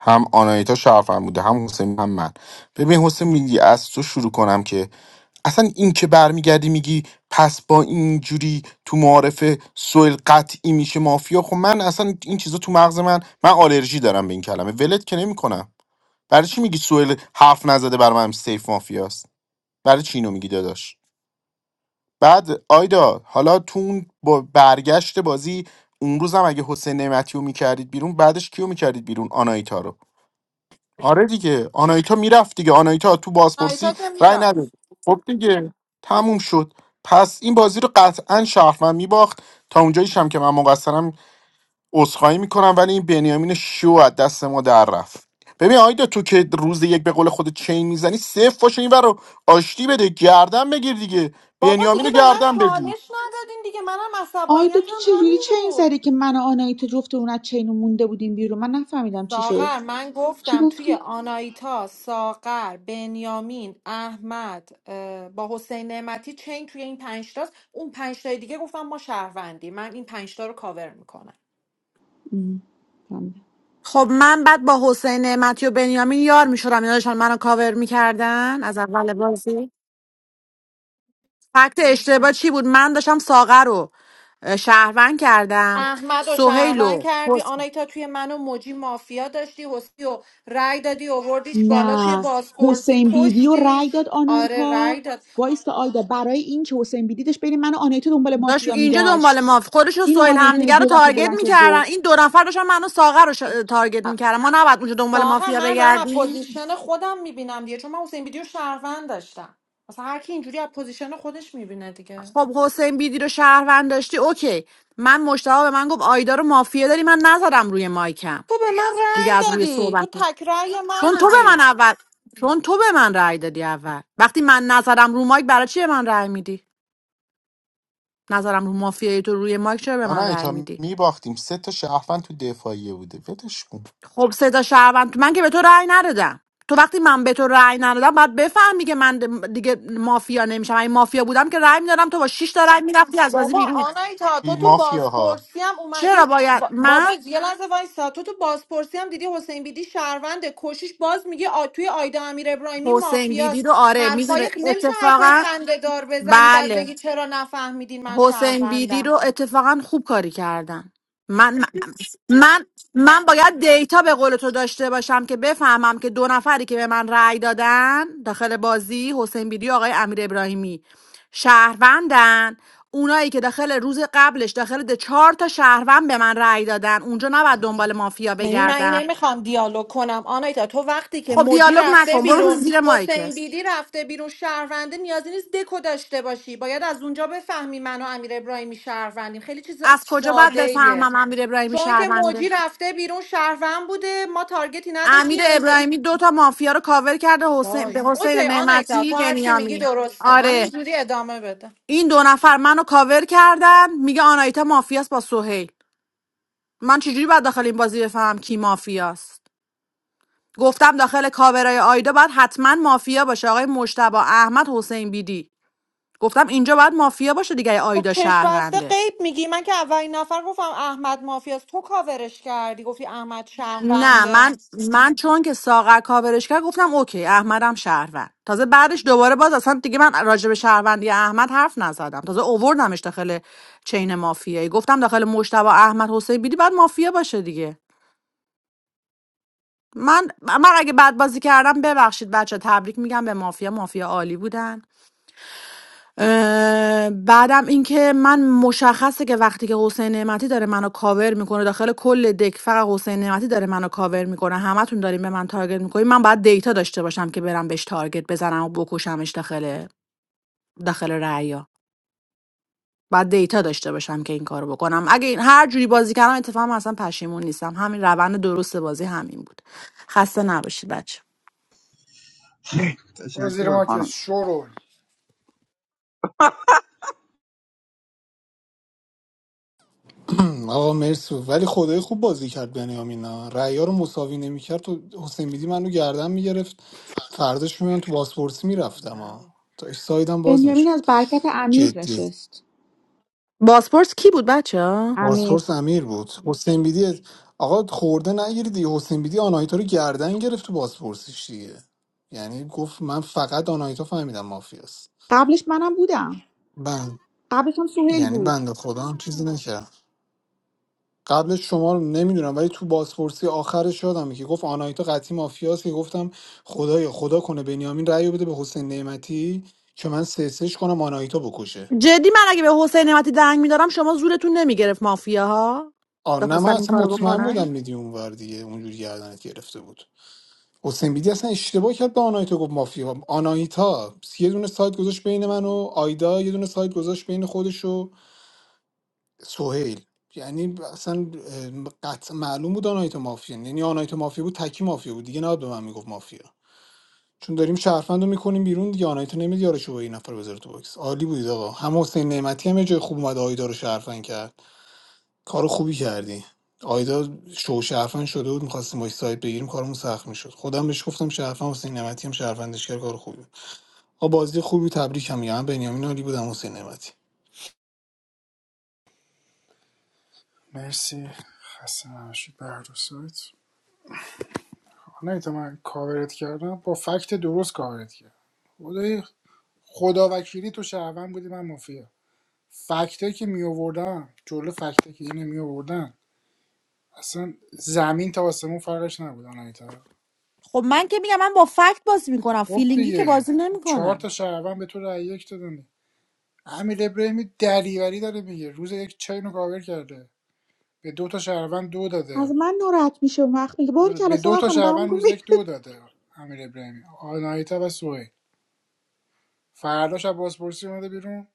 Speaker 16: هم آنایتا شرفم بوده هم حسین هم من ببین حسین میگی از تو شروع کنم که اصلا این که برمیگردی میگی پس با اینجوری تو معارف سوئل قطعی میشه مافیا خب من اصلا این چیزا تو مغز من من آلرژی دارم به این کلمه ولت که نمیکنم برای چی میگی سوئل حرف نزده برای من سیف مافیاست برای چی اینو میگی داداش بعد آیدا حالا تو اون با برگشت بازی اون روزم اگه حسین نعمتی رو میکردید بیرون بعدش کیو میکردید بیرون آنایتا رو آره دیگه آنایتا میرفت دیگه آنایتا تو بازپرسی
Speaker 3: آنایتا که
Speaker 16: رای نداد
Speaker 3: میرفت
Speaker 16: خب دیگه تموم شد پس این بازی رو قطعا شهرمن میباخت تا اونجاییش هم که من مقصرم عذرخواهی میکنم ولی این بنیامین شو از دست ما در رفت ببین آیدا تو که روز یک به قول خود چین میزنی صفر باشه این رو آشتی بده گردن بگیر دیگه
Speaker 3: بابا
Speaker 16: بنیامین
Speaker 3: دیگه
Speaker 16: رو
Speaker 3: به من
Speaker 16: گردن بگیر
Speaker 3: چالش ندادین دیگه منم
Speaker 13: آیدا
Speaker 3: عصبانیت
Speaker 13: تو
Speaker 3: هم
Speaker 13: چجوری
Speaker 3: همین
Speaker 13: چین
Speaker 3: بود
Speaker 13: زدی که من و آنایتا جفت اون از چین مونده بودیم بیرون من نفهمیدم چی شد
Speaker 3: ساغر من
Speaker 13: چی
Speaker 3: گفتم توی
Speaker 13: گفتی؟
Speaker 3: آنایتا ساغر بنیامین احمد اه، با حسین نعمتی چین توی این پنجتاست اون پنجتای دیگه گفتم ما شهروندی من این پنجتا رو کاور میکنم
Speaker 13: ام، فهمیدم.
Speaker 1: خب من بعد با حسین نعمتی و بنیامین یار میشدم اینا داشتن منو کاور میکردن از اول بازی فکت اشتباه چی بود من داشتم ساغر رو اه، شهروند کردم
Speaker 3: احمد و
Speaker 1: سهیل
Speaker 3: شهروند
Speaker 1: و
Speaker 3: کردی آنایتا توی من و موجی مافیا داشتی حسی و رأی دادی اووردیش بالا توی
Speaker 13: نه
Speaker 3: بازپرسی
Speaker 13: حسین بیدی و رأی
Speaker 3: کشتیش
Speaker 13: داد
Speaker 3: آره
Speaker 13: آنایتا
Speaker 3: رأی داد
Speaker 13: وایست آیدا برای این که حسین بیدی داشت بین من و آنایتا دنبال
Speaker 1: داشت
Speaker 13: مافیا
Speaker 1: اینجا
Speaker 13: میگشت
Speaker 1: دنبال ما خورش و
Speaker 13: اینو
Speaker 1: سویل
Speaker 13: آنایتا هی
Speaker 1: همدیگه رو
Speaker 13: دو دفعه
Speaker 1: تارگت
Speaker 13: بلند شد
Speaker 1: میکردن
Speaker 13: گفت
Speaker 1: این دو نفر داشتن منو ساغر رو ش... تارگت
Speaker 3: ا-
Speaker 1: میکردن ما نباید اونجا دنبال
Speaker 3: ساغر
Speaker 1: مافیا
Speaker 3: من دارم از
Speaker 1: بگردیم
Speaker 3: پوزیشن خودم میبینم دیگه چون من حسین ویدیو شهروند داشتم مثلا هر کی اینجوری از پوزیشن خودش میبینه دیگه
Speaker 1: خب حسین بیدی رو شهروند داشتی اوکی من مشتاق به من گفت آیدا رو مافیا داری من نزدم روی مایکم
Speaker 3: تو به من
Speaker 1: دیگه از
Speaker 3: رأی
Speaker 1: روی
Speaker 3: دادی تو
Speaker 1: صحبت
Speaker 3: تک رأی من
Speaker 1: چون تو به
Speaker 3: بودی
Speaker 1: من اول چون تو به من رأی دادی اول وقتی من نظرم رو مایک برای چی به من رأی میدی نظرم رو مافیای تو روی مایک چرا به من رأی
Speaker 16: آنایتا
Speaker 1: میدی
Speaker 16: میباختیم سه تا شهروند تو دفاعیه بوده ولش کن
Speaker 1: خب صدا شهروند من که به تو رأی ندادم تو وقتی من به تو رأی ندادم باید بفهمی که من دیگه مافیا نمیشم این مافیا بودم که رأی میدادم تو با 6 تا رأی میرفتی از بازی
Speaker 3: بابا
Speaker 1: بیرون
Speaker 3: آنایتا تو تو
Speaker 16: مافیاها
Speaker 3: بازپرسی هم
Speaker 1: چرا
Speaker 3: اومدی
Speaker 1: باید
Speaker 3: با-
Speaker 1: من
Speaker 3: بابا یه لحظه وایسا تو تو بازپرسی هم دیدی حسین بیدی شهرونده کشیش باز میگه آ... توی آیدا امیر ابراهیمی
Speaker 1: حسین بیدی
Speaker 3: مافیاست
Speaker 1: رو آره
Speaker 3: حرفای
Speaker 1: میدونه
Speaker 3: نمیشه حرفای
Speaker 1: اتفاقا
Speaker 3: خنده دار بزنی بعد
Speaker 1: بله
Speaker 3: بگی چرا نفهمیدین من
Speaker 1: حسین بیدی
Speaker 3: شهروندم
Speaker 1: رو اتفاقا خوب کاری کردن من من من من باید دیتا به قول تو داشته باشم که بفهمم که دو نفری که به من رأی دادن داخل بازی حسین بیدی و آقای امیر ابراهیمی شهروندن اونایی که داخل روز قبلش داخل ده چهار تا شهروند به من رأی دادن اونجا نباید دنبال مافیا
Speaker 3: ببین من این
Speaker 1: بگردم
Speaker 3: نمیخوام دیالوگ کنم آنایتا تو وقتی که
Speaker 1: خب
Speaker 3: موجی
Speaker 1: دیالوگ
Speaker 3: رفته
Speaker 1: نکن برو
Speaker 3: بیرون
Speaker 1: زیر
Speaker 3: حسین
Speaker 1: مایکت
Speaker 3: بیدی رفته بیرون شهرونده نیازی نیست دکو داشته باشی باید از اونجا بفهمی من و امیر ابراهیمی شهروندیم خیلی چیز
Speaker 1: از کجا باید
Speaker 3: ساده
Speaker 1: بفهمم امیر ابراهیمی
Speaker 3: چون که
Speaker 1: شهرونده
Speaker 3: موجی رفته بیرون شهروند بوده ما تارگتی
Speaker 1: امیر
Speaker 3: نداشتیم اون ب...
Speaker 1: ابراهیمی دو تا مافیا رو کاور کرده حسین
Speaker 3: وای
Speaker 1: به حسین
Speaker 3: اوکی آنایتا تو
Speaker 1: نعمتی
Speaker 3: هر چی میگی
Speaker 1: بنیامین
Speaker 3: درسته
Speaker 1: آره
Speaker 3: همینجوری ادامه بده
Speaker 1: این دو نفر منو کاور کردن میگه آنایتا مافیاست با سهیل من چجوری باید داخل این بازی بفهمم کی مافیاست گفتم داخل کاورای آیدا باید حتما مافیا باشه آقای مشتبا احمد حسین بیدی گفتم اینجا باید مافیا باشه دیگه اگه
Speaker 3: خب
Speaker 1: آیدا
Speaker 3: چشم بسته
Speaker 1: شهرونده
Speaker 3: غیب میگی من که اولین نفر گفتم احمد مافیاست تو کاورش کردی گفتی احمد
Speaker 1: نه
Speaker 3: شهرونده
Speaker 1: من من چون که ساغر کاورش کرد گفتم اوکی احمدم شهروند تازه بعدش دوباره باز اصلا دیگه من راجع به شهروندی احمد حرف نزدم تازه اووردمش داخل چین مافیایی گفتم داخل مشتبه احمد حسین بیدی بعد مافیا باشه دیگه من من اگه بد بازی کردم ببخشید بچه تبریک میگم به مافیا مافیا عالی بودن اه، بعدم اینکه من مشخصه که وقتی که حسین نعمتی داره منو کاور میکنه داخل کل دک فقط حسین نعمتی داره منو کاور میکنه همتون دارین به من تارگت میکنین من باید دیتا داشته باشم که برم بهش تارگت بزنم و بکشمش داخل داخل رعیا باید دیتا داشته باشم که این کارو بکنم اگه این هر جوری بازی کردم اتفاقا اصلا پشیمون نیستم همین روند درست بازی همین بود خسته نباشید بچه
Speaker 2: برو زیر
Speaker 15: تشکر
Speaker 2: مارکت
Speaker 15: خانم
Speaker 2: شورول
Speaker 10: آقا مرسی ولی خدای خوب بازی کرد بنیامین ها. رأی‌ها رو مساوی نمیکرد تو حسین بیدی منو گردن میگرفت فرداش میان تو باسپورس میرفتم ها
Speaker 2: نه.
Speaker 10: تا سایدم باز
Speaker 13: بنیامین از
Speaker 10: میشد
Speaker 13: برکت امیر
Speaker 10: جدی
Speaker 13: نشست
Speaker 1: بازپرس کی بود بچه
Speaker 13: امیر
Speaker 10: بازپرس امیر بود حسین بیدی آقا خورده نگیریدی حسین بیدی آناهیتا رو گردن گرفت تو باسپورسیش دیگه یعنی گفت من فقط آناهیتا فهمیدم مافیاست
Speaker 13: قبلش منم بودم
Speaker 10: بند
Speaker 13: قبلش هم سهیل
Speaker 10: یعنی
Speaker 13: بود
Speaker 10: بنده خدا هم چیزی نکرد قبلش شما رو نمیدونم ولی تو بازپرسی آخرش یادمه که گفت آنایتا قطعی مافیاست که گفتم خدایا خدا کنه بنیامین رأی رو بده به حسین نعمتی که من سرسش کنم آنایتا بکشه
Speaker 1: جدی من اگه به حسین نعمتی دنگ میدارم شما زورتون نمیگرفت مافیاها
Speaker 10: آ نه من
Speaker 1: بخواستن این
Speaker 10: اصلا
Speaker 1: کارو
Speaker 10: مطمئن بودم
Speaker 1: بکنن
Speaker 10: میدی اونور دیگه اونجوری گردنت گرفته بود حسین بیدی اصلا اشتباه کرد به آنایتا گفت مافیا آنایتا یه دونه سایت گذاشت بین من و آیدا یه دونه سایت گذاشت بین خودش و سهیل یعنی اصلا اه، قطع معلوم بود آنایتا مافیا یعنی آنایتا مافیا بود تکی مافیا بود دیگه نباید به من میگفت مافیا چون داریم شهروند رو میکنیم بیرون دیگه آنایتا نمید یارشو با این نفر بذاره تو باکس عالی بودید آقا هم حسین نعمتی هم یه جای خوب اومد آیدا رو شهروند کرد کار خوبی کردی آیدا شو شهروند شده بود میخواستیم باش سایت بگیریم کارمون سخت میشد خودم بهش گفتم شهروند حسین نعمتی هم شهروندش کرد کار خوبی بود. آقا بازی خوبی تبریک هم میگم من بنیامین عالی بودم حسین نعمتی
Speaker 2: مرسی خسته نباشید به هر دو سایت آنایتا، من کاورت کردم با فکت درست کاورت کردم خدای خدا وکیلی تو شهروند بودی من مافیا فکتایی که می آوردم جلو فکتایی که اینو می آوردن اصلا زمین تا آسمون فرقش نبود آن
Speaker 1: خب من که میگم من با فکت بازی میکنم
Speaker 2: خب
Speaker 1: فیلینگی که
Speaker 2: دیگه
Speaker 1: بازی
Speaker 2: چهار تا
Speaker 1: نمیکنم
Speaker 2: شهروند به تو رأی یک دادن امیر ابراهیمی دریوری داره میگه روز یک چین رو کاور کرده به دو تا شهروند دو
Speaker 13: از
Speaker 2: داده
Speaker 13: من ناراحت میشه اون وقت میگه باری
Speaker 2: آره
Speaker 13: کلا
Speaker 2: به دو
Speaker 13: ساقا
Speaker 2: تا
Speaker 13: خانم برام
Speaker 2: شهروند روز
Speaker 13: می‌کنه.
Speaker 2: یک دو داده امیر ابراهیمی آنایتا و سوهی فرداش از بازپرسی اومده بیرون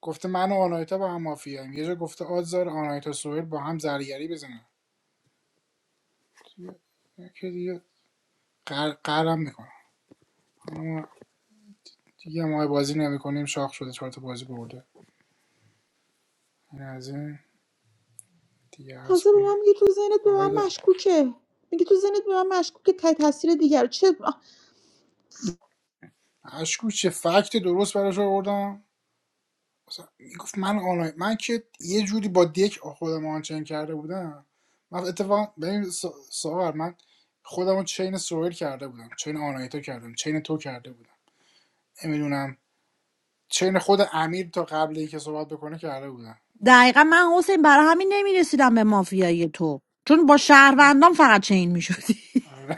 Speaker 2: گفته من و آنایتا با هم مافیاییم یه جا گفته آزار آنایتا سوهل با هم زرگری بزنن دیگه- که دیگه قر- قرم میکنم اما دیگه ما بازی نمیکنیم شاخ شده چهار تا بازی برده این از این دیگه عرض
Speaker 13: تازه به
Speaker 2: کنم
Speaker 13: من میگه تو ذهنت به
Speaker 2: آقای
Speaker 13: من
Speaker 2: د-
Speaker 13: مشکوکه میگه تو ذهنت به من مشکوکه تای تاثیر دیگر چه آه،
Speaker 2: اشکو چه فکت درست براش آوردم مثلا میگفت من آنلاین من که یه جوری با دک خودم آنچین کرده بودم من اتفاقا ببین سا- ساغر من خودم چین سویل کرده بودم چین آنایتا کردم چین تو کرده بودم نمیدونم چین خود امیر تا قبل اینکه صحبت بکنه کرده بودم
Speaker 1: دقیقا من حسین برای همین نمیرسیدم به مافیای تو چون با شهروندان فقط چین میشدی
Speaker 2: آره.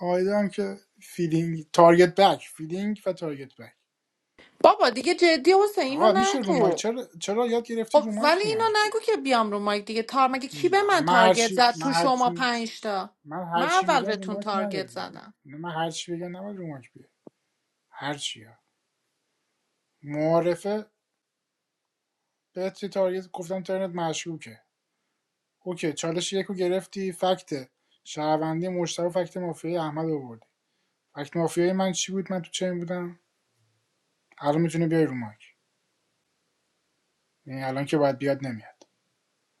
Speaker 2: آیده هم که فیلینگ تارگت بک فیلینگ و تارگت بک
Speaker 3: بابا دیگه جدی حسین اینو
Speaker 2: آقا میشه رو مایک
Speaker 3: نگو
Speaker 2: چرا چرا یاد گرفتی
Speaker 3: خب
Speaker 2: رو
Speaker 3: ولی
Speaker 2: مایک
Speaker 3: اینو
Speaker 2: میای
Speaker 3: نگو که بیام رو مایک دیگه تار مگه کی به
Speaker 2: نه
Speaker 3: من
Speaker 2: من هر
Speaker 3: تارگت
Speaker 2: چی
Speaker 3: زد
Speaker 2: من
Speaker 3: تو
Speaker 2: هر
Speaker 3: شما
Speaker 2: چی
Speaker 3: پنج تا
Speaker 2: من
Speaker 3: من
Speaker 2: هر چی
Speaker 3: اول
Speaker 2: میگم رو
Speaker 3: بهتون
Speaker 2: مایک
Speaker 3: تارگت
Speaker 2: نیاری
Speaker 3: زدم
Speaker 2: نه من هر چی بگم نباید رو مایک بیای هر چی ها. معارفه بهت یه تارگت گفتم ترنت مشکوکه اوکی چالش یکو گرفتی فکت شهروندی مشتاق فکت مافیای احمد آوردی فکت مافیای من چی بود من تو چین بودم الان میتونی بیای رو مایک یعنی الان که باید بیاد نمیاد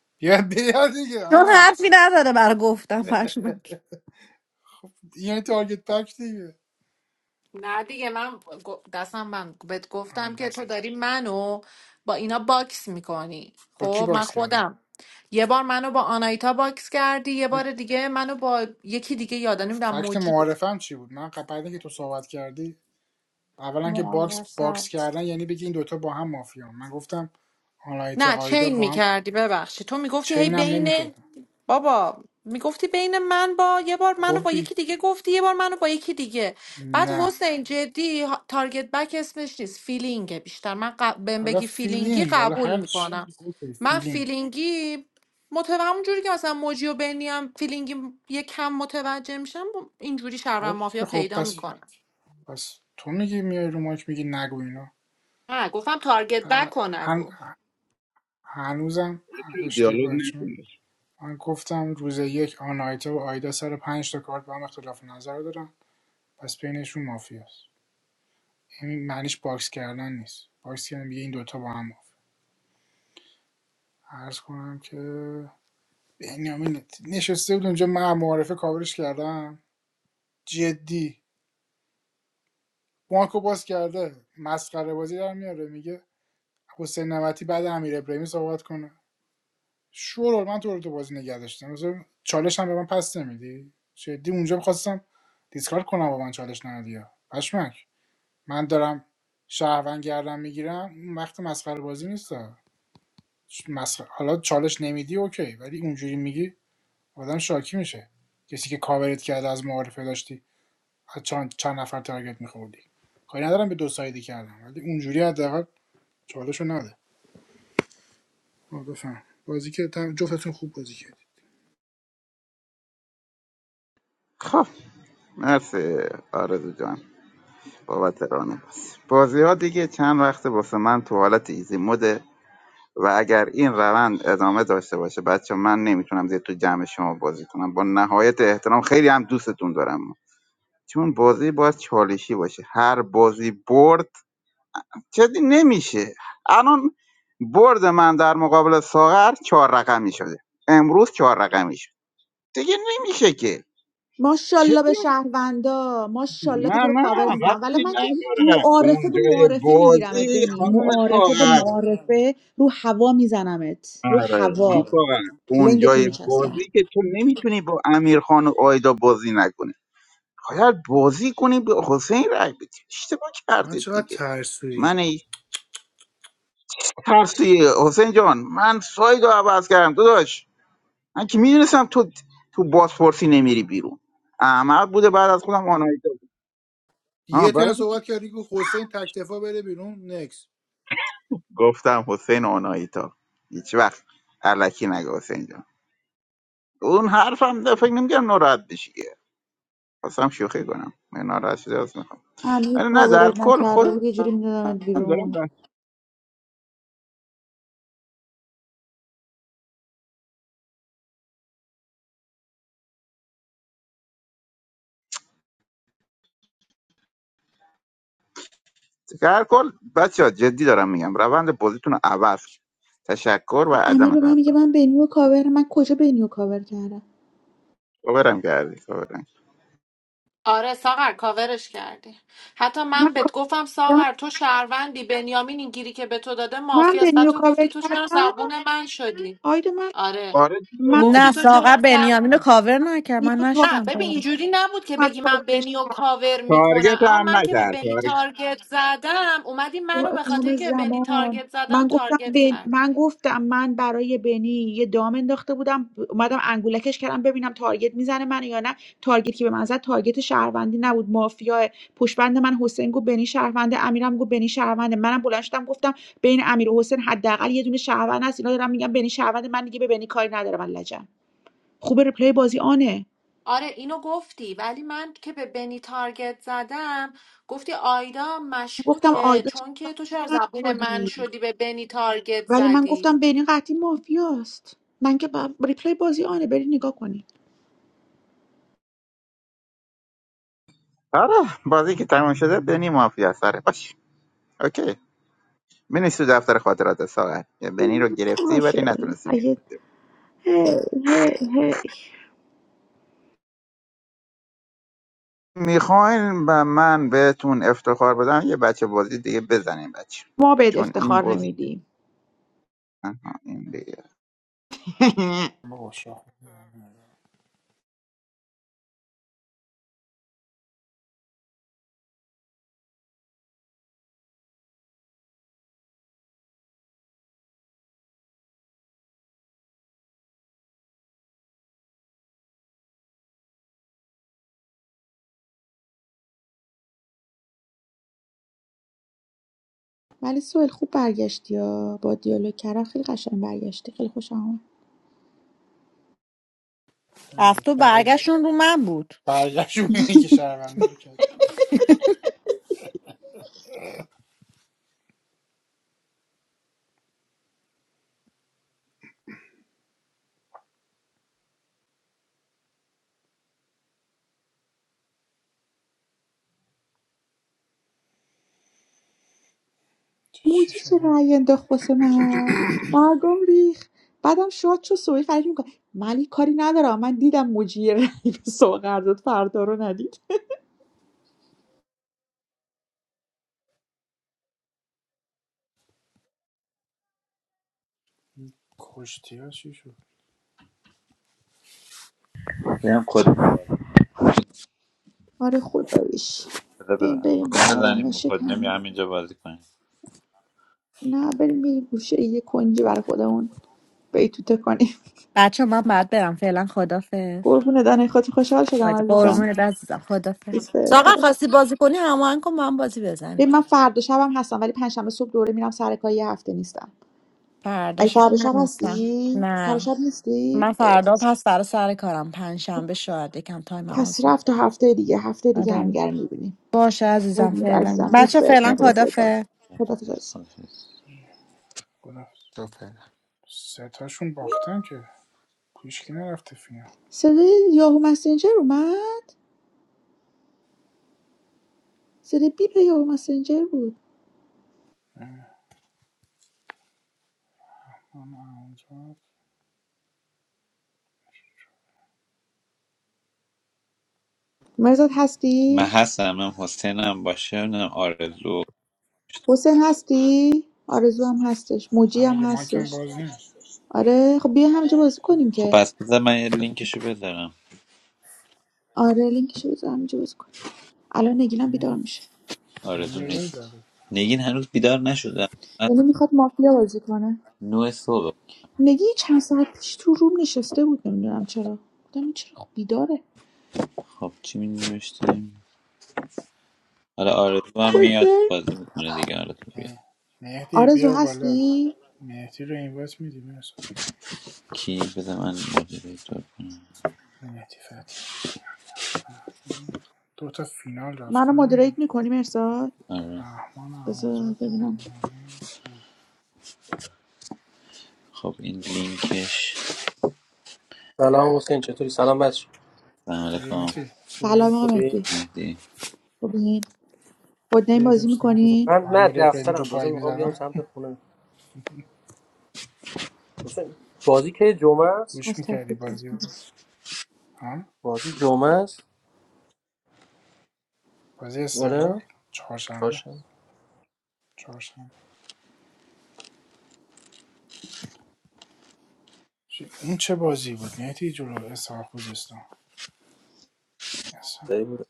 Speaker 2: بیاد بیاد دیگه
Speaker 1: چون
Speaker 2: آه.
Speaker 1: حرفی نداره برای گفتم پشمک
Speaker 2: یعنی تارگت بک دیگه
Speaker 3: نه دیگه من گ- دستم من بهت گفتم
Speaker 2: هم
Speaker 3: که
Speaker 2: دست
Speaker 3: تو داری منو با اینا باکس میکنی
Speaker 2: با کی
Speaker 3: خب من
Speaker 2: باکس کردن
Speaker 3: خودم یه بار منو با آنایتا باکس کردی یه
Speaker 2: من
Speaker 3: بار دیگه منو با یکی دیگه یادا نمیدونم
Speaker 2: فکت
Speaker 3: موجی
Speaker 2: معارفم چی بود من قبل بعد اینکه تو صحبت کردی اولا که باکس باکس کردن
Speaker 3: معاوضت.
Speaker 2: یعنی بگی این دوتا با هم مافیا من گفتم آنایتا
Speaker 3: نه
Speaker 2: آیدا
Speaker 3: چین
Speaker 2: با هم
Speaker 3: میکردی ببخشی تو میگفتی هی
Speaker 2: چین هم
Speaker 3: بین
Speaker 2: نمیکردن
Speaker 3: بابا میگفتی بین من با یه بار منو
Speaker 2: خب
Speaker 3: با
Speaker 2: دی
Speaker 3: یکی دیگه گفتی یه بار منو با یکی دیگه بعد
Speaker 2: نه
Speaker 3: حسین جدی ها- تارگت بک اسمش نیست فیلینگه بیشتر من ق... بهم
Speaker 2: حالا
Speaker 3: بگی فیلینگی
Speaker 2: فیلینگ حالا
Speaker 3: قبول
Speaker 2: هر
Speaker 3: میکنم
Speaker 2: چی اوکی
Speaker 3: من
Speaker 2: فیلینگ
Speaker 3: فیلینگی متو همونجوری که مثلا موجی و بنی هم فیلینگی یه کم متوجه میشم اینجوری شهروند
Speaker 2: خب
Speaker 3: مافیا
Speaker 2: دیگه. خب
Speaker 3: پیدا
Speaker 2: پس
Speaker 3: میکنم
Speaker 2: پس تو میگی میای رو ماک میگی نگو اینا
Speaker 3: نه گفتم تارگت بک
Speaker 2: بعد
Speaker 3: کن
Speaker 2: هن...
Speaker 3: نگو
Speaker 2: هنوزم
Speaker 15: دیالوگ
Speaker 2: اشتباهه چون
Speaker 15: نکنید
Speaker 2: من گفتم روز یک آناهیتا و آیدا سر پنج تا کارت با هم اختلاف نظر دارن پس بینشون مافیاست این معنیش باکس کردن نیست باکس کردن میگه این دوتا با هم مافیا عرض کنم که بنیامین نشسته بود اونجا من معارفه کاورش کردم جدی بانکو باز کرده مسخره بازی در میاره میگه حسین نمتی بعد امیر ابراهیمی صحبت کنه شورول من تو رو تو بازی نگه داشتم مثلا چالش هم به من پس نمیدی جدی اونجا میخواستم دیسکارد کنم با من چالش ندادی ها. پشمک من دارم شهروند گردم میگیرم اون وقت مسخره بازی نیست مسخره. حالا چالش نمیدی اوکی ولی اونجوری میگی آدم شاکی میشه کسی که کاورت کرده از معارفه داشتی از چند, چند نفر تارگت میخوردی کاری ندارم به دو سایدی کردم ولی اونجوری حداقل چالش رو نده آه، بفهم بازی که تم- جفتتون خوب بازی کردی
Speaker 15: خب مرسی آرزو جان بابت ران بازی ها دیگه چند وقت واسه من تو حالت ایزی موده و اگر این روند ادامه داشته باشه بچه من نمیتونم زیاد تو جمع شما بازی کنم با نهایت احترام خیلی هم دوستتون دارم چون بازی باید چالشی باشه هر بازی برد جدی نمیشه الان برد من در مقابل ساغر چهار رقمی شده امروز چهار رقمی شد دیگه نمیشه که
Speaker 13: ماشاءالله
Speaker 15: جدی
Speaker 13: به
Speaker 15: میگم.
Speaker 13: شهروندا ماشاءالله
Speaker 15: نه
Speaker 13: که تو رو
Speaker 15: نه
Speaker 13: کاور میکنم ولی
Speaker 15: وقتی
Speaker 13: من که
Speaker 15: نداره
Speaker 13: معارفه به
Speaker 15: اونجای
Speaker 13: معارفه میگیرمت
Speaker 15: بازی
Speaker 13: بنی
Speaker 15: خانم
Speaker 13: معارفه به
Speaker 15: ساغر
Speaker 13: معارفه رو هوا میزنمت رو
Speaker 15: آره خانم
Speaker 13: هوا
Speaker 15: ساغر، اون
Speaker 13: لنگ تو
Speaker 15: جای
Speaker 13: میچستم
Speaker 15: بازی که تو نمیتونی با امیرخان و آیدا بازی نکنی باید بازی کنی به حسین رای بدی اشتباه
Speaker 2: من
Speaker 15: کردید
Speaker 2: چقدر
Speaker 15: دیگه
Speaker 2: ترسویی
Speaker 15: من ای- ترسی حسین جان من ساید رو عوض کردم داداش من که میدونستم تو تو بازپرسی نمیری بیرون احمد بوده بعد از خودم آنایتا بود.
Speaker 2: یه
Speaker 15: آه
Speaker 2: ترن
Speaker 15: بعد
Speaker 2: صحبت کردی که حسین تکتفا بره بیرون نکس
Speaker 15: گفتم حسین آنایتا هیچ وقت علکی نگه حسین جان اون حرفم ده فکر نمیگم ناراحت بشی که خواستم شوخی کنم من ناراحت شده هستم
Speaker 13: امیر
Speaker 15: آره نه در
Speaker 13: کاورت
Speaker 15: کل
Speaker 13: نکرده
Speaker 15: خودم
Speaker 13: بود یه جوری میدادمت بیرون
Speaker 15: دارم در در کل بچه ها جدی دارم میگم روند بازیتون رو عوض کن. تشکر و
Speaker 13: بعد امیر
Speaker 15: عدم
Speaker 13: به من میگه
Speaker 15: قدر
Speaker 13: من بنیو کاور من کجا بنیو کاور کردم
Speaker 15: کاورم کردی کاورم
Speaker 3: آره ساغر کاورش کردی حتی
Speaker 13: من
Speaker 3: من بهت گفتم
Speaker 13: کاورم
Speaker 3: ساغر تو شهروندی بنیامین این گیری که به تو داده
Speaker 13: من
Speaker 3: مافی است بعد
Speaker 13: بنیو
Speaker 3: تو
Speaker 13: کاور
Speaker 3: گفتی تو چرا
Speaker 13: کردم
Speaker 3: زبون من شدی
Speaker 13: آید من
Speaker 3: آره
Speaker 15: آره
Speaker 13: من
Speaker 3: گفتی
Speaker 1: نه
Speaker 3: تو
Speaker 1: ساقه
Speaker 3: چرا زبون
Speaker 1: بنیامین رو کاور نکرد
Speaker 13: بنیو
Speaker 1: من
Speaker 13: تارگت
Speaker 3: نه ببین
Speaker 1: نشدم
Speaker 3: اینجوری نبود که
Speaker 13: اومد
Speaker 3: بگی من
Speaker 13: کاورش
Speaker 3: بنی و
Speaker 13: کرد
Speaker 3: کاور میکنم
Speaker 15: تارگت
Speaker 3: اما
Speaker 15: هم
Speaker 3: من که به
Speaker 15: نکرد
Speaker 3: بنی
Speaker 15: تارگت
Speaker 3: تارگت زدم اومدی منو
Speaker 13: با
Speaker 3: به خاطر
Speaker 13: امام
Speaker 3: که به بنی
Speaker 13: زمان
Speaker 3: تارگت زدم
Speaker 13: من گفتم
Speaker 3: تارگت
Speaker 13: بن...
Speaker 3: کردی
Speaker 13: من گفتم من برای بنی یه دام انداخته بودم اومدم انگولکش کردم ببینم تارگت میزنه من یا نه تارگت که به من زد تارگت شهروندی نبود مافیا پشبند من حسین گفت بنی شهرونده امیرم گفت بنی شهرونده منم بلند شدم گفتم بین امیر و حسین حداقل یه دونه شهروند هست اینا دارم میگم بنی شهرونده من دیگه به بنی کاری ندارم من لجن خوبه ریپلی بازی آنه
Speaker 3: آره اینو گفتی ولی من که به بنی تارگت زدم گفتی آیدا
Speaker 13: گفتم
Speaker 3: مشکوکه
Speaker 13: آیدا چه
Speaker 3: چون که تو چرا
Speaker 13: بد
Speaker 3: زبون من
Speaker 13: شدی
Speaker 3: شدی به بنی تارگت
Speaker 13: ولی من
Speaker 3: زدی
Speaker 13: گفتم برین قطعی مافیاست من که با... ریپلی بازی آنه برین نگاه کنی
Speaker 15: آره بازی که تمام شده بنی مافیا سره باش اوکی بنیش تو دفتر خاطرات ساعت یه بنی رو گرفتی ولی
Speaker 13: باشه
Speaker 15: نتونستی بگیری
Speaker 13: اگه هی هی هی
Speaker 15: میخواین به من بهتون افتخار بدم یه بچه بازی دیگه بزنیم بچه
Speaker 13: ما بهت
Speaker 15: چون این
Speaker 13: افتخار
Speaker 15: بازی
Speaker 13: نمیدیم
Speaker 15: آها، این دیگه.
Speaker 2: بابا شاخ
Speaker 13: ولی سوال خوب برگشتی یا با دیالوگ کردم خیلی قشنگ برگشتی خیلی خوشم آمد
Speaker 1: رفت و
Speaker 2: برگ
Speaker 1: برگشتون رو من بود
Speaker 2: برگشت اونی که شهرونده رو کرد چه چی
Speaker 13: موجی چه
Speaker 2: شدیم؟
Speaker 13: رأی انداخت واسه من برگم ریخ بعدم شاد شد سویل فرید میکنه ولی کاری ندارم من دیدم موجی یه رأی به سوغر داد فردا رو ندید
Speaker 2: کشتی ها چی شد؟
Speaker 14: هم کد بده،
Speaker 13: آره خداییش بریم
Speaker 14: بزن. روم
Speaker 13: بریم با
Speaker 14: بزنیم با
Speaker 13: آرامش
Speaker 14: کد نمی
Speaker 13: تمام
Speaker 14: همینجا بازی کنیم
Speaker 13: نه بریم یه گوشه یه کنجی برای خودمون بیتوته کنیم
Speaker 1: بچه من بعد برم فعلا خدافز
Speaker 13: قربونه دانه خودت خوشحال شدم عزیزم
Speaker 1: قربون عزیزم خدافز
Speaker 13: دوست به
Speaker 1: ساقا
Speaker 13: خدا
Speaker 1: خواستی بازی کنی هماهنگ کن با هم بازی بزنی
Speaker 13: ببین من فردا شبم هستم ولی پنجشنبه صبح دوره میرم سر کار یه هفته نیستم
Speaker 1: فردا
Speaker 13: ای
Speaker 1: شب
Speaker 13: فردا
Speaker 1: من
Speaker 13: شب
Speaker 1: نیستم
Speaker 13: هستی فردا
Speaker 1: نه
Speaker 13: شب نیستی
Speaker 1: من
Speaker 13: اه،
Speaker 1: فردا پس فردا سر کارم پنجشنبه شنبه شاید یکم تایم هم
Speaker 13: پس
Speaker 1: آزاد.
Speaker 13: رفت تا هفته دیگه هفته دیگه
Speaker 1: آره
Speaker 13: همدیگه رو میبینیم
Speaker 1: باشه عزیزم
Speaker 13: قربونت
Speaker 1: فعلا
Speaker 13: عزیزم دوست
Speaker 1: بچه
Speaker 13: بهت
Speaker 1: فعلا
Speaker 13: مراقب خود
Speaker 1: خدافز
Speaker 13: باش خدا
Speaker 14: یه
Speaker 13: حافظ
Speaker 14: سال هست.
Speaker 2: خدا سه تاشون باختن که پیشکی نرفته فینا
Speaker 13: صدای یاهو مسنجر اومد صدای بیپ یاهو مسنجر بود
Speaker 2: نه، من اونجا
Speaker 13: مرزاد هستی
Speaker 14: من هستم هم حسینم باشه نمیدونم آرزو
Speaker 13: حسین هستی؟ آرزو هم هستش موجی
Speaker 2: من
Speaker 13: هم
Speaker 2: مگه مایکم
Speaker 13: هستش
Speaker 2: باز نیست
Speaker 13: آره خب بیا همینجا بازی کنیم
Speaker 14: خب
Speaker 13: که
Speaker 14: پس بذار من یه لینکشو بذارم
Speaker 13: آره لینکشو بذار همینجا بازی کنیم الان نگینم بیدار
Speaker 2: م،
Speaker 13: میشه
Speaker 14: آرزو
Speaker 2: بینی روی
Speaker 14: نیست
Speaker 2: زده
Speaker 14: نگین هنوز بیدار نشده من
Speaker 13: یعنی میخواد مافیا بازی کنه
Speaker 14: نوع صبح
Speaker 13: نگی چند ساعت پیش تو روم نشسته بود نمیدونم چرا گفتم این چرا خب بیداره
Speaker 14: خب چی می نوشتیم حالا آرزو هم میاد
Speaker 13: کجا
Speaker 14: بازی میکنه دیگه آرزو بیاد
Speaker 2: مهدی
Speaker 13: آرزو
Speaker 2: بیا بالا
Speaker 13: هستی
Speaker 2: مهدی رو اینوایت میدی مرسا
Speaker 14: کی بذار من مدیریتور کنم
Speaker 2: مهدی فتی دو تا فینال
Speaker 13: منو
Speaker 2: رفتن
Speaker 13: مدریت میکنی مرساد
Speaker 14: آره
Speaker 2: رحمان
Speaker 13: بذار
Speaker 2: آموزاد
Speaker 13: ببینم
Speaker 14: خب این لینکش
Speaker 21: سلام حسین چطوری سلام بچه
Speaker 14: سلام
Speaker 2: چطوری
Speaker 14: علیکم
Speaker 2: مهدی؟ خوبی؟
Speaker 13: سلام آقا
Speaker 21: خوبی؟
Speaker 13: مهدی
Speaker 14: مهدی
Speaker 13: خوبین خود
Speaker 2: دیدی
Speaker 13: بازی
Speaker 2: داشتم
Speaker 13: میکنین
Speaker 21: من
Speaker 2: با
Speaker 21: نه
Speaker 2: امیر ابراهیمی رو
Speaker 21: دفترم
Speaker 2: پایی
Speaker 21: لازم میخوام بیام
Speaker 2: میزدن
Speaker 21: سمت خونه حسین بازی که جمعه است
Speaker 2: گوش
Speaker 13: از
Speaker 2: میکردی
Speaker 13: تفریق بازی
Speaker 2: بازی رو
Speaker 13: کنین.
Speaker 2: ها؟
Speaker 21: بازی جمعه است
Speaker 2: بازی استقلال
Speaker 21: آره
Speaker 2: چهارشنبه
Speaker 21: چاشم
Speaker 2: چهارشنبه چی- این چه بازی بود مهدی جلو اسحاق خوزستان اصلا
Speaker 21: سعی بوده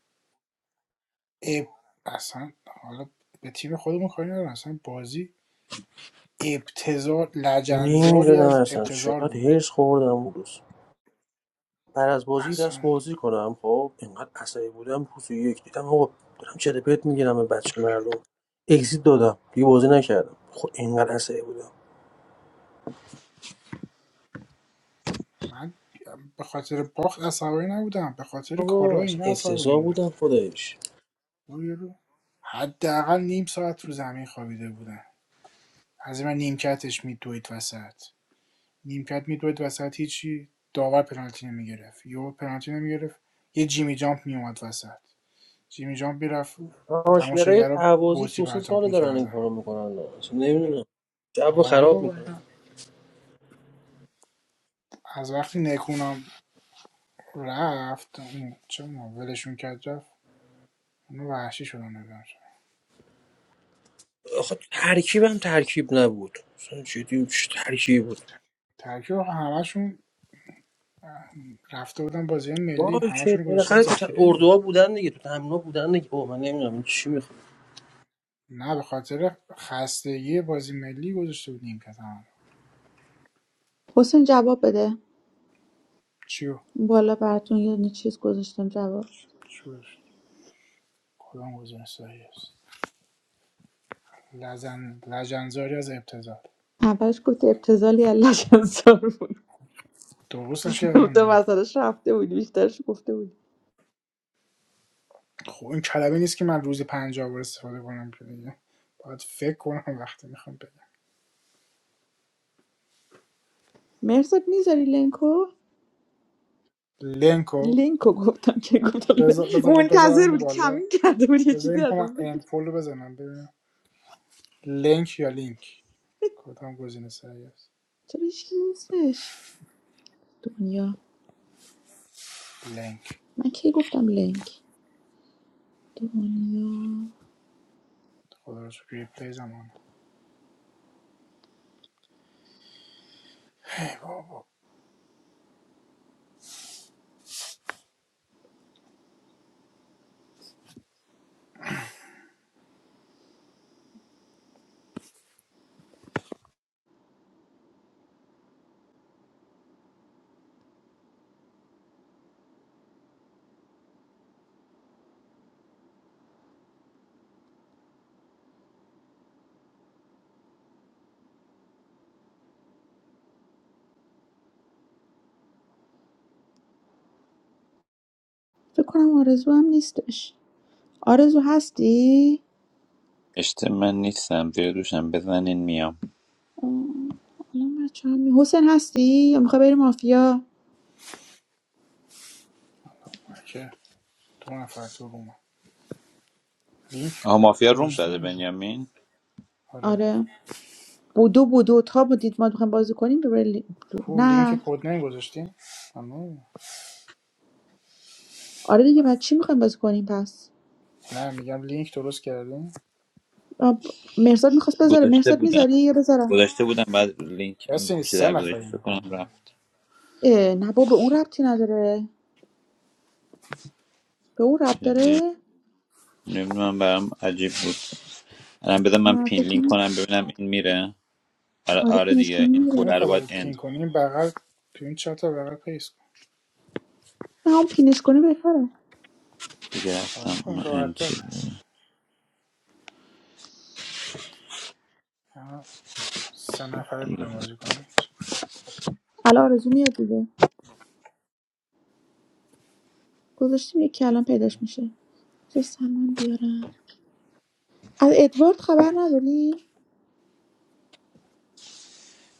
Speaker 2: اب... اصلا حالا به تیم خودمون کاری ندارم اصلا بازی ابتزار لجنزاری
Speaker 21: نمیدونم
Speaker 2: از
Speaker 21: اصلا
Speaker 2: ابتزار
Speaker 21: چقدر
Speaker 2: بود
Speaker 21: هرس خوردم اون روز بعد از بازی رست
Speaker 2: اصلا
Speaker 21: بازی کنم خب اینقدر عصبی بودم روز یک دیدم آقا دارم چه پرت میگیرم به بچه مردم اگزیت دادم دیگه بازی نکردم خب اینقدر عصبی بودم
Speaker 2: من به خاطر باخت عصبانی نبودم به خاطر
Speaker 21: بابا
Speaker 2: کارهای
Speaker 21: اصلا
Speaker 2: اینا عصبانی
Speaker 21: افتضاح
Speaker 2: بودم
Speaker 21: بودم خدایش
Speaker 2: برو یه رو. حداقل نیم ساعت رو زمین خوابیده بودن از این من نیمکتش میدوید وسط نیمکت میدوید وسط هیچی داور پنالتی نمیگرفت یهو پنالتی نمیگرفت یه جیمی جامپ میومد وسط جیمی جامپ میرفت
Speaker 21: تماشگرای
Speaker 2: تماشاگرا
Speaker 21: اهوازی دو
Speaker 2: بطری
Speaker 21: سه
Speaker 2: پرتاب
Speaker 21: سال دارن این
Speaker 2: میکردن
Speaker 21: کارو میکنن اصلا نمیدونم جو
Speaker 2: آره
Speaker 21: خراب
Speaker 2: بابا
Speaker 21: میکنن
Speaker 2: اینا از وقتی نکونم رفت چه ما ولشون کرد رفت اونو وحشی شدن نگرم شد.
Speaker 21: آخه ترکیبم ترکیب نبود مثلا جدی چه ترکیب بود
Speaker 2: ترکیب آخه همشون رفته بودن بازی ملی
Speaker 21: باشه
Speaker 2: همشون رو گذاشته بود
Speaker 21: بالاخره تو ت-
Speaker 2: ذخیره دیگه
Speaker 21: اردوها بودن دیگه تو تمنا بودن دیگه اوه من نمیدونم چی
Speaker 2: نه به خاطر خستگی بازی ملی گذاشته بود نیمکت همه
Speaker 13: حسین جواب بده
Speaker 2: چیو
Speaker 13: بالا براتون یه یعنی چیز گذاشتم جواب
Speaker 2: چیو کدام گزینه صحیح است لزن لجنزاری از ابتذال
Speaker 13: اولش گفتی ابتزالی علش انصار بود
Speaker 2: درستش
Speaker 13: تو
Speaker 2: کردم نیه.
Speaker 13: وسطش رفته بودی بیشترش گفته بودی
Speaker 2: خب این کلمه نیست که من روزی پنجاه بار استفاده کنم که دیگه باید فکر کنم وقتی میخوام بگم
Speaker 13: مرزاد میذاری لینکو
Speaker 2: لینکو
Speaker 13: لینکو گفتم که گفتم
Speaker 2: بذار
Speaker 13: ل-
Speaker 2: بذار- بذارم این
Speaker 13: منتظر بودی
Speaker 2: بالا
Speaker 13: کمین کرده بودی یه
Speaker 2: بذار
Speaker 13: چیزی
Speaker 2: این هم
Speaker 13: ازم
Speaker 2: اند
Speaker 13: بگیر
Speaker 2: فولو بزنم ببینم لینک یا لینک کدام گزینه سریع است
Speaker 13: چرا هیچ نیستش دنیا
Speaker 2: لینک
Speaker 13: من کی گفتم لینک دنیا
Speaker 2: خدا رو شکر ریپلی زمان هی بابا
Speaker 13: فکر کنم آرزو هم نیستش آرزو هستی
Speaker 14: اشته من نیستم زیر دوشم بزنین میام
Speaker 13: آه، الان بچه‌ها می- حسین هستی یا میخوای بری مافیا
Speaker 2: چه دو نفر تو روم لینک
Speaker 14: آها مافیا روم
Speaker 2: گذاشتم
Speaker 14: زده
Speaker 2: اونجا
Speaker 14: بنیامین
Speaker 2: آره
Speaker 13: آره بودو بودو تا بودید ما میخوایم بازی کنیم برای
Speaker 2: کو
Speaker 13: نه
Speaker 2: لینک کد نیم گذاشتین اما
Speaker 13: آره دیگه بعد چی میخوایم بازی کنیم پس
Speaker 2: نه میگم لینک درست کردین
Speaker 13: آ، ب- مرزاد میخواست بذاره
Speaker 14: گذاشته
Speaker 13: مرزاد
Speaker 14: بودم
Speaker 13: میذاری یا بذارم
Speaker 14: گذاشته بودم بعد لینک این
Speaker 2: کسی
Speaker 14: کوچه
Speaker 2: نیست سه
Speaker 14: در گذاشته فکر
Speaker 2: نفریم
Speaker 14: کنم رفت
Speaker 13: اه، نه بابا به اون ربطی نداره به اون ربط
Speaker 14: جدی
Speaker 13: داره
Speaker 14: نمیدونم برام عجیب بود الان بذار من
Speaker 13: نه
Speaker 14: پین
Speaker 13: فکر
Speaker 14: لینک
Speaker 13: نی-
Speaker 14: کنم ببینم این میره آره,
Speaker 13: آره
Speaker 14: آره
Speaker 13: پینش کنی
Speaker 14: دیگه این
Speaker 13: میره
Speaker 14: کوره رو
Speaker 2: نمیخواد
Speaker 14: باید
Speaker 2: رو پین
Speaker 14: اند
Speaker 2: کنی این بغل تو این چهار تا بغل پیس کن
Speaker 13: نه اون پینش کنی بهتره
Speaker 14: دیگه رفتم
Speaker 2: حالا خب این
Speaker 14: اونو اند
Speaker 2: راحت داره
Speaker 14: چیز
Speaker 2: سه نفره
Speaker 14: دیگه
Speaker 2: میخوایم بازی کنیم
Speaker 13: الان آرزو میاد دیگه گذاشتیم یکی الان پیداش میشه بذار سمن بیارم از ادوارد خبر نداری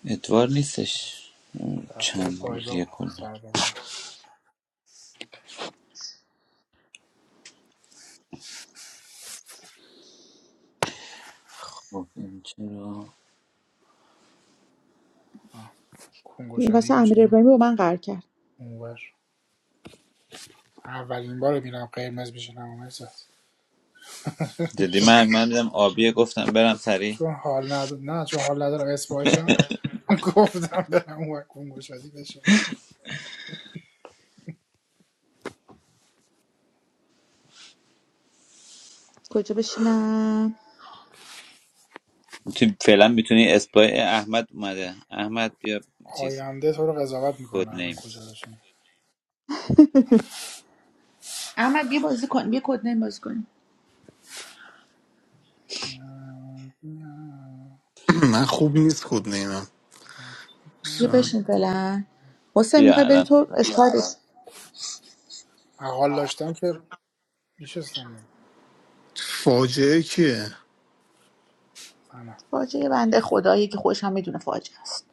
Speaker 14: ادوار نیستش
Speaker 2: رفته
Speaker 14: چند روزیه
Speaker 2: پایگاه
Speaker 14: کنه
Speaker 2: سر بزنم
Speaker 14: خب این چرا
Speaker 2: آه. کنگو
Speaker 13: این
Speaker 2: شدی
Speaker 13: واسه امیر
Speaker 2: بشینیم
Speaker 13: ابراهیمی با من قرار کرد
Speaker 2: اونور اولین بار میرم قرمز بشینم اون وسط.
Speaker 14: جدی
Speaker 2: چون
Speaker 14: من من دیدم آبیه گفتم برم سریع
Speaker 2: چون حال ندارم نه چون حال ندارم اسپایشم گفتم برم اون کنگو شدی بشینم
Speaker 13: کجا بشینم
Speaker 14: تو فعلا میتونی اسپای احمد اومده احمد بیا چیز
Speaker 2: آینده تو رو قضاوت میکنه
Speaker 14: کد
Speaker 2: الان
Speaker 14: نیم
Speaker 2: کجا بشینی
Speaker 13: احمد بیا بازی کن بیا کد نیم بازی کن
Speaker 2: من
Speaker 10: من خوب نیست خود نیمم
Speaker 13: یه بشین فعلا حسین
Speaker 14: بیا
Speaker 13: میخوای بری
Speaker 14: الان
Speaker 13: تو اسکار
Speaker 2: حال داشتم که میشستم
Speaker 10: فاجعه کیه
Speaker 2: نه
Speaker 13: فاجعه بنده خدایی که خودش هم میدونه فاجعه است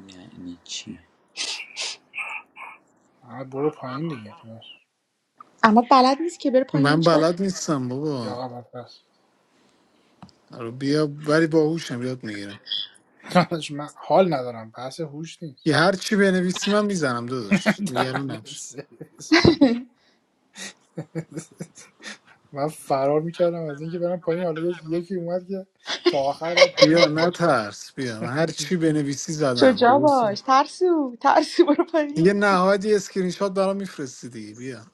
Speaker 14: یعنی چی
Speaker 2: نه برو پایین دیگه داداش
Speaker 13: اما بلد نیست که بره پایین یعنی
Speaker 10: من
Speaker 13: چیکار کنه.
Speaker 10: بلد نیستم بابا
Speaker 2: یا قبل پس
Speaker 10: رو بیا ولی باهوشم یاد میگیرم
Speaker 2: داداش من حال ندارم بحث هوش نیست
Speaker 10: یه هر چی بنویسی من میزنم داداش نگران
Speaker 2: دهنت
Speaker 10: نباش
Speaker 2: سرویس من من فرار میکردم از اینکه برم پایین حالا یکی اومد که تا آخر باید پایین
Speaker 10: بیا نه
Speaker 2: بتونه
Speaker 10: ترس بیا من هر چی بنویسی زدم
Speaker 13: شجاع باش ترسو ترسو برو
Speaker 10: دیگه
Speaker 13: پایین
Speaker 10: نهایت یه اسکرین شات برام میفرستی دیگه بیا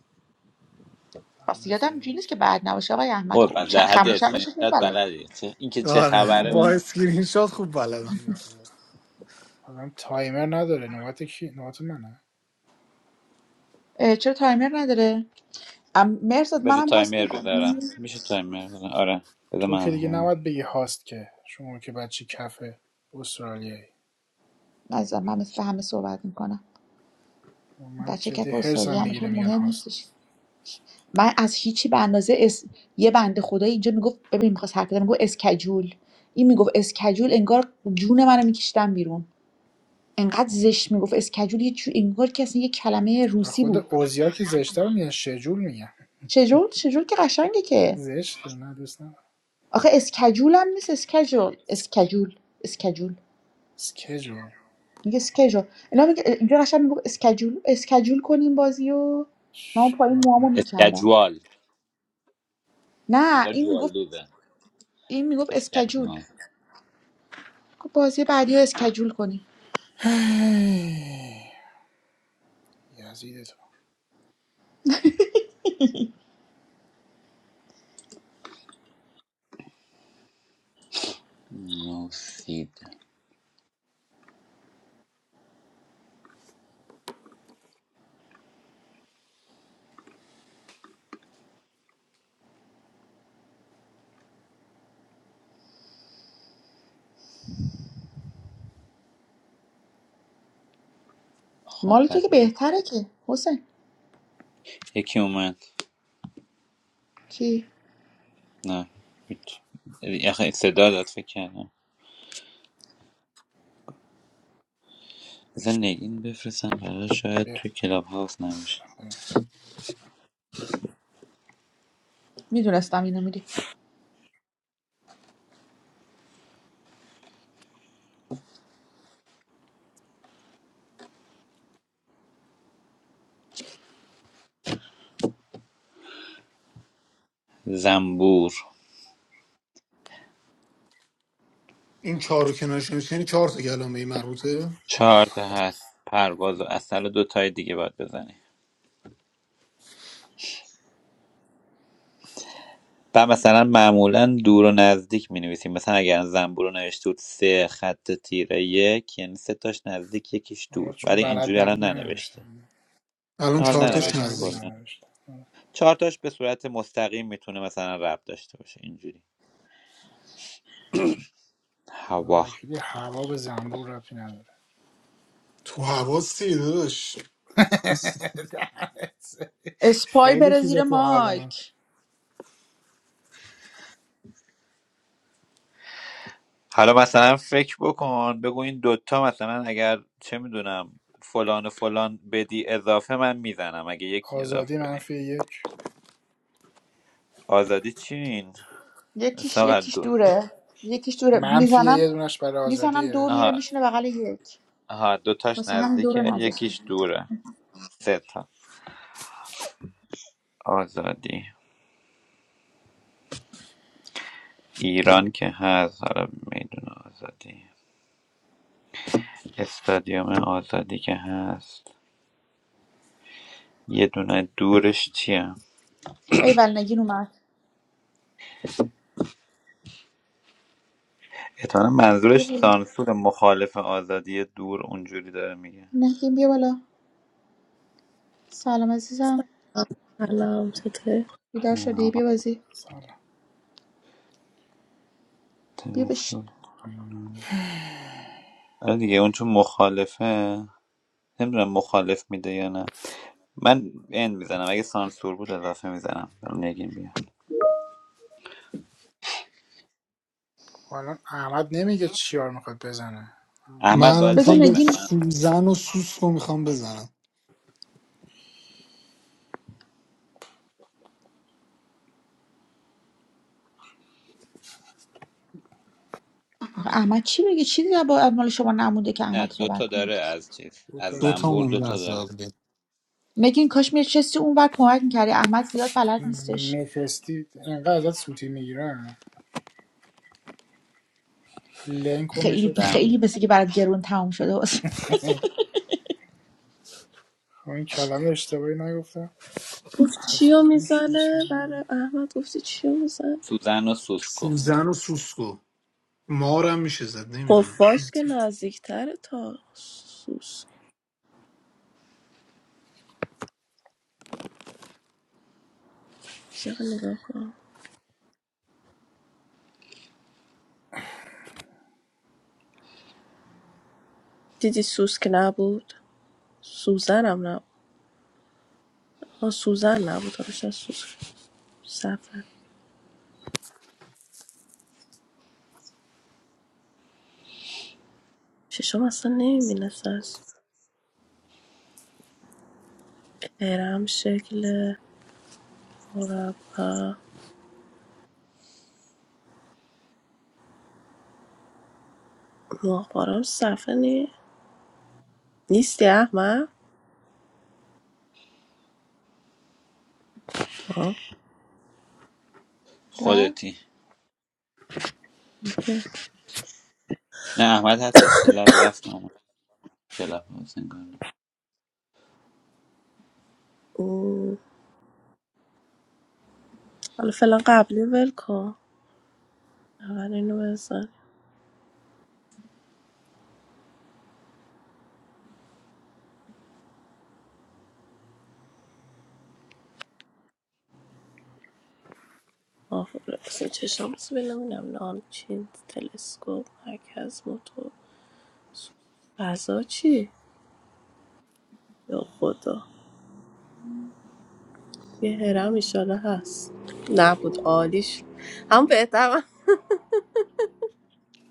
Speaker 13: پس
Speaker 2: دهنت
Speaker 13: یادم اینجوری
Speaker 2: سرویس
Speaker 13: نیست که بعد نباشه آقای احمد خوب
Speaker 14: قربان در حد
Speaker 13: خموشمش خوب
Speaker 14: اسکرینشات
Speaker 13: بلد
Speaker 14: بلدی چه اینکه چه
Speaker 10: آره
Speaker 14: خبره
Speaker 10: با
Speaker 13: آره.
Speaker 14: بلدی
Speaker 10: اسکرین شات خوب بلدم
Speaker 2: یزید تو بابا. آدم تایمر نداره نوبت کی نوبت منه
Speaker 13: اه، چرا تایمر نداره ام مرزاد
Speaker 14: بذار
Speaker 13: منم هاست
Speaker 14: تایمر
Speaker 13: میکنم
Speaker 14: بذارم میشه تایمر بذارم آره بذار
Speaker 2: تو که
Speaker 14: من
Speaker 2: دیگه
Speaker 14: ها.
Speaker 2: نباید بگی هاست که شما که بچه کف استرالیایی
Speaker 13: نزدم من مثل به همه صحبت میکنم
Speaker 2: من
Speaker 13: بچه
Speaker 2: جدی
Speaker 13: کف استادی
Speaker 2: هرسم
Speaker 13: همش
Speaker 2: میگیره میگن
Speaker 13: مهم
Speaker 2: هاست
Speaker 13: نیستش من از هیچی به اندازه اس... یه بنده خدایی اینجا میگفت ببین میخواست حرف بزنه میگفت اسکجول این میگفت اسکجول انگار جون منو میکشتم بیرون انقدر زشت میگفت اسکجول یه جو... انگار کسی یه کلمه
Speaker 2: و
Speaker 13: روسی
Speaker 2: خود
Speaker 13: بود
Speaker 2: اوزیا که زشته رو میگن شجول میگن
Speaker 13: شجول شجول که قشنگه که
Speaker 2: زشته نه دوست ندارم
Speaker 13: آخه اسکجول هم نیست اسکجول
Speaker 2: س-
Speaker 13: اسکجول اسکجول
Speaker 2: سکجول
Speaker 13: میگه اسکجول اینا میگه اینجا قشنگ میگفت اسکجول اسکجول کنیم بازیو و من اون پایین
Speaker 2: چیکار
Speaker 13: موامو
Speaker 2: کنم
Speaker 13: میکندم
Speaker 14: اسکجوال
Speaker 13: نه
Speaker 14: انگار
Speaker 13: این میگفت
Speaker 14: جوالدوزه
Speaker 13: این میگفت اسکجول
Speaker 14: اسکجوال
Speaker 13: گفت بازی بعدی رو اسکجول کنیم
Speaker 2: یزید تو
Speaker 14: نو سید خب
Speaker 13: مال تو که
Speaker 14: پس این
Speaker 13: بهتره که حسین
Speaker 14: یکی اومد
Speaker 13: چی
Speaker 14: نه هیچ. آخه صدا داد فکر کردم بذار نگین بفرستم برای شاید
Speaker 2: بیا.
Speaker 14: توی کلاب هاوس نمیشه
Speaker 13: میدونستم اینو میری
Speaker 14: زنبور
Speaker 10: این چهار رو کنارش نمیشه یعنی چهار تا کلمه ای مربوطه
Speaker 14: چهار تا
Speaker 2: آره.
Speaker 14: هست پرواز و اصل و دو تای دیگه باید بزنی و مثلا معمولا دور و نزدیک می نویسیم مثلا اگر زنبور رو نوشته بود سه خط تیره یک یعنی سه تاش نزدیک یکیش
Speaker 2: حالا
Speaker 14: دور
Speaker 2: چون
Speaker 14: ولی
Speaker 2: بلد
Speaker 14: اینجوری الان
Speaker 2: نبود
Speaker 14: ننوشته
Speaker 2: ننوشتم
Speaker 10: الان
Speaker 2: من
Speaker 14: حال
Speaker 10: چهار
Speaker 2: چون
Speaker 10: تاش
Speaker 2: بلد
Speaker 14: ننوشته
Speaker 2: نبود
Speaker 10: نزدیک
Speaker 14: کلا
Speaker 2: ننوشتم آره.
Speaker 14: چهار تاش به صورت مستقیم میتونه مثلا رب داشته باشه اینجوری
Speaker 2: خدا
Speaker 14: هوا
Speaker 2: وکیلی هوا به زنبور ربطی نداره
Speaker 10: تو حواسی داداش
Speaker 13: اسپای
Speaker 2: خیلی
Speaker 13: بره
Speaker 2: چیزا
Speaker 13: زیر
Speaker 2: تو هوا
Speaker 13: مایک
Speaker 14: حالا مثلا فکر بکن بگو این دوتا مثلا اگر چه میدونم فلان و فلان بدی اضافه من میزنم اگه یکی اضافه
Speaker 2: آزادی
Speaker 14: بدی
Speaker 2: منفی یک
Speaker 14: آزادی چین
Speaker 13: یکیش
Speaker 14: ساقت
Speaker 13: یکیش
Speaker 14: دو
Speaker 13: دوره یکیش دوره
Speaker 2: منفی
Speaker 13: میزنم
Speaker 2: یه دونش برای
Speaker 13: میزنم دو
Speaker 2: آزادیه
Speaker 13: میره
Speaker 14: آها
Speaker 13: میشینه بغل یک
Speaker 14: آها دوتاش
Speaker 13: واسه همین دو رو
Speaker 14: نزدیکه یکیش
Speaker 13: نذاشتم
Speaker 14: دوره سه تا آزادی ایران که هست حالا میدون آزادی استادیوم آزادی که هست یه دونه دورش چیه
Speaker 13: ای ول نگین اومد
Speaker 14: اتمنی
Speaker 13: بیا
Speaker 14: منظورش
Speaker 13: بالا
Speaker 14: سانسور مخالف آزادی دور اونجوری داره میگه
Speaker 13: نگین بیا بالا سلام عزیزم
Speaker 22: سلام چطوری
Speaker 13: بیدار شدی بیا
Speaker 14: آه،
Speaker 13: بازی
Speaker 2: سلام
Speaker 13: بیا بش
Speaker 14: تلسکوپ آره دیگه اون چون مخالفه نمیدونم مخالف میده یا نه من این میزنم اگه سانسور بود اضافه میزنم نگیم بیا
Speaker 2: خب الان احمد نمیگه چیار میخواد بزنه
Speaker 10: من
Speaker 14: احمد
Speaker 10: الان
Speaker 14: باید
Speaker 13: بذار
Speaker 10: میخوام
Speaker 14: بگی
Speaker 10: به
Speaker 13: نگین
Speaker 14: مثلا
Speaker 10: سوزن و سوسکو میخوام بزنم
Speaker 13: آخه احمد چی میگه چیزی با مال شما نمونده که
Speaker 14: نه
Speaker 13: احمد
Speaker 14: دو
Speaker 13: صحبت کنه
Speaker 14: داره
Speaker 13: که.
Speaker 14: از چیز
Speaker 2: دو
Speaker 14: از
Speaker 2: تاش
Speaker 10: دوتا
Speaker 14: زنبور
Speaker 10: مونده
Speaker 2: مونده
Speaker 14: دوتا تا
Speaker 10: از
Speaker 14: داره
Speaker 10: قبلی.
Speaker 13: نگین کاش میرسستی اون بر کمک میکردی احمد زیاد بلد نیستش
Speaker 2: مفستی انقدر ازت سوتی میگیرن لنک و
Speaker 13: خیلی
Speaker 2: مفستی
Speaker 13: خیلی
Speaker 2: میگیرن.
Speaker 13: مثل که برات گرون تموم شده واسه
Speaker 2: خب این کلمه اشتباهی نگفتم
Speaker 22: گفت
Speaker 2: از
Speaker 22: چیو
Speaker 2: توش یه
Speaker 22: میزنه
Speaker 2: چیزی
Speaker 22: برای
Speaker 2: دیگه.
Speaker 22: احمد گفتی چیو میزنه
Speaker 14: سوزن و سوس گفت
Speaker 10: سوزن و سوسکو مارم میشه زد نمیدونم
Speaker 22: خفاش که نزدیکتره تا سوس چرا نگاه کن دیدی سوس که نبود سوزن هم نبود ها سوزن نبود ها بیشتر سوس سفر ششم اصلا نمیبینست از هرم شکل مربع ماهوارم صفحه نی- نیستی احمد آه.
Speaker 13: نه؟
Speaker 14: خودتی
Speaker 22: اوکی.
Speaker 14: نه احمد هستش یه لب رفتم کلاب هاوس انگار نه.
Speaker 22: اوه. حالا فعلا قبلی ول کن اول اینو بزن آفرس چشام بس ببینم نام چین تلسکوپ مرکز موتور فضا چی؟ یا خدا یه هرم ایشالا هست نبود عالیش هم بهتر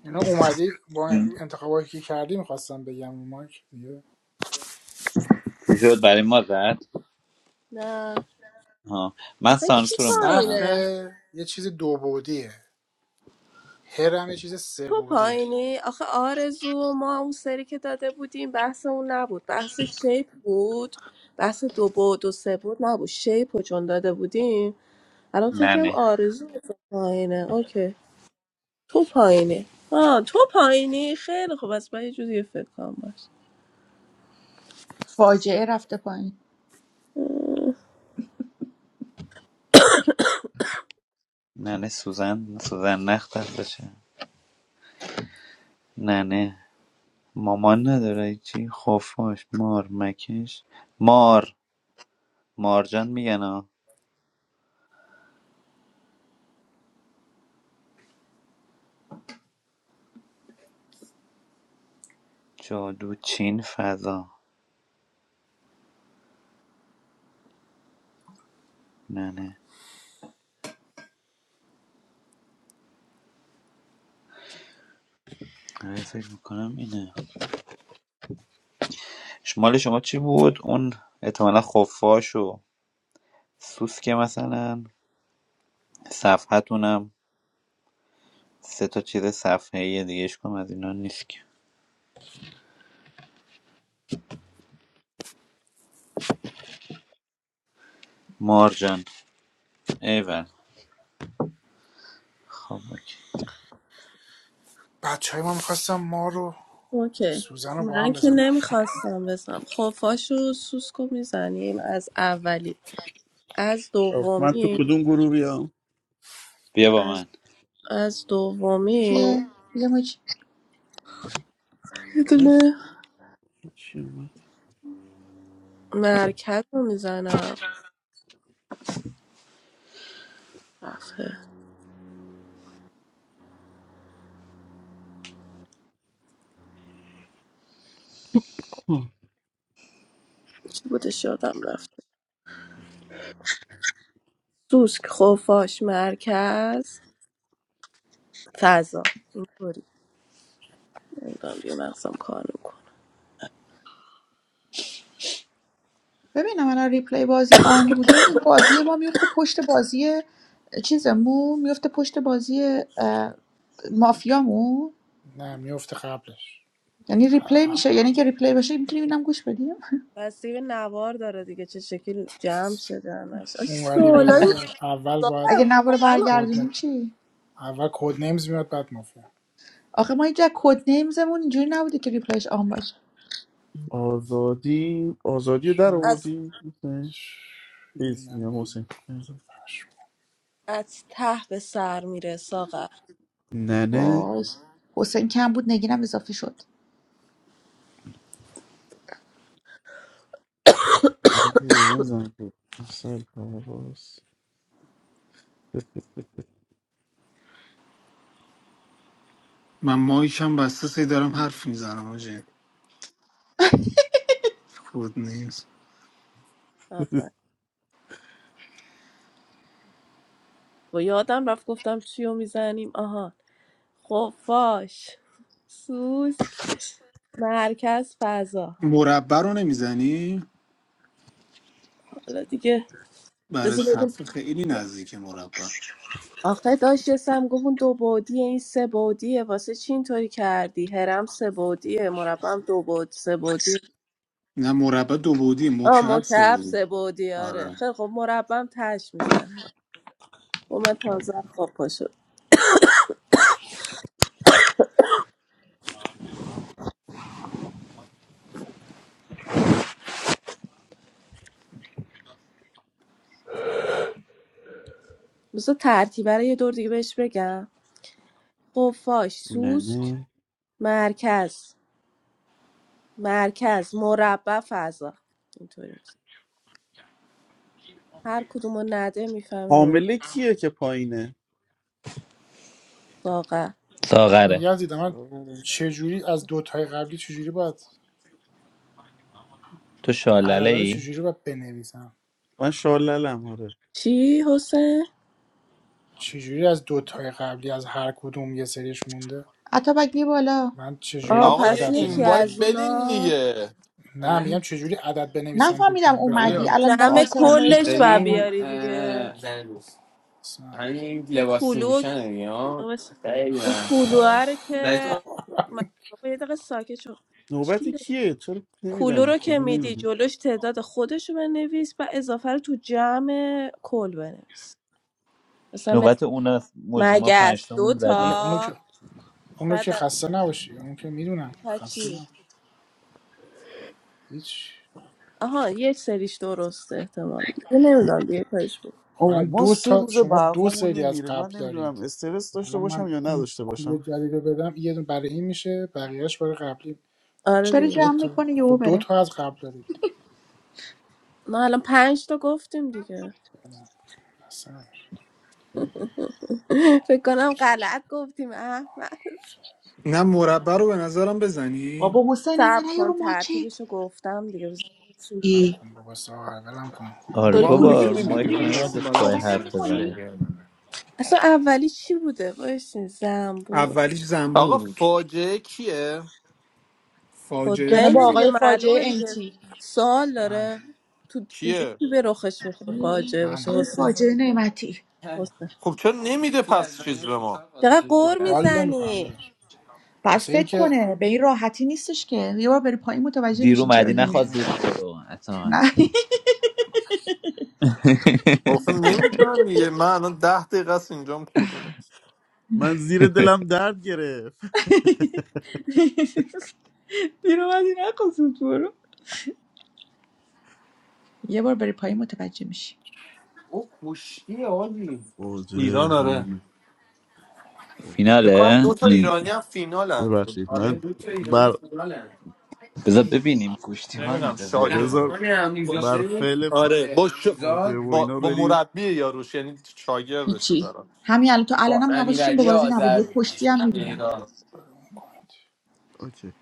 Speaker 2: اینا اومدی با این انتخابایی که کردی میخواستم بگم رو مایک دیگه
Speaker 14: چی شد برای ما زد
Speaker 22: نه
Speaker 14: ها من
Speaker 22: اصلا کی
Speaker 14: سانسور رو
Speaker 2: صف
Speaker 14: میزنم
Speaker 22: پایینه
Speaker 2: یه چیز دو بعدیه هرم یه چیز سه
Speaker 22: تو
Speaker 2: بعدیه
Speaker 22: پایینی آخه آرزو ما اون سری که داده بودیم بحث اون نبود بحث شیپ بود بحث دو بود و سه بود نبود شیپ رو چون داده بودیم الان فکرم
Speaker 14: نه
Speaker 22: آرزو پایینه اوکی تو پایینی آه تو پایینی خیلی خوب از من یه جوری فکر کنم باش
Speaker 13: فاجعه رفته پایین
Speaker 14: ننه سوزن سوزن نخت هستشه ننه مامان نداره چی خفاش مار مکش مار مارجان میگن ها جادو چین فضا نه نه آره، فکر میکنم اینه شمال شما چی بود اون احتمالا خفاش و سوسکه مثلا صفحتونم سه تا چیز صفحه ای دیگه کم از اینا نیست که مارجان ایول خب اوکی.
Speaker 2: بچه های ما میخواستم ما رو
Speaker 22: اوکی
Speaker 2: سوزن رو با هم
Speaker 22: من که
Speaker 2: بزنم
Speaker 22: نمیخواستم بزنم خفاشو سوسکو میزنیم از اولی از
Speaker 9: خب، من تو
Speaker 22: دومی
Speaker 9: کدوم گروه بیام
Speaker 14: بیا با
Speaker 22: از
Speaker 14: من
Speaker 22: از دومی
Speaker 13: کیه یه مچ
Speaker 22: یه
Speaker 9: اه،
Speaker 22: دونه
Speaker 9: چی اومد؟
Speaker 22: مرکز رو میزنم رفته چی بودش یادم رفته سوسک خفاش مرکز فضا اینطوری نمیدونم دیگه مغزم کار نمی‌کنه.
Speaker 13: ببینم الان ریپلی بازی آن بوده این بازی ما میفته پشت بازی چیزمون میفته پشت بازی اه، مافیامون
Speaker 2: نه میفته قبلش
Speaker 13: یعنی ریپلی میشه یعنی که ریپلی باشه میتونیم اینم گوش بدیم
Speaker 22: بستگی به نوار داره دیگه چه شکل جمع شده همش آجی
Speaker 2: اونوری
Speaker 22: سوالای
Speaker 2: بذاری اول
Speaker 22: ساقه
Speaker 2: باید
Speaker 13: اگه نوار
Speaker 22: واقعا
Speaker 2: کد نه
Speaker 13: برگردونیم چی
Speaker 2: اول کد نیمز میاد بعد مافیا
Speaker 13: آخه ما اینجا کد نیمزمون اینجوری نبوده که ریپلیش آن باشه
Speaker 9: آزادی آزادی رو در
Speaker 2: شاید
Speaker 22: از
Speaker 9: آوردی حسین؟
Speaker 2: چی
Speaker 9: چیز
Speaker 2: بگم به
Speaker 9: میگم
Speaker 2: اینا
Speaker 9: حسین
Speaker 22: از ته به سر میره ساقه
Speaker 9: ننه
Speaker 13: باز حسین کم بود نگینم اضافه شد
Speaker 9: اینو که بدن زن بود مثل حواس
Speaker 10: من مایکم بسته سی دارم حرف میزنم آجین خود نیست
Speaker 22: آفر با یادم رفت گفتم چیو میزنیم آها خفاش سوسک مرکز فضا
Speaker 10: مربع رو نمیزنی
Speaker 22: حالا دیگه
Speaker 10: برای
Speaker 22: بذار ببین
Speaker 10: صفحه خیلی نزدیک مربع
Speaker 22: آخه داشت یه سم گفت اون دو بعدیه این سه بعدیه واسه چی اینطوری کردی هرم سه بعدیه مربع هم دو بعد سه
Speaker 10: نه مربع دو بعدی
Speaker 22: آه
Speaker 10: مکعب سه
Speaker 22: مکعب
Speaker 10: بعدی
Speaker 22: سه بعدی آره
Speaker 10: آره
Speaker 22: خیلی خب مربم تش میزنه خب من تازه خواب پا شد بذار ترتیب برای یه دور دیگه بهش بگم خفاش سوسک
Speaker 9: ننه
Speaker 22: مرکز مرکز مربع فضا اینطوری میشه هر کدوم رو نده میفهمیم
Speaker 9: حامله کیه که پایینه
Speaker 22: ساقه
Speaker 2: آخه
Speaker 14: ساغره
Speaker 2: یزید من
Speaker 9: آره.
Speaker 2: چجوری از دوتای قبلی چجوری باید
Speaker 14: تو شالله
Speaker 2: عددا رو
Speaker 14: ای
Speaker 2: چجوری باید بنویسم
Speaker 9: من شاللم آره
Speaker 22: چی حسین؟
Speaker 2: چجوری از دوتای قبلی از هر کدوم یه سریش مونده
Speaker 13: عطا بیا بالا
Speaker 2: من چجوری
Speaker 22: آه
Speaker 23: آقا
Speaker 22: پس
Speaker 23: یه
Speaker 2: عدد
Speaker 22: یکی
Speaker 23: اینوایت
Speaker 22: از
Speaker 2: بنویسم
Speaker 23: بدین
Speaker 22: اونا
Speaker 23: دیگه
Speaker 2: نه
Speaker 23: آره
Speaker 2: میگم چجوری عدد بنویسم که
Speaker 13: نفهمیدم
Speaker 2: شما
Speaker 13: اومدی
Speaker 23: آریا
Speaker 2: بفهمید
Speaker 13: الان دیدم
Speaker 22: جمع
Speaker 13: آرسلان
Speaker 2: بود
Speaker 13: نوشته
Speaker 22: کلش
Speaker 23: داری
Speaker 13: یادم
Speaker 22: بر
Speaker 23: این
Speaker 13: اومد
Speaker 22: بیاری دیگه
Speaker 23: اه، زن-
Speaker 2: اصلا.
Speaker 23: همین
Speaker 22: این
Speaker 23: لباس
Speaker 22: کلو
Speaker 23: پوشن دیگه ها
Speaker 22: نامش-
Speaker 23: خیلی
Speaker 22: این
Speaker 23: نحس
Speaker 22: کلوه رو که
Speaker 23: تو.
Speaker 22: من- بابا یه دقیقه ساکت شو
Speaker 9: نوبت
Speaker 22: چی لب-
Speaker 9: کیه چرا
Speaker 22: کلو
Speaker 9: نمیدن
Speaker 22: رو که
Speaker 9: کلو
Speaker 22: میدی
Speaker 9: نمیدن
Speaker 22: جلوش تعداد خودش رو بنویس و اضافه رو تو جمع کل بنویس مثلا م-
Speaker 14: نوبت اون است مجیما
Speaker 22: مگس
Speaker 14: پنجتامون
Speaker 22: دو
Speaker 14: رو
Speaker 2: بله
Speaker 14: زدیم
Speaker 2: اونو که
Speaker 22: تا
Speaker 2: اونو
Speaker 22: بعد
Speaker 2: که
Speaker 22: از
Speaker 2: خسته نباشی اون که میدونم
Speaker 22: دو تا
Speaker 2: خسته
Speaker 22: چی
Speaker 2: نباشی هیچ
Speaker 22: آها یک سریش درسته احتمال نمیدونم دیگه کارش بود
Speaker 2: خب
Speaker 9: آه
Speaker 2: الان
Speaker 9: ما
Speaker 2: دو
Speaker 9: سه
Speaker 2: تا
Speaker 9: روز
Speaker 2: شما دو
Speaker 9: برقامون
Speaker 2: سری از
Speaker 9: نمیره من
Speaker 2: قبل
Speaker 9: نمیدونم
Speaker 2: دارید
Speaker 9: استرس داشته
Speaker 2: الان
Speaker 9: باشم
Speaker 2: من
Speaker 9: یا
Speaker 2: این
Speaker 9: نداشته
Speaker 2: کلوب
Speaker 9: باشم
Speaker 2: جدید رو بدم یه دونه برای این میشه بقیهش برای قبلی
Speaker 22: آره
Speaker 13: داره
Speaker 22: دیگه
Speaker 2: دو
Speaker 13: جمع
Speaker 2: تا
Speaker 13: میکنه یهو
Speaker 2: خب دو
Speaker 13: بره
Speaker 2: تا از قبل دارید
Speaker 22: ما الان پنج تا گفتیم دیگه
Speaker 2: اصلا نباشید
Speaker 22: فکر کنم غلط گفتیم اه
Speaker 10: نه مربع رو به نظرم بزنی
Speaker 13: بابا حسین
Speaker 22: صبر
Speaker 13: انقدر نیا
Speaker 22: کن
Speaker 13: رو ماچت
Speaker 22: ترتیبشو گفتم دیگه بزن چی میگه
Speaker 2: من
Speaker 13: ای
Speaker 2: کن بابا ساغر ولم کن
Speaker 10: نه
Speaker 14: آره
Speaker 13: داری
Speaker 10: من اونو
Speaker 13: کلو
Speaker 10: که
Speaker 14: بابا
Speaker 13: میری
Speaker 10: نمیدونم
Speaker 14: مایک
Speaker 13: داری
Speaker 10: اون
Speaker 13: بهشون
Speaker 14: نباید
Speaker 10: اصلا بلد
Speaker 14: اسپای
Speaker 13: صحبت هم
Speaker 10: نیستم
Speaker 14: حرف
Speaker 13: میکنی
Speaker 10: چیکار
Speaker 14: بزنه
Speaker 10: کردم
Speaker 22: اصلا اولی چی بوده وایسین زنبور
Speaker 10: اولیش زنبور
Speaker 23: آقا
Speaker 10: بود
Speaker 23: فاجعه کیه
Speaker 10: فاجعه
Speaker 13: جناب
Speaker 22: حسین
Speaker 10: چیزی
Speaker 22: دیگه
Speaker 10: بود.
Speaker 13: آقای فاجعه
Speaker 22: معلومه دیگه
Speaker 13: انتی
Speaker 22: سوال
Speaker 2: من
Speaker 22: داره تو اینجا
Speaker 23: کیه
Speaker 22: کی به رخش میخوره فاجعه باشه
Speaker 2: من
Speaker 13: آقای
Speaker 22: حسین
Speaker 13: فاجعه نعمتی
Speaker 23: اه،
Speaker 22: حسین
Speaker 23: خب چرا نمیده کی از پس چیز زنگ به ما فوتبال
Speaker 22: چقدر
Speaker 23: خدافزی
Speaker 22: قور
Speaker 23: کرد
Speaker 2: حال نمیکنم
Speaker 22: میزنی
Speaker 2: نداشت
Speaker 13: بعد
Speaker 2: واسه
Speaker 13: فکر
Speaker 2: اینکه
Speaker 13: کنه به این راحتی نیستش که یه بار بری پایین متوجه
Speaker 14: دیر
Speaker 13: میشین چرا
Speaker 14: اومدی نخواد
Speaker 13: نمیگه
Speaker 14: زود
Speaker 2: نمیگم
Speaker 14: برو
Speaker 13: نه
Speaker 14: اتمک
Speaker 23: آخه نمیدونم دیگه من الان ده دقیقه است اینجام کلونه
Speaker 9: من زیر دلم درد گرفت
Speaker 13: دیر اومدی نخواست برو یه بار بری پایین متوجه میشی
Speaker 23: او کشتی آلی
Speaker 9: واجه
Speaker 23: ایران آره
Speaker 9: هومه.
Speaker 23: فکر کنم
Speaker 14: فیناله
Speaker 23: دو تا
Speaker 14: این
Speaker 23: ایرانی هم فینالن
Speaker 9: ببخشید
Speaker 23: آره
Speaker 9: من
Speaker 23: دو تا ایرانی
Speaker 9: بر
Speaker 23: فوتبالن.
Speaker 14: بذار ببینیم کشتی حال
Speaker 23: نمیدونم
Speaker 14: میده
Speaker 23: شاگرد
Speaker 14: زندگی
Speaker 9: بذار
Speaker 23: رحمان
Speaker 9: بر
Speaker 23: عمیزاده
Speaker 9: فعل
Speaker 23: آره با, ش...
Speaker 9: فاجعه
Speaker 23: علیزاد
Speaker 9: و
Speaker 23: با...
Speaker 9: اینا
Speaker 23: با
Speaker 9: بریم
Speaker 23: مربی یاروش یعنی شاگردشه
Speaker 13: هیچی
Speaker 23: طرف
Speaker 13: همین الان تو
Speaker 23: با
Speaker 13: الانم حواسشون به
Speaker 23: امیرعلی
Speaker 13: بازی نبود یه
Speaker 23: آذر
Speaker 13: پشتی هم میبینن
Speaker 23: اینا
Speaker 9: اوکی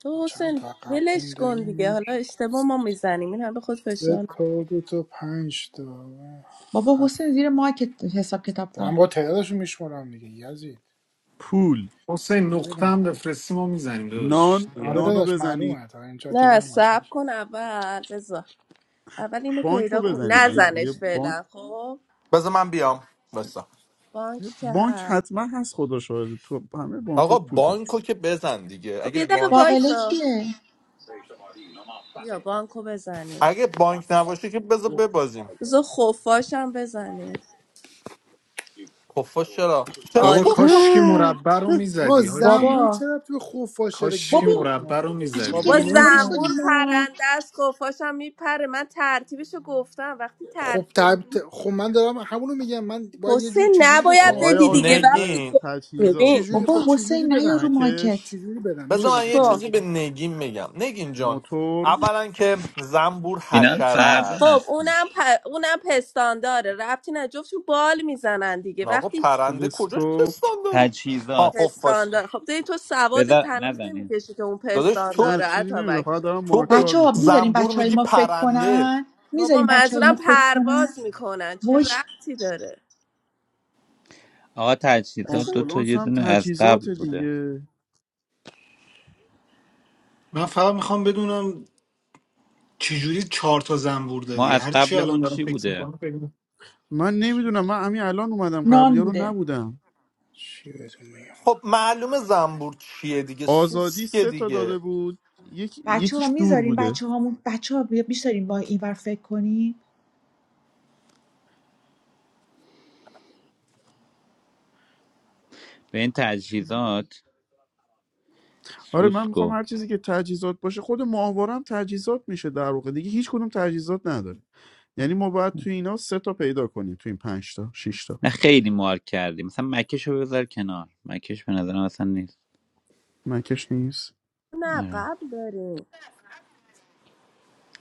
Speaker 22: تو
Speaker 2: چند
Speaker 22: حسین
Speaker 2: تا قبل
Speaker 22: ولش
Speaker 2: مونده
Speaker 22: کن دیگه
Speaker 2: یک
Speaker 22: حالا اشتباه ما میزنیم این هم به خود
Speaker 2: سه
Speaker 22: فشار
Speaker 2: تا دو تا پنج تا
Speaker 13: بابا
Speaker 2: هفت
Speaker 13: حسین زیر مایکت حساب کتاب
Speaker 2: دارم
Speaker 13: کن
Speaker 2: با تعدادشون میشمارم دیگه یزید
Speaker 9: پول
Speaker 10: حسین
Speaker 2: دیگه
Speaker 10: نقطه
Speaker 2: برم
Speaker 10: هم بفرستی ما میزنیم داداش
Speaker 9: نان
Speaker 2: آره
Speaker 9: نانو
Speaker 10: دیگرم.
Speaker 2: داداش
Speaker 9: بزنید
Speaker 2: معلومه تا اینجا
Speaker 22: نه
Speaker 2: دیدم باشم
Speaker 22: صبر کن اول بذار اول اینو
Speaker 9: بانک رو
Speaker 22: پیدا کن
Speaker 9: بزنید یعنی
Speaker 22: نزنش
Speaker 9: دیگه بانک
Speaker 22: فعلا خب
Speaker 23: بذار من بیام بسا
Speaker 22: بانک که
Speaker 9: بانک
Speaker 22: هست
Speaker 9: حتما هست خدا شاهده تو همه بانک ها
Speaker 23: آقا
Speaker 9: پول هست
Speaker 23: بانکو که بزن دیگه
Speaker 22: خب
Speaker 23: اگه
Speaker 22: یه دقیقه
Speaker 23: بانک
Speaker 13: باقله
Speaker 22: وایسا
Speaker 13: کیه
Speaker 22: یا بانکو بزنی
Speaker 23: اگه بانک نباشه که بذار ببازیم
Speaker 22: بذار خفاشم بزنه
Speaker 23: خفاش چرا چرا
Speaker 10: بابا
Speaker 22: آری
Speaker 23: خفاش
Speaker 10: کاشکی مربع رو
Speaker 2: آقا
Speaker 10: میزدی حاجی
Speaker 2: زنبور
Speaker 13: بابا
Speaker 2: چرا توی خفاش داره گیر
Speaker 10: کاشکی
Speaker 2: دادی
Speaker 13: بابا
Speaker 2: تو ما
Speaker 10: مربع
Speaker 2: به
Speaker 10: رو
Speaker 13: عجب
Speaker 10: میزدی
Speaker 2: خفاش من
Speaker 22: بابا
Speaker 10: واقعا
Speaker 13: گرفتاری
Speaker 2: نمیفهمم
Speaker 22: زنبور
Speaker 13: شدیم ما
Speaker 22: پرنده است خفاشم میپره من ترتیبشو گفتم وقتی
Speaker 2: خب
Speaker 22: ترتیب رو
Speaker 2: طب...
Speaker 22: میدیم
Speaker 2: خب من دارم همونو میگم من باید یه جور
Speaker 22: حسین
Speaker 2: چجوری به
Speaker 22: نباید
Speaker 2: شما ب...
Speaker 22: بدی
Speaker 9: آیا
Speaker 22: دیگه
Speaker 9: حسین
Speaker 22: وقتی
Speaker 9: نه
Speaker 23: نگین
Speaker 22: تو ببین
Speaker 9: تجهیزات
Speaker 2: چجوری
Speaker 13: بابا
Speaker 2: خب چجوری
Speaker 13: حسین نیا رو
Speaker 2: بدم
Speaker 13: مایکت
Speaker 9: مکش
Speaker 2: چجوری بدم میشه
Speaker 23: بذار
Speaker 22: گوش
Speaker 23: من
Speaker 2: بگی
Speaker 23: یه
Speaker 2: چجوری
Speaker 22: کن
Speaker 23: چیزی به
Speaker 2: بدم
Speaker 23: نگین میگم نگین جان
Speaker 9: موتور
Speaker 23: اولا که زنبور
Speaker 14: فینال
Speaker 23: حشره
Speaker 14: فردا
Speaker 22: خب
Speaker 23: است
Speaker 14: هست
Speaker 22: اونم پ... اونم پستانداره داره ربطی نه جفتشون بال میزنن دیگه
Speaker 23: آقا
Speaker 22: وقتی
Speaker 23: پرنده کجاش
Speaker 9: تلسکوپ
Speaker 23: پستان داره ها
Speaker 14: تجهیزات
Speaker 23: خفاش
Speaker 22: پستاندار خب دیگه تو سواد
Speaker 14: بذار
Speaker 22: تنوز
Speaker 14: نزنیم
Speaker 22: نمیکشی که اون
Speaker 23: داداش تو
Speaker 22: پستانداره
Speaker 9: نه
Speaker 22: داره
Speaker 9: چیزی نمیدونم
Speaker 22: عطابک
Speaker 9: فقط
Speaker 22: جان
Speaker 9: دارم
Speaker 23: تو به
Speaker 9: مارکدار
Speaker 13: بچه ها
Speaker 9: میکنم
Speaker 13: میذاریم
Speaker 23: زنبور
Speaker 13: بچه های
Speaker 23: میگی
Speaker 13: ما فکر
Speaker 23: پرنده
Speaker 13: کنن
Speaker 22: بابا
Speaker 13: میذاریم بچه های ما
Speaker 22: منظورم
Speaker 13: فکر کنن
Speaker 22: پرواز میکنن چه
Speaker 13: وش
Speaker 22: ربطی داره
Speaker 14: آقا تجهیزات
Speaker 22: بچه‌ها،
Speaker 14: دو تا
Speaker 9: آمبولانس
Speaker 14: یه
Speaker 9: هم
Speaker 14: دونه از
Speaker 9: تجهیزات
Speaker 14: قبل بوده
Speaker 9: دیگه
Speaker 10: من فقط میخوام بدونم چجوری چهار تا زنبور
Speaker 14: ما
Speaker 10: دادی
Speaker 14: از
Speaker 10: هر چی الان
Speaker 14: قبلمون
Speaker 10: دارم
Speaker 14: چی
Speaker 10: فکر
Speaker 14: بوده
Speaker 10: میکنم بگم
Speaker 9: من
Speaker 2: چ-
Speaker 9: نمیدونم من همین الان اومدم قبلی
Speaker 13: نان
Speaker 9: رو
Speaker 13: بوده
Speaker 9: نبودم
Speaker 2: چی بهتون میگم
Speaker 23: خب معلومه زنبور چیه دیگه
Speaker 9: آزادی
Speaker 23: سوسکه
Speaker 9: سه تا داده
Speaker 23: دیگه
Speaker 9: بود یک...
Speaker 13: بچه ها
Speaker 9: یکیش دور
Speaker 13: میذاریم
Speaker 9: بوده
Speaker 13: بچه هامون بچه ها میذاریم با اینور فکر کنیم
Speaker 14: به این تجهیزات
Speaker 9: آره من میخوام
Speaker 14: سوسکو
Speaker 9: هر چیزی که تجهیزات باشه خود ماهواره هم تجهیزات میشه در واقع دیگه هیچ کدوم تجهیزات نداره یعنی ما باید تو اینا سه تا پیدا کنیم تو این پنج تا شش تا
Speaker 14: نه خیلی مار کردیم مثلا مکش رو بذار کنار مکش به نظرم اصلا نیست
Speaker 9: مکش نیست
Speaker 22: نه
Speaker 14: آره
Speaker 22: قبل داریم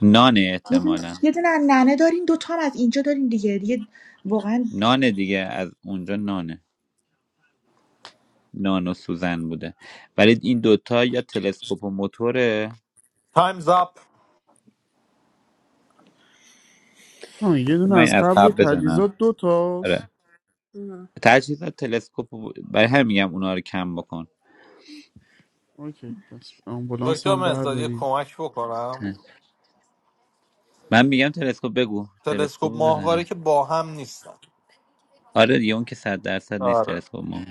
Speaker 14: نانه
Speaker 13: یه دونه
Speaker 14: احتمالا
Speaker 13: یه دونه از ننه داریم دوتا هم از اینجا داریم دیگه دیگه واقعا
Speaker 14: نانه دیگه از اونجا نانه نان و سوزن بوده ولی این دوتا یا تلسکوپ و موتوره
Speaker 23: تایمز اپ
Speaker 9: آه یه دونه
Speaker 14: من این
Speaker 9: از
Speaker 14: از
Speaker 9: قبل
Speaker 14: قبل بزنم
Speaker 9: تجهیزات دو تاست
Speaker 14: آره
Speaker 22: ام.
Speaker 14: تجهیزات تلسکوپ و- برای همین میگم اونا رو کم بکن
Speaker 9: اوکی پس آمبولانس
Speaker 23: دکتر
Speaker 9: هم
Speaker 23: مزدادی
Speaker 9: برداریم
Speaker 23: کمک بکنم
Speaker 14: ت- من میگم تلسکوپ بگو تلسکوپ
Speaker 23: تلسکوپ
Speaker 14: رو بزنیم
Speaker 23: ماهواره که با هم نیستن
Speaker 14: آره دیگه اون که صد درصد نیست
Speaker 23: آره
Speaker 14: تلسکوپ ما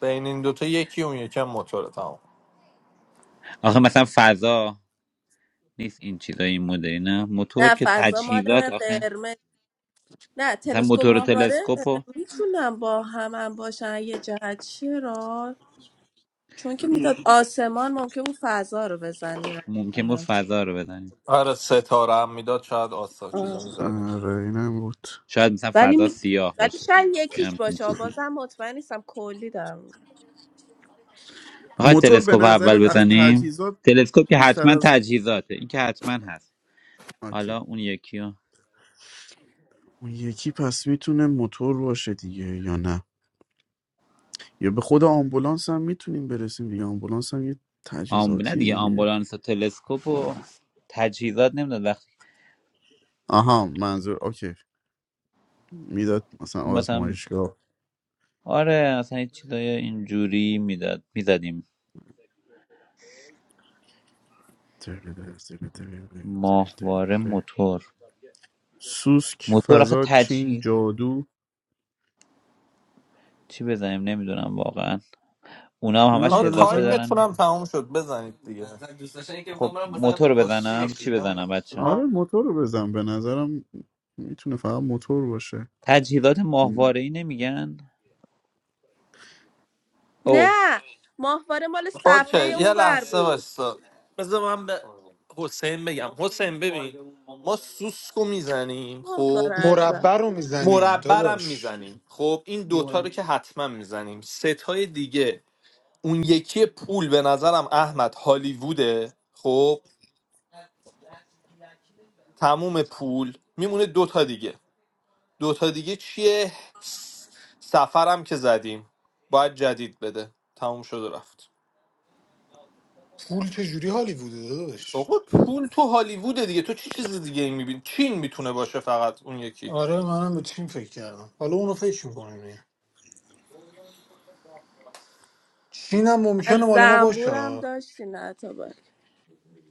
Speaker 23: بین این دوتا یکی اون یکم هم موتوره تمام
Speaker 14: آخه مثلا فضا نیست این چیزای این مدلی نه موتور
Speaker 22: نه
Speaker 14: که
Speaker 22: فضا مال
Speaker 14: تجهیزات آخه
Speaker 22: قرمز نه
Speaker 14: مثلا
Speaker 22: تلسکوپ
Speaker 14: موتور و
Speaker 22: ماهواره اه،
Speaker 14: تلسکوپ و
Speaker 22: میتونم با هم باشن یه جهت چرا چون که میداد آسمان ممکن بود فضا رو بزنی
Speaker 14: ممکن بود
Speaker 22: مثلا چی-
Speaker 14: فضا رو بزنیم
Speaker 23: آره ستاره هم میداد شاید آسان چیزا
Speaker 22: آه.
Speaker 23: میزدیم
Speaker 9: آره اینم بود
Speaker 14: شاید مثلا
Speaker 22: ولی
Speaker 14: فضا سیاه
Speaker 22: ولی
Speaker 14: باشه
Speaker 22: شاید
Speaker 14: یه
Speaker 22: یکیش
Speaker 14: همچین
Speaker 22: باشه
Speaker 14: چیزی
Speaker 22: بازم مطمئن نیستم کلی دارم می‌گم.
Speaker 14: میخواد
Speaker 9: موتور به
Speaker 14: تلسکوپ اول
Speaker 9: نظرت از
Speaker 14: بزنیم
Speaker 9: تجهیزات
Speaker 14: تلسکوپ که
Speaker 9: بیشتر
Speaker 14: حتما
Speaker 9: از
Speaker 14: تجهیزاته این که حتما هست
Speaker 9: اوکی
Speaker 14: حالا اون یکی رو
Speaker 9: اون یکی پس میتونه موتور باشه دیگه یا نه یا به خود آمبولانس هم میتونیم برسیم دیگه آمبولانس هم یه
Speaker 14: آمب... نه
Speaker 9: تجهیزاتیه
Speaker 14: دیگه
Speaker 9: دیگه
Speaker 14: آمبولانس و تلسکوپ و تجهیزات نمیداد وقتی
Speaker 9: آها منظور اوکی میداد مثلا
Speaker 14: اون مثلا
Speaker 9: آزمایشگاه
Speaker 14: آره مثلا یه چیزای اینجوری میداد میزدیم ماهواره موتور
Speaker 9: سوسک
Speaker 14: موتور آخه
Speaker 9: فضا چین
Speaker 14: تجهیز
Speaker 9: جادو
Speaker 14: چی بزنیم نمیدونم واقعا اونا هم
Speaker 9: من
Speaker 14: همش
Speaker 23: آه
Speaker 9: به
Speaker 14: اضافه
Speaker 9: نظرم
Speaker 23: تایمتون
Speaker 14: دارن
Speaker 23: هم تمام شد بزنید دیگه مثلا دوست داشتن که میخوام
Speaker 14: خب
Speaker 23: برم مثلا
Speaker 14: موتور رو بزنم
Speaker 23: کشتی
Speaker 14: چی
Speaker 23: بگیرم.
Speaker 14: بزنم بچه
Speaker 9: آره موتور رو بزن به نظرم میتونه فقط موتور باشه
Speaker 14: تجهیزات ماهواره ای نمیگن او
Speaker 22: نه ماهواره مال صفحه
Speaker 23: اوکی یه
Speaker 22: اونور
Speaker 23: لحظه
Speaker 22: بود
Speaker 23: بستا بذار من به حسین بگم حسین ببین ما سوسکو میزنیم خب
Speaker 22: ماهواره از
Speaker 10: مربع رو میزنیم
Speaker 23: مربرم
Speaker 10: داداش
Speaker 23: میزنیم خب این دوتا
Speaker 10: مربع.
Speaker 23: رو که حتما میزنیم ستای دیگه اون یکی پول به نظرم احمد هالیووده خب تموم پول میمونه دوتا دیگه دوتا دیگه چیه س- سفرم که زدیم باید جدید بده تموم شد و رفت
Speaker 10: پول چجوری هالیووده داداش
Speaker 23: آقا پول تو هالیووده دیگه تو چی چیز دیگه این میبینی چین میتونه باشه فقط اون یکی
Speaker 10: آره منم به چین فکر کردم حالا اونو فکر میکنیم چین هم
Speaker 22: از
Speaker 10: ممکنه مال ما
Speaker 22: زنبورم
Speaker 10: باشه
Speaker 22: داشتی نه تا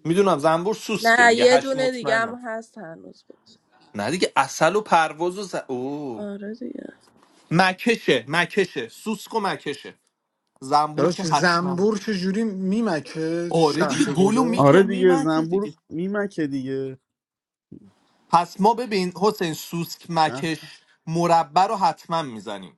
Speaker 23: میدونم زنبور سوسکه
Speaker 22: نه
Speaker 23: دیگه
Speaker 22: یه
Speaker 23: هشت
Speaker 22: دونه دیگه
Speaker 23: مطمئنم
Speaker 22: هم هست هنوز بود
Speaker 23: نه دیگه اصل و پرواز و ز... او
Speaker 22: آره دیگه
Speaker 23: مکشه مکشه سوسک و مکشه زنبور که
Speaker 10: داداش
Speaker 23: حتما
Speaker 10: زنبور چجوری میمکه
Speaker 23: آره دیگه
Speaker 10: شهد
Speaker 23: گلو
Speaker 10: گلو
Speaker 9: آره
Speaker 23: میکه
Speaker 9: دیگه
Speaker 23: میمکه
Speaker 9: زنبور
Speaker 23: دیگه
Speaker 9: میمکه دیگه
Speaker 23: پس ما ببین حسین سوسک
Speaker 9: شه
Speaker 23: مکش مربع رو حتما میزنیم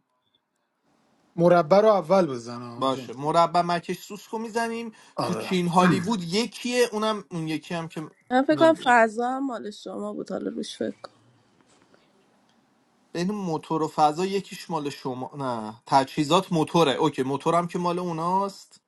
Speaker 10: مربع رو اول بزن آجه
Speaker 23: باشه مربع مکش سوسک رو میزنیم تو
Speaker 10: آره
Speaker 23: چین هالیوود یکیه اونم اون یکی هم که
Speaker 22: من فکر کنم
Speaker 23: نمی‌دونم.
Speaker 22: فضا هم مال شما بود حالا روش فکر کنم
Speaker 23: بین موتور و فضا یکیش مال شما نه تجهیزات موتوره اوکی موتورم که مال اوناست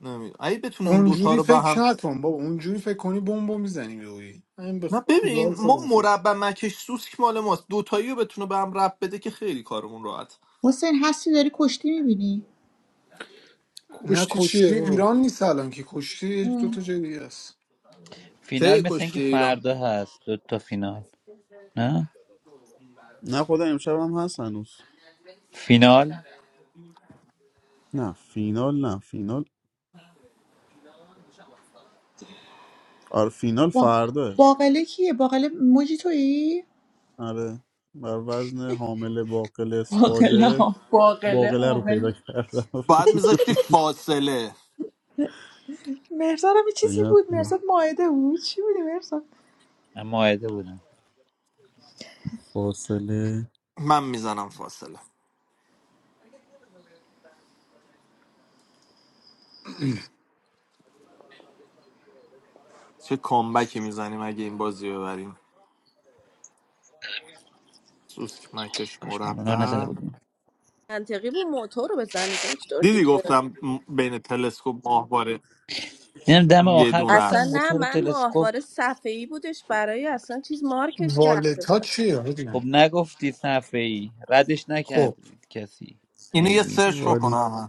Speaker 23: نمیدونم اگه بتونه اون دوتا
Speaker 10: اونجوری
Speaker 23: رو به
Speaker 10: فکر
Speaker 23: هم
Speaker 10: نکن بابا اونجوری فکر کنی بمب میزنیم یهویی این به
Speaker 23: نه
Speaker 10: کودال
Speaker 23: ببین ما
Speaker 10: خودمون فکر
Speaker 23: مربع مکش سوسک مال ماست دوتایی رو بتونه به هم رب بده که خیلی کارمون راحت
Speaker 13: حسین هستی داری کشتی میبینی
Speaker 10: نه
Speaker 2: کشتی
Speaker 10: کشتی
Speaker 2: چیه بابا
Speaker 10: ایران نیست الان که کشتی یه دو تا جای دیگه است
Speaker 14: فینال
Speaker 23: کی
Speaker 14: مثل اینکه
Speaker 23: کشتی ایران
Speaker 14: فردا هست دو تا فینال نه
Speaker 9: نه خدا امشب هم هست هنوز
Speaker 14: فینال
Speaker 9: نه فینال نه فینال آره فینال
Speaker 13: وا-
Speaker 9: فردا
Speaker 13: باقله کیه باقله موجی تویی
Speaker 9: آره بر وزن حامل باقل
Speaker 13: باقله
Speaker 9: فاجعه
Speaker 13: ها باقله
Speaker 9: باقله رو
Speaker 13: حامل
Speaker 9: پیدا کردم
Speaker 23: باید میذاشتی فاصله
Speaker 13: مرزاد هم یه چیزی
Speaker 9: نه،
Speaker 13: بود
Speaker 9: خوبه.
Speaker 13: مرزاد ماعده بود چی بودی مرزاد
Speaker 14: من ماهده بودم
Speaker 9: فاصله
Speaker 23: من میزنم فاصله چه کامبکی میزنیم اگه این بازی رو ببریم سوسک مکش
Speaker 14: کاش من اونا رو نزده
Speaker 23: مربع
Speaker 14: بودیم
Speaker 22: منطقی بود موتور رو بزنی دکتر
Speaker 23: دیدی
Speaker 22: دیگه
Speaker 23: گفتم م- بین تلسکوپ ماهواره
Speaker 14: دیدم دم
Speaker 23: یه
Speaker 14: آخر
Speaker 23: دونه
Speaker 14: گفتم
Speaker 22: اصلا نه
Speaker 23: است
Speaker 14: موتور و
Speaker 22: من
Speaker 14: تلسکوپ
Speaker 22: ماهواره صفحه ای بودش برای اصلا چیز مارکش کرده
Speaker 10: والت ها
Speaker 22: بودم
Speaker 10: چیه ببین
Speaker 14: خب نگفتی صفحه ای ردش
Speaker 10: خب
Speaker 14: نکردید کسی
Speaker 23: اینو یه
Speaker 14: خیلی
Speaker 23: سرچ
Speaker 9: ولی
Speaker 23: بکنم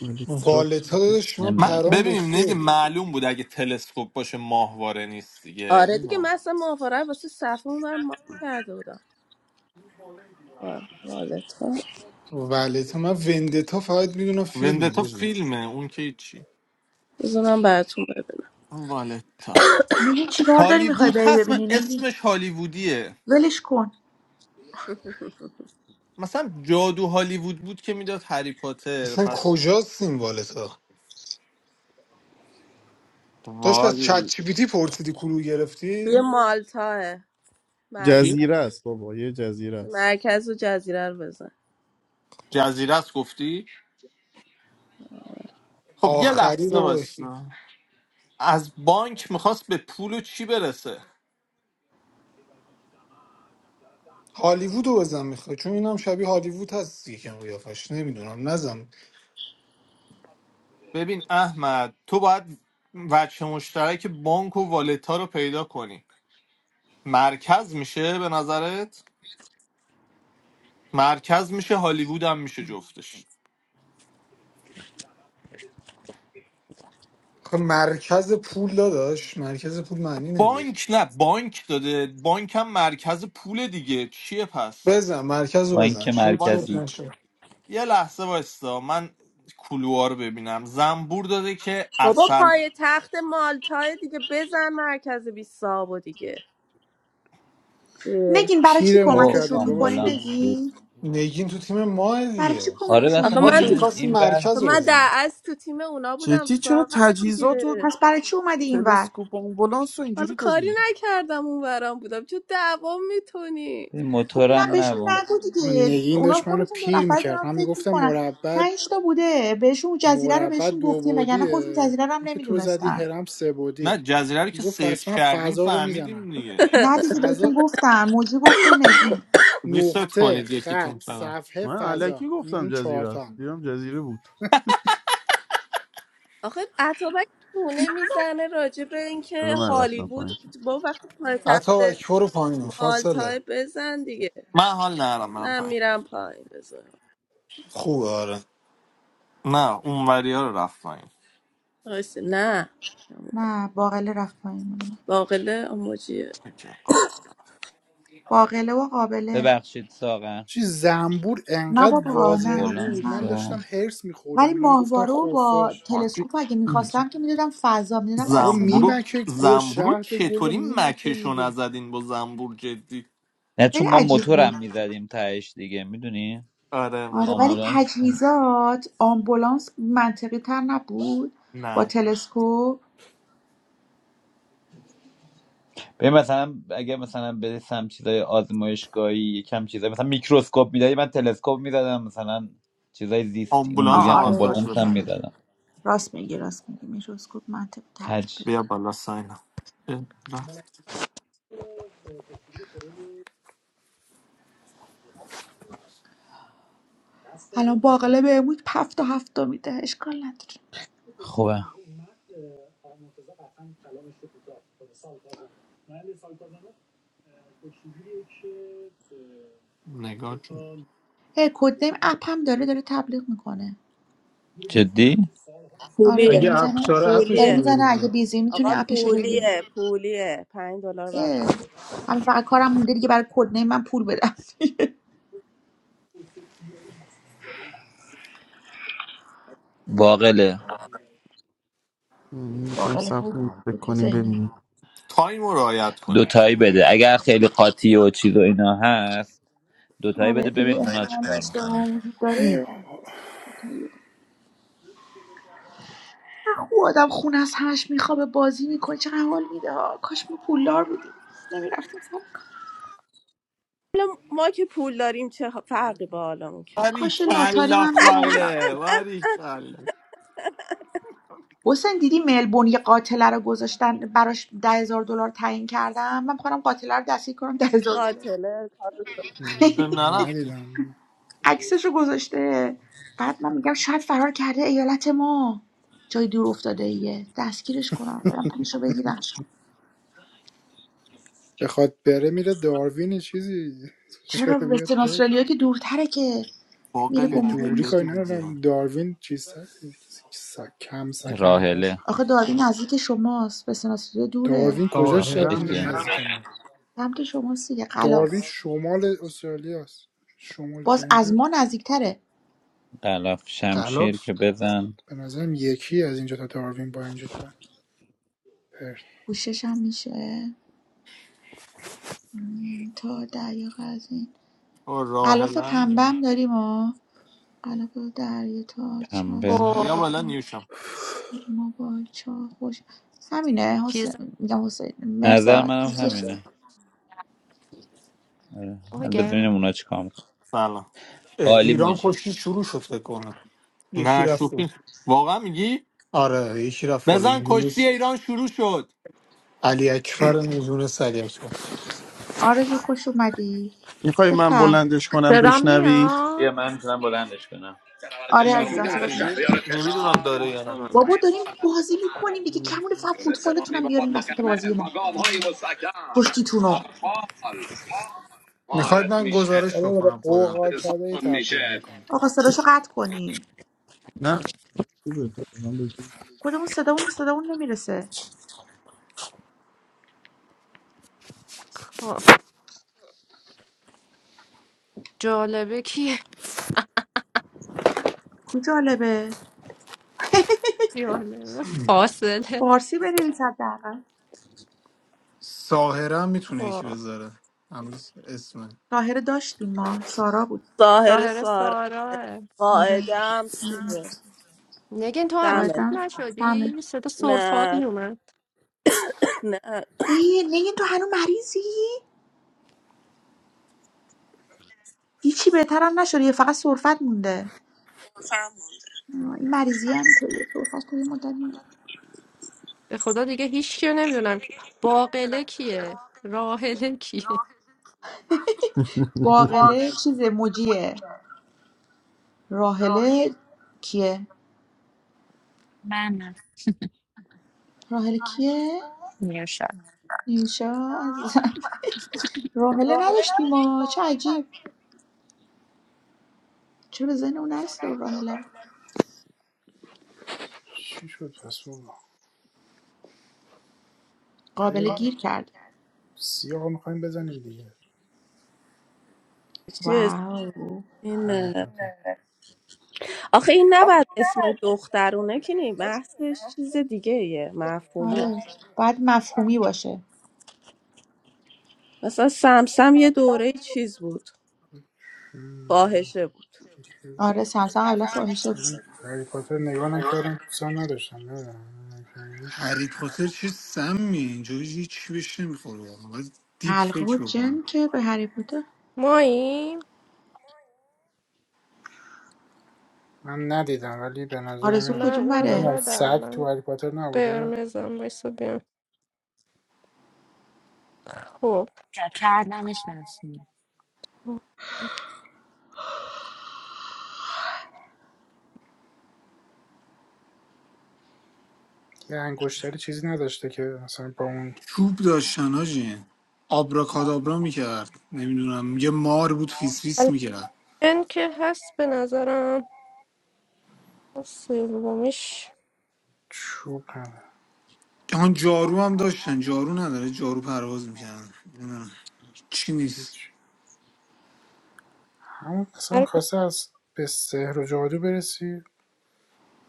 Speaker 9: ولی تو
Speaker 10: والت
Speaker 9: تو-
Speaker 10: ها داداش شما
Speaker 14: نمیدونم
Speaker 23: م-
Speaker 10: پرام
Speaker 23: ببین دیگه
Speaker 10: ریخته
Speaker 23: معلوم بود اگه تلسکوپ باشه ماهواره نیست دیگه
Speaker 22: آره دیگه من
Speaker 23: نمی‌دونم.
Speaker 22: اصلا ماهواره رو واسه صفحه اونور مارک کرده بودم والتا
Speaker 10: والت ها من وندتا فقط میدونم فیلم
Speaker 23: وندتا
Speaker 10: بزنید
Speaker 23: فیلمه اون که چی
Speaker 22: بذار من براتون ببینم
Speaker 23: والتا
Speaker 13: میگه چیکار داری میخوای
Speaker 23: هالیوود
Speaker 13: بری
Speaker 23: هست من
Speaker 13: ببینی نگی
Speaker 23: اسمش هالیوودیه
Speaker 13: ولش کن
Speaker 23: مثلا جادو هالیوود بود که میداد هری پاتر
Speaker 10: اصلا
Speaker 23: پس
Speaker 10: کجاست این والت ها داشت از چت
Speaker 23: وال
Speaker 10: جی پی تی پرسیدی کلو
Speaker 22: توی
Speaker 10: گرفتی
Speaker 22: مالتاه مرکز
Speaker 23: چی
Speaker 9: جزیره است بابا یه جزیره است
Speaker 22: مرکز و جزیره رو بزن
Speaker 10: خب
Speaker 23: جزیره است گفتی خب یه
Speaker 10: آخری
Speaker 23: لحظه
Speaker 10: بابا
Speaker 23: باشی واسه. از بانک میخواست به پول و چی برسه
Speaker 10: هالیوود رو بزن میخوای چون اینم شبیه هالیوود هست یکم قیافش نمیدونم نزن
Speaker 23: ببین احمد تو باید وجه مشترک بانک و والتا رو پیدا کنی مرکز میشه به نظرت مرکز میشه هالیوود هم میشه جفتش
Speaker 10: خب مرکز پول داداش مرکز پول معنی نمیده که.
Speaker 23: بانک نه بانک داده بانک هم مرکز پول دیگه چیه پس
Speaker 10: بزن مرکز رو
Speaker 14: با
Speaker 10: بزن
Speaker 14: اینکه
Speaker 10: شد شد
Speaker 23: وایس
Speaker 14: مرکزی
Speaker 10: نشد
Speaker 23: یه لحظه وایستا من کلوها رو ببینم زنبور داده که
Speaker 22: بابا
Speaker 23: اصل
Speaker 22: پای تخت مالتاه دیگه بزن مرکز بیساو دیگه اه.
Speaker 13: نگین برای چی
Speaker 2: پیرمون
Speaker 14: او
Speaker 2: کردید
Speaker 13: کمکشون
Speaker 2: بابا
Speaker 13: میکنی
Speaker 14: آمبولانس
Speaker 2: شما
Speaker 14: بود
Speaker 13: نگین
Speaker 10: نگین تو تیم ماه
Speaker 13: برای چی
Speaker 10: دیگه
Speaker 14: آره
Speaker 13: کمکشون
Speaker 22: آخه
Speaker 10: ما
Speaker 14: اصلا
Speaker 22: من
Speaker 10: که
Speaker 22: تو
Speaker 13: میکنی
Speaker 14: میدونید
Speaker 10: میخواستیم
Speaker 14: این بر
Speaker 22: خب
Speaker 10: مرکز رو
Speaker 22: من در
Speaker 10: بزنیم
Speaker 22: از تو تیم اونا بودم
Speaker 9: جدی چرا
Speaker 22: ساغر
Speaker 9: تجهیزات و
Speaker 22: دیگه
Speaker 13: پس برای چی اومدی اینور
Speaker 9: تلسکوپ و آمبولانس رو
Speaker 22: حالا
Speaker 9: اینجوری
Speaker 22: کاری
Speaker 9: دادی
Speaker 22: نکردم اون برام بودم چون دعوام میتونی
Speaker 14: به
Speaker 13: خب نه
Speaker 14: موتورم
Speaker 13: بهشون
Speaker 14: نبون
Speaker 13: نگو
Speaker 2: و
Speaker 13: دیگه
Speaker 2: نگین
Speaker 13: اونا
Speaker 2: داشت منو
Speaker 13: خودشون دو
Speaker 2: پیر
Speaker 13: نفر
Speaker 2: میکرد
Speaker 13: دارن
Speaker 2: من
Speaker 13: فکر
Speaker 2: میگفتم
Speaker 13: میکنن
Speaker 2: مربع
Speaker 13: پنج تا بوده بهشون جزیره رو
Speaker 2: مربع
Speaker 13: بهشون
Speaker 2: دو
Speaker 13: گفتیم وگرنه خودشون
Speaker 2: بعدیه
Speaker 13: جزیره رو هم
Speaker 2: اون که تو زدی
Speaker 13: نمیدونستن
Speaker 2: هرم سه
Speaker 23: نه
Speaker 2: بعدیه
Speaker 23: جزیره رو که
Speaker 2: میگفت پس
Speaker 23: سرچ
Speaker 2: من
Speaker 23: کردیم
Speaker 2: فضا رو میزنم
Speaker 23: فهمیدیم دیگه
Speaker 13: نه دیگه بهتون
Speaker 2: فضا
Speaker 13: گفتم موجی گفت و نگین
Speaker 23: ریست
Speaker 2: نقطه
Speaker 23: کنید
Speaker 2: خط
Speaker 23: یکیتون فقط
Speaker 2: صفحه
Speaker 9: من علکی
Speaker 2: فضا این
Speaker 9: گفتم
Speaker 2: اون
Speaker 9: جزیره است
Speaker 2: چهارتا
Speaker 9: دیدم جزیره بود
Speaker 22: آخه اتابک تونه میزنه راجع به
Speaker 9: از
Speaker 22: اینکه
Speaker 9: من رفتم
Speaker 22: هالیوود
Speaker 9: پایین
Speaker 22: با وقتی
Speaker 10: عطا
Speaker 22: پایتخت
Speaker 10: برو پایین فاصله
Speaker 22: مالتای بزن دیگه
Speaker 23: من حال نرم برم
Speaker 22: من
Speaker 23: پایین
Speaker 22: میرم پایین بزن
Speaker 10: خوبه آره
Speaker 23: نه اون ها رو رفت پایین
Speaker 22: آیسته نه
Speaker 13: نه باقله رفت پایین مال من
Speaker 22: باقله آموجیه
Speaker 23: اوکی،
Speaker 13: باقله و قابله
Speaker 14: ببخشید ساقر
Speaker 2: چی زنبور
Speaker 13: نه
Speaker 2: انقدر
Speaker 13: بابا
Speaker 2: واضح
Speaker 13: نه چیز
Speaker 2: بود
Speaker 14: آمبولانس
Speaker 2: من
Speaker 13: نه
Speaker 14: و...
Speaker 2: داشتم هرس
Speaker 13: ولی
Speaker 2: میخوردم اینو میگفتن
Speaker 13: ماهواره رو با
Speaker 2: خفاش
Speaker 23: قابل.
Speaker 13: تلسکوپ اگه میخواستم که میدادم فضا میدادم
Speaker 2: بابا
Speaker 23: زنبورو
Speaker 13: آسمون
Speaker 2: میمکه گل
Speaker 23: زنبورو
Speaker 2: شهد گل رو
Speaker 23: چطوری
Speaker 2: میمکه
Speaker 23: مکشو
Speaker 2: دیگه
Speaker 23: نزدین با زنبور جدی
Speaker 14: نه
Speaker 13: خیلی
Speaker 14: چون ما
Speaker 13: عجیب بود
Speaker 14: موتورم میزدیم تهش دیگه میدونی
Speaker 23: آره
Speaker 13: آره ولی
Speaker 23: مطمئن
Speaker 14: آمبولانس
Speaker 13: تجهیزات آمبولانس منطقی تر نبود با
Speaker 23: نه
Speaker 13: تلسکوپ
Speaker 14: به مثلا اگه مثلا به سم چیزای آزمایشگاهی یکم چیزای مثلا میکروسکوپ میدادی من تلسکوپ میزدم مثلا چیزای زیستی اونجوری
Speaker 23: آمبولانس
Speaker 13: آه
Speaker 23: هم
Speaker 14: هم
Speaker 13: آره
Speaker 23: از داشت
Speaker 13: راست
Speaker 14: آمبولانس هم
Speaker 23: بزن
Speaker 13: میگی
Speaker 14: میزدم
Speaker 13: راست میگی راست میگی میکروسکوپ منطقی تر
Speaker 14: تج
Speaker 13: بود
Speaker 23: بیا بالا ساینا اه، رفت
Speaker 13: الان باقله بهمون هفت تا هفت تا میده اشکال نداره
Speaker 14: خوبه
Speaker 23: نگاه جون
Speaker 13: هی کد نیم اپ هم داره داره تبلیغ میکنه
Speaker 14: جدی؟
Speaker 13: آره داره
Speaker 22: پولیه
Speaker 10: اگه اپ
Speaker 13: میزنه
Speaker 10: داره اپش
Speaker 13: داره
Speaker 10: رو
Speaker 22: پولیه
Speaker 13: میزنه اگه
Speaker 10: ببینیم
Speaker 13: بیزی میتونی
Speaker 22: آقا
Speaker 13: اپشو بگیری
Speaker 22: پولیه پولیه پنج دلار بابا
Speaker 13: اه. همین فقط کارم مونده دیگه برای کد نیم من پول بدم
Speaker 14: باقله
Speaker 9: ام، یکم
Speaker 13: باقل
Speaker 9: صبر
Speaker 13: خیلی
Speaker 9: کنید، فکر
Speaker 13: درگیر
Speaker 9: کنیم
Speaker 13: ذهنی
Speaker 9: ببینیم
Speaker 23: تایم رو رعایت کنید
Speaker 14: دوتایی بده اگر خیلی قاطی و چیز و اینا هست دوتایی
Speaker 13: آره
Speaker 14: بده
Speaker 13: دیدی
Speaker 14: ببین اونا چی
Speaker 13: امتحان
Speaker 14: کار
Speaker 13: اشتباه
Speaker 14: میکنن
Speaker 13: وجود
Speaker 2: هی
Speaker 13: داره
Speaker 2: بابا
Speaker 13: خوب آدم خونه از همش میخوابه بازی میکنه چقدر حال میده ها. کاش ما پولدار بودیم نمیرفتیم سر کار.
Speaker 22: حالا ما که پول داریم چه فرقی با حالمون کرد
Speaker 23: باری
Speaker 13: کاش لاتاری
Speaker 23: کلا
Speaker 13: من میبردم
Speaker 23: خاله باری کلا
Speaker 13: حسین دیدی ملبون یه قاتله رو گذاشتن براش ده هزار دلار تعیین کردم من میخوام قاتله رو دستگیر کنم ده هزار دلار
Speaker 22: قاتله
Speaker 23: تو نرفتی
Speaker 2: ندیدم
Speaker 13: عکسشو گذاشته بعد من میگم شاید فرار کرده ایالت ما جای دور افتاده ایه دستگیرش کنم برم پولشو بگیرم
Speaker 2: بخواد بره میره داروین چیزی
Speaker 13: چرا
Speaker 2: چرا بیاد
Speaker 13: وسترن
Speaker 2: بره
Speaker 13: استرالیا که دورتره که میره
Speaker 2: به
Speaker 23: باقل دیگه
Speaker 13: گمگم
Speaker 2: دوری
Speaker 13: میشه
Speaker 2: کاری
Speaker 23: بده دیگه
Speaker 2: ندارم داروین چیز سک... کم سکنه تره
Speaker 14: راهله
Speaker 13: آخه داروین نزدیک شماست وسترن استرالیا دوره
Speaker 2: داروین کجا شب
Speaker 14: راهله
Speaker 10: ظاهرا
Speaker 14: که
Speaker 10: میشه
Speaker 2: نزدیک ما
Speaker 13: سمت شماست دیگه قلاف
Speaker 2: داروین شمال استرالیا است شمالی
Speaker 13: باز
Speaker 2: ترین
Speaker 13: از
Speaker 2: جا
Speaker 13: ما نزدیکتره
Speaker 14: غلاف شمشیر
Speaker 10: غلاف
Speaker 14: که بزن
Speaker 2: به نظرم یکی از اینجا تا داروین با اینجا تا پرت
Speaker 13: پوشش هم میشه مم، تا دریاق از این
Speaker 23: او
Speaker 13: قلاف
Speaker 23: راهلم
Speaker 13: پنبه هم داریم ها قلاف دریا تا
Speaker 14: پنبه
Speaker 4: اوه
Speaker 13: چسب
Speaker 23: بیا بالا نیوشم
Speaker 13: موبایل چارج خوش همینه
Speaker 4: چیز
Speaker 13: حسین میگم حسین
Speaker 14: به نظر
Speaker 13: مرزاد
Speaker 14: منم
Speaker 13: پوزشه
Speaker 14: همینه آره حالا ببینیم اونا چی کار میکنن
Speaker 23: سلام
Speaker 10: اه،
Speaker 14: عالی
Speaker 10: ایران
Speaker 14: موجی
Speaker 10: کشتی شروع شد فکر کنم یکی
Speaker 23: نه
Speaker 10: رفت اون.
Speaker 23: شوخی واقعا میگی
Speaker 10: آره یکی رفت بالا
Speaker 23: بزن کشتی
Speaker 10: یونس
Speaker 23: ایران شروع شد
Speaker 10: علی اکبر یونس علی اکبر
Speaker 13: آرزو خوش اومدی
Speaker 9: میخوای من
Speaker 13: بپر
Speaker 9: بلندش کنم
Speaker 4: صدام
Speaker 9: بشنوید
Speaker 14: بیا
Speaker 4: میاد
Speaker 14: من میتونم بلندش کنم برابر
Speaker 23: تو
Speaker 13: آره
Speaker 14: کشار
Speaker 23: یوتیوب
Speaker 13: عزیزم
Speaker 14: میدهن
Speaker 13: صدات میاد
Speaker 23: نمیشه
Speaker 14: شهریار
Speaker 23: نمیدونم
Speaker 14: تهران
Speaker 23: داره یا
Speaker 14: و
Speaker 4: تمامش
Speaker 13: بابا داریم
Speaker 14: اصال اندوه
Speaker 13: بازی میکنیم
Speaker 14: هست
Speaker 13: دیگه
Speaker 23: نه
Speaker 13: کمون فقط
Speaker 14: یونس امامی
Speaker 13: فوتبالتونم
Speaker 14: با
Speaker 13: بیاریم
Speaker 14: باند
Speaker 13: وسط بازی
Speaker 14: قرمز
Speaker 13: ما
Speaker 14: با گام های مستکم
Speaker 13: پشتیتونو
Speaker 14: سرقال
Speaker 10: میخواید
Speaker 14: وارد
Speaker 10: من
Speaker 14: میشه
Speaker 10: گزارش
Speaker 2: حالا رو به
Speaker 10: بکنم خودم
Speaker 2: قوقا
Speaker 14: وارد
Speaker 2: کده
Speaker 14: سالن
Speaker 2: تبدیل
Speaker 14: میشه
Speaker 2: میکنه
Speaker 13: آقا صداشو قطع کنین
Speaker 9: نه
Speaker 13: خودمون صدامون به صدامون نمیرسه کو جالبه فارسی بنویس حداقل
Speaker 10: ظاهرا میتونه یکی
Speaker 4: خب
Speaker 10: بذاره هنوز اسم
Speaker 13: ظاهر داشتیم ما سارا بود
Speaker 22: ساهر
Speaker 4: ظاهر
Speaker 22: سارا
Speaker 4: سارا
Speaker 13: آره
Speaker 22: قاعده هم چیزه
Speaker 4: نگین تو هنوز
Speaker 22: سمه
Speaker 4: خوب
Speaker 13: قاعدم سمه
Speaker 4: نشدی صدا سرفات
Speaker 22: نه
Speaker 4: میومد
Speaker 22: نه
Speaker 13: ای نگین تو هنوز مریضی هیچی بهترم نشده یه فقط سرفت مونده آه، این مریضی هم که سرفش تا یه مدت میمونه
Speaker 4: به خدا دیگه هیچ کیو نمیدونم که باقله کیه راحله کیه
Speaker 13: باقله چیزه موجیه راهله کیه
Speaker 24: من
Speaker 13: راهله کیه
Speaker 24: نیوشا
Speaker 13: نیوشا عزیزم راهله نداشتیم ما چه عجیب چرا به ذهن اون نرسیده اون راهله رو
Speaker 2: چی شد پس بابا
Speaker 13: قابل
Speaker 2: بریم.
Speaker 13: گیر کرد
Speaker 2: سیاه میخوایم بزنیم دیگه
Speaker 22: چی اسم-
Speaker 13: واو
Speaker 22: این
Speaker 2: هر
Speaker 22: اه. آخه این نباید اسم دخترونه که نی بحثش چیز دیگه یه مفهومی
Speaker 13: آره باید مفهومی باشه
Speaker 22: مثلا سمسم یه دوره چیز بود
Speaker 2: پاتی
Speaker 22: فاحشه بود
Speaker 13: آره سمسم قبلا فاحشه بود.
Speaker 2: من هری پاتر نگاه کردم دوستان نداشتم نمیدونم
Speaker 10: هری پاتر چه سمی اینجا هیچ بهش نمیخوره واقعا باید دیپ
Speaker 13: حلقه و
Speaker 10: فکر بکنم
Speaker 13: جن که به هری پاتر
Speaker 4: ما این
Speaker 2: من ندیدم ولی به نظر
Speaker 13: آرزو
Speaker 2: من
Speaker 13: کدوم بره
Speaker 2: نمیدونم سگ تو هری پاتر نبوده
Speaker 4: بریم خب
Speaker 24: کردنش نسیم
Speaker 2: یه انگشتری چیزی نداشته که مثلا با اون
Speaker 10: چوب داشتن آجین آبراکادابرا میکرد نمیدونم یه مار بود فیس فیس میکرد
Speaker 4: من
Speaker 2: چوب هم
Speaker 10: جهان جارو هم داشتن جارو نداره جارو پرواز میکردن چی نیست
Speaker 2: هیچ همون مثلا
Speaker 4: هر
Speaker 2: خواسته از به سحر و جادو برسی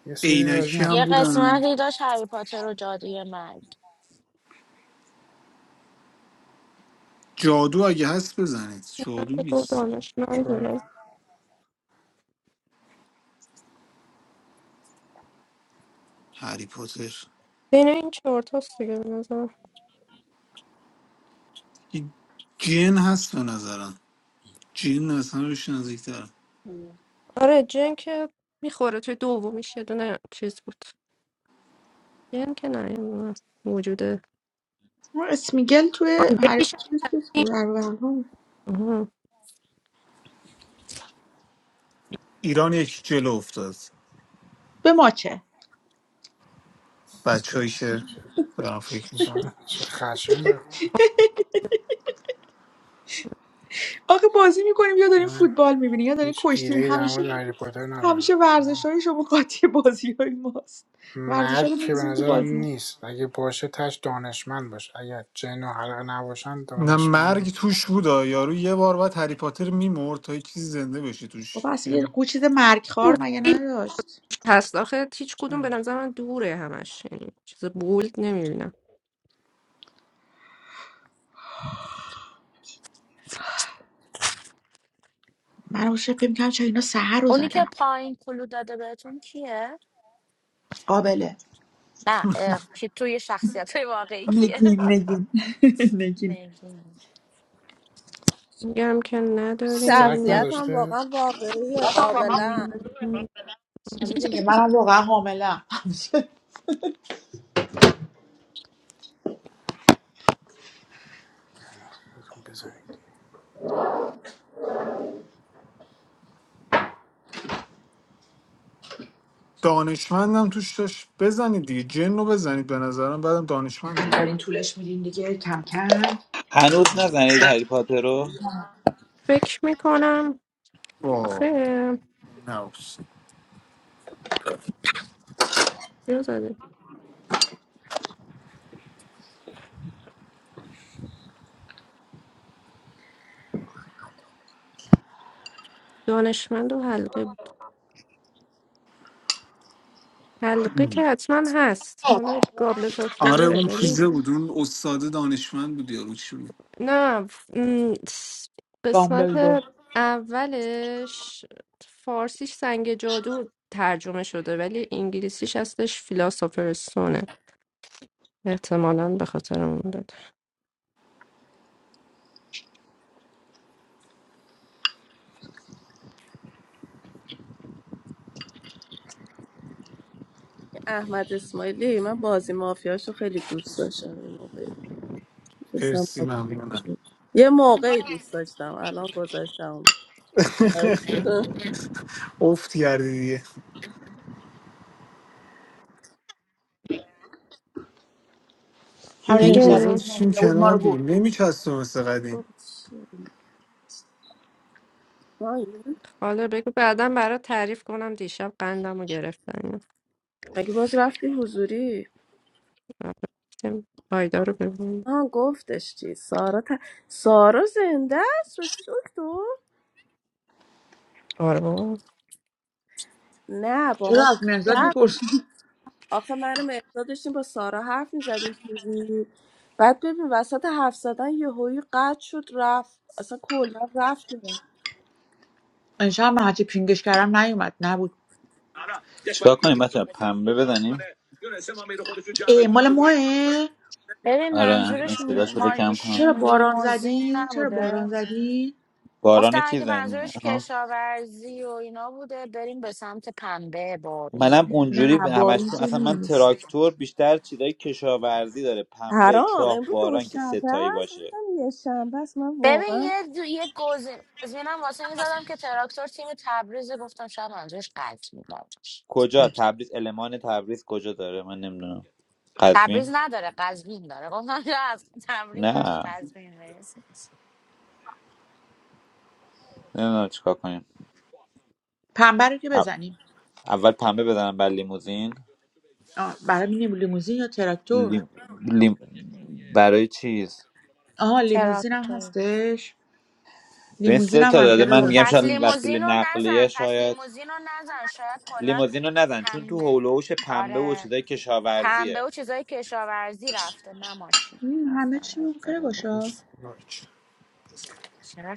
Speaker 2: یه سری از
Speaker 10: عینکی
Speaker 2: این
Speaker 10: هم
Speaker 24: یه
Speaker 10: بودن
Speaker 24: قسمتی داشت هری پاتر و جادوی مرگ
Speaker 10: جادو اگه هست بزنید جادو
Speaker 4: کاری که
Speaker 10: نیست
Speaker 4: دانشمند
Speaker 2: جادو
Speaker 10: هری پاتر
Speaker 4: بین این چهار تاست دیگه به نظرم
Speaker 10: این جن هست به نظرم جن اصلا بهش نزدیکتر
Speaker 24: مم.
Speaker 4: آره جن که میخوره توی دومیش یه دونه چیز بود جن که نه یه دونه موجوده
Speaker 13: اون اسمیگل
Speaker 4: آن
Speaker 13: توی هری
Speaker 4: یکیش هم
Speaker 13: پاتر چیز
Speaker 4: این.
Speaker 13: بود، در
Speaker 4: آها.
Speaker 10: ایران یکی جلو افتاد
Speaker 13: به ما چه
Speaker 10: بچه‌ای که
Speaker 2: چه,
Speaker 10: دارم فکر
Speaker 2: چه,
Speaker 10: میکنم
Speaker 2: چه خشن بخ
Speaker 13: آخه بازی میکنیم یا داریم
Speaker 2: من
Speaker 13: فوتبال میبینیم یا داریم
Speaker 2: هیچ
Speaker 13: کشتی
Speaker 2: ایده در
Speaker 13: همیشه
Speaker 2: مورد هری پاتر
Speaker 13: همیشه
Speaker 2: ندارم
Speaker 13: ورزش های شما قاطی بازی های ماست ورزش ها
Speaker 2: مرگ
Speaker 13: رو
Speaker 2: که به
Speaker 13: می‌ریزیم تو
Speaker 2: نظرم
Speaker 13: بازی
Speaker 2: نیست اگه باشه تش دانشمند باشه اگه جن و حلقه نباشن
Speaker 10: نه
Speaker 2: دانشمند
Speaker 10: مرگ
Speaker 2: و
Speaker 10: توش بودا یارو یه بار بعد هری پاتر میمرد تا یه چیزی زنده بشه توش
Speaker 13: بابا اصلا یه
Speaker 10: یعنی
Speaker 13: قو چیز مرگخوار
Speaker 4: اون
Speaker 13: مگه
Speaker 4: خیلی
Speaker 13: نداشت
Speaker 4: هست آخه هیچ کدوم به نظر من دوره همش یعنی چیز بولد نمیبینم
Speaker 13: من اون شب فکر کنم چرا اینا سحر رو
Speaker 24: اونی که
Speaker 13: زدم
Speaker 24: پایین کلو داده بهتون کیه؟
Speaker 13: قابله
Speaker 24: نه اه، کی توی شخصیت های واقعی کیه؟
Speaker 13: نگین نگین نگین
Speaker 24: نگین
Speaker 4: میگم که نه
Speaker 2: سگ
Speaker 22: شخصیت هم
Speaker 2: نداشته
Speaker 22: واقعا واقعی قابلا
Speaker 13: حالا دیگه منم واقعا حامله
Speaker 2: خودتون بزنید
Speaker 10: دانشمندم توش داشت بزنید دیگه جن رو بزنید به نظرم بعدم دانشمند رو
Speaker 13: دارین
Speaker 10: بزنید
Speaker 13: طولش میدین دیگه کم کم
Speaker 14: هنوز نزنید هری پاتر رو
Speaker 4: فکر میکنم آخه
Speaker 10: با نوس
Speaker 4: چیز زده دانشمند و حلقه بود حلقه که حتما هست مال گابلت آف
Speaker 10: آره
Speaker 4: فایره
Speaker 10: اون
Speaker 4: ولی
Speaker 10: چیزه بود اون استاد دانشمند بود یارو چی بود
Speaker 4: نه ف- م، س- قسمت
Speaker 13: دامبلدو
Speaker 4: اولش فارسیش سنگ جادو ترجمه شده ولی انگلیسیش هستش فیلاسوفرستونه احتمالا به خاطر اون داد
Speaker 22: احمد اسماعیلی من بازی مافیاشو خیلی دوست داشتم یه موقعی می‌شستم
Speaker 10: مرسی
Speaker 22: بازی
Speaker 10: ممنونم
Speaker 22: می‌کردم. یه موقعی دوست داشتم الان گذاشتم اونو.
Speaker 10: افت کردی دیگه
Speaker 13: هر
Speaker 10: دیگه
Speaker 13: نهزت
Speaker 4: نگه
Speaker 10: گذاشتیم
Speaker 13: ممکنه بود ما
Speaker 10: کنار
Speaker 13: رو
Speaker 10: دیگه
Speaker 13: بود
Speaker 10: نمیچستم مثل قدیم
Speaker 22: بابا چیه ما
Speaker 4: حالا بگو بعدا برات تعریف کنم دیشب قندم رو گرفتن
Speaker 22: مگه باز رفتی حضوری
Speaker 4: رفتیم آیدا رو ببین
Speaker 22: آه گفتش چی سارا ت... سارا زنده است راستی دکتر
Speaker 4: آره بابا
Speaker 22: نه با
Speaker 13: چرا
Speaker 22: ما
Speaker 13: از نهزت
Speaker 22: نه.
Speaker 13: میپرسی
Speaker 22: آخه من مقدار داشتیم با سارا حرف میزدیم بعد ببین وسط حرف زدن یه هایی قطع شد رفت اصلا کلا رفت دیگه.
Speaker 13: امشب من هرچی پینگش کردم نیومد نبود
Speaker 14: چیکار کنیم بچه پنبه بزنیم
Speaker 13: ای مال ماه
Speaker 24: ببین
Speaker 14: آره این
Speaker 24: منظورش
Speaker 14: صداش
Speaker 24: م-
Speaker 14: بذار کم کنم
Speaker 13: چرا
Speaker 24: ماشین
Speaker 13: باران
Speaker 24: لیموزین
Speaker 13: زدی چرا باران
Speaker 24: نبوده
Speaker 13: زدی
Speaker 24: گفتن
Speaker 14: باران کی
Speaker 24: اگه
Speaker 14: زن
Speaker 24: منظورش
Speaker 14: آها.
Speaker 24: کشاورزی و اینا بوده بریم به سمت پنبه
Speaker 14: منم
Speaker 24: بارون
Speaker 13: نه
Speaker 14: اونجوری به
Speaker 13: بارون
Speaker 14: همشون
Speaker 13: که
Speaker 14: اصلا من
Speaker 13: نیست
Speaker 14: تراکتور بیشتر چیزای کشاورزی داره پنبه
Speaker 22: حرام
Speaker 14: چاه
Speaker 22: امروز
Speaker 14: باران که
Speaker 22: دوشنبه
Speaker 14: ستایی
Speaker 22: است
Speaker 14: باشه
Speaker 22: گفتم یه شنبه است من
Speaker 24: ببین
Speaker 22: واقعا
Speaker 24: یه دو... یه گزین گزینم واسه این زدم که تراکتور تیم تبریز گفتم شاید منظورش قزوین نباشه
Speaker 14: کجا تبریز المان تبریز کجا داره من نمیدونم
Speaker 24: تبریز
Speaker 14: قزوین
Speaker 24: نداره قزوین داره گفتم شاید از تبریز برای
Speaker 14: نه
Speaker 24: قزوین برسه
Speaker 14: نمیدونم چیکار کنیم
Speaker 13: پنبه رو که
Speaker 14: او-
Speaker 13: بزنیم
Speaker 14: اول پنبه بزنم بر لیموزین
Speaker 13: آه، برای می‌بینیم لیموزین یا تراکتور
Speaker 14: لیم... لیم... برای چیز
Speaker 13: آها لیموزین هم
Speaker 24: تراکتور
Speaker 13: هستش
Speaker 14: به این
Speaker 13: لیموزین
Speaker 14: سه
Speaker 13: هم
Speaker 14: تا داده من
Speaker 24: و
Speaker 13: منطقیه
Speaker 14: میگم
Speaker 24: پس
Speaker 14: شاید وسیله
Speaker 24: لیموزین رو
Speaker 14: نقلیه
Speaker 24: نزن پس
Speaker 14: شاید
Speaker 24: لیموزین رو نزن شاید کلا
Speaker 14: لیموزین رو نزن چون تو حول
Speaker 24: پنبه
Speaker 14: و حوش پنبه و
Speaker 24: آره
Speaker 14: چیزای
Speaker 24: پنبه
Speaker 14: کشاورزیه
Speaker 24: و چیزای کشاورزی رفته نه ماشین
Speaker 13: مم، همه چی
Speaker 24: آفرین.
Speaker 13: ممکنه
Speaker 14: آره.
Speaker 13: باشه
Speaker 24: چقدر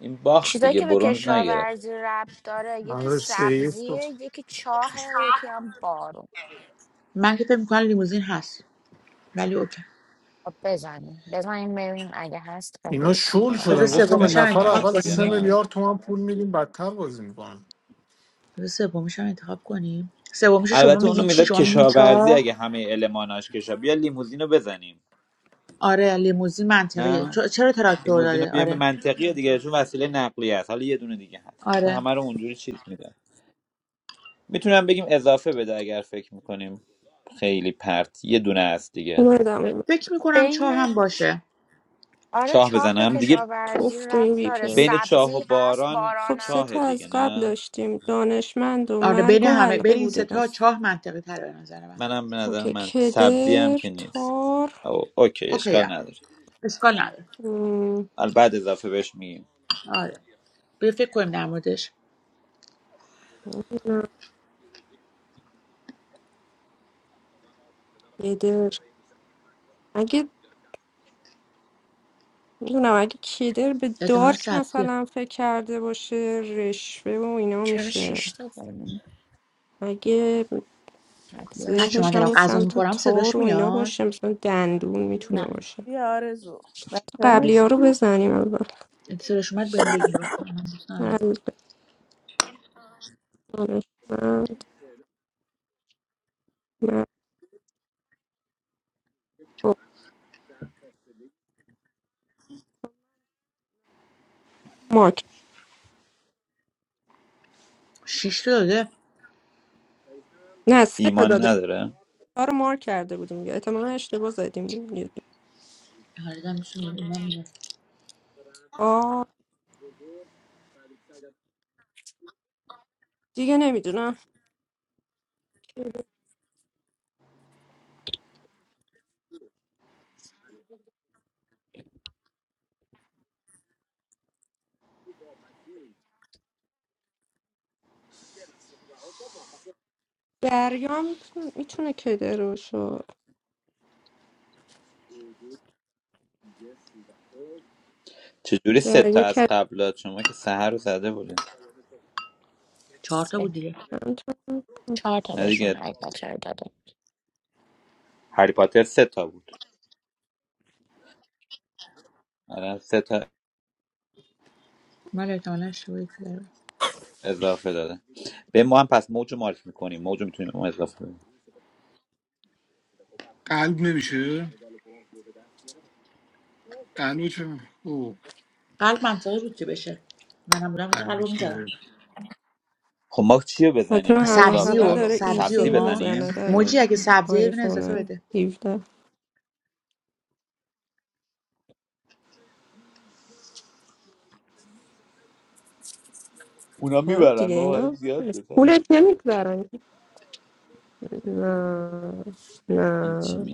Speaker 14: این باخت
Speaker 24: چیزایی
Speaker 14: دیگه
Speaker 24: که به
Speaker 14: برونز نگرفت
Speaker 24: کشاورزی ربط داره یکی
Speaker 10: آره سیف
Speaker 24: سبزیه یکی چاهه یکی هم بارون
Speaker 13: من که فکر می‌کنم لیموزین هست ولی اوکی
Speaker 24: خب بزنیم بزنیم ببینیم اگه هست خیلی
Speaker 10: اینا شل
Speaker 24: کاری
Speaker 14: نمی‌دونم
Speaker 13: بذار
Speaker 10: شدن گفتم به
Speaker 14: پنبه
Speaker 13: سومیش هم
Speaker 10: نفر
Speaker 13: انتخاب
Speaker 10: اول
Speaker 14: هست یا
Speaker 10: سه
Speaker 13: کنیم
Speaker 14: نه
Speaker 10: میلیارد تومن پول میدیم بدتر بازی میکنن
Speaker 13: بذار سومیش هم انتخاب کنیم سومیش رو شما
Speaker 14: البته اونو
Speaker 13: میگی چی
Speaker 14: میزد
Speaker 13: شما میگین
Speaker 14: کشاورزی
Speaker 13: چا
Speaker 14: اگه همه الماناش کشا بیا لیموزین رو بزنیم
Speaker 13: آره لیموزین منطقیه
Speaker 14: نه
Speaker 13: چ- چرا تراکتور
Speaker 14: لیموزین رو
Speaker 13: داده
Speaker 14: بیا به
Speaker 13: آره
Speaker 14: منطقیه دیگه چون وسیله نقلیه است حالا یه دونه دیگه هست چون
Speaker 13: آره
Speaker 14: همه رو اونجوری چیز میدن میتونم بگیم اضافه بده اگر فکر میکنیم خیلی پرت یه دونه است دیگه
Speaker 4: اومدم
Speaker 13: فکر میکنم چا
Speaker 24: بین
Speaker 13: هم باشه
Speaker 24: آره
Speaker 14: چاه
Speaker 24: چاه به
Speaker 14: بزنم دیگه
Speaker 24: کشاورزی
Speaker 4: توف تو
Speaker 24: ربط
Speaker 4: این وی
Speaker 24: داره
Speaker 4: پی
Speaker 14: بین چاه و
Speaker 24: سبزی هست
Speaker 14: باران
Speaker 4: خب
Speaker 24: بارانم
Speaker 4: سه
Speaker 14: چاه
Speaker 4: تا از
Speaker 14: دیگه
Speaker 24: هست
Speaker 4: قبل
Speaker 14: نه
Speaker 4: داشتیم دانشمند و
Speaker 13: آره بین
Speaker 4: مرگ و
Speaker 13: همه
Speaker 4: حلقه
Speaker 13: بین این
Speaker 4: بوده
Speaker 13: ستا
Speaker 4: بس.
Speaker 13: چاه منطقی تره به نظر من
Speaker 14: منم به نظر
Speaker 4: اوکی
Speaker 14: من سبزی هم
Speaker 4: کدر
Speaker 14: که نیست
Speaker 4: تار
Speaker 14: او اوکی
Speaker 13: اوکی هم.
Speaker 14: اشکال نداره
Speaker 13: اشکال نداره
Speaker 4: مم،
Speaker 14: البته بعد اضافه بهش میگیم
Speaker 13: آره بیا فکر کنیم در موردش
Speaker 4: نمی‌دونم. کدر اگه میدونم اگه کدر به
Speaker 13: احتمالا
Speaker 4: دارک
Speaker 13: سبزیه
Speaker 4: مثلا فکر کرده باشه رشوه و اینا
Speaker 24: چرا
Speaker 4: میشه
Speaker 24: شیش تا داریم
Speaker 4: اگه
Speaker 13: بچه
Speaker 24: هدیهشونه
Speaker 13: من
Speaker 4: ذهنش
Speaker 24: که
Speaker 13: دارم
Speaker 4: همون
Speaker 13: غذا
Speaker 4: سمت
Speaker 24: افتاده
Speaker 13: میخورم
Speaker 4: تار
Speaker 13: صداش
Speaker 4: و اینا
Speaker 13: میاد
Speaker 4: باشه مثلا دندون میتونه
Speaker 24: نه
Speaker 4: باشه
Speaker 22: بی آرزو بچه ما
Speaker 4: قبلی ها رو
Speaker 22: هیچکی-
Speaker 4: بزنیم اول
Speaker 13: اگه صداش اومد بهم بگین رو من دوست ندارم
Speaker 4: قلب، دانشمند، مرد، مارک
Speaker 13: شیش تا داده
Speaker 4: نه سه تا
Speaker 14: ایمان
Speaker 4: داده بود.
Speaker 14: نداره
Speaker 4: تار رو مارک کرده بودیم دیگه احتمالا اشتباه زدیم
Speaker 13: آره دارم می‌شونم. اینا میاد
Speaker 4: آه دیگه نمیدونم دریام میتونه کده روشو
Speaker 14: چجوری سه تا
Speaker 4: دریا
Speaker 14: از
Speaker 4: کدرم
Speaker 14: قبلات شما که سهر رو زده بوده
Speaker 13: چهار تا بود
Speaker 24: سه
Speaker 13: دیگه
Speaker 24: چهار تا
Speaker 14: نه
Speaker 24: بهشون
Speaker 14: دیگه
Speaker 24: حقیقت رو داده
Speaker 14: هری پاتر سه تا بود الان سه تا
Speaker 13: من احتمالا اشتباهی کردم
Speaker 14: اضافه داده به ما هم پس موج رو مارک میکنیم موج میتونیم اون اضافه بدیم
Speaker 10: قلب نمیشه قلب چه او
Speaker 13: قلب منطقی بود که بشه منم بودم میشه
Speaker 10: قلب
Speaker 13: قلبو میزدم
Speaker 10: میشه
Speaker 14: خب ما چی رو
Speaker 4: حتی
Speaker 14: بزنیم اون
Speaker 4: همراه
Speaker 13: سبزی
Speaker 14: اضافه
Speaker 4: اول
Speaker 13: و
Speaker 14: رو
Speaker 4: داره
Speaker 13: سبزی و
Speaker 14: سبزی
Speaker 4: ایسی
Speaker 13: ها
Speaker 4: میزنه
Speaker 14: بزنیم
Speaker 13: موجی
Speaker 4: داره
Speaker 13: اگه سبزیه یه دونه اضافه
Speaker 4: آیفون
Speaker 13: بده
Speaker 4: 17
Speaker 14: اونا
Speaker 4: آره
Speaker 14: میبرن
Speaker 4: دیگه
Speaker 14: ما باید
Speaker 4: اینا
Speaker 14: زیاد بزنیم
Speaker 4: پولت نمیگذرن نه
Speaker 14: این چی
Speaker 4: نه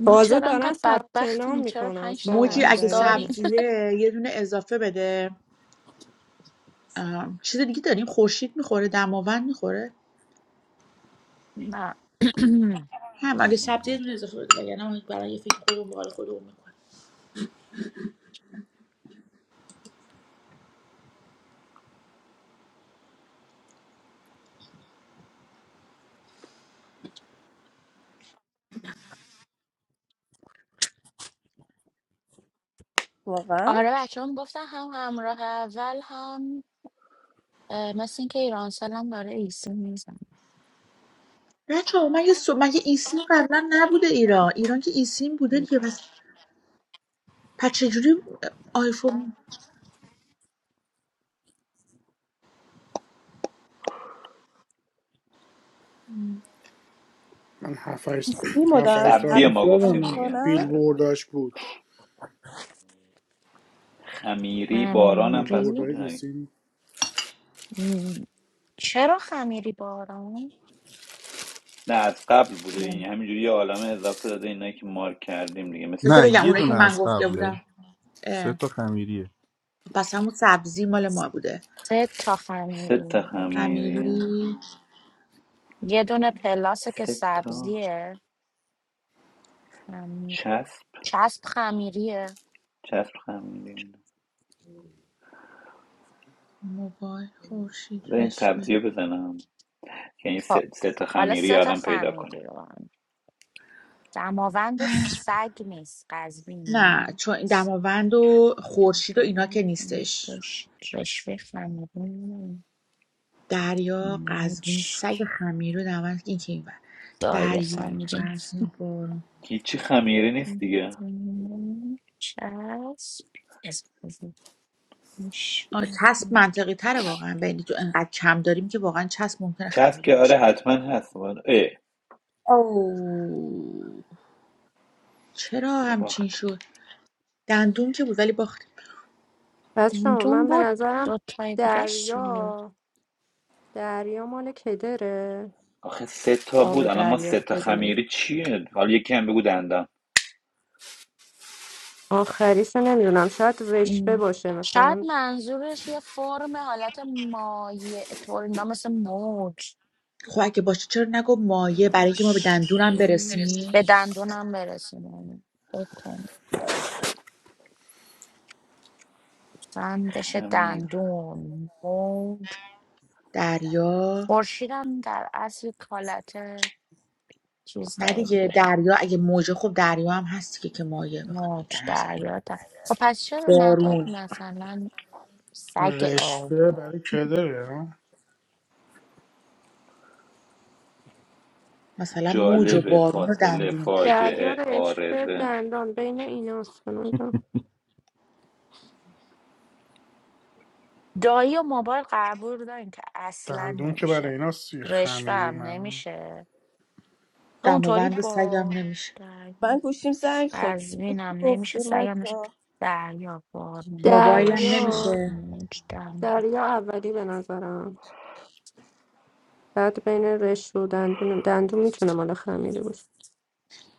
Speaker 24: ما
Speaker 4: تازه
Speaker 24: چرا
Speaker 4: دارن
Speaker 24: انقدر
Speaker 4: ثبت نام
Speaker 24: بدبختیم چرا
Speaker 4: میکنن
Speaker 24: پنج تا
Speaker 13: موجی
Speaker 4: ساغر
Speaker 24: هنوز
Speaker 13: اگه
Speaker 4: در این
Speaker 24: داریم
Speaker 4: حد
Speaker 13: سبزیه یه دونه اضافه بده ام، چیز دیگه داریم خورشید میخوره دماوند میخوره
Speaker 24: نه
Speaker 13: هم اگه
Speaker 14: میگه
Speaker 13: سبزی یه دونه اضافه بده وگرنه ما برای یه فکر خودمون به خودمون میکنیم
Speaker 22: واقعا
Speaker 24: آره بچه هم گفتن هم همراه اول هم اه، مثل اینکه ایران سالم داره ایسی میزن
Speaker 13: بچه ها من یه سو... من یه این سیم قبلا نبوده ایران ایران که این سیم بوده دیگه پس پس چجوری آیفون ام.
Speaker 2: من هفت هشت
Speaker 22: این مدرس
Speaker 2: سال
Speaker 14: سبزی
Speaker 2: پیش
Speaker 14: ما
Speaker 22: هم
Speaker 14: گفتیم
Speaker 2: یادمه
Speaker 14: دیگه
Speaker 22: میکنم
Speaker 2: بیل
Speaker 14: سر اضافه
Speaker 2: بود
Speaker 14: خمیری بارانم
Speaker 2: بیل
Speaker 14: پس
Speaker 24: خمیری
Speaker 2: وردای
Speaker 14: بوده نه
Speaker 2: ایسین
Speaker 24: مم. چرا خمیری باران؟
Speaker 14: نه، از قبل بوده
Speaker 24: نمی‌دونم.
Speaker 14: این همینجوری یه عالمه اضافه داده اینایی که مارک کردیم دیگه مثل
Speaker 13: بذار
Speaker 9: نه
Speaker 14: اونا
Speaker 13: بگم
Speaker 9: یه
Speaker 13: اونایی که
Speaker 9: دونه
Speaker 13: من
Speaker 9: از
Speaker 13: گفته
Speaker 9: قبله
Speaker 13: بودم
Speaker 9: سه
Speaker 13: اه.
Speaker 9: تا خمیریه
Speaker 13: پس همون سبزی مال ما بوده
Speaker 24: سه تا
Speaker 14: سه
Speaker 24: خمیری
Speaker 14: تا
Speaker 24: اوکی.
Speaker 14: خمیریه
Speaker 13: امیری
Speaker 24: یه دونه پلاسه که
Speaker 14: سه تا
Speaker 24: سبزیه خمیر
Speaker 14: چسب
Speaker 24: چسب خمیریه
Speaker 14: چسب خمیری
Speaker 13: موبایل خورشید
Speaker 14: بذار این
Speaker 13: رشوه
Speaker 14: سبزی رو بزنم که این
Speaker 24: خب
Speaker 14: سه, سه تا
Speaker 24: حالا
Speaker 14: خمیری
Speaker 24: سه تا
Speaker 14: آدم پیدا کنه
Speaker 24: خمیری رو هم. دماوند و سگ نیست قزوین
Speaker 13: نه چون این
Speaker 24: نیست
Speaker 13: دماوند و خورشید و اینا که نیستش
Speaker 24: رش- رشوه خمیرین
Speaker 13: دریا قزوین
Speaker 24: موچ
Speaker 13: سگ خمیرو نمک این که این ور.
Speaker 24: دای
Speaker 13: دریا
Speaker 24: خمیرین
Speaker 13: قزوین بارون
Speaker 14: هیچی خمیری نیست دیگه
Speaker 24: چسب از بزرگ
Speaker 13: آه،
Speaker 24: میشه.
Speaker 13: چسب منطقی تره واقعا بینی تو انقدر کم داریم که واقعا چسب ممکنه
Speaker 14: چسب
Speaker 13: خمیره
Speaker 14: که
Speaker 13: باشه
Speaker 14: آره
Speaker 13: دیگه
Speaker 14: حتما هست باید. اه
Speaker 13: او چرا
Speaker 14: دیگه
Speaker 13: همچین
Speaker 14: باخت
Speaker 13: شد دندون که بود ولی باختیم
Speaker 4: بچه
Speaker 24: دندون
Speaker 4: من به
Speaker 24: بود
Speaker 4: نظرم
Speaker 24: دوتایی دیگه چیه؟
Speaker 4: دریا دریا مال کدره
Speaker 14: آخه سه تا بود
Speaker 4: آب
Speaker 14: الان ما
Speaker 4: دریا
Speaker 14: سه تا
Speaker 4: کدره
Speaker 14: خمیری چیه حالا یکی هم بگو دندان
Speaker 4: آخریشو نمیدونم شاید رشته
Speaker 24: ام.
Speaker 4: باشه
Speaker 24: شاید
Speaker 4: مثلا
Speaker 24: منظورش یه فرم حالت مایع طور اینا مثل موج
Speaker 13: خب اگه باشه چرا نگو مایه برای اینکه ما به
Speaker 24: رش-
Speaker 13: دندونم
Speaker 24: به
Speaker 13: برسیم
Speaker 24: دندونم برسونه بندش
Speaker 14: خمیر
Speaker 24: دندون موج
Speaker 13: دریا
Speaker 24: خورشیدم در اصل کالت چیز
Speaker 13: نه
Speaker 24: داره
Speaker 13: دیگه
Speaker 24: دیگه
Speaker 13: دریا اگه موجه خب دریا هم هست که که مایه بخواد بگیر
Speaker 24: موج
Speaker 13: در نظر
Speaker 24: دریا در- خب پس چرا نداد
Speaker 13: بارون
Speaker 24: مثلا سگ آب
Speaker 2: رشوه برای کدره ها؟
Speaker 13: مثلا موج و
Speaker 14: جالبه
Speaker 13: بارون و
Speaker 14: فاصله
Speaker 13: دندون
Speaker 4: دریا
Speaker 14: فاجعه
Speaker 4: رشته
Speaker 14: عارضه
Speaker 4: دندان بین ایناست به نظرم.
Speaker 24: دایی و موبایل قبول دارین که اصلا
Speaker 2: دندون که برای
Speaker 24: نمیشه
Speaker 2: اینا
Speaker 24: رشوه
Speaker 2: خمیری
Speaker 24: هم
Speaker 2: من
Speaker 24: نمیشه تو اونطوری
Speaker 13: دماوند سگم
Speaker 24: با
Speaker 13: نمیشه
Speaker 24: دریا
Speaker 22: من گوشیم زنگ خود
Speaker 24: قزوینم
Speaker 22: گفتی
Speaker 24: نمیشه سگم نشه
Speaker 22: مکا
Speaker 24: دریا بارون
Speaker 13: موبایلم
Speaker 24: خورشید
Speaker 4: دریا
Speaker 13: نمیشه
Speaker 24: موج دندان
Speaker 4: دریا اولی به نظرم بعد بین رشته و دندون دندون میتونه مال خمیری باشه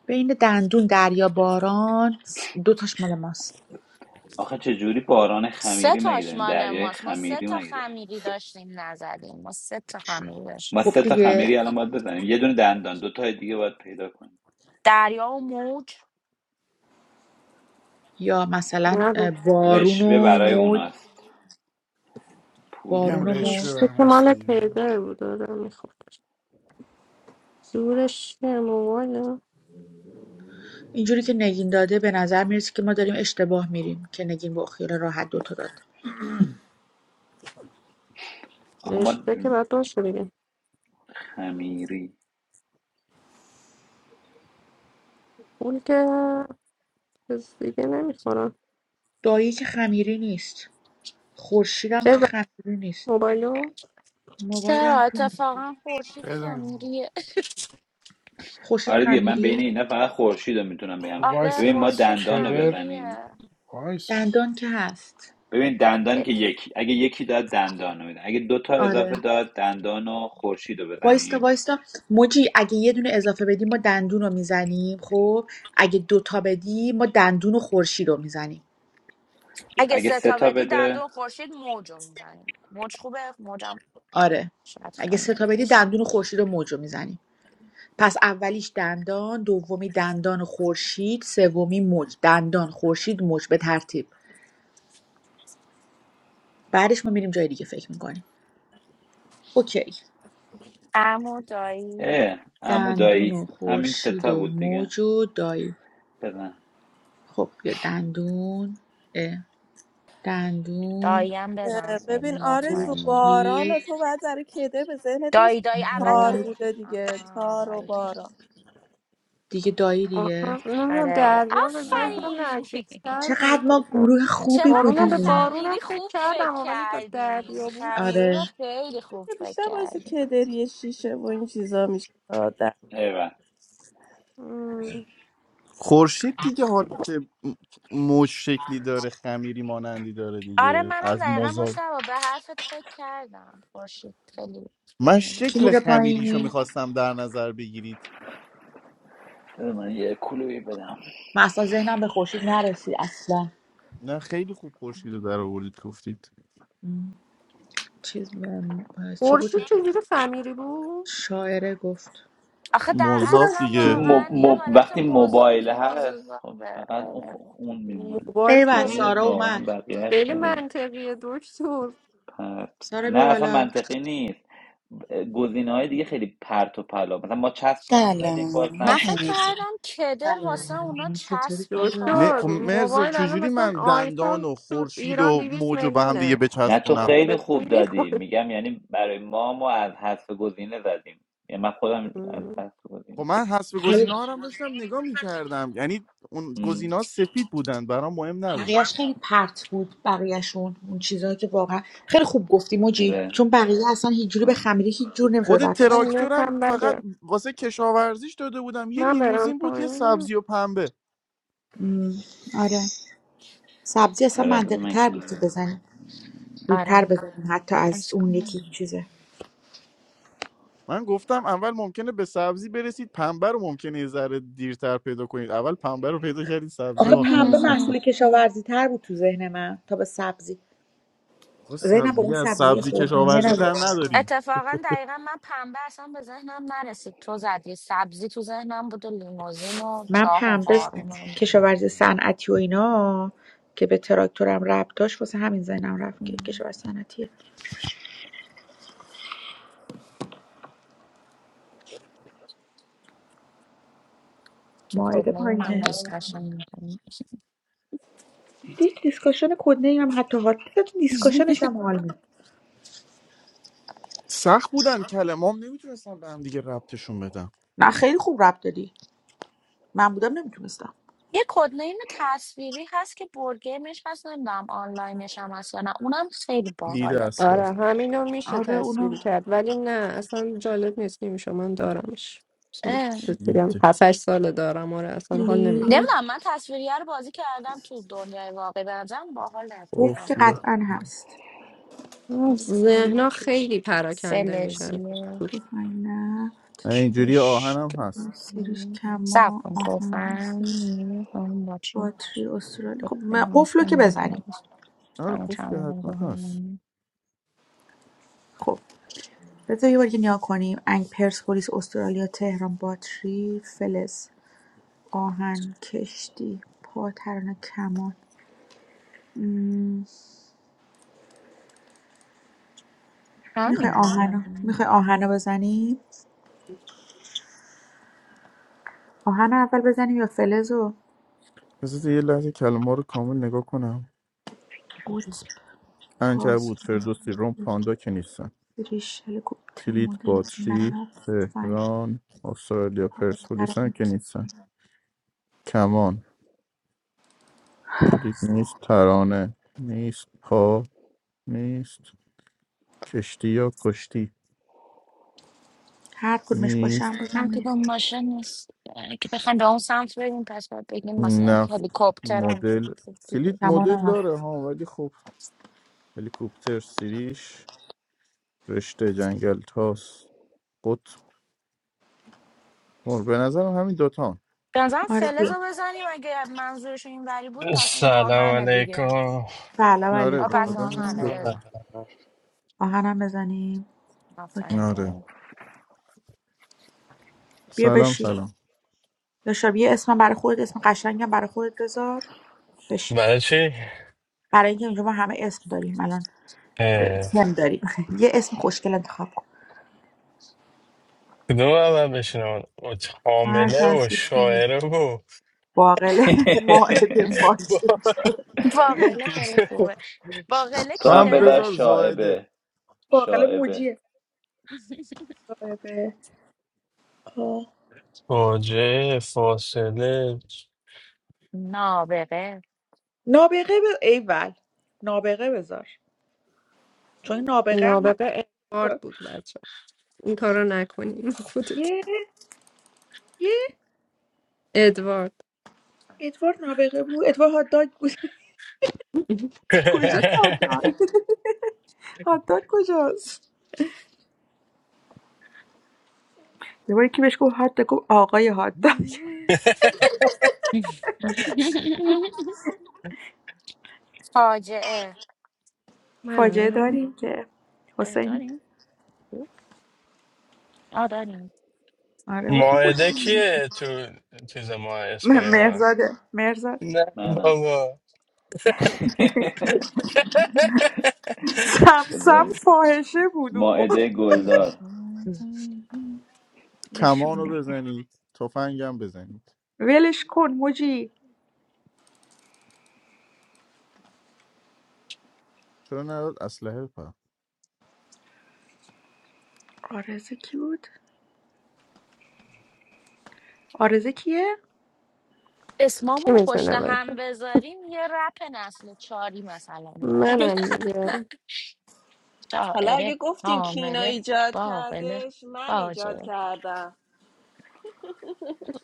Speaker 13: بین دندون دریا باران دوتاش مال ماست
Speaker 14: آخه چجوری باران
Speaker 24: سه
Speaker 14: خمیری مگه
Speaker 24: تاش
Speaker 14: داریم
Speaker 24: مال
Speaker 14: دریای
Speaker 24: ماست ما سه
Speaker 14: خمیری
Speaker 24: تا
Speaker 14: مگه داریم
Speaker 24: خمیری داشتیم نزدیم ما سه تا خمیری
Speaker 14: ما
Speaker 24: داشتیم
Speaker 13: خب
Speaker 14: سه تا
Speaker 24: نزدیم.
Speaker 13: دیگه
Speaker 14: خمیری الان باید بزنیم یه دونه دندان دو تای دیگه باید پیدا کنیم
Speaker 24: دریا و موج
Speaker 13: یا مثلا
Speaker 4: نه
Speaker 13: اه، بارون
Speaker 14: رشوه
Speaker 13: و
Speaker 14: برای
Speaker 13: موج
Speaker 14: اوناست پول
Speaker 2: میگم
Speaker 13: بارون و موج
Speaker 2: رشوه
Speaker 4: رشته
Speaker 2: برای
Speaker 4: که
Speaker 2: ماست
Speaker 4: مال
Speaker 2: دیگه
Speaker 4: پیدر بود آره میخوردش جورش چیه؟ موبایل
Speaker 13: اینجوری که نگین داده به نظر میرسه که ما داریم اشتباه میریم که نگین با خیال راحت دوتا داد
Speaker 14: آخه ما
Speaker 4: رشته که باید باشه دیگه
Speaker 14: خمیری
Speaker 4: اون که چیز دیگه نمیخورن
Speaker 13: دایی که خمیری نیست خورشیدم که
Speaker 4: ببر
Speaker 13: خمیری نیست
Speaker 4: موبایلو
Speaker 24: چرا
Speaker 13: موبایلم که نیست.
Speaker 24: اتفاقا خورشید
Speaker 2: بزن
Speaker 24: خمیریه
Speaker 13: خورشید
Speaker 14: آره دیگه من بین
Speaker 13: خمیریه
Speaker 14: اینا فقط خورشید رو میتونم
Speaker 2: خب
Speaker 14: بگم
Speaker 24: آره
Speaker 2: وایسا
Speaker 14: ببین ما
Speaker 2: از
Speaker 24: خورشید
Speaker 14: دندان رو
Speaker 2: کدر
Speaker 14: بزنیم
Speaker 24: خمیریه
Speaker 2: وایسا
Speaker 13: دندان که هست
Speaker 14: ببین دندان که یکی اگه یکی داد دندان رو می‌زنه. اگه دو تا
Speaker 13: آره
Speaker 14: اضافه داد دندان و خورشید رو
Speaker 13: وایستا
Speaker 14: بزنیم
Speaker 13: وایستا موجی اگه یه دونه اضافه بدی ما دندون رو میزنیم خب اگه دوتا بدی ما دندون و خورشید رو میزنیم
Speaker 24: اگه
Speaker 14: اگه
Speaker 24: سه
Speaker 14: سه
Speaker 24: تا
Speaker 14: تا
Speaker 24: بدی
Speaker 14: بده
Speaker 24: دندون خورشید موج رو میزنیم موج خوبه موجم
Speaker 13: آره
Speaker 24: شاید
Speaker 13: اگه سه
Speaker 24: خمیده
Speaker 13: تا بدی
Speaker 24: باشه
Speaker 13: دندون و خورشید و موج رو میزنیم پس اولیش دندان دومی دندان و خورشید سومی موج دندان خورشید موج به ترتیب بعدش ما میریم جای دیگه فکر میکنیم اوکی
Speaker 24: امو دایی
Speaker 14: اه عمو
Speaker 13: دندون
Speaker 14: دایی
Speaker 13: و
Speaker 14: همین
Speaker 13: خورشید
Speaker 14: ستا
Speaker 13: و
Speaker 14: بود دیگه
Speaker 13: موج و دایی
Speaker 14: بزن
Speaker 13: خب یا دندون اه. دندون
Speaker 24: داییم بزن
Speaker 22: اه،
Speaker 24: خیلی
Speaker 22: ببین آرزو
Speaker 24: مطمئنی
Speaker 22: باران
Speaker 13: خورشید
Speaker 22: و تو باید برای کدر به ذهنت
Speaker 24: دایی
Speaker 22: میسید
Speaker 24: دایی اول
Speaker 13: موج
Speaker 22: تار
Speaker 24: دایی
Speaker 22: بوده دیگه
Speaker 24: آها
Speaker 22: تار و
Speaker 24: باریکلا
Speaker 22: باران
Speaker 13: دیگه دایی دیگه
Speaker 4: آخر نمیدونم
Speaker 24: آره
Speaker 4: دریا به
Speaker 14: آره
Speaker 4: ذهنم
Speaker 24: آفرین
Speaker 4: نزدیکتر
Speaker 13: چقدر
Speaker 4: بود تا
Speaker 13: ما
Speaker 4: با-
Speaker 13: گروه خوبی
Speaker 24: چقدر به
Speaker 4: بارون به
Speaker 13: بودیم
Speaker 4: بارون هم
Speaker 24: خمیری
Speaker 4: فکر
Speaker 24: خوب فکر
Speaker 4: کردم ولی تا
Speaker 24: کردیم
Speaker 4: دریا بود
Speaker 24: خمیری
Speaker 13: آره
Speaker 24: رو خیلی خوب
Speaker 22: که
Speaker 24: فکر
Speaker 22: بیشتر باعث
Speaker 24: کردیم
Speaker 22: کدری شیشه و این چیزا میشه آدم
Speaker 14: ایول
Speaker 4: مم.
Speaker 9: خورشید دیگه حالا که موج شکلی داره خمیری مانندی داره
Speaker 24: آره
Speaker 9: دیگه
Speaker 24: منم
Speaker 9: از
Speaker 24: دقیقا
Speaker 9: مزا
Speaker 24: مشتبه به حرفت فکر کردم خورشید خیلی
Speaker 9: من
Speaker 24: خمیری
Speaker 13: کی
Speaker 9: شکل
Speaker 13: میره
Speaker 9: خمیریشو
Speaker 13: پایین
Speaker 9: میخواستم در نظر بگیرید
Speaker 14: بذار من یه کلوی بدم
Speaker 13: من اصلا ذهنم به خورشید نرسید اصلا
Speaker 9: نه خیلی خوب خورشید رو در آوردید گفتید
Speaker 13: م، چیز م، چی بود
Speaker 4: خورشید چجوری خمیری بود
Speaker 13: شاعره گفت
Speaker 24: آخه در
Speaker 9: مذاب
Speaker 24: اصلا
Speaker 13: بکنم
Speaker 14: چون
Speaker 9: دیگه
Speaker 14: مب...
Speaker 24: واقعا یه
Speaker 14: مب...
Speaker 24: حالت
Speaker 14: وقتی
Speaker 24: موز...
Speaker 14: موبایل هست
Speaker 24: موضوع
Speaker 14: خب
Speaker 24: داره
Speaker 14: فقط اون,
Speaker 24: آره.
Speaker 14: خ- اون میمونه
Speaker 4: موبایل
Speaker 13: ای بابا
Speaker 4: خب
Speaker 14: چیزای
Speaker 13: سارا
Speaker 14: واقعا
Speaker 13: اومد
Speaker 14: بقیهش
Speaker 4: خیلی
Speaker 14: خیلی
Speaker 4: منطقیه دکتر
Speaker 14: پرت
Speaker 13: سارا
Speaker 14: نه
Speaker 13: بی
Speaker 14: اصلا
Speaker 13: بالا
Speaker 14: منطقی نیست گزینه های دیگه خیلی پرت و پلا مثلا ما چسب رو هم زدیم
Speaker 25: Hello,
Speaker 14: باز
Speaker 24: من
Speaker 14: نبود
Speaker 24: فکر
Speaker 25: Bahamut.
Speaker 24: کردم کدر واسه اونا
Speaker 13: سلام چطوری
Speaker 24: چسب و
Speaker 13: سارا
Speaker 9: نه
Speaker 24: تاره
Speaker 4: دکتر
Speaker 9: خب
Speaker 24: اون
Speaker 9: مرزا
Speaker 4: موبایل الان
Speaker 24: دوره
Speaker 9: چجوری
Speaker 4: مثلا
Speaker 9: من دندان
Speaker 4: آیفون
Speaker 9: و
Speaker 4: تو
Speaker 9: خورشید
Speaker 4: ایران
Speaker 9: و
Speaker 4: 200
Speaker 9: موج رو به هم
Speaker 4: میلیونه
Speaker 9: دیگه
Speaker 14: نه تو
Speaker 9: بچسبونم
Speaker 4: خب به
Speaker 14: خیلی
Speaker 4: پول
Speaker 14: خوب دادی
Speaker 4: میخوره
Speaker 14: میگم یعنی برای ما ما از حذف گزینه زدیم یعنی من خودم از حذف
Speaker 9: خب
Speaker 14: گزینه
Speaker 9: من
Speaker 14: فکر-
Speaker 9: حسب
Speaker 13: خیلی
Speaker 9: گزینه ها رو هم داشتم نگاه میکردم یعنی اون
Speaker 14: م،
Speaker 9: گزینه سفید بودن برام مهم نبود
Speaker 13: بقیهش خیلی پرت بود بقیهشون اون چیزهایی که واقعا خیلی خوب گفتی موجی
Speaker 14: آره
Speaker 13: چون بقیه اصلا هیچ جوری به
Speaker 14: آره.
Speaker 13: خمیری هیچ جور نمیشد
Speaker 9: خود
Speaker 13: ربطش داد
Speaker 9: تراکتورم فقط واسه کشاورزیش داده بودم یه لیموزین بود یه سبزی و پنبه
Speaker 13: م، آره سبزی اصلا
Speaker 14: آره بذار
Speaker 13: منطقی
Speaker 14: من
Speaker 13: تر بود که
Speaker 14: کنم
Speaker 13: بزنی زودتر
Speaker 24: آره
Speaker 13: بزنیم حتی از
Speaker 24: عشق
Speaker 13: اون یکی
Speaker 24: کنم.
Speaker 13: چیزه
Speaker 9: من گفتم اول ممکنه به سبزی برسید پنبه رو ممکنه یه ذره دیرتر پیدا کنید اول پنبه رو پیدا کردید سبزی
Speaker 13: آخه
Speaker 9: آخر
Speaker 13: پنبه
Speaker 9: سر
Speaker 13: محصول کشاورزی تر بود تو ذهن من تا به سبزی
Speaker 9: خب سب...
Speaker 13: ذهنم با اون
Speaker 9: دیگه از
Speaker 13: سبزی
Speaker 9: سبزی
Speaker 13: خوردنی
Speaker 9: کشاورزی
Speaker 13: رو
Speaker 9: تر نداریم
Speaker 24: اتفاقا دقیقا من پنبه اصلا به ذهنم نرسید تو زدی سبزی تو ذهنم بود و لیموزین و
Speaker 13: من
Speaker 24: چاه و
Speaker 13: پنبه
Speaker 24: بارون و اینا.
Speaker 13: کشاورزی صنعتی و اینا که به تراکتورم ربط داشت واسه همین ذهنم رفت که
Speaker 24: م.
Speaker 13: کشاورزی صنعتیه
Speaker 24: تو
Speaker 13: ماعده
Speaker 24: کدوم این هم
Speaker 13: پایینه
Speaker 24: دیسکشن میکنیم
Speaker 13: دید دیسکاشن کدنه ای هم حتی حال حتی تو دیسکاشنش هم حال می‌ده.
Speaker 9: سخت بودن کلمام نمیتونستم به هم دیگه ربطشون بدم
Speaker 13: نه خیلی خوب ربط دادی من بودم نمیتونستم
Speaker 24: یه کدنیم تصویری هست که بورگیمش هست نمیدونم آنلاینش هم هست یا نه اونم خیلی
Speaker 9: لید
Speaker 24: باحاله
Speaker 9: اسباب
Speaker 4: آره همینو میشه
Speaker 13: آره اونو
Speaker 4: تصویر کرد ولی نه اصلا جالب نیست نمیشه من دارمش اصلا
Speaker 24: اه.
Speaker 4: بهت
Speaker 9: کلیت
Speaker 4: بگم هفت هشت ساله دارم آره اصلا حال نمیده
Speaker 13: کلید
Speaker 24: نمیدونم من تصویریه رو بازی کردم تو دنیای واقعی بنظرم باحال
Speaker 13: گفت که
Speaker 24: اتفاقا
Speaker 9: قوله.
Speaker 13: قطعا هست کلید
Speaker 4: ذهنا خیلی پراکنده میشن
Speaker 24: فلزیه
Speaker 13: تفنگ نه
Speaker 9: اینجوری
Speaker 24: کشت
Speaker 9: آهنم هست
Speaker 13: سیریش
Speaker 24: سب
Speaker 13: کما
Speaker 24: کن
Speaker 13: آهن
Speaker 24: توفن
Speaker 13: هستش
Speaker 24: باچه
Speaker 13: باتری استرالیا خب ما قفلو که بزنیم
Speaker 9: آره قفل که حتما هست
Speaker 13: خب بذار یه بار دیگه نیا کنیم انگ پرسپولیس استرالیا تهران باتری فلز آهن کشتی پا ترانه کمان میخوای
Speaker 24: همینه نه
Speaker 13: آهنا
Speaker 24: نه.
Speaker 13: میخوای آهنا بزنیم آهن رو اول بزنیم یا فلزو
Speaker 9: بذار یه لحظه کلمه رو کامل نگاه کنم
Speaker 13: گوت تاس
Speaker 9: عنکبوت فردوسی روم پاندا که نیستن.
Speaker 13: سیریش هلیکوپتر
Speaker 9: کلید
Speaker 13: مدل
Speaker 9: باتری
Speaker 13: نفت فنگ
Speaker 9: تهران استرالیا
Speaker 13: پا
Speaker 9: پرسپولیس هم
Speaker 13: ترانه
Speaker 9: که نیستن کمان کلید نیست ترانه نیست پا نیست کشتی یا کشتی
Speaker 13: هر کدومش باشه هم
Speaker 9: نیست
Speaker 13: بازم
Speaker 24: نه که
Speaker 13: نیست
Speaker 24: اون ماشین نیست یعنی که بخوایم به اون سمت بریم پس باید بگیم مثلا
Speaker 9: نفت
Speaker 24: هلیکوپتر هم که
Speaker 9: مدل
Speaker 24: بود بود
Speaker 9: کلید
Speaker 24: دیگه.
Speaker 9: مدل
Speaker 13: کمانم
Speaker 9: داره ها ولی خب هلیکوپتر سیریش رشته جنگل تاس قطب مر- به نظرم همین دوتا
Speaker 24: به نظرم
Speaker 13: آره
Speaker 24: فلز
Speaker 13: بیا
Speaker 24: رو بزنیم اگه منظورشون این وری بود پس اون
Speaker 26: سلام
Speaker 24: آهنه دیگه
Speaker 26: علیکم
Speaker 13: سلام
Speaker 9: آره
Speaker 24: و
Speaker 9: به
Speaker 24: پس
Speaker 9: نظرم
Speaker 13: علیکم
Speaker 9: همین
Speaker 24: آهنه
Speaker 2: سلام
Speaker 9: دوتا
Speaker 24: بزن
Speaker 13: آهنم بزنیم اوکی
Speaker 24: آفرین
Speaker 9: آره
Speaker 24: بایم
Speaker 13: بیا
Speaker 9: سلام
Speaker 13: بشین
Speaker 9: سلام
Speaker 13: داشتم یه اسم برای خودت اسم قشنگم برای خودت بذار بشین
Speaker 26: برای چی؟
Speaker 13: برای اینکه اینجا ما همه اسم داریم الان د-
Speaker 26: اه،
Speaker 13: سم داریم یه اسم خوشگل انتخاب کن
Speaker 26: کدوم اول بشنم
Speaker 13: هر
Speaker 26: حامله
Speaker 13: سر
Speaker 26: و
Speaker 13: دوست داری.
Speaker 26: شاعره و
Speaker 13: باقله ماهده فاجعه
Speaker 24: باقله خیلی خوبه باقله
Speaker 14: تو
Speaker 9: تو
Speaker 14: هم
Speaker 9: هم
Speaker 24: کیه؟
Speaker 14: بذار
Speaker 9: بذار زایده
Speaker 14: شاعبه
Speaker 13: باقله
Speaker 14: شاعبه
Speaker 13: موجیه قایبه. آه.
Speaker 26: باجه فاصله
Speaker 24: نابغه
Speaker 13: نابغه ب... ایول نابغه بذار چون این نابغه هم
Speaker 4: نابغه ادوارد
Speaker 13: هست
Speaker 4: بود بچه این کارو نکنیم خودت
Speaker 13: یه یه
Speaker 4: ادوارد
Speaker 13: ادوار نابغه بود ادوار هات داگ بود کجا
Speaker 4: بعد
Speaker 13: هات داگ هاتداگ کجاست یه بار یکی بهش گفت هاتداگ گفت آقای هاتداگ
Speaker 24: فاجعه
Speaker 13: فاجعه داریم که
Speaker 24: اه،
Speaker 13: حسین
Speaker 24: داریم؟ آه داریم
Speaker 13: آره حسین خوش
Speaker 26: ماهده کیه تو چیز ما اسپای
Speaker 13: م-
Speaker 26: ما
Speaker 13: مهرزاده مهرزاد
Speaker 26: نه
Speaker 14: منم
Speaker 26: بابا
Speaker 13: سمسم
Speaker 14: بذار
Speaker 13: فاحشه بود اون با
Speaker 14: ماعده گلدار
Speaker 9: کمان رو
Speaker 13: نشونه
Speaker 9: بزنید تفنگم بزنید
Speaker 13: ولش کن موجی
Speaker 9: چرا نداد اسلحه پر
Speaker 13: آرزه کی بود آرزه کیه
Speaker 4: کی
Speaker 24: اسمامون رو پشت
Speaker 4: میتونه
Speaker 24: هم
Speaker 4: باشه
Speaker 24: بذاریم یه رپ نسل چاری مثلا داریم
Speaker 4: منم دیگه
Speaker 22: حالا اگه
Speaker 24: شاعره
Speaker 22: گفتین کینا
Speaker 24: حامله
Speaker 22: ایجاد
Speaker 24: باقله
Speaker 22: کردش من ایجاد
Speaker 24: فاجعه
Speaker 22: کردم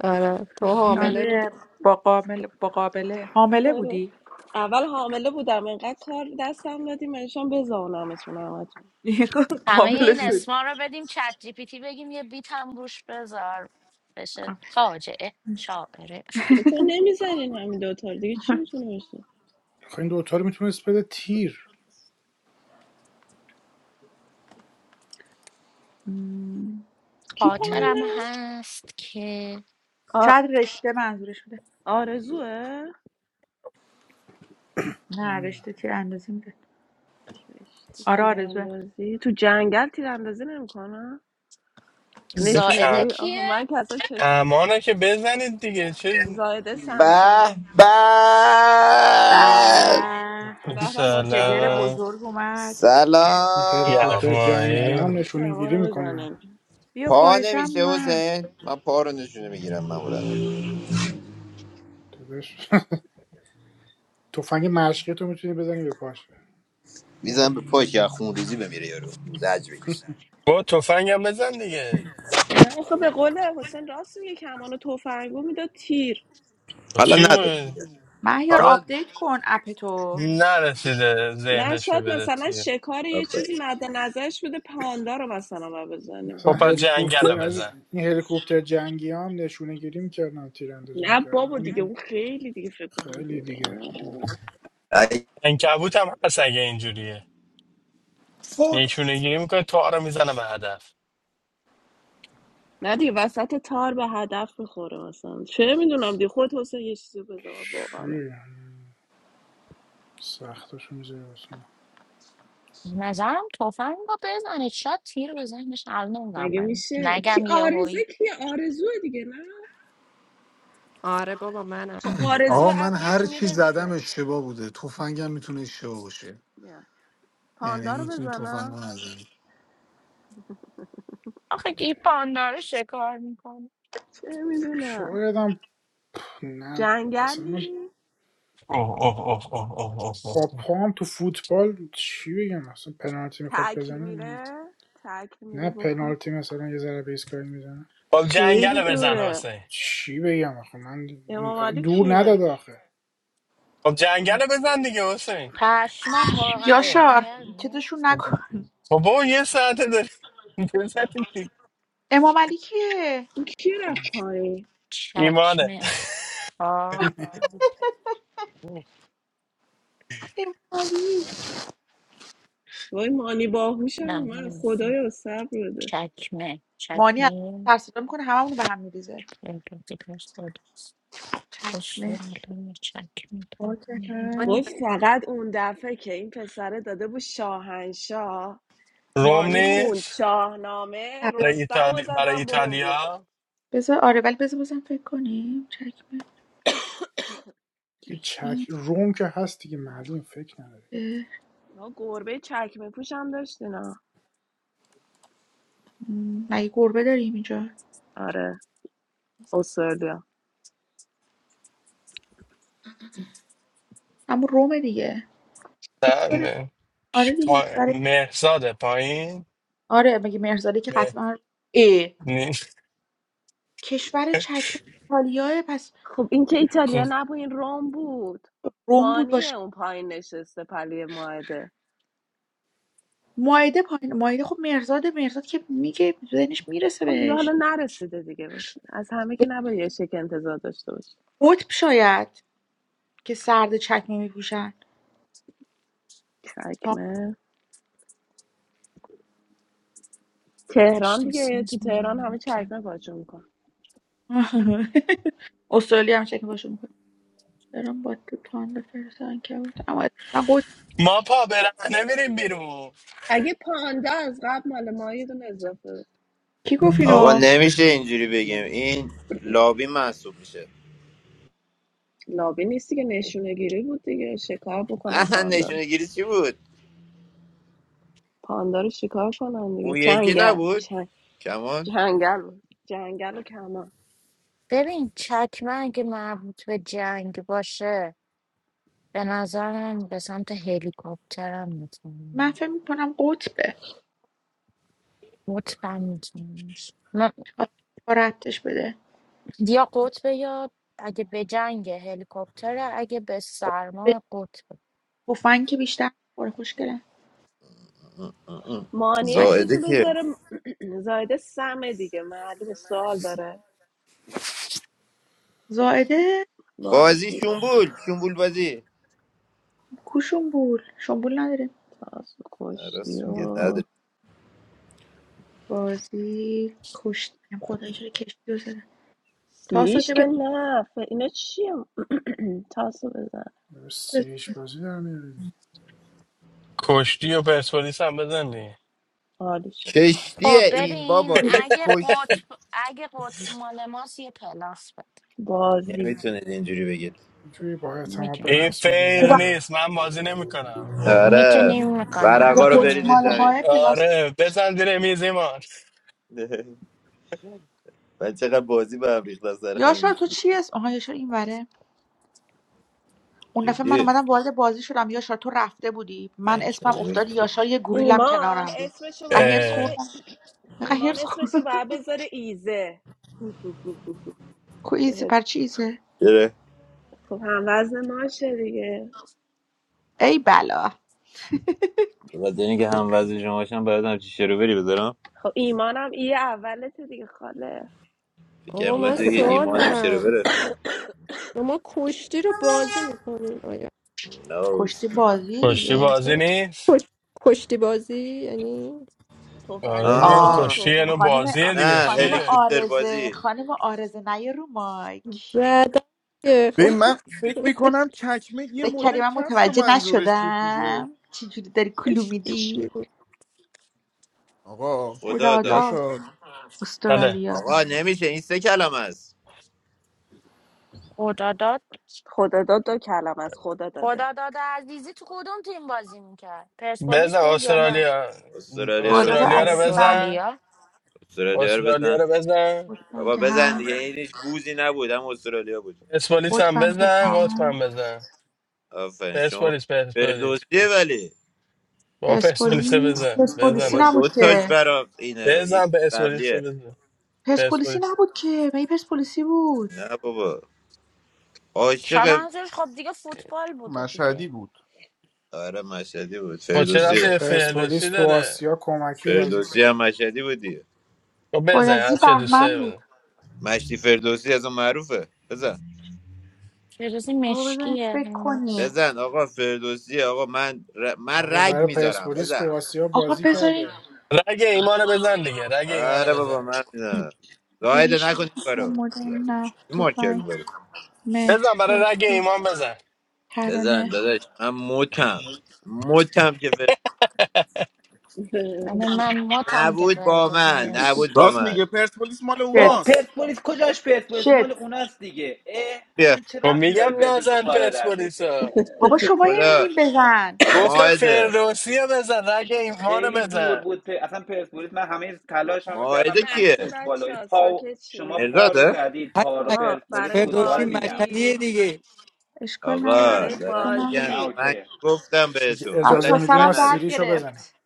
Speaker 4: آره تو حامله بودی
Speaker 13: آره با قابل با قابله حامله
Speaker 22: آره.
Speaker 13: بودی
Speaker 22: اول حامله بودم انقدر کار دستم دادی منشان بزانمتون همتون
Speaker 24: همه
Speaker 13: قابل
Speaker 24: این
Speaker 13: شد
Speaker 24: اسما رو بدیم چت جی پی تی بگیم یه بیت هم روش بذار بشه فاجعه شاعره
Speaker 22: چون نمیزنین همین دوتا رو دیگه چی میتونه باشه
Speaker 2: آخه این دوتا رو میتونست بده تیر
Speaker 13: م،
Speaker 22: کی
Speaker 2: نمیدونم
Speaker 24: خاطرم
Speaker 22: پایینه
Speaker 24: هست که
Speaker 22: آ...
Speaker 13: شاید رشته منظورش بوده
Speaker 22: آرزوه
Speaker 13: نه
Speaker 2: نمیدونم
Speaker 13: رشته چه اندازه میده
Speaker 22: رشته
Speaker 13: آره آرزوه
Speaker 22: تیراندازی تو جنگل تیراندازی نمیکنم نشونه
Speaker 24: زائده
Speaker 26: ک-
Speaker 22: گیری آها
Speaker 24: کیه
Speaker 22: من که اصلا چشم
Speaker 26: کمانه که بزنید دیگه چه
Speaker 22: زایده سمسم
Speaker 19: به به
Speaker 13: بله
Speaker 22: به به
Speaker 2: سلام
Speaker 13: پدر
Speaker 22: ماشاءالله
Speaker 26: سلام
Speaker 13: بزرگ اومد
Speaker 2: این
Speaker 19: سلام
Speaker 2: هلیکوپتر جنگی
Speaker 26: یغمایی
Speaker 2: هم
Speaker 22: این
Speaker 19: سلام
Speaker 2: نشونه گیری
Speaker 22: کمانو
Speaker 2: میکنه
Speaker 22: بزنه
Speaker 13: بیا
Speaker 19: پا
Speaker 13: فاحشم
Speaker 19: نمیشه
Speaker 13: اومد
Speaker 19: حسین من پا رو نشونه میگیرم معمولا
Speaker 2: داداش تفنگ مشقی تو میتونی بزنی به پاش
Speaker 19: میزنم به پای که از خونریزی بمیره یارو زج بکش
Speaker 26: با تفنگم بزن دیگه
Speaker 22: نه خب به قول حسین راست میگه کمانو تفنگو میداد تیر
Speaker 26: خب
Speaker 19: حالا
Speaker 26: چی
Speaker 19: نداد
Speaker 26: مون
Speaker 19: دیگه
Speaker 13: مهیار
Speaker 26: حالا
Speaker 13: آپدیت کن اپ تو
Speaker 26: نرسیده
Speaker 22: نه
Speaker 26: ذهنش رو
Speaker 22: شاید
Speaker 26: بده
Speaker 22: مثلا
Speaker 26: تیه
Speaker 22: شکار یه
Speaker 19: آفرین.
Speaker 22: چیزی مد نظرش بوده پاندا رو مثلا ما بزنیم
Speaker 2: اصلا
Speaker 26: خب پس
Speaker 22: ها؟
Speaker 26: جنگل
Speaker 2: هلیکوپتر
Speaker 26: رو
Speaker 2: از
Speaker 26: بزن
Speaker 2: این هلیکوپتر جنگی هم نشونه گیری میکردن تیراندازی
Speaker 22: نه
Speaker 2: میکردن
Speaker 22: بابا
Speaker 2: اون
Speaker 22: دیگه
Speaker 2: دی-
Speaker 22: اون خیلی دیگه فکر کنم
Speaker 2: خیلی
Speaker 22: دوره
Speaker 2: دیگه
Speaker 22: آه.
Speaker 2: دوره
Speaker 19: ای-
Speaker 26: انکبوت هم هست اگه اینجوریه
Speaker 10: فوک
Speaker 26: نیشونه گیری میکنه تا رو میزنه به هدف
Speaker 22: نه دیگه وسط تار به هدف میخوره مثلا چه میدونم دیگه خود حسین یه چیزی بزنه واقعا
Speaker 2: چی سختشو میذاره واسه ما
Speaker 24: نظرم تفنگ رو بزنید شاید تیر بزنید الان نمیدونم
Speaker 22: مگه
Speaker 24: من
Speaker 22: میشه
Speaker 24: نگم
Speaker 22: کی
Speaker 24: یه هوی
Speaker 22: آرزه کی آرزو دیگه نه
Speaker 4: آره بابا منم
Speaker 22: خب
Speaker 4: بزن
Speaker 22: آرزو
Speaker 10: آقا من
Speaker 22: عقلش
Speaker 10: هر چی زدم
Speaker 22: میرسه
Speaker 10: اشتباه بوده تفنگم میتونه اشتباه باشه
Speaker 22: نه.
Speaker 10: یعنی
Speaker 22: پاندا رو
Speaker 10: میتونه تفنگ
Speaker 22: بزنم
Speaker 10: رو نزنی
Speaker 24: آخه این پانداره شکار میکنه
Speaker 22: چه میدونم
Speaker 2: شاید هم نه مثلا
Speaker 22: جنگلی
Speaker 26: اوه اوه اوه اوه اوه اوه اوه.
Speaker 2: با پام تو فوتبال چی بگم مثلا پنالتی میخواد
Speaker 22: تکل
Speaker 2: بزنه
Speaker 22: میره تکل
Speaker 2: نه
Speaker 22: میره با پا
Speaker 2: پنالتی مثلا یه ذره به ایستگاهی میزنه
Speaker 26: خب جنگل
Speaker 22: خیلی
Speaker 26: رو بزن
Speaker 22: دوره
Speaker 26: حسین
Speaker 2: چی بگم آخه من
Speaker 22: امام علی
Speaker 2: دور نداد
Speaker 22: کیه
Speaker 2: آخه
Speaker 26: خب جنگل
Speaker 2: همون
Speaker 26: رو بزن دیگه حسین
Speaker 24: پشمام واقعا
Speaker 26: اه.
Speaker 13: یاشار
Speaker 24: جنگل بود
Speaker 13: چتشون نکن
Speaker 26: خب با یه ساعته داری بزن دیگه.
Speaker 13: امام علی کیه
Speaker 22: این کی رفت پایین
Speaker 26: ایمانه
Speaker 24: چکمه آه
Speaker 22: وای مانی باهوشم
Speaker 24: نه
Speaker 22: من
Speaker 24: نمی‌دونم.
Speaker 22: خدایا صبر بده
Speaker 24: چکمه
Speaker 13: مانی الان
Speaker 24: چکمه
Speaker 13: ترسیده میکنه هممون به هم میریزه
Speaker 24: فردوسی پرسپولیس
Speaker 13: چکمه
Speaker 24: اسطوره چکمه
Speaker 13: آه که
Speaker 24: تمام
Speaker 13: هست
Speaker 22: وای
Speaker 24: دختر.
Speaker 22: فقط اون دفعه که این پسره داده بود شاهنشاه
Speaker 26: روم
Speaker 22: مانی خوند
Speaker 26: نیست
Speaker 22: شاهنامه
Speaker 13: آره،
Speaker 26: برای
Speaker 22: رستم و
Speaker 26: ایتالیا برای
Speaker 22: زدم بمبو
Speaker 26: ایتالیا
Speaker 13: بذار آره ولی بذار بازم فکر کنیم چکمه
Speaker 2: یه چک
Speaker 13: چکمه
Speaker 2: روم که هست دیگه معلوم فکر نداره
Speaker 13: اه،
Speaker 22: اینا گربه چکمه پوشم داشت اینا
Speaker 13: م، مگه گربه داریم اینجا
Speaker 22: آره استرالیا
Speaker 13: همون رومه دیگه خب
Speaker 26: نه
Speaker 13: چرا؟
Speaker 26: نه.
Speaker 13: آره دیگه
Speaker 26: پا...
Speaker 13: برای-
Speaker 26: مهرزاد پایین
Speaker 13: آره مگه مرزاده که
Speaker 26: مه-
Speaker 13: قطعا ای
Speaker 26: نی-
Speaker 13: کشور چکمه ایتالیاه پس
Speaker 22: خب این که
Speaker 26: خب.
Speaker 22: ایتالیا نبود این روم بود
Speaker 13: روم بود باشه
Speaker 22: مانیه اون پایین نشسته پلی ماهده
Speaker 13: مائده پایین مائده خب مرزاد مرزاد که میگه ذهنش میرسه
Speaker 22: خب دیگه
Speaker 13: بهش
Speaker 22: حالا نرسیده دیگه بود از همه که نباید یه شک انتظار داشته باشی
Speaker 13: قطب شاید که سرد چکمه میپوشن
Speaker 22: چکمه تهران
Speaker 24: نشناسی
Speaker 22: دیگه تو
Speaker 24: اسم
Speaker 22: تهران همه
Speaker 24: مملکت.
Speaker 22: چکمه پاچون میکن
Speaker 13: استرالیا هم چکمه پاشو میکنه دارم با تو تان فرستن که بود اما اصلا قطب
Speaker 26: ما پا برهنه میریم بیرون
Speaker 22: اگه پاندا از قبل مال ما یه دونه اضافه بود
Speaker 13: کی گفت
Speaker 19: آقا
Speaker 13: اینو
Speaker 19: نمیشه اینجوری بگیم
Speaker 22: نه
Speaker 19: این لابی محسوب میشه
Speaker 22: لابی نیست دیگه نشونه گیری بود دیگه شکار بکنم
Speaker 19: اه
Speaker 22: پاندا رو.
Speaker 19: نشونه گیری چی بود
Speaker 22: پاندا رو شکار کنم دیگه
Speaker 19: اون یکی
Speaker 22: چنگه
Speaker 19: نبود کمان
Speaker 22: جنگل بود. جنگل و کمه
Speaker 24: ببین چکمه اگه مربوط به جنگ باشه به نظر من به سمت هلیکوپترم
Speaker 13: من
Speaker 24: میتونم
Speaker 13: فکر میکنم قطبه
Speaker 24: مطمئن میتونم
Speaker 13: حالا با ربطش بده
Speaker 24: یا قطبه یا اگه به جنگ هلیکوپتر اگه به سرما قطب
Speaker 13: به فن که بیشتر خوره خوشگله
Speaker 22: مانی
Speaker 13: تفنگ.
Speaker 22: اسمشو
Speaker 19: زائده که
Speaker 22: بذاره زایده سمه دیگه معلوم سوال داره
Speaker 13: زائده
Speaker 19: بازی
Speaker 22: بازی
Speaker 19: شنبول شنبول بازی
Speaker 13: کوشنبول شنبول نداره
Speaker 22: تاسو
Speaker 19: آه،
Speaker 22: کشتی
Speaker 19: راست میگه
Speaker 22: و
Speaker 19: نداره
Speaker 13: بازی کشتی هم خدایی چرا کشتی رو زده تاسو
Speaker 22: سیریش
Speaker 13: که
Speaker 22: که
Speaker 13: به
Speaker 22: نه ف- اینا چیه تاسو بزن
Speaker 2: سیریش بازی در میاری
Speaker 26: کشتی و پرسپولیس هم بزن دیگه.
Speaker 22: عالی شد
Speaker 24: خب
Speaker 19: کشتیه این
Speaker 24: ببین
Speaker 19: بابا این
Speaker 24: اگه
Speaker 19: کشتی
Speaker 24: قطب اگه قطب مال ماست یه پلاس بده
Speaker 22: بازی
Speaker 19: نمیتونید اینجوری بگید
Speaker 2: اینجوری با اعتماد به
Speaker 26: این
Speaker 24: میتونیم
Speaker 2: نفس میگه
Speaker 26: فیر
Speaker 2: نه
Speaker 26: نیست من بازی نمیکنم
Speaker 19: آره
Speaker 24: میتونیم میکنیم
Speaker 13: یه
Speaker 19: ورقا رو بریزید
Speaker 13: قطمال
Speaker 24: میتونیم
Speaker 19: زمین
Speaker 13: های پلاس
Speaker 26: آره بزن زیر میز ایمان
Speaker 19: من چقدر بازی به هم ریخت از سر
Speaker 13: یاشار
Speaker 19: همین
Speaker 13: تو چی اسم آها یاشار این وره اون دفعه من
Speaker 19: جدی
Speaker 13: اومدم وارد بازی شدم یاشار تو رفته بودی من اسمم افتاد
Speaker 19: انکبوت
Speaker 13: یاشار یه گوریلم
Speaker 22: ایمان
Speaker 13: کنارم بود
Speaker 22: اسمشو باید
Speaker 13: قهرس
Speaker 26: اه،
Speaker 22: بذاره
Speaker 13: خوردم
Speaker 22: ایمان
Speaker 13: قهرس خوردم
Speaker 22: اسمشو باید بذاره ایزه
Speaker 13: کویزه پر
Speaker 22: بهت-
Speaker 13: چیزه
Speaker 19: چرا
Speaker 22: خب هم وزن ماشه دیگه
Speaker 13: ای بلا
Speaker 19: بخاطر اینکه هم وزن شما باشم باید همچی شروبری بذارم
Speaker 22: خب ایمانم ای اولته دیگه خاله
Speaker 19: فکر
Speaker 4: آقا
Speaker 19: کنم
Speaker 4: من
Speaker 19: بخاطر اینکه
Speaker 4: سوال
Speaker 19: ایمانم
Speaker 4: دارم
Speaker 19: شروبره
Speaker 4: شما کشتی رو بازی میکنین آیا
Speaker 19: نه
Speaker 13: کشتی
Speaker 19: اوستی من
Speaker 13: بازی
Speaker 26: کشتی
Speaker 13: دیگه
Speaker 26: بازی نیست
Speaker 4: کش... کشتی بازی یعنی
Speaker 22: تفنگ
Speaker 26: آره دیگه
Speaker 22: بازی
Speaker 13: آه
Speaker 22: خب
Speaker 19: آها
Speaker 26: کشتی یه
Speaker 22: تفنگ
Speaker 26: نوع
Speaker 13: خانم
Speaker 26: بازیه دیگه
Speaker 19: نه
Speaker 13: خانم
Speaker 26: چیه
Speaker 19: هلیکوپتر
Speaker 13: آرزه
Speaker 19: بازی
Speaker 13: خانم آرزه نیا رو مایک
Speaker 4: زدن دیگه. خب
Speaker 9: ببین من فکر میکنم چکمه یه
Speaker 13: فکر کردی
Speaker 9: مدل
Speaker 13: من
Speaker 9: کفش رو
Speaker 13: متوجه
Speaker 9: منظورش بود دیگه
Speaker 13: نشدم چجوری داری کلو
Speaker 4: کشتی
Speaker 13: میدی
Speaker 4: بود.
Speaker 9: آقا
Speaker 19: خدا
Speaker 13: خدا
Speaker 19: داد
Speaker 13: داد
Speaker 9: یاشار
Speaker 26: بله
Speaker 13: استرالیا
Speaker 19: آقا نمیشه این سه کلمه است
Speaker 24: خدا داد
Speaker 22: خدا داد دو کلم از خدا داده
Speaker 24: خدا داد عزیزی تو کدوم تیم بازی میکرد
Speaker 26: بزن
Speaker 24: پرسپولیس بود یا نه
Speaker 26: استرالیا
Speaker 19: استرالیا رو
Speaker 13: خداداد
Speaker 19: بزن
Speaker 26: استرالیا رو
Speaker 13: عزیزی به
Speaker 26: بزن
Speaker 24: استرالیا
Speaker 19: استرالیا رو
Speaker 26: استرالیا
Speaker 19: بزن
Speaker 26: رو بزن
Speaker 13: قطبم
Speaker 19: بابا
Speaker 13: که
Speaker 19: بزن
Speaker 13: هست
Speaker 19: دیگه این هیچ گوزی نبود هم استرالیا بود
Speaker 26: پرسپولیس هم
Speaker 13: قطبم که
Speaker 26: بزن قطب هم
Speaker 13: هست
Speaker 26: بزن
Speaker 19: آفرین شما
Speaker 26: پرسپولیس پرسپولیس
Speaker 19: فردوسیه ولی
Speaker 26: با پرسپولیس
Speaker 13: پرسپولیس
Speaker 26: بزن
Speaker 13: پرسپولیسی
Speaker 19: بابا
Speaker 26: بزنم
Speaker 13: نبود
Speaker 19: دو تاش
Speaker 13: که
Speaker 19: برا اینه یکی
Speaker 26: بزن پرسپولیس
Speaker 19: قبلیه
Speaker 26: بزن
Speaker 13: پرسپولیسی
Speaker 26: پرسپولیس
Speaker 13: نبود که می پرسپولیسی بود
Speaker 19: نه بابا
Speaker 24: شما
Speaker 19: عاشق
Speaker 24: منظورش خب دیگه فوتبال بوده
Speaker 9: مشهدی
Speaker 24: دیگه
Speaker 9: بود
Speaker 19: آره مشهدی بود
Speaker 26: خب چه
Speaker 19: فردوسی
Speaker 26: رفتی
Speaker 2: واسه
Speaker 26: به
Speaker 19: بود.
Speaker 2: پرسپولیس
Speaker 26: فردوسی
Speaker 2: تو
Speaker 26: داره
Speaker 2: آسیا کمکی بازی
Speaker 19: فردوسی
Speaker 2: کرد
Speaker 19: هم مشهدی بود دیگه
Speaker 26: خب بزن هر
Speaker 13: بایزی
Speaker 26: چه دوست
Speaker 13: بهمن
Speaker 26: داری بزن
Speaker 13: بود
Speaker 19: مشتی فردوسی از اون معروفه بزن
Speaker 24: چه چیزی
Speaker 13: بابا بذاریم
Speaker 24: مشکیه
Speaker 13: فکر کنیم
Speaker 19: بزن آقا فردوسی آقا من ر... من
Speaker 2: بابا
Speaker 19: رگ
Speaker 2: برای
Speaker 19: میذارم
Speaker 2: پرسپولیس
Speaker 19: بزن
Speaker 2: تو آسیا
Speaker 13: آقا
Speaker 2: بازی
Speaker 13: بذاریم
Speaker 2: کرده
Speaker 26: رگ ایمانو بزن دیگه رگ ایمانو
Speaker 19: آره بابا
Speaker 26: بزن
Speaker 19: من میزنم زاهد
Speaker 13: سیریش
Speaker 19: نکنی کارو
Speaker 13: مدل
Speaker 19: بیادب. چی
Speaker 13: نفت
Speaker 19: مارکر
Speaker 13: تفنگ
Speaker 19: می‌بری؟
Speaker 26: بزن
Speaker 13: مهر
Speaker 26: برای رگ
Speaker 13: رسول
Speaker 26: ایمان بزن
Speaker 19: بزن
Speaker 13: ترانه
Speaker 19: داداش من متم متم که فر...
Speaker 24: یعنی من ماتم که
Speaker 19: نبود با
Speaker 24: فردازی
Speaker 19: من نبود
Speaker 24: مشکی
Speaker 19: با
Speaker 9: راست
Speaker 19: من
Speaker 9: میگه پرسپولیس مال
Speaker 14: بابا
Speaker 13: شت
Speaker 9: اوناست
Speaker 14: پرسپولیس کجاش پرسپولیس مال
Speaker 13: شت
Speaker 14: اوناست دیگه اه
Speaker 19: بیا
Speaker 14: اصلا چه
Speaker 26: خب
Speaker 14: ربطی
Speaker 26: میگم
Speaker 14: داره پرسپولیس به
Speaker 26: نزن
Speaker 14: خالد عزیزی
Speaker 26: پرسپولیسا
Speaker 13: بابا
Speaker 19: به
Speaker 13: شما هی
Speaker 19: خدا
Speaker 13: میگیم بزن
Speaker 26: گفتم
Speaker 19: ماهده
Speaker 26: فردوسی رو بزن رگ ایمانو
Speaker 14: خیلی دور
Speaker 26: بزن
Speaker 14: بود پ... اصلا پرسپولیس من همه تلاش
Speaker 22: خب
Speaker 14: هم
Speaker 22: یه
Speaker 14: کردم
Speaker 19: ماهده
Speaker 14: به سمت
Speaker 22: لحظه
Speaker 19: کیه
Speaker 14: فوتبال
Speaker 22: بچه ها
Speaker 14: پاو
Speaker 22: ساکت
Speaker 14: شما
Speaker 22: چی
Speaker 14: پا رو
Speaker 19: مرداده
Speaker 14: زدید پا رو
Speaker 27: حق
Speaker 22: آقا
Speaker 14: پرسپولیس
Speaker 22: برای
Speaker 27: فردوسی
Speaker 14: فوتبال میگم
Speaker 27: مشهدیه
Speaker 22: بازی
Speaker 27: دیگه
Speaker 13: اشکال
Speaker 22: آقا
Speaker 13: نداره آقا،
Speaker 14: آره
Speaker 19: آقا
Speaker 22: برای
Speaker 19: دارم
Speaker 13: اشکال نداره
Speaker 19: میگم
Speaker 14: نه
Speaker 19: که
Speaker 22: بازی
Speaker 19: من
Speaker 14: اوکی
Speaker 19: گفتم
Speaker 2: اگه
Speaker 19: بهتون حالا
Speaker 13: بچه
Speaker 2: اجازه
Speaker 13: ها
Speaker 2: میدی
Speaker 19: اشکال
Speaker 2: ما
Speaker 13: سرم
Speaker 19: نداره
Speaker 13: درد
Speaker 2: سیریشو بزنیم
Speaker 13: گرفت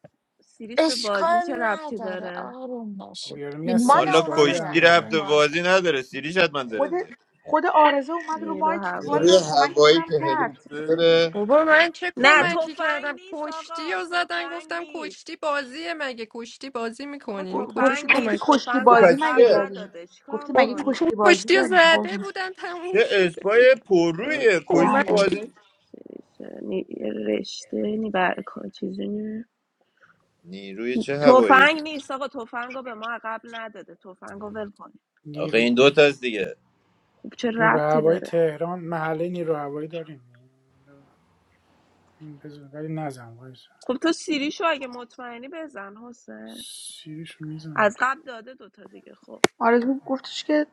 Speaker 22: سیریش به بازی
Speaker 24: اشکال
Speaker 22: چه ربطی
Speaker 24: نداره
Speaker 22: داره
Speaker 24: آروم
Speaker 2: بابا
Speaker 24: باشید
Speaker 2: یارو میگن
Speaker 24: مال
Speaker 2: سیریش
Speaker 19: والا
Speaker 24: اونا
Speaker 2: بازی
Speaker 24: رو
Speaker 2: در
Speaker 19: کشتی
Speaker 24: زدیم
Speaker 19: رفت
Speaker 2: میاره
Speaker 24: اون
Speaker 19: و
Speaker 24: بازه
Speaker 19: بازی نداره سیری شد من
Speaker 13: خود
Speaker 19: داره دیگه
Speaker 13: خود آرزه اومد رو
Speaker 22: نیرو
Speaker 13: مایک
Speaker 19: نیروی
Speaker 22: هوایی
Speaker 13: والا
Speaker 19: هوایی که
Speaker 13: کمکتونم کرد
Speaker 9: هلیکوپتر
Speaker 19: هلیکوپتره
Speaker 4: بابا من چه
Speaker 22: نه
Speaker 19: گفتن
Speaker 4: کمکی
Speaker 22: تفنگ
Speaker 4: کردم
Speaker 22: نیست
Speaker 4: کشتی
Speaker 22: آقا
Speaker 4: رو زدن
Speaker 22: تفنگ
Speaker 4: گفتم
Speaker 22: نیست
Speaker 4: کشتی بازیه مگه کشتی بازی
Speaker 22: آقا
Speaker 4: میکنین
Speaker 13: گ-
Speaker 4: کجاش
Speaker 13: گفتی
Speaker 22: تفنگ
Speaker 13: گفتی
Speaker 4: کمک
Speaker 22: نیست
Speaker 13: کشتی
Speaker 22: تفنگو
Speaker 19: کشتی
Speaker 13: بازی
Speaker 22: از
Speaker 19: پس
Speaker 13: مگه
Speaker 22: قبل
Speaker 19: چیه
Speaker 13: داریم
Speaker 22: نداده
Speaker 13: گفتی
Speaker 22: چیکار
Speaker 4: خب
Speaker 13: مگه
Speaker 22: کنی
Speaker 4: کو-
Speaker 13: کشتی بازی
Speaker 4: کشتی رو
Speaker 13: داریم
Speaker 4: زده
Speaker 13: قربون.
Speaker 4: بودن تموم
Speaker 19: چه
Speaker 4: شده
Speaker 19: اسپای پررویه کشتی
Speaker 13: بله
Speaker 4: کمکی
Speaker 19: بازی نیست.
Speaker 22: سیریشه نی... رشته نی بر چیزی نی
Speaker 19: نیروی چه هوایی
Speaker 22: تفنگ نیست آقا تفنگو به ما قبل نداده تفنگو ول کن
Speaker 19: آخه
Speaker 2: نیرو
Speaker 19: این دوتاست دیگه
Speaker 22: خب چه
Speaker 2: نیرو
Speaker 22: ربطی
Speaker 2: هوایی
Speaker 22: داره
Speaker 2: تهران محله نیرو هوایی داریم این بزن ولی نزن وایسا
Speaker 22: خب تو سیریشو اگه مطمئنی بزن حسین
Speaker 2: سیریشو
Speaker 22: از
Speaker 2: میزنم
Speaker 22: قبل داده دوتا دیگه خب
Speaker 13: آرزو گفتش که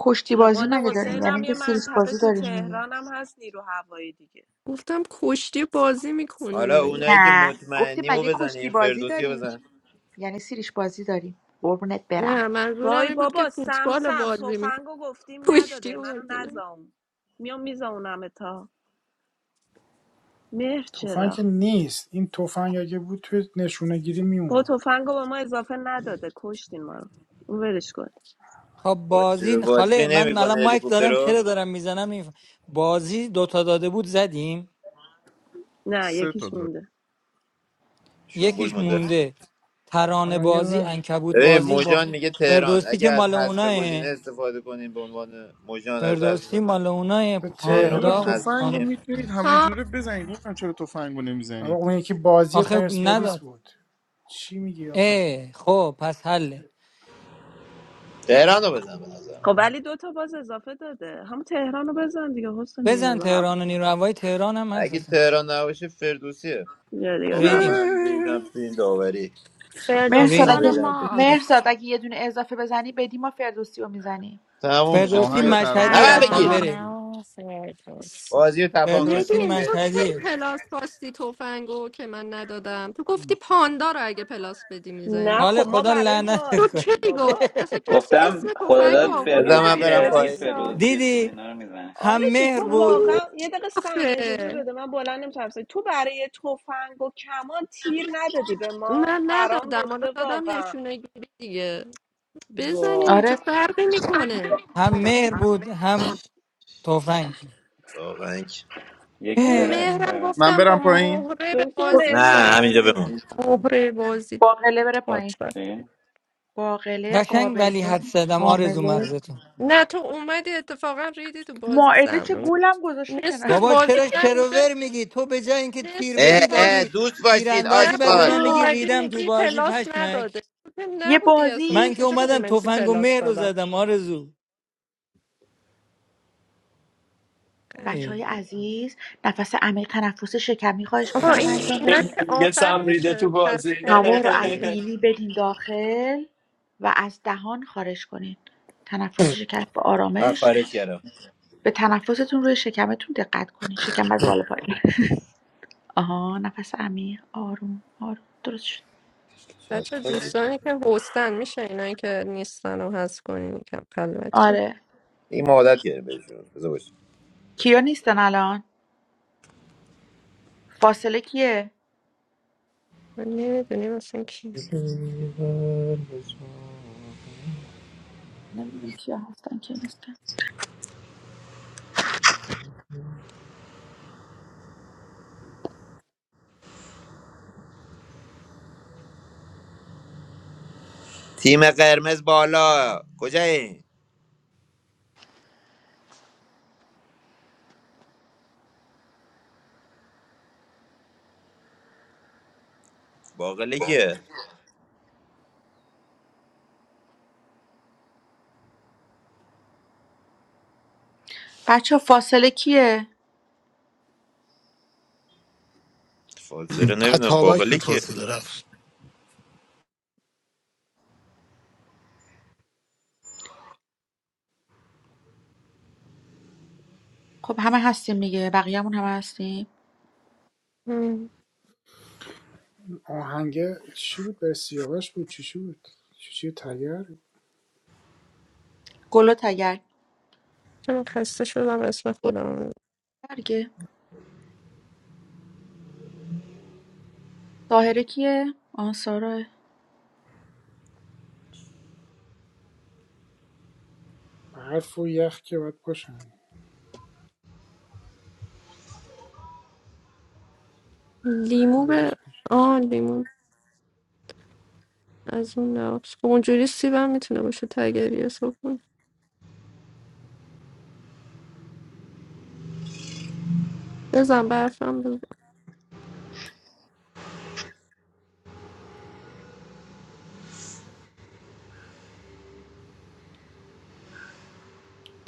Speaker 13: کشتی
Speaker 22: به
Speaker 13: بازی
Speaker 22: قول
Speaker 2: حرف
Speaker 13: مگه داریم
Speaker 2: بود.
Speaker 22: حسین
Speaker 13: یعنی
Speaker 22: هم یه
Speaker 13: اینکه سیریش
Speaker 22: منطقه
Speaker 13: بازی
Speaker 22: تو
Speaker 13: داریم دیگه
Speaker 22: تهران هم هست نیرو هوایی دیگه
Speaker 4: گفتم کشتی بازی میکنین
Speaker 19: حالا
Speaker 4: مگه
Speaker 19: اونایی که
Speaker 13: نه گفتی
Speaker 19: مطمئنیم رو
Speaker 13: مگه
Speaker 19: بزن
Speaker 13: کشتی
Speaker 19: این
Speaker 13: بازی
Speaker 19: فردوسی رو
Speaker 13: داریم
Speaker 19: بزن
Speaker 13: یعنی سیریش بازی داریم قربونت برم
Speaker 4: نه منظورم
Speaker 22: وای
Speaker 4: این بود که
Speaker 22: بابا سم
Speaker 4: فوتبال رو
Speaker 22: سم
Speaker 4: بازی میکنین
Speaker 22: تفنگو گفتیم
Speaker 4: کشتی
Speaker 22: نداده
Speaker 4: رو
Speaker 22: منو
Speaker 4: بازی نمی‌کنین.
Speaker 22: نزام میام میزونم تا مهر
Speaker 2: تفنگ
Speaker 22: چرا
Speaker 2: که نیست این تفنگ اگه بود توی نشونه گیری
Speaker 22: با
Speaker 2: میومد
Speaker 22: تفنگو به ما اضافه نداده کشتین ما رو اون ولش کن
Speaker 27: خب
Speaker 19: باتری به
Speaker 27: بازی خاله
Speaker 19: باتری
Speaker 27: من
Speaker 19: نمیکنه
Speaker 27: الان مایک
Speaker 19: هلیکوپتر
Speaker 27: دارم
Speaker 19: رو
Speaker 27: چرا دارم میزنم این بازی دوتا داده بود زدیم
Speaker 22: نه
Speaker 9: سه تا
Speaker 22: یکیش
Speaker 9: داره
Speaker 22: مونده
Speaker 19: شنبول
Speaker 27: یکیش
Speaker 19: مونده
Speaker 27: مونده ترانه
Speaker 2: الان یه
Speaker 27: بازی
Speaker 2: دونش
Speaker 27: انکبوت
Speaker 19: ببین
Speaker 27: بازی با
Speaker 19: موجان میگه تهران
Speaker 27: فردوسی که
Speaker 19: اگه از
Speaker 27: مال
Speaker 19: حذف گزینه
Speaker 27: اوناه
Speaker 19: استفاده کنیم به عنوان موجان از
Speaker 27: فردوسی
Speaker 19: حذف
Speaker 27: مال اوناه
Speaker 2: به
Speaker 19: تهران
Speaker 9: والا
Speaker 19: رو
Speaker 2: تهران
Speaker 27: پاندا
Speaker 9: تفنگ رو
Speaker 27: پاند...
Speaker 19: نزنیم
Speaker 9: میتونید همه جوره بزنید نمیدونم چرا تفنگ رو
Speaker 2: بابا
Speaker 9: نمیزنید
Speaker 2: اون یکی بازی
Speaker 27: آخه
Speaker 2: پرسپولیس
Speaker 27: نداد
Speaker 2: بود چی میگی آقا
Speaker 27: اه خب پس حله
Speaker 19: تهران رو بزن به
Speaker 22: خب
Speaker 19: نظرم
Speaker 22: ولی دو تا باز اضافه داده همون تهران رو بزن دیگه حسن دیگه
Speaker 27: بزن
Speaker 22: نور هوا
Speaker 27: تهران و نیروهای تهران هم هست
Speaker 19: اگه
Speaker 27: اصلا
Speaker 19: تهران نباشه فردوسیه
Speaker 22: یا دیگه
Speaker 19: بابا
Speaker 22: نبود
Speaker 27: ریدیم
Speaker 19: من ریدم تو این داوری
Speaker 24: فردوسی
Speaker 13: مهرزاد
Speaker 19: من
Speaker 27: ریدیم
Speaker 24: مال
Speaker 13: اگه
Speaker 19: ریدم تو این داوری.
Speaker 13: مهرزاد
Speaker 24: ماست
Speaker 13: اگه یه دونه اضافه بزنی بدی ما فردوسی رو میزنیم
Speaker 19: تموم شد
Speaker 27: فردوسی
Speaker 9: آهنگ
Speaker 19: دیگه نه
Speaker 27: مشهدی
Speaker 19: بعد
Speaker 9: ترانه
Speaker 27: هستن
Speaker 19: بگیر
Speaker 27: بره
Speaker 24: ترانه
Speaker 9: فردوسی
Speaker 24: و فردوسی
Speaker 19: بازی رو تپان کنیم
Speaker 27: فردوسی
Speaker 19: بابا
Speaker 4: نگین
Speaker 19: بیا
Speaker 4: تو
Speaker 19: جیرو
Speaker 4: کی
Speaker 27: مشهدی
Speaker 19: نباید
Speaker 4: پلاس خواستی تفنگو که من ندادم تو گفتی پاندا رو اگه پلاس بدی
Speaker 22: نه
Speaker 4: میزنی
Speaker 27: خاله
Speaker 22: خب ما
Speaker 27: خدا
Speaker 22: برای با
Speaker 4: تو
Speaker 27: لعنتت کنه
Speaker 4: کی گفت
Speaker 22: بابا
Speaker 4: اصلا کسی
Speaker 14: گفتم
Speaker 4: اسم تفنگو
Speaker 14: خداداد
Speaker 4: آورد
Speaker 22: یه
Speaker 19: بزن
Speaker 4: بگه
Speaker 19: من
Speaker 22: لحظه
Speaker 19: برم
Speaker 14: فردوسیه
Speaker 4: پلاس
Speaker 14: دیگه
Speaker 19: پایین
Speaker 4: میزنی
Speaker 22: وایسا
Speaker 14: فردوسی و چیز
Speaker 27: دیدی
Speaker 14: اینا رو میزنه
Speaker 27: هم
Speaker 22: آرزو
Speaker 27: مهر
Speaker 22: تو
Speaker 27: بود
Speaker 4: نگین
Speaker 22: واقعا یه دقیقه سم
Speaker 4: آخه
Speaker 22: اجازه بده من بلند نمیتونم تو برای تفنگ و کمان تیر ندادی به ما
Speaker 4: من
Speaker 22: پرام
Speaker 4: ندادم حالا
Speaker 22: ریخته
Speaker 4: دادم
Speaker 22: واقعا
Speaker 4: نشونه گیری دیگه بزنین
Speaker 22: وا
Speaker 4: چه
Speaker 13: آره
Speaker 4: فرقی میکنه
Speaker 27: هم مهر بود هم تفنگ
Speaker 19: واقعا که-
Speaker 14: یکی
Speaker 4: اون
Speaker 14: بره
Speaker 4: مهرم
Speaker 14: اسپای
Speaker 27: اه،
Speaker 9: من
Speaker 14: بچه
Speaker 4: گفتم با
Speaker 9: برم پایین
Speaker 4: مهره به
Speaker 22: دکتر
Speaker 4: بازی
Speaker 19: نه
Speaker 22: مرسا
Speaker 19: همینجا
Speaker 4: میرسی
Speaker 19: بمون
Speaker 4: مهره بازی
Speaker 13: باقله بره پایین
Speaker 4: تاچ
Speaker 14: چی؟
Speaker 13: باقله
Speaker 27: قشنگ ولی
Speaker 13: قابله
Speaker 27: حد زدم آرزو
Speaker 13: حامله
Speaker 27: مغزتون
Speaker 4: نه تو اومدی اتفاقا ریدی تو بازی
Speaker 13: ماعده چه
Speaker 4: سم
Speaker 13: گولم گذاشته
Speaker 4: نصف
Speaker 13: کنار
Speaker 27: بابا
Speaker 4: بازی
Speaker 27: چرا
Speaker 4: نبوده
Speaker 27: شروور میگی تو به جای اینکه تیر
Speaker 4: نصف
Speaker 19: اه
Speaker 27: بدی
Speaker 19: اه
Speaker 4: بازی
Speaker 27: دادی
Speaker 19: دوست باشید
Speaker 27: تیراندازی بعد به
Speaker 4: نبودی
Speaker 19: آشغال
Speaker 27: من میگی
Speaker 13: بابا
Speaker 4: اومدی
Speaker 27: ریدم تو
Speaker 4: میگی
Speaker 27: بازی
Speaker 4: پلاس
Speaker 27: پشمک
Speaker 4: نداده تو
Speaker 13: یه
Speaker 4: نبودی اصلا
Speaker 13: بازی
Speaker 27: من
Speaker 4: از
Speaker 27: که
Speaker 4: کجا میدونی
Speaker 27: اومدم
Speaker 4: من چی
Speaker 27: تفنگ و
Speaker 4: پلاس
Speaker 27: مهر رو
Speaker 4: دادم
Speaker 27: زدم آرزو
Speaker 4: قند
Speaker 13: بچه
Speaker 4: ما.
Speaker 13: عزیز نفس عمیق تنفس شکمی خواهش
Speaker 4: آقا
Speaker 13: میکنم
Speaker 4: این
Speaker 13: انجام
Speaker 4: اینا
Speaker 13: بدین
Speaker 4: که
Speaker 26: میگه
Speaker 4: آفر
Speaker 26: سم ریده
Speaker 4: میشه
Speaker 26: تو بازی
Speaker 4: پس کنه
Speaker 13: هوا رو از
Speaker 4: یکی
Speaker 13: بینی بدین داخل و از دهان خارج کنین تنفس شکم به
Speaker 19: من
Speaker 13: آرامش
Speaker 19: خارج کردم
Speaker 13: به تنفستون روی شکمتون دقت کنین شکم از بالا پایین آها نفس عمیق آروم آروم درست شد
Speaker 19: شب.
Speaker 4: بچه دوستانی که هستن میشه اینا که نیستن رو هست کنین کم قل بچه
Speaker 13: آره
Speaker 19: این مادت کرده بهشون بذار باش.
Speaker 13: کیا نیستن الان فاصله کیه
Speaker 4: من نمیدونیم اصلا کی
Speaker 13: نمیدونم کیا هستن کیا نیستن
Speaker 19: تیم قرمز بالا کجایی باقله کیه
Speaker 13: بچه فاصله کیه
Speaker 19: فالزره نمیدونم
Speaker 10: اتابک
Speaker 19: باقله
Speaker 10: بود
Speaker 19: کیه
Speaker 10: فاصله رفت
Speaker 13: خب همه هستیم دیگه بقیه‌مون همه هستیم
Speaker 4: من
Speaker 2: آهنگه چی بود بر سیاوش بود چی چی بود چی چی تگر
Speaker 13: گلو تگر
Speaker 4: خسته شدم اسم
Speaker 13: گلو
Speaker 4: خودم
Speaker 13: تگه. طاهره کیه؟ آن ساراه
Speaker 2: برف و یخ که باید باشن
Speaker 4: لیمو به
Speaker 2: یخ
Speaker 4: آه لیمو از اون نقش خب اونجوری سیبم میتونه باشه تگری حساب کن بزن برفم بزن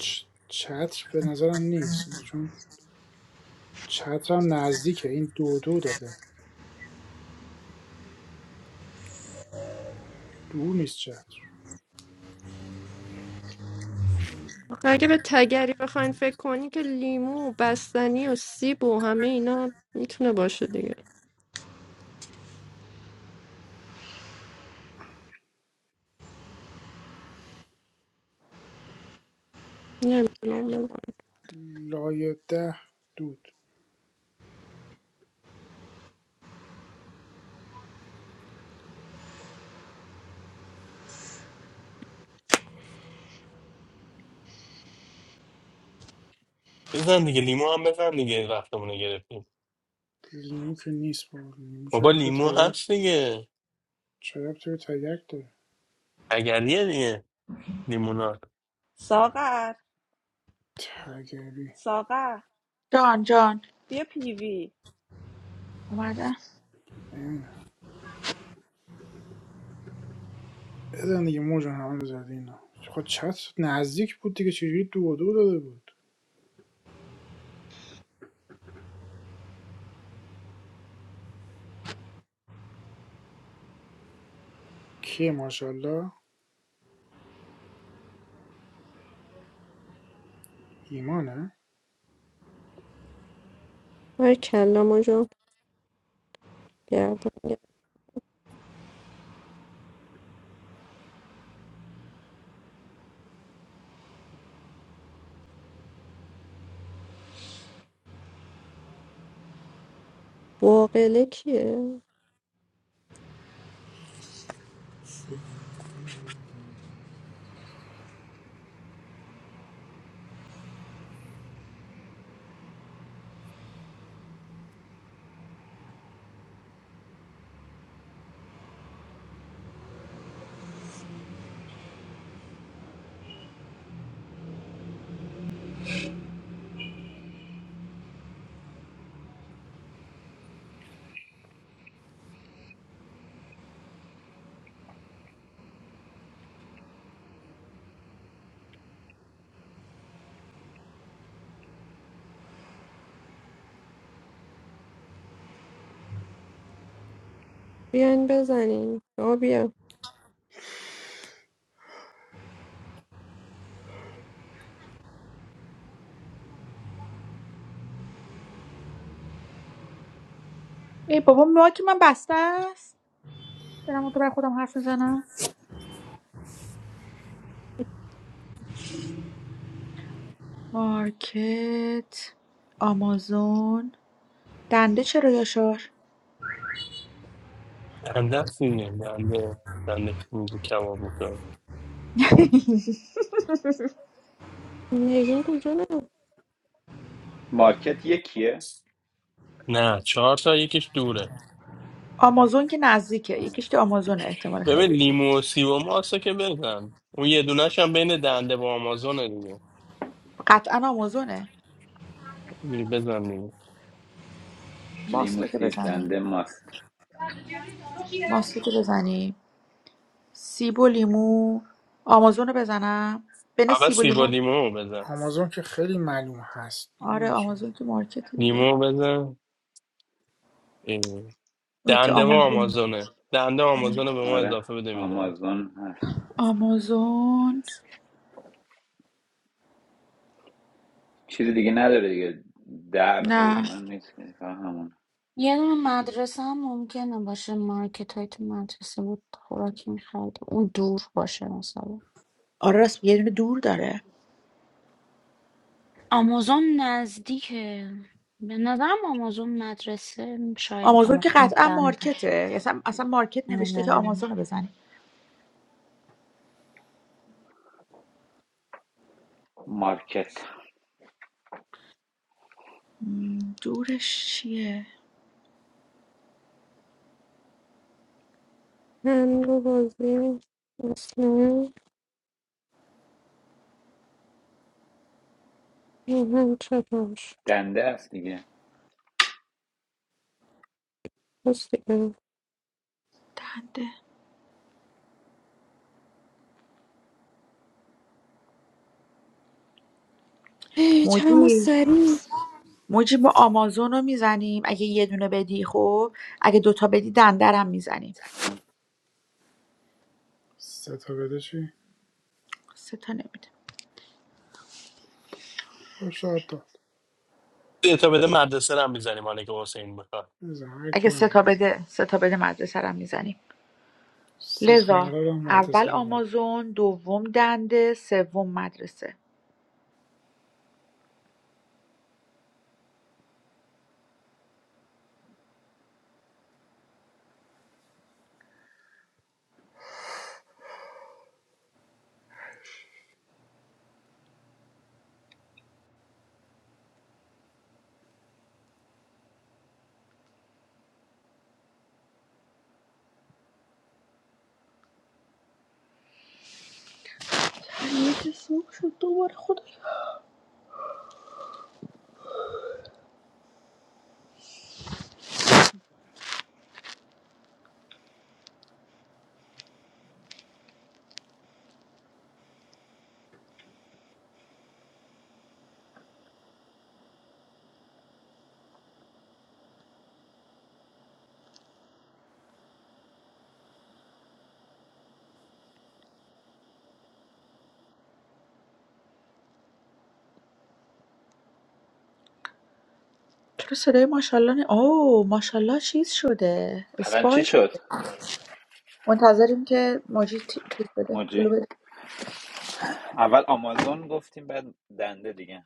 Speaker 2: چ- چتر به نظرم نیست چون چترم نزدیکه این دو دو داده دور نیست چتر
Speaker 4: آخه اگه به تگری بخواین فکر کنی که لیمو و بستنی و سیب و همه اینا میتونه باشه دیگه نمیدونم
Speaker 2: لایه ده دود
Speaker 26: بزن دیگه لیمو هم بزن دیگه وقتمونو گرفتیم
Speaker 2: لیمو که نیست بابا لیمو
Speaker 26: بابا
Speaker 2: چرا تو
Speaker 26: لیمو
Speaker 2: تگرگ
Speaker 26: هست دیگه
Speaker 2: چرا تو تگرگ داره
Speaker 26: اگریه دیگه لیمونا.
Speaker 22: ساغر
Speaker 2: تگری
Speaker 22: ساغر
Speaker 13: جان جان
Speaker 22: بیا پیوی
Speaker 13: اومدم
Speaker 2: نمی‌دونم. بزن دیگه موجان همه رو زدی اینا خب چت نزدیک بود دیگه چجوری دو و دو داده بود که ماشاءالله ایمانه
Speaker 4: بیاین بزنین آه بیا
Speaker 13: ای بابا مارک من بسته است دارم تو برای خودم حرف میزنم مارکت آمازون دنده چرا یاشار
Speaker 26: دنده است دیگه دنده دنده میگه کباب میکنم
Speaker 14: مارکت یکیه
Speaker 26: نه چهار تا یکیش دوره
Speaker 13: آمازون که نزدیکه
Speaker 14: آه.
Speaker 13: یکیش که آمازونه احتمال
Speaker 26: ببین
Speaker 13: خیلی زیاد
Speaker 26: لیمو و سیب و ماست که بزن اون یه دونش هم بین دنده با آمازونه دیگه
Speaker 13: قطعا آمازونه
Speaker 26: دیگه بزن دیگه
Speaker 14: لیمو
Speaker 13: ماستو که
Speaker 14: سیب
Speaker 13: بزنیم
Speaker 14: دنده ماست
Speaker 13: ماستو که بزنیم سیب و لیمو آمازون رو بزنم بین
Speaker 26: اول
Speaker 13: سیب و
Speaker 26: سیب و
Speaker 13: لیمو
Speaker 26: لیمو رو بزن
Speaker 2: آمازون که خیلی معلوم هست
Speaker 13: آره
Speaker 2: نمیدونم چرا
Speaker 13: آمازون که مارکت دیگه
Speaker 26: لیمو رو بزن اه.
Speaker 13: اون که
Speaker 26: دنده و
Speaker 13: آمازون
Speaker 26: آمازونه دنده و آمازون رو به ما
Speaker 14: آره
Speaker 26: اضافه بده میزنیم
Speaker 14: آمازون هست
Speaker 13: آمازون
Speaker 14: چیز دیگه نداره دیگه در و
Speaker 13: نه
Speaker 14: اینا نیست که فقط همون
Speaker 24: یه دونه مدرسه هم ممکنه باشه مارکت های تو مدرسه بود خوراکی میخوردیم اون دور باشه مثلا
Speaker 13: آره راست یه دونه دور داره
Speaker 24: آمازون نزدیکه به نظرم آمازون مدرسه شاید
Speaker 13: آمازون که
Speaker 24: آمازون
Speaker 13: قطعا
Speaker 24: دنده
Speaker 13: مارکته اصلا, اصلا مارکت نوشته که
Speaker 24: آره.
Speaker 13: آمازون رو بزنی
Speaker 14: مارکت
Speaker 13: مم، دورش چیه
Speaker 14: دنده است دیگه
Speaker 13: دنده
Speaker 4: ای چند ما
Speaker 13: موجی
Speaker 4: سری
Speaker 13: موجی با آمازون رو میزنیم اگه یه دونه بدی خب اگه دوتا بدی دندرم میزنیم
Speaker 2: سه تا بده چی
Speaker 13: سه تا نمیده
Speaker 2: باشه حتی
Speaker 26: سه تا بده مدرسه رو هم میزنیم مالک که حسین بخواد
Speaker 2: بزن هر
Speaker 13: اگه
Speaker 2: کی
Speaker 13: سه تا
Speaker 2: نزن
Speaker 13: بده سه تا بده مدرسه رو میزنیم
Speaker 2: سه تا
Speaker 13: لذا
Speaker 2: ندادم مهد
Speaker 13: اول
Speaker 2: دادم
Speaker 13: آمازون دوم دنده سوم مدرسه یه چی سوق شد دوباره خدا چرا صدای ماشاءالله نه اوه ماشاءالله چیز شده
Speaker 14: الان چی
Speaker 13: اسپایس
Speaker 14: شد
Speaker 13: منتظریم که موجی تی- چیز بده پولو
Speaker 14: موجی
Speaker 13: بده
Speaker 14: اول آمازون گفتیم بعد دنده دیگه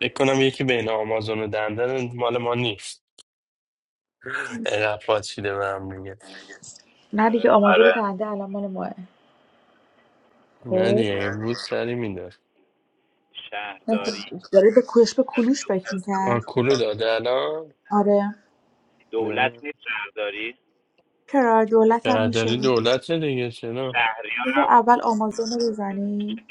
Speaker 26: فکر کنم یکی بین آمازون و دنده مال ما نیست عقب پاچیده به هم میگه
Speaker 13: نه دیگه آماژور آره بنده الان مال ماه
Speaker 26: نه
Speaker 13: خب
Speaker 26: دیگه یه بود سری میده
Speaker 13: نه
Speaker 14: شهرداری
Speaker 13: خب، داره به کوش به کلوش فکر میکرد
Speaker 26: آکولو داده الان
Speaker 13: آره
Speaker 14: دولت
Speaker 26: یعنی
Speaker 14: نیست شهرداری
Speaker 13: چرا دولت هم میشه
Speaker 26: شهرداری دولت دیگه چرا
Speaker 14: شهریار
Speaker 13: بذار اول آمازون رو بزنیم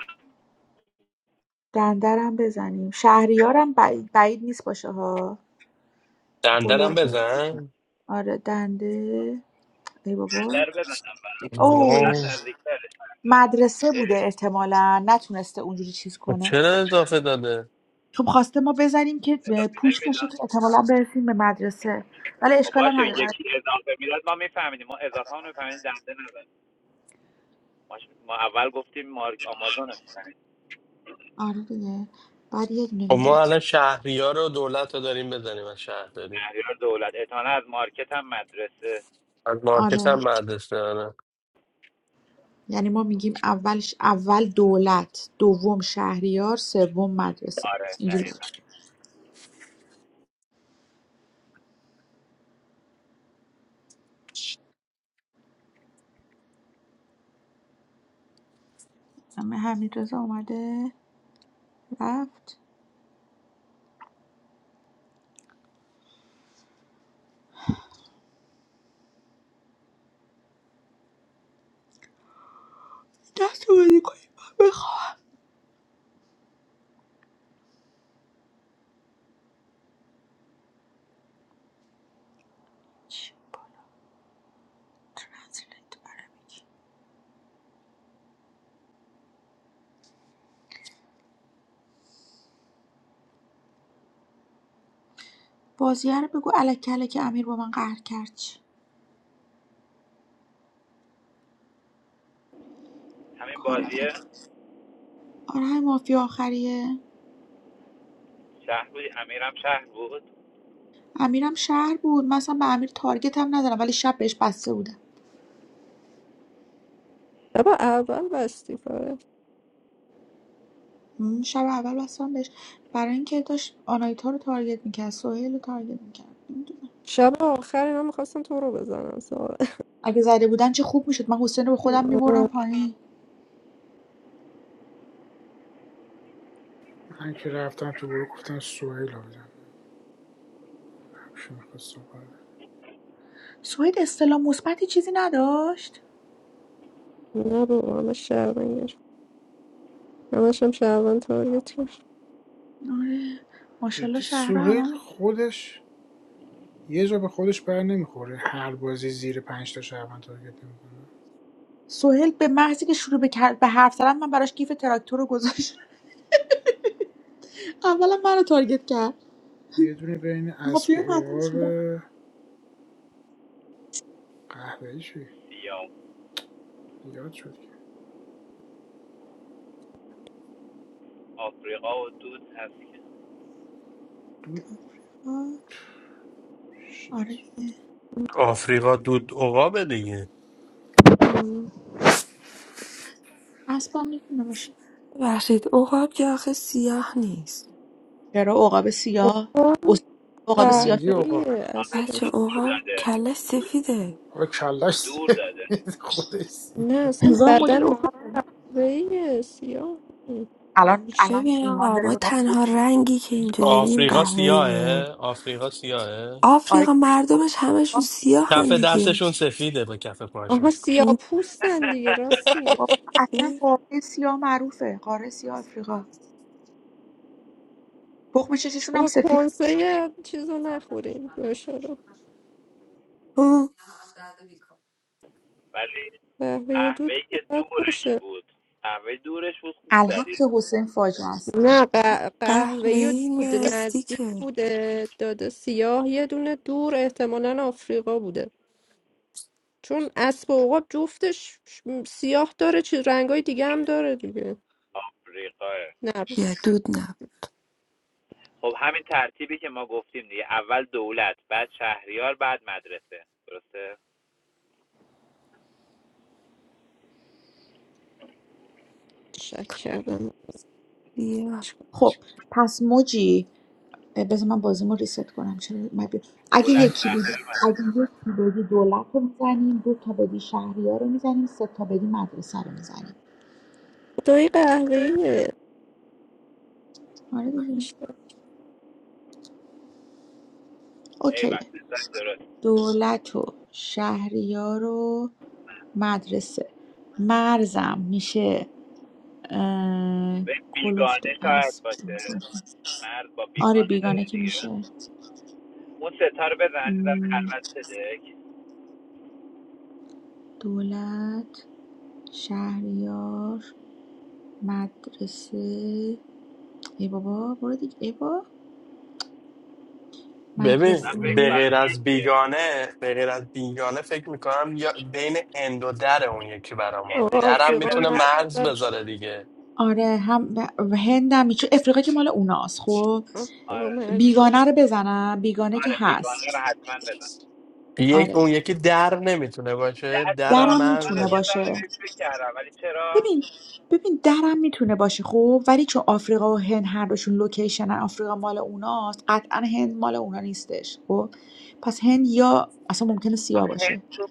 Speaker 13: دندرم بزنیم شهریارم بعید, بعید نیست باشه ها
Speaker 26: دندرم
Speaker 13: کلو
Speaker 26: بزن
Speaker 13: آره دنده ای بابا اوه.
Speaker 26: واو
Speaker 13: مدرسه بوده احتمالا نتونسته اونجوری چیز
Speaker 26: خب
Speaker 13: کنه
Speaker 26: چرا اضافه داده
Speaker 13: چون خواسته ما بزنیم که اه، پوچ باشه که احتمالا برسیم به مدرسه ولی اشکال هم نداره
Speaker 14: دنده نزن ما, اول گفتیم مارک آمازون رو بزنید
Speaker 13: آره دیگه بعد یه دونه
Speaker 26: خب ما
Speaker 13: میداد
Speaker 26: الان شهری ها رو دولت رو داریم بزنیم از شهرداری
Speaker 14: شهریار دولت اتانه از مارکت هم مدرسه
Speaker 26: از مارکت هم
Speaker 13: آره
Speaker 26: مدرسه داره
Speaker 13: یعنی ما میگیم اولش اول دولت دوم شهریار سوم مدرسه
Speaker 14: آره
Speaker 13: اینجوری
Speaker 14: دقیقا.
Speaker 13: بود. همه حمید رضا اومده رفت دست رو بازی کنیم من بخوام. چی بود؟ رسولت برام. بگی. بازیه رو بگو الکی الکی امیر با من قهر کرد چی؟ کار آره همین مافیا آخریه امیرم شهر بود من اصلا به امیر تارگت هم ندارم ولی شب بهش بسته بودم
Speaker 4: بابا اول بستی فاره
Speaker 13: م، شب اول بستم بهش برای اینکه داشت آنایتا رو تارگت میکرد سهیل رو تارگت میکرد نمیدونم
Speaker 4: شب آخر اینا میخواستن تو رو بزنن سارا
Speaker 13: اگه زده بودن چه خوب میشد من حسین رو به خودم میبرم
Speaker 4: آه،
Speaker 13: پایین
Speaker 2: من که رفتم تو گروه گفتم سوهیل ها بزن کی میخواد
Speaker 13: سوید استلام مثبتی چیزی نداشت
Speaker 4: نه بابا همه شهروند گرفت، همش هم شهروند تاریت
Speaker 13: آره ماشاءالله
Speaker 2: جدی
Speaker 13: شهرها
Speaker 2: سوهیل
Speaker 13: هممون
Speaker 2: خودش یه جا به خودش بر نمیخوره هر بازی زیر پنج تا شهروند تارگت نمیکنه
Speaker 13: سهیل به محضی که شروع به کر- به حرف زدن من براش گیف تراکتور رو گذاشت اولا منو تارگت کرد
Speaker 2: یه دونه بین اسب و
Speaker 13: مافیا تحتیلش
Speaker 2: عقاب
Speaker 13: میدم
Speaker 2: قهوه‌ای چی زیاد شد که دود شد
Speaker 13: آره دیگه
Speaker 26: آفریقا دود عقابه دیگه
Speaker 4: میشتم
Speaker 13: اسبم میتونه باشه
Speaker 28: ببخشید عقاب که آخه سیاه نیست
Speaker 13: چرا عقاب سیاه اصول عقاب سیاه
Speaker 2: چرنگی عقاب
Speaker 4: قهوه اصلا
Speaker 28: بچه عقاب کلش سفیده
Speaker 2: حالا کلش
Speaker 14: دور داده
Speaker 2: سفید خودش سیاه
Speaker 4: نه اصلا
Speaker 13: هزار مدل
Speaker 4: بدن تو
Speaker 13: عقاب
Speaker 4: قهوه‌ایه سیاه
Speaker 13: الان الان
Speaker 28: ببین
Speaker 13: ایمان
Speaker 28: آقا
Speaker 13: داره
Speaker 28: ما
Speaker 13: به ما فوش
Speaker 28: تنها
Speaker 13: میده.
Speaker 28: رنگی که اینجا داریم
Speaker 26: آفریقا
Speaker 28: قهوه‌ایه
Speaker 26: سیاهه آفریقا سیاهه
Speaker 13: آره
Speaker 28: آفریقا
Speaker 13: که
Speaker 28: مردمش همشون
Speaker 13: بابا
Speaker 28: سیاه
Speaker 26: کف
Speaker 28: هم دیگه
Speaker 26: دستشون سفیده با کف
Speaker 4: آها
Speaker 26: پاشون
Speaker 4: سیاه پوستن دیگه راست میگه
Speaker 13: بابا، اصلا قاره سیاه معروفه قاره سیاه آفریقا تخم چششون هم
Speaker 4: بابا
Speaker 13: سفید
Speaker 4: کنسه چیزو نخوریم گوشه رو
Speaker 28: اه،
Speaker 14: ولی
Speaker 4: قهوه و دود
Speaker 14: قهوه‌ای
Speaker 4: که
Speaker 14: که
Speaker 4: باید
Speaker 14: دورش
Speaker 4: باشه
Speaker 14: بود قهوه دورش بود خوب
Speaker 13: الحق که
Speaker 14: زدی
Speaker 13: حسین فاجعه است
Speaker 4: نه ق- قهوه
Speaker 28: قهوه‌ای
Speaker 4: و دود نزدیک
Speaker 28: نزدیکه
Speaker 4: بوده داده سیاه یه دونه دور احتمالا آفریقا بوده چون اسب و عقاب جفتش سیاه داره چیز رنگای دیگه هم داره دیگه
Speaker 14: آفریقاه
Speaker 4: نه
Speaker 28: بیا دود نه
Speaker 14: خب همین ترتیبی که ما گفتیم دیگه اول دولت بعد شهریار بعد مدرسه درسته
Speaker 4: شک کردم
Speaker 28: بیا
Speaker 13: خب پس موجی اه، بذار من بازیمو ریست کنم چرا اومد بیرون؟ اگه یکی بود اگه یکی بدی دولت رو میزنیم دو تا بدی شهریار رو میزنیم سه تا بدی مدرسه رو میزنیم آره دیگه اوکیه
Speaker 14: ایول
Speaker 13: دولت و شهریار و مدرسه مرزم میشه اه،
Speaker 14: به
Speaker 13: کلفت و
Speaker 14: بیگانه شاید
Speaker 13: اسب
Speaker 14: باشه مرد با
Speaker 13: آره
Speaker 14: بیگانه
Speaker 13: بیگانه
Speaker 14: داره
Speaker 13: که
Speaker 14: دیگه
Speaker 13: میشه
Speaker 14: اون ستا رو بزن در
Speaker 13: م،
Speaker 14: خلوت صدک
Speaker 13: دولت شهریار مدرسه ای بابا برو دیگه ای بابا
Speaker 26: ببین
Speaker 14: من فکر
Speaker 26: به
Speaker 13: مدرسه
Speaker 26: غیر
Speaker 14: کنم که
Speaker 26: از بیگانه به غیر از بیگانه فکر میکنم یا بین هند و در اون یکی برا ما
Speaker 4: آقا
Speaker 26: درم
Speaker 4: آفریقا
Speaker 26: میتونه
Speaker 4: مرز
Speaker 26: مرز
Speaker 4: داره
Speaker 26: بذاره دیگه
Speaker 13: آره هم ب- هندم چون افریقا که مال اوناست خب
Speaker 14: آره.
Speaker 4: آفریقا مرز داره
Speaker 13: بیگانه رو بزنم بیگانه که هست
Speaker 26: یک
Speaker 13: آره
Speaker 26: اون یکی در نمیتونه باشه درم
Speaker 13: درم
Speaker 26: مرز
Speaker 13: میتونه باشه ببین ببین درم میتونه باشه خب ولی چون آفریقا و هند هر دوشون لوکیشن آفریقا مال اوناست قطعا هند مال اونا نیستش خب پس هند یا اصلا ممکنه سیاه
Speaker 14: آخه
Speaker 13: باشه
Speaker 14: هیچ تو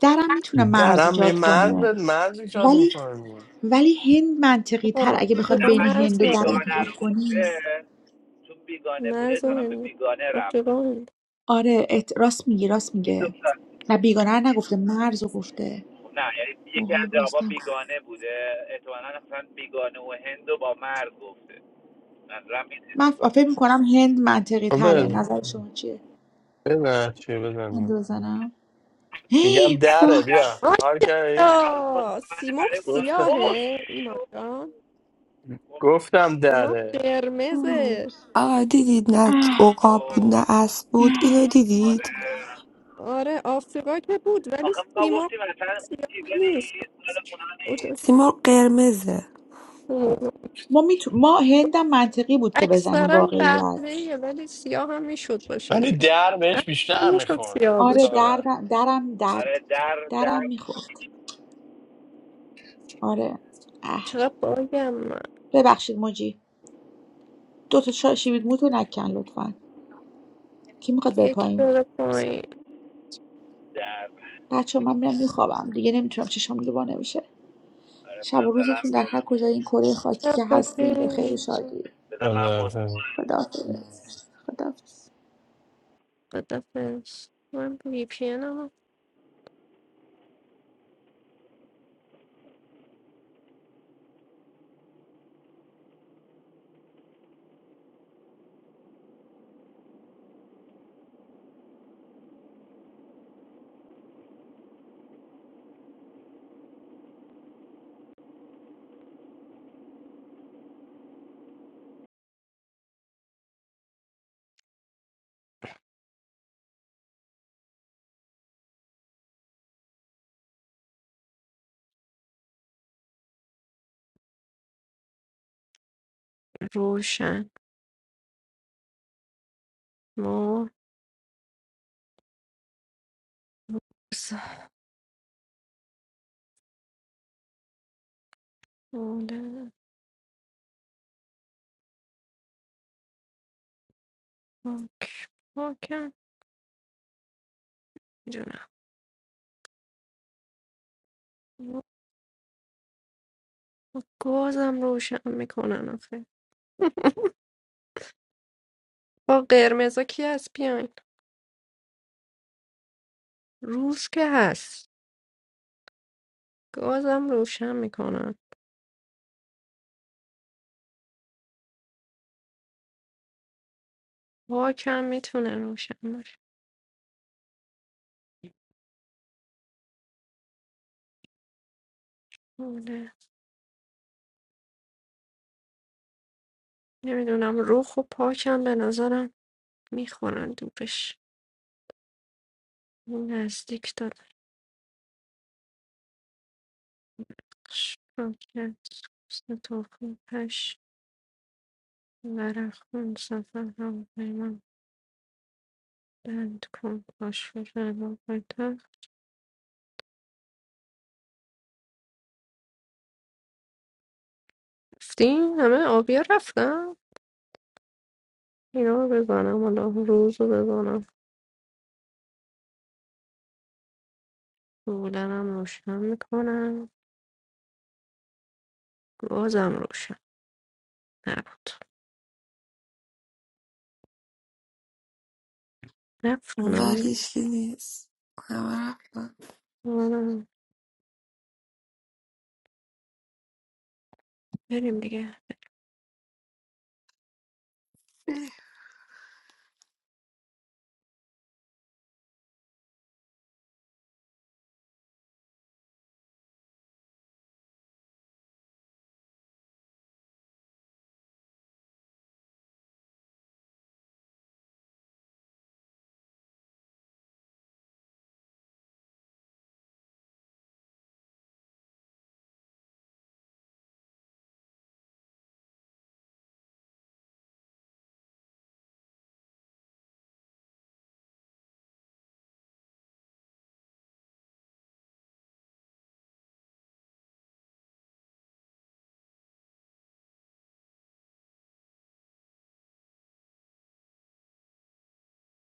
Speaker 13: درم میتونه مرز
Speaker 26: درم یه
Speaker 13: ایجاد
Speaker 26: مرز
Speaker 13: کنه
Speaker 26: مرز ایجاد
Speaker 13: ولی
Speaker 26: میکنه
Speaker 13: ولی هند منطقی تر اگه بخواد بین
Speaker 14: هیچ تو
Speaker 13: هند و در انتخاب کنی آره ات- راست میگه راست
Speaker 14: این دو
Speaker 13: میگه نه بیگانه رو نگفته مرز رو گفته
Speaker 14: نه یعنی یکی از
Speaker 13: اوقاب
Speaker 14: جوابا
Speaker 13: رستم گفت.
Speaker 14: بیگانه بود احتمالاً اصلا بیگانه و هندو با مرد گفته نظرم این
Speaker 13: من ف- فکر میکنم هند منطقی تره
Speaker 26: بزن
Speaker 13: نظر شما چیه
Speaker 26: بزن چی
Speaker 13: هند
Speaker 26: بزن
Speaker 13: رو بزنم
Speaker 26: میگم
Speaker 13: هی،
Speaker 26: دره
Speaker 13: فاک
Speaker 14: نه
Speaker 26: بیا حال کردی
Speaker 14: هر
Speaker 4: ماشاءالله
Speaker 14: مطمئنه
Speaker 4: سیمرغ
Speaker 14: برای اونا
Speaker 26: گفتم
Speaker 14: اوه
Speaker 4: سیاهه اینا
Speaker 14: شو
Speaker 4: جان
Speaker 26: گفتم
Speaker 4: سیمرغ
Speaker 26: دره
Speaker 4: قرمزه
Speaker 28: آقا دیدید نه
Speaker 13: اه،
Speaker 28: عقاب بود
Speaker 14: اوه
Speaker 28: نه اسب بود اینو دیدید
Speaker 14: آره
Speaker 4: آره آفریقا که بود ولی
Speaker 14: آخه ما
Speaker 4: سیمرغ
Speaker 14: گفتیم اصلا
Speaker 4: سیاه
Speaker 14: چیزا
Speaker 4: نیست
Speaker 14: نیست اونا
Speaker 4: اون
Speaker 28: سیمرغ قرمزه
Speaker 13: ما میتو... ما هندم منطقی بود که بزنیم واقعیت
Speaker 26: ولی در بهش بیشتر میخورد
Speaker 13: آره
Speaker 26: ساقه
Speaker 13: درم درم درد درم میخورد آره اه ببخشید موجی دو تا شا... شیبید موتو نکن لطفا کی میخواد بره
Speaker 4: یکی
Speaker 13: پایین
Speaker 4: بره پایین
Speaker 13: بچه من میرم میخوابم دیگه نمیتونم چشام دیگه بانه میشه شب و روزتون در هر کجای این کره خاکی که هستین به خیر و شادی خداحافظ خداحافظ
Speaker 4: با قرمزا کی هست بیاین روز که هست گازم روشن میکنن کم میتونه روشن باشه آره. نمیدونم روح و پاکم به نظرم میخورن دوبش اون نزدیک دادخش راکت حسن پش هش ورق خون سفر هم پیمان بند کن باش و فرما پایتر رفتیم همه آبیا رفتم اینا رو بزنم حالا روز رو بزنم بودنم روشن میکنم بازم روشن نبود
Speaker 28: اونور
Speaker 4: رفتنم
Speaker 28: هیچکی نیست همه رفتن.
Speaker 4: بزنم. بریم دیگه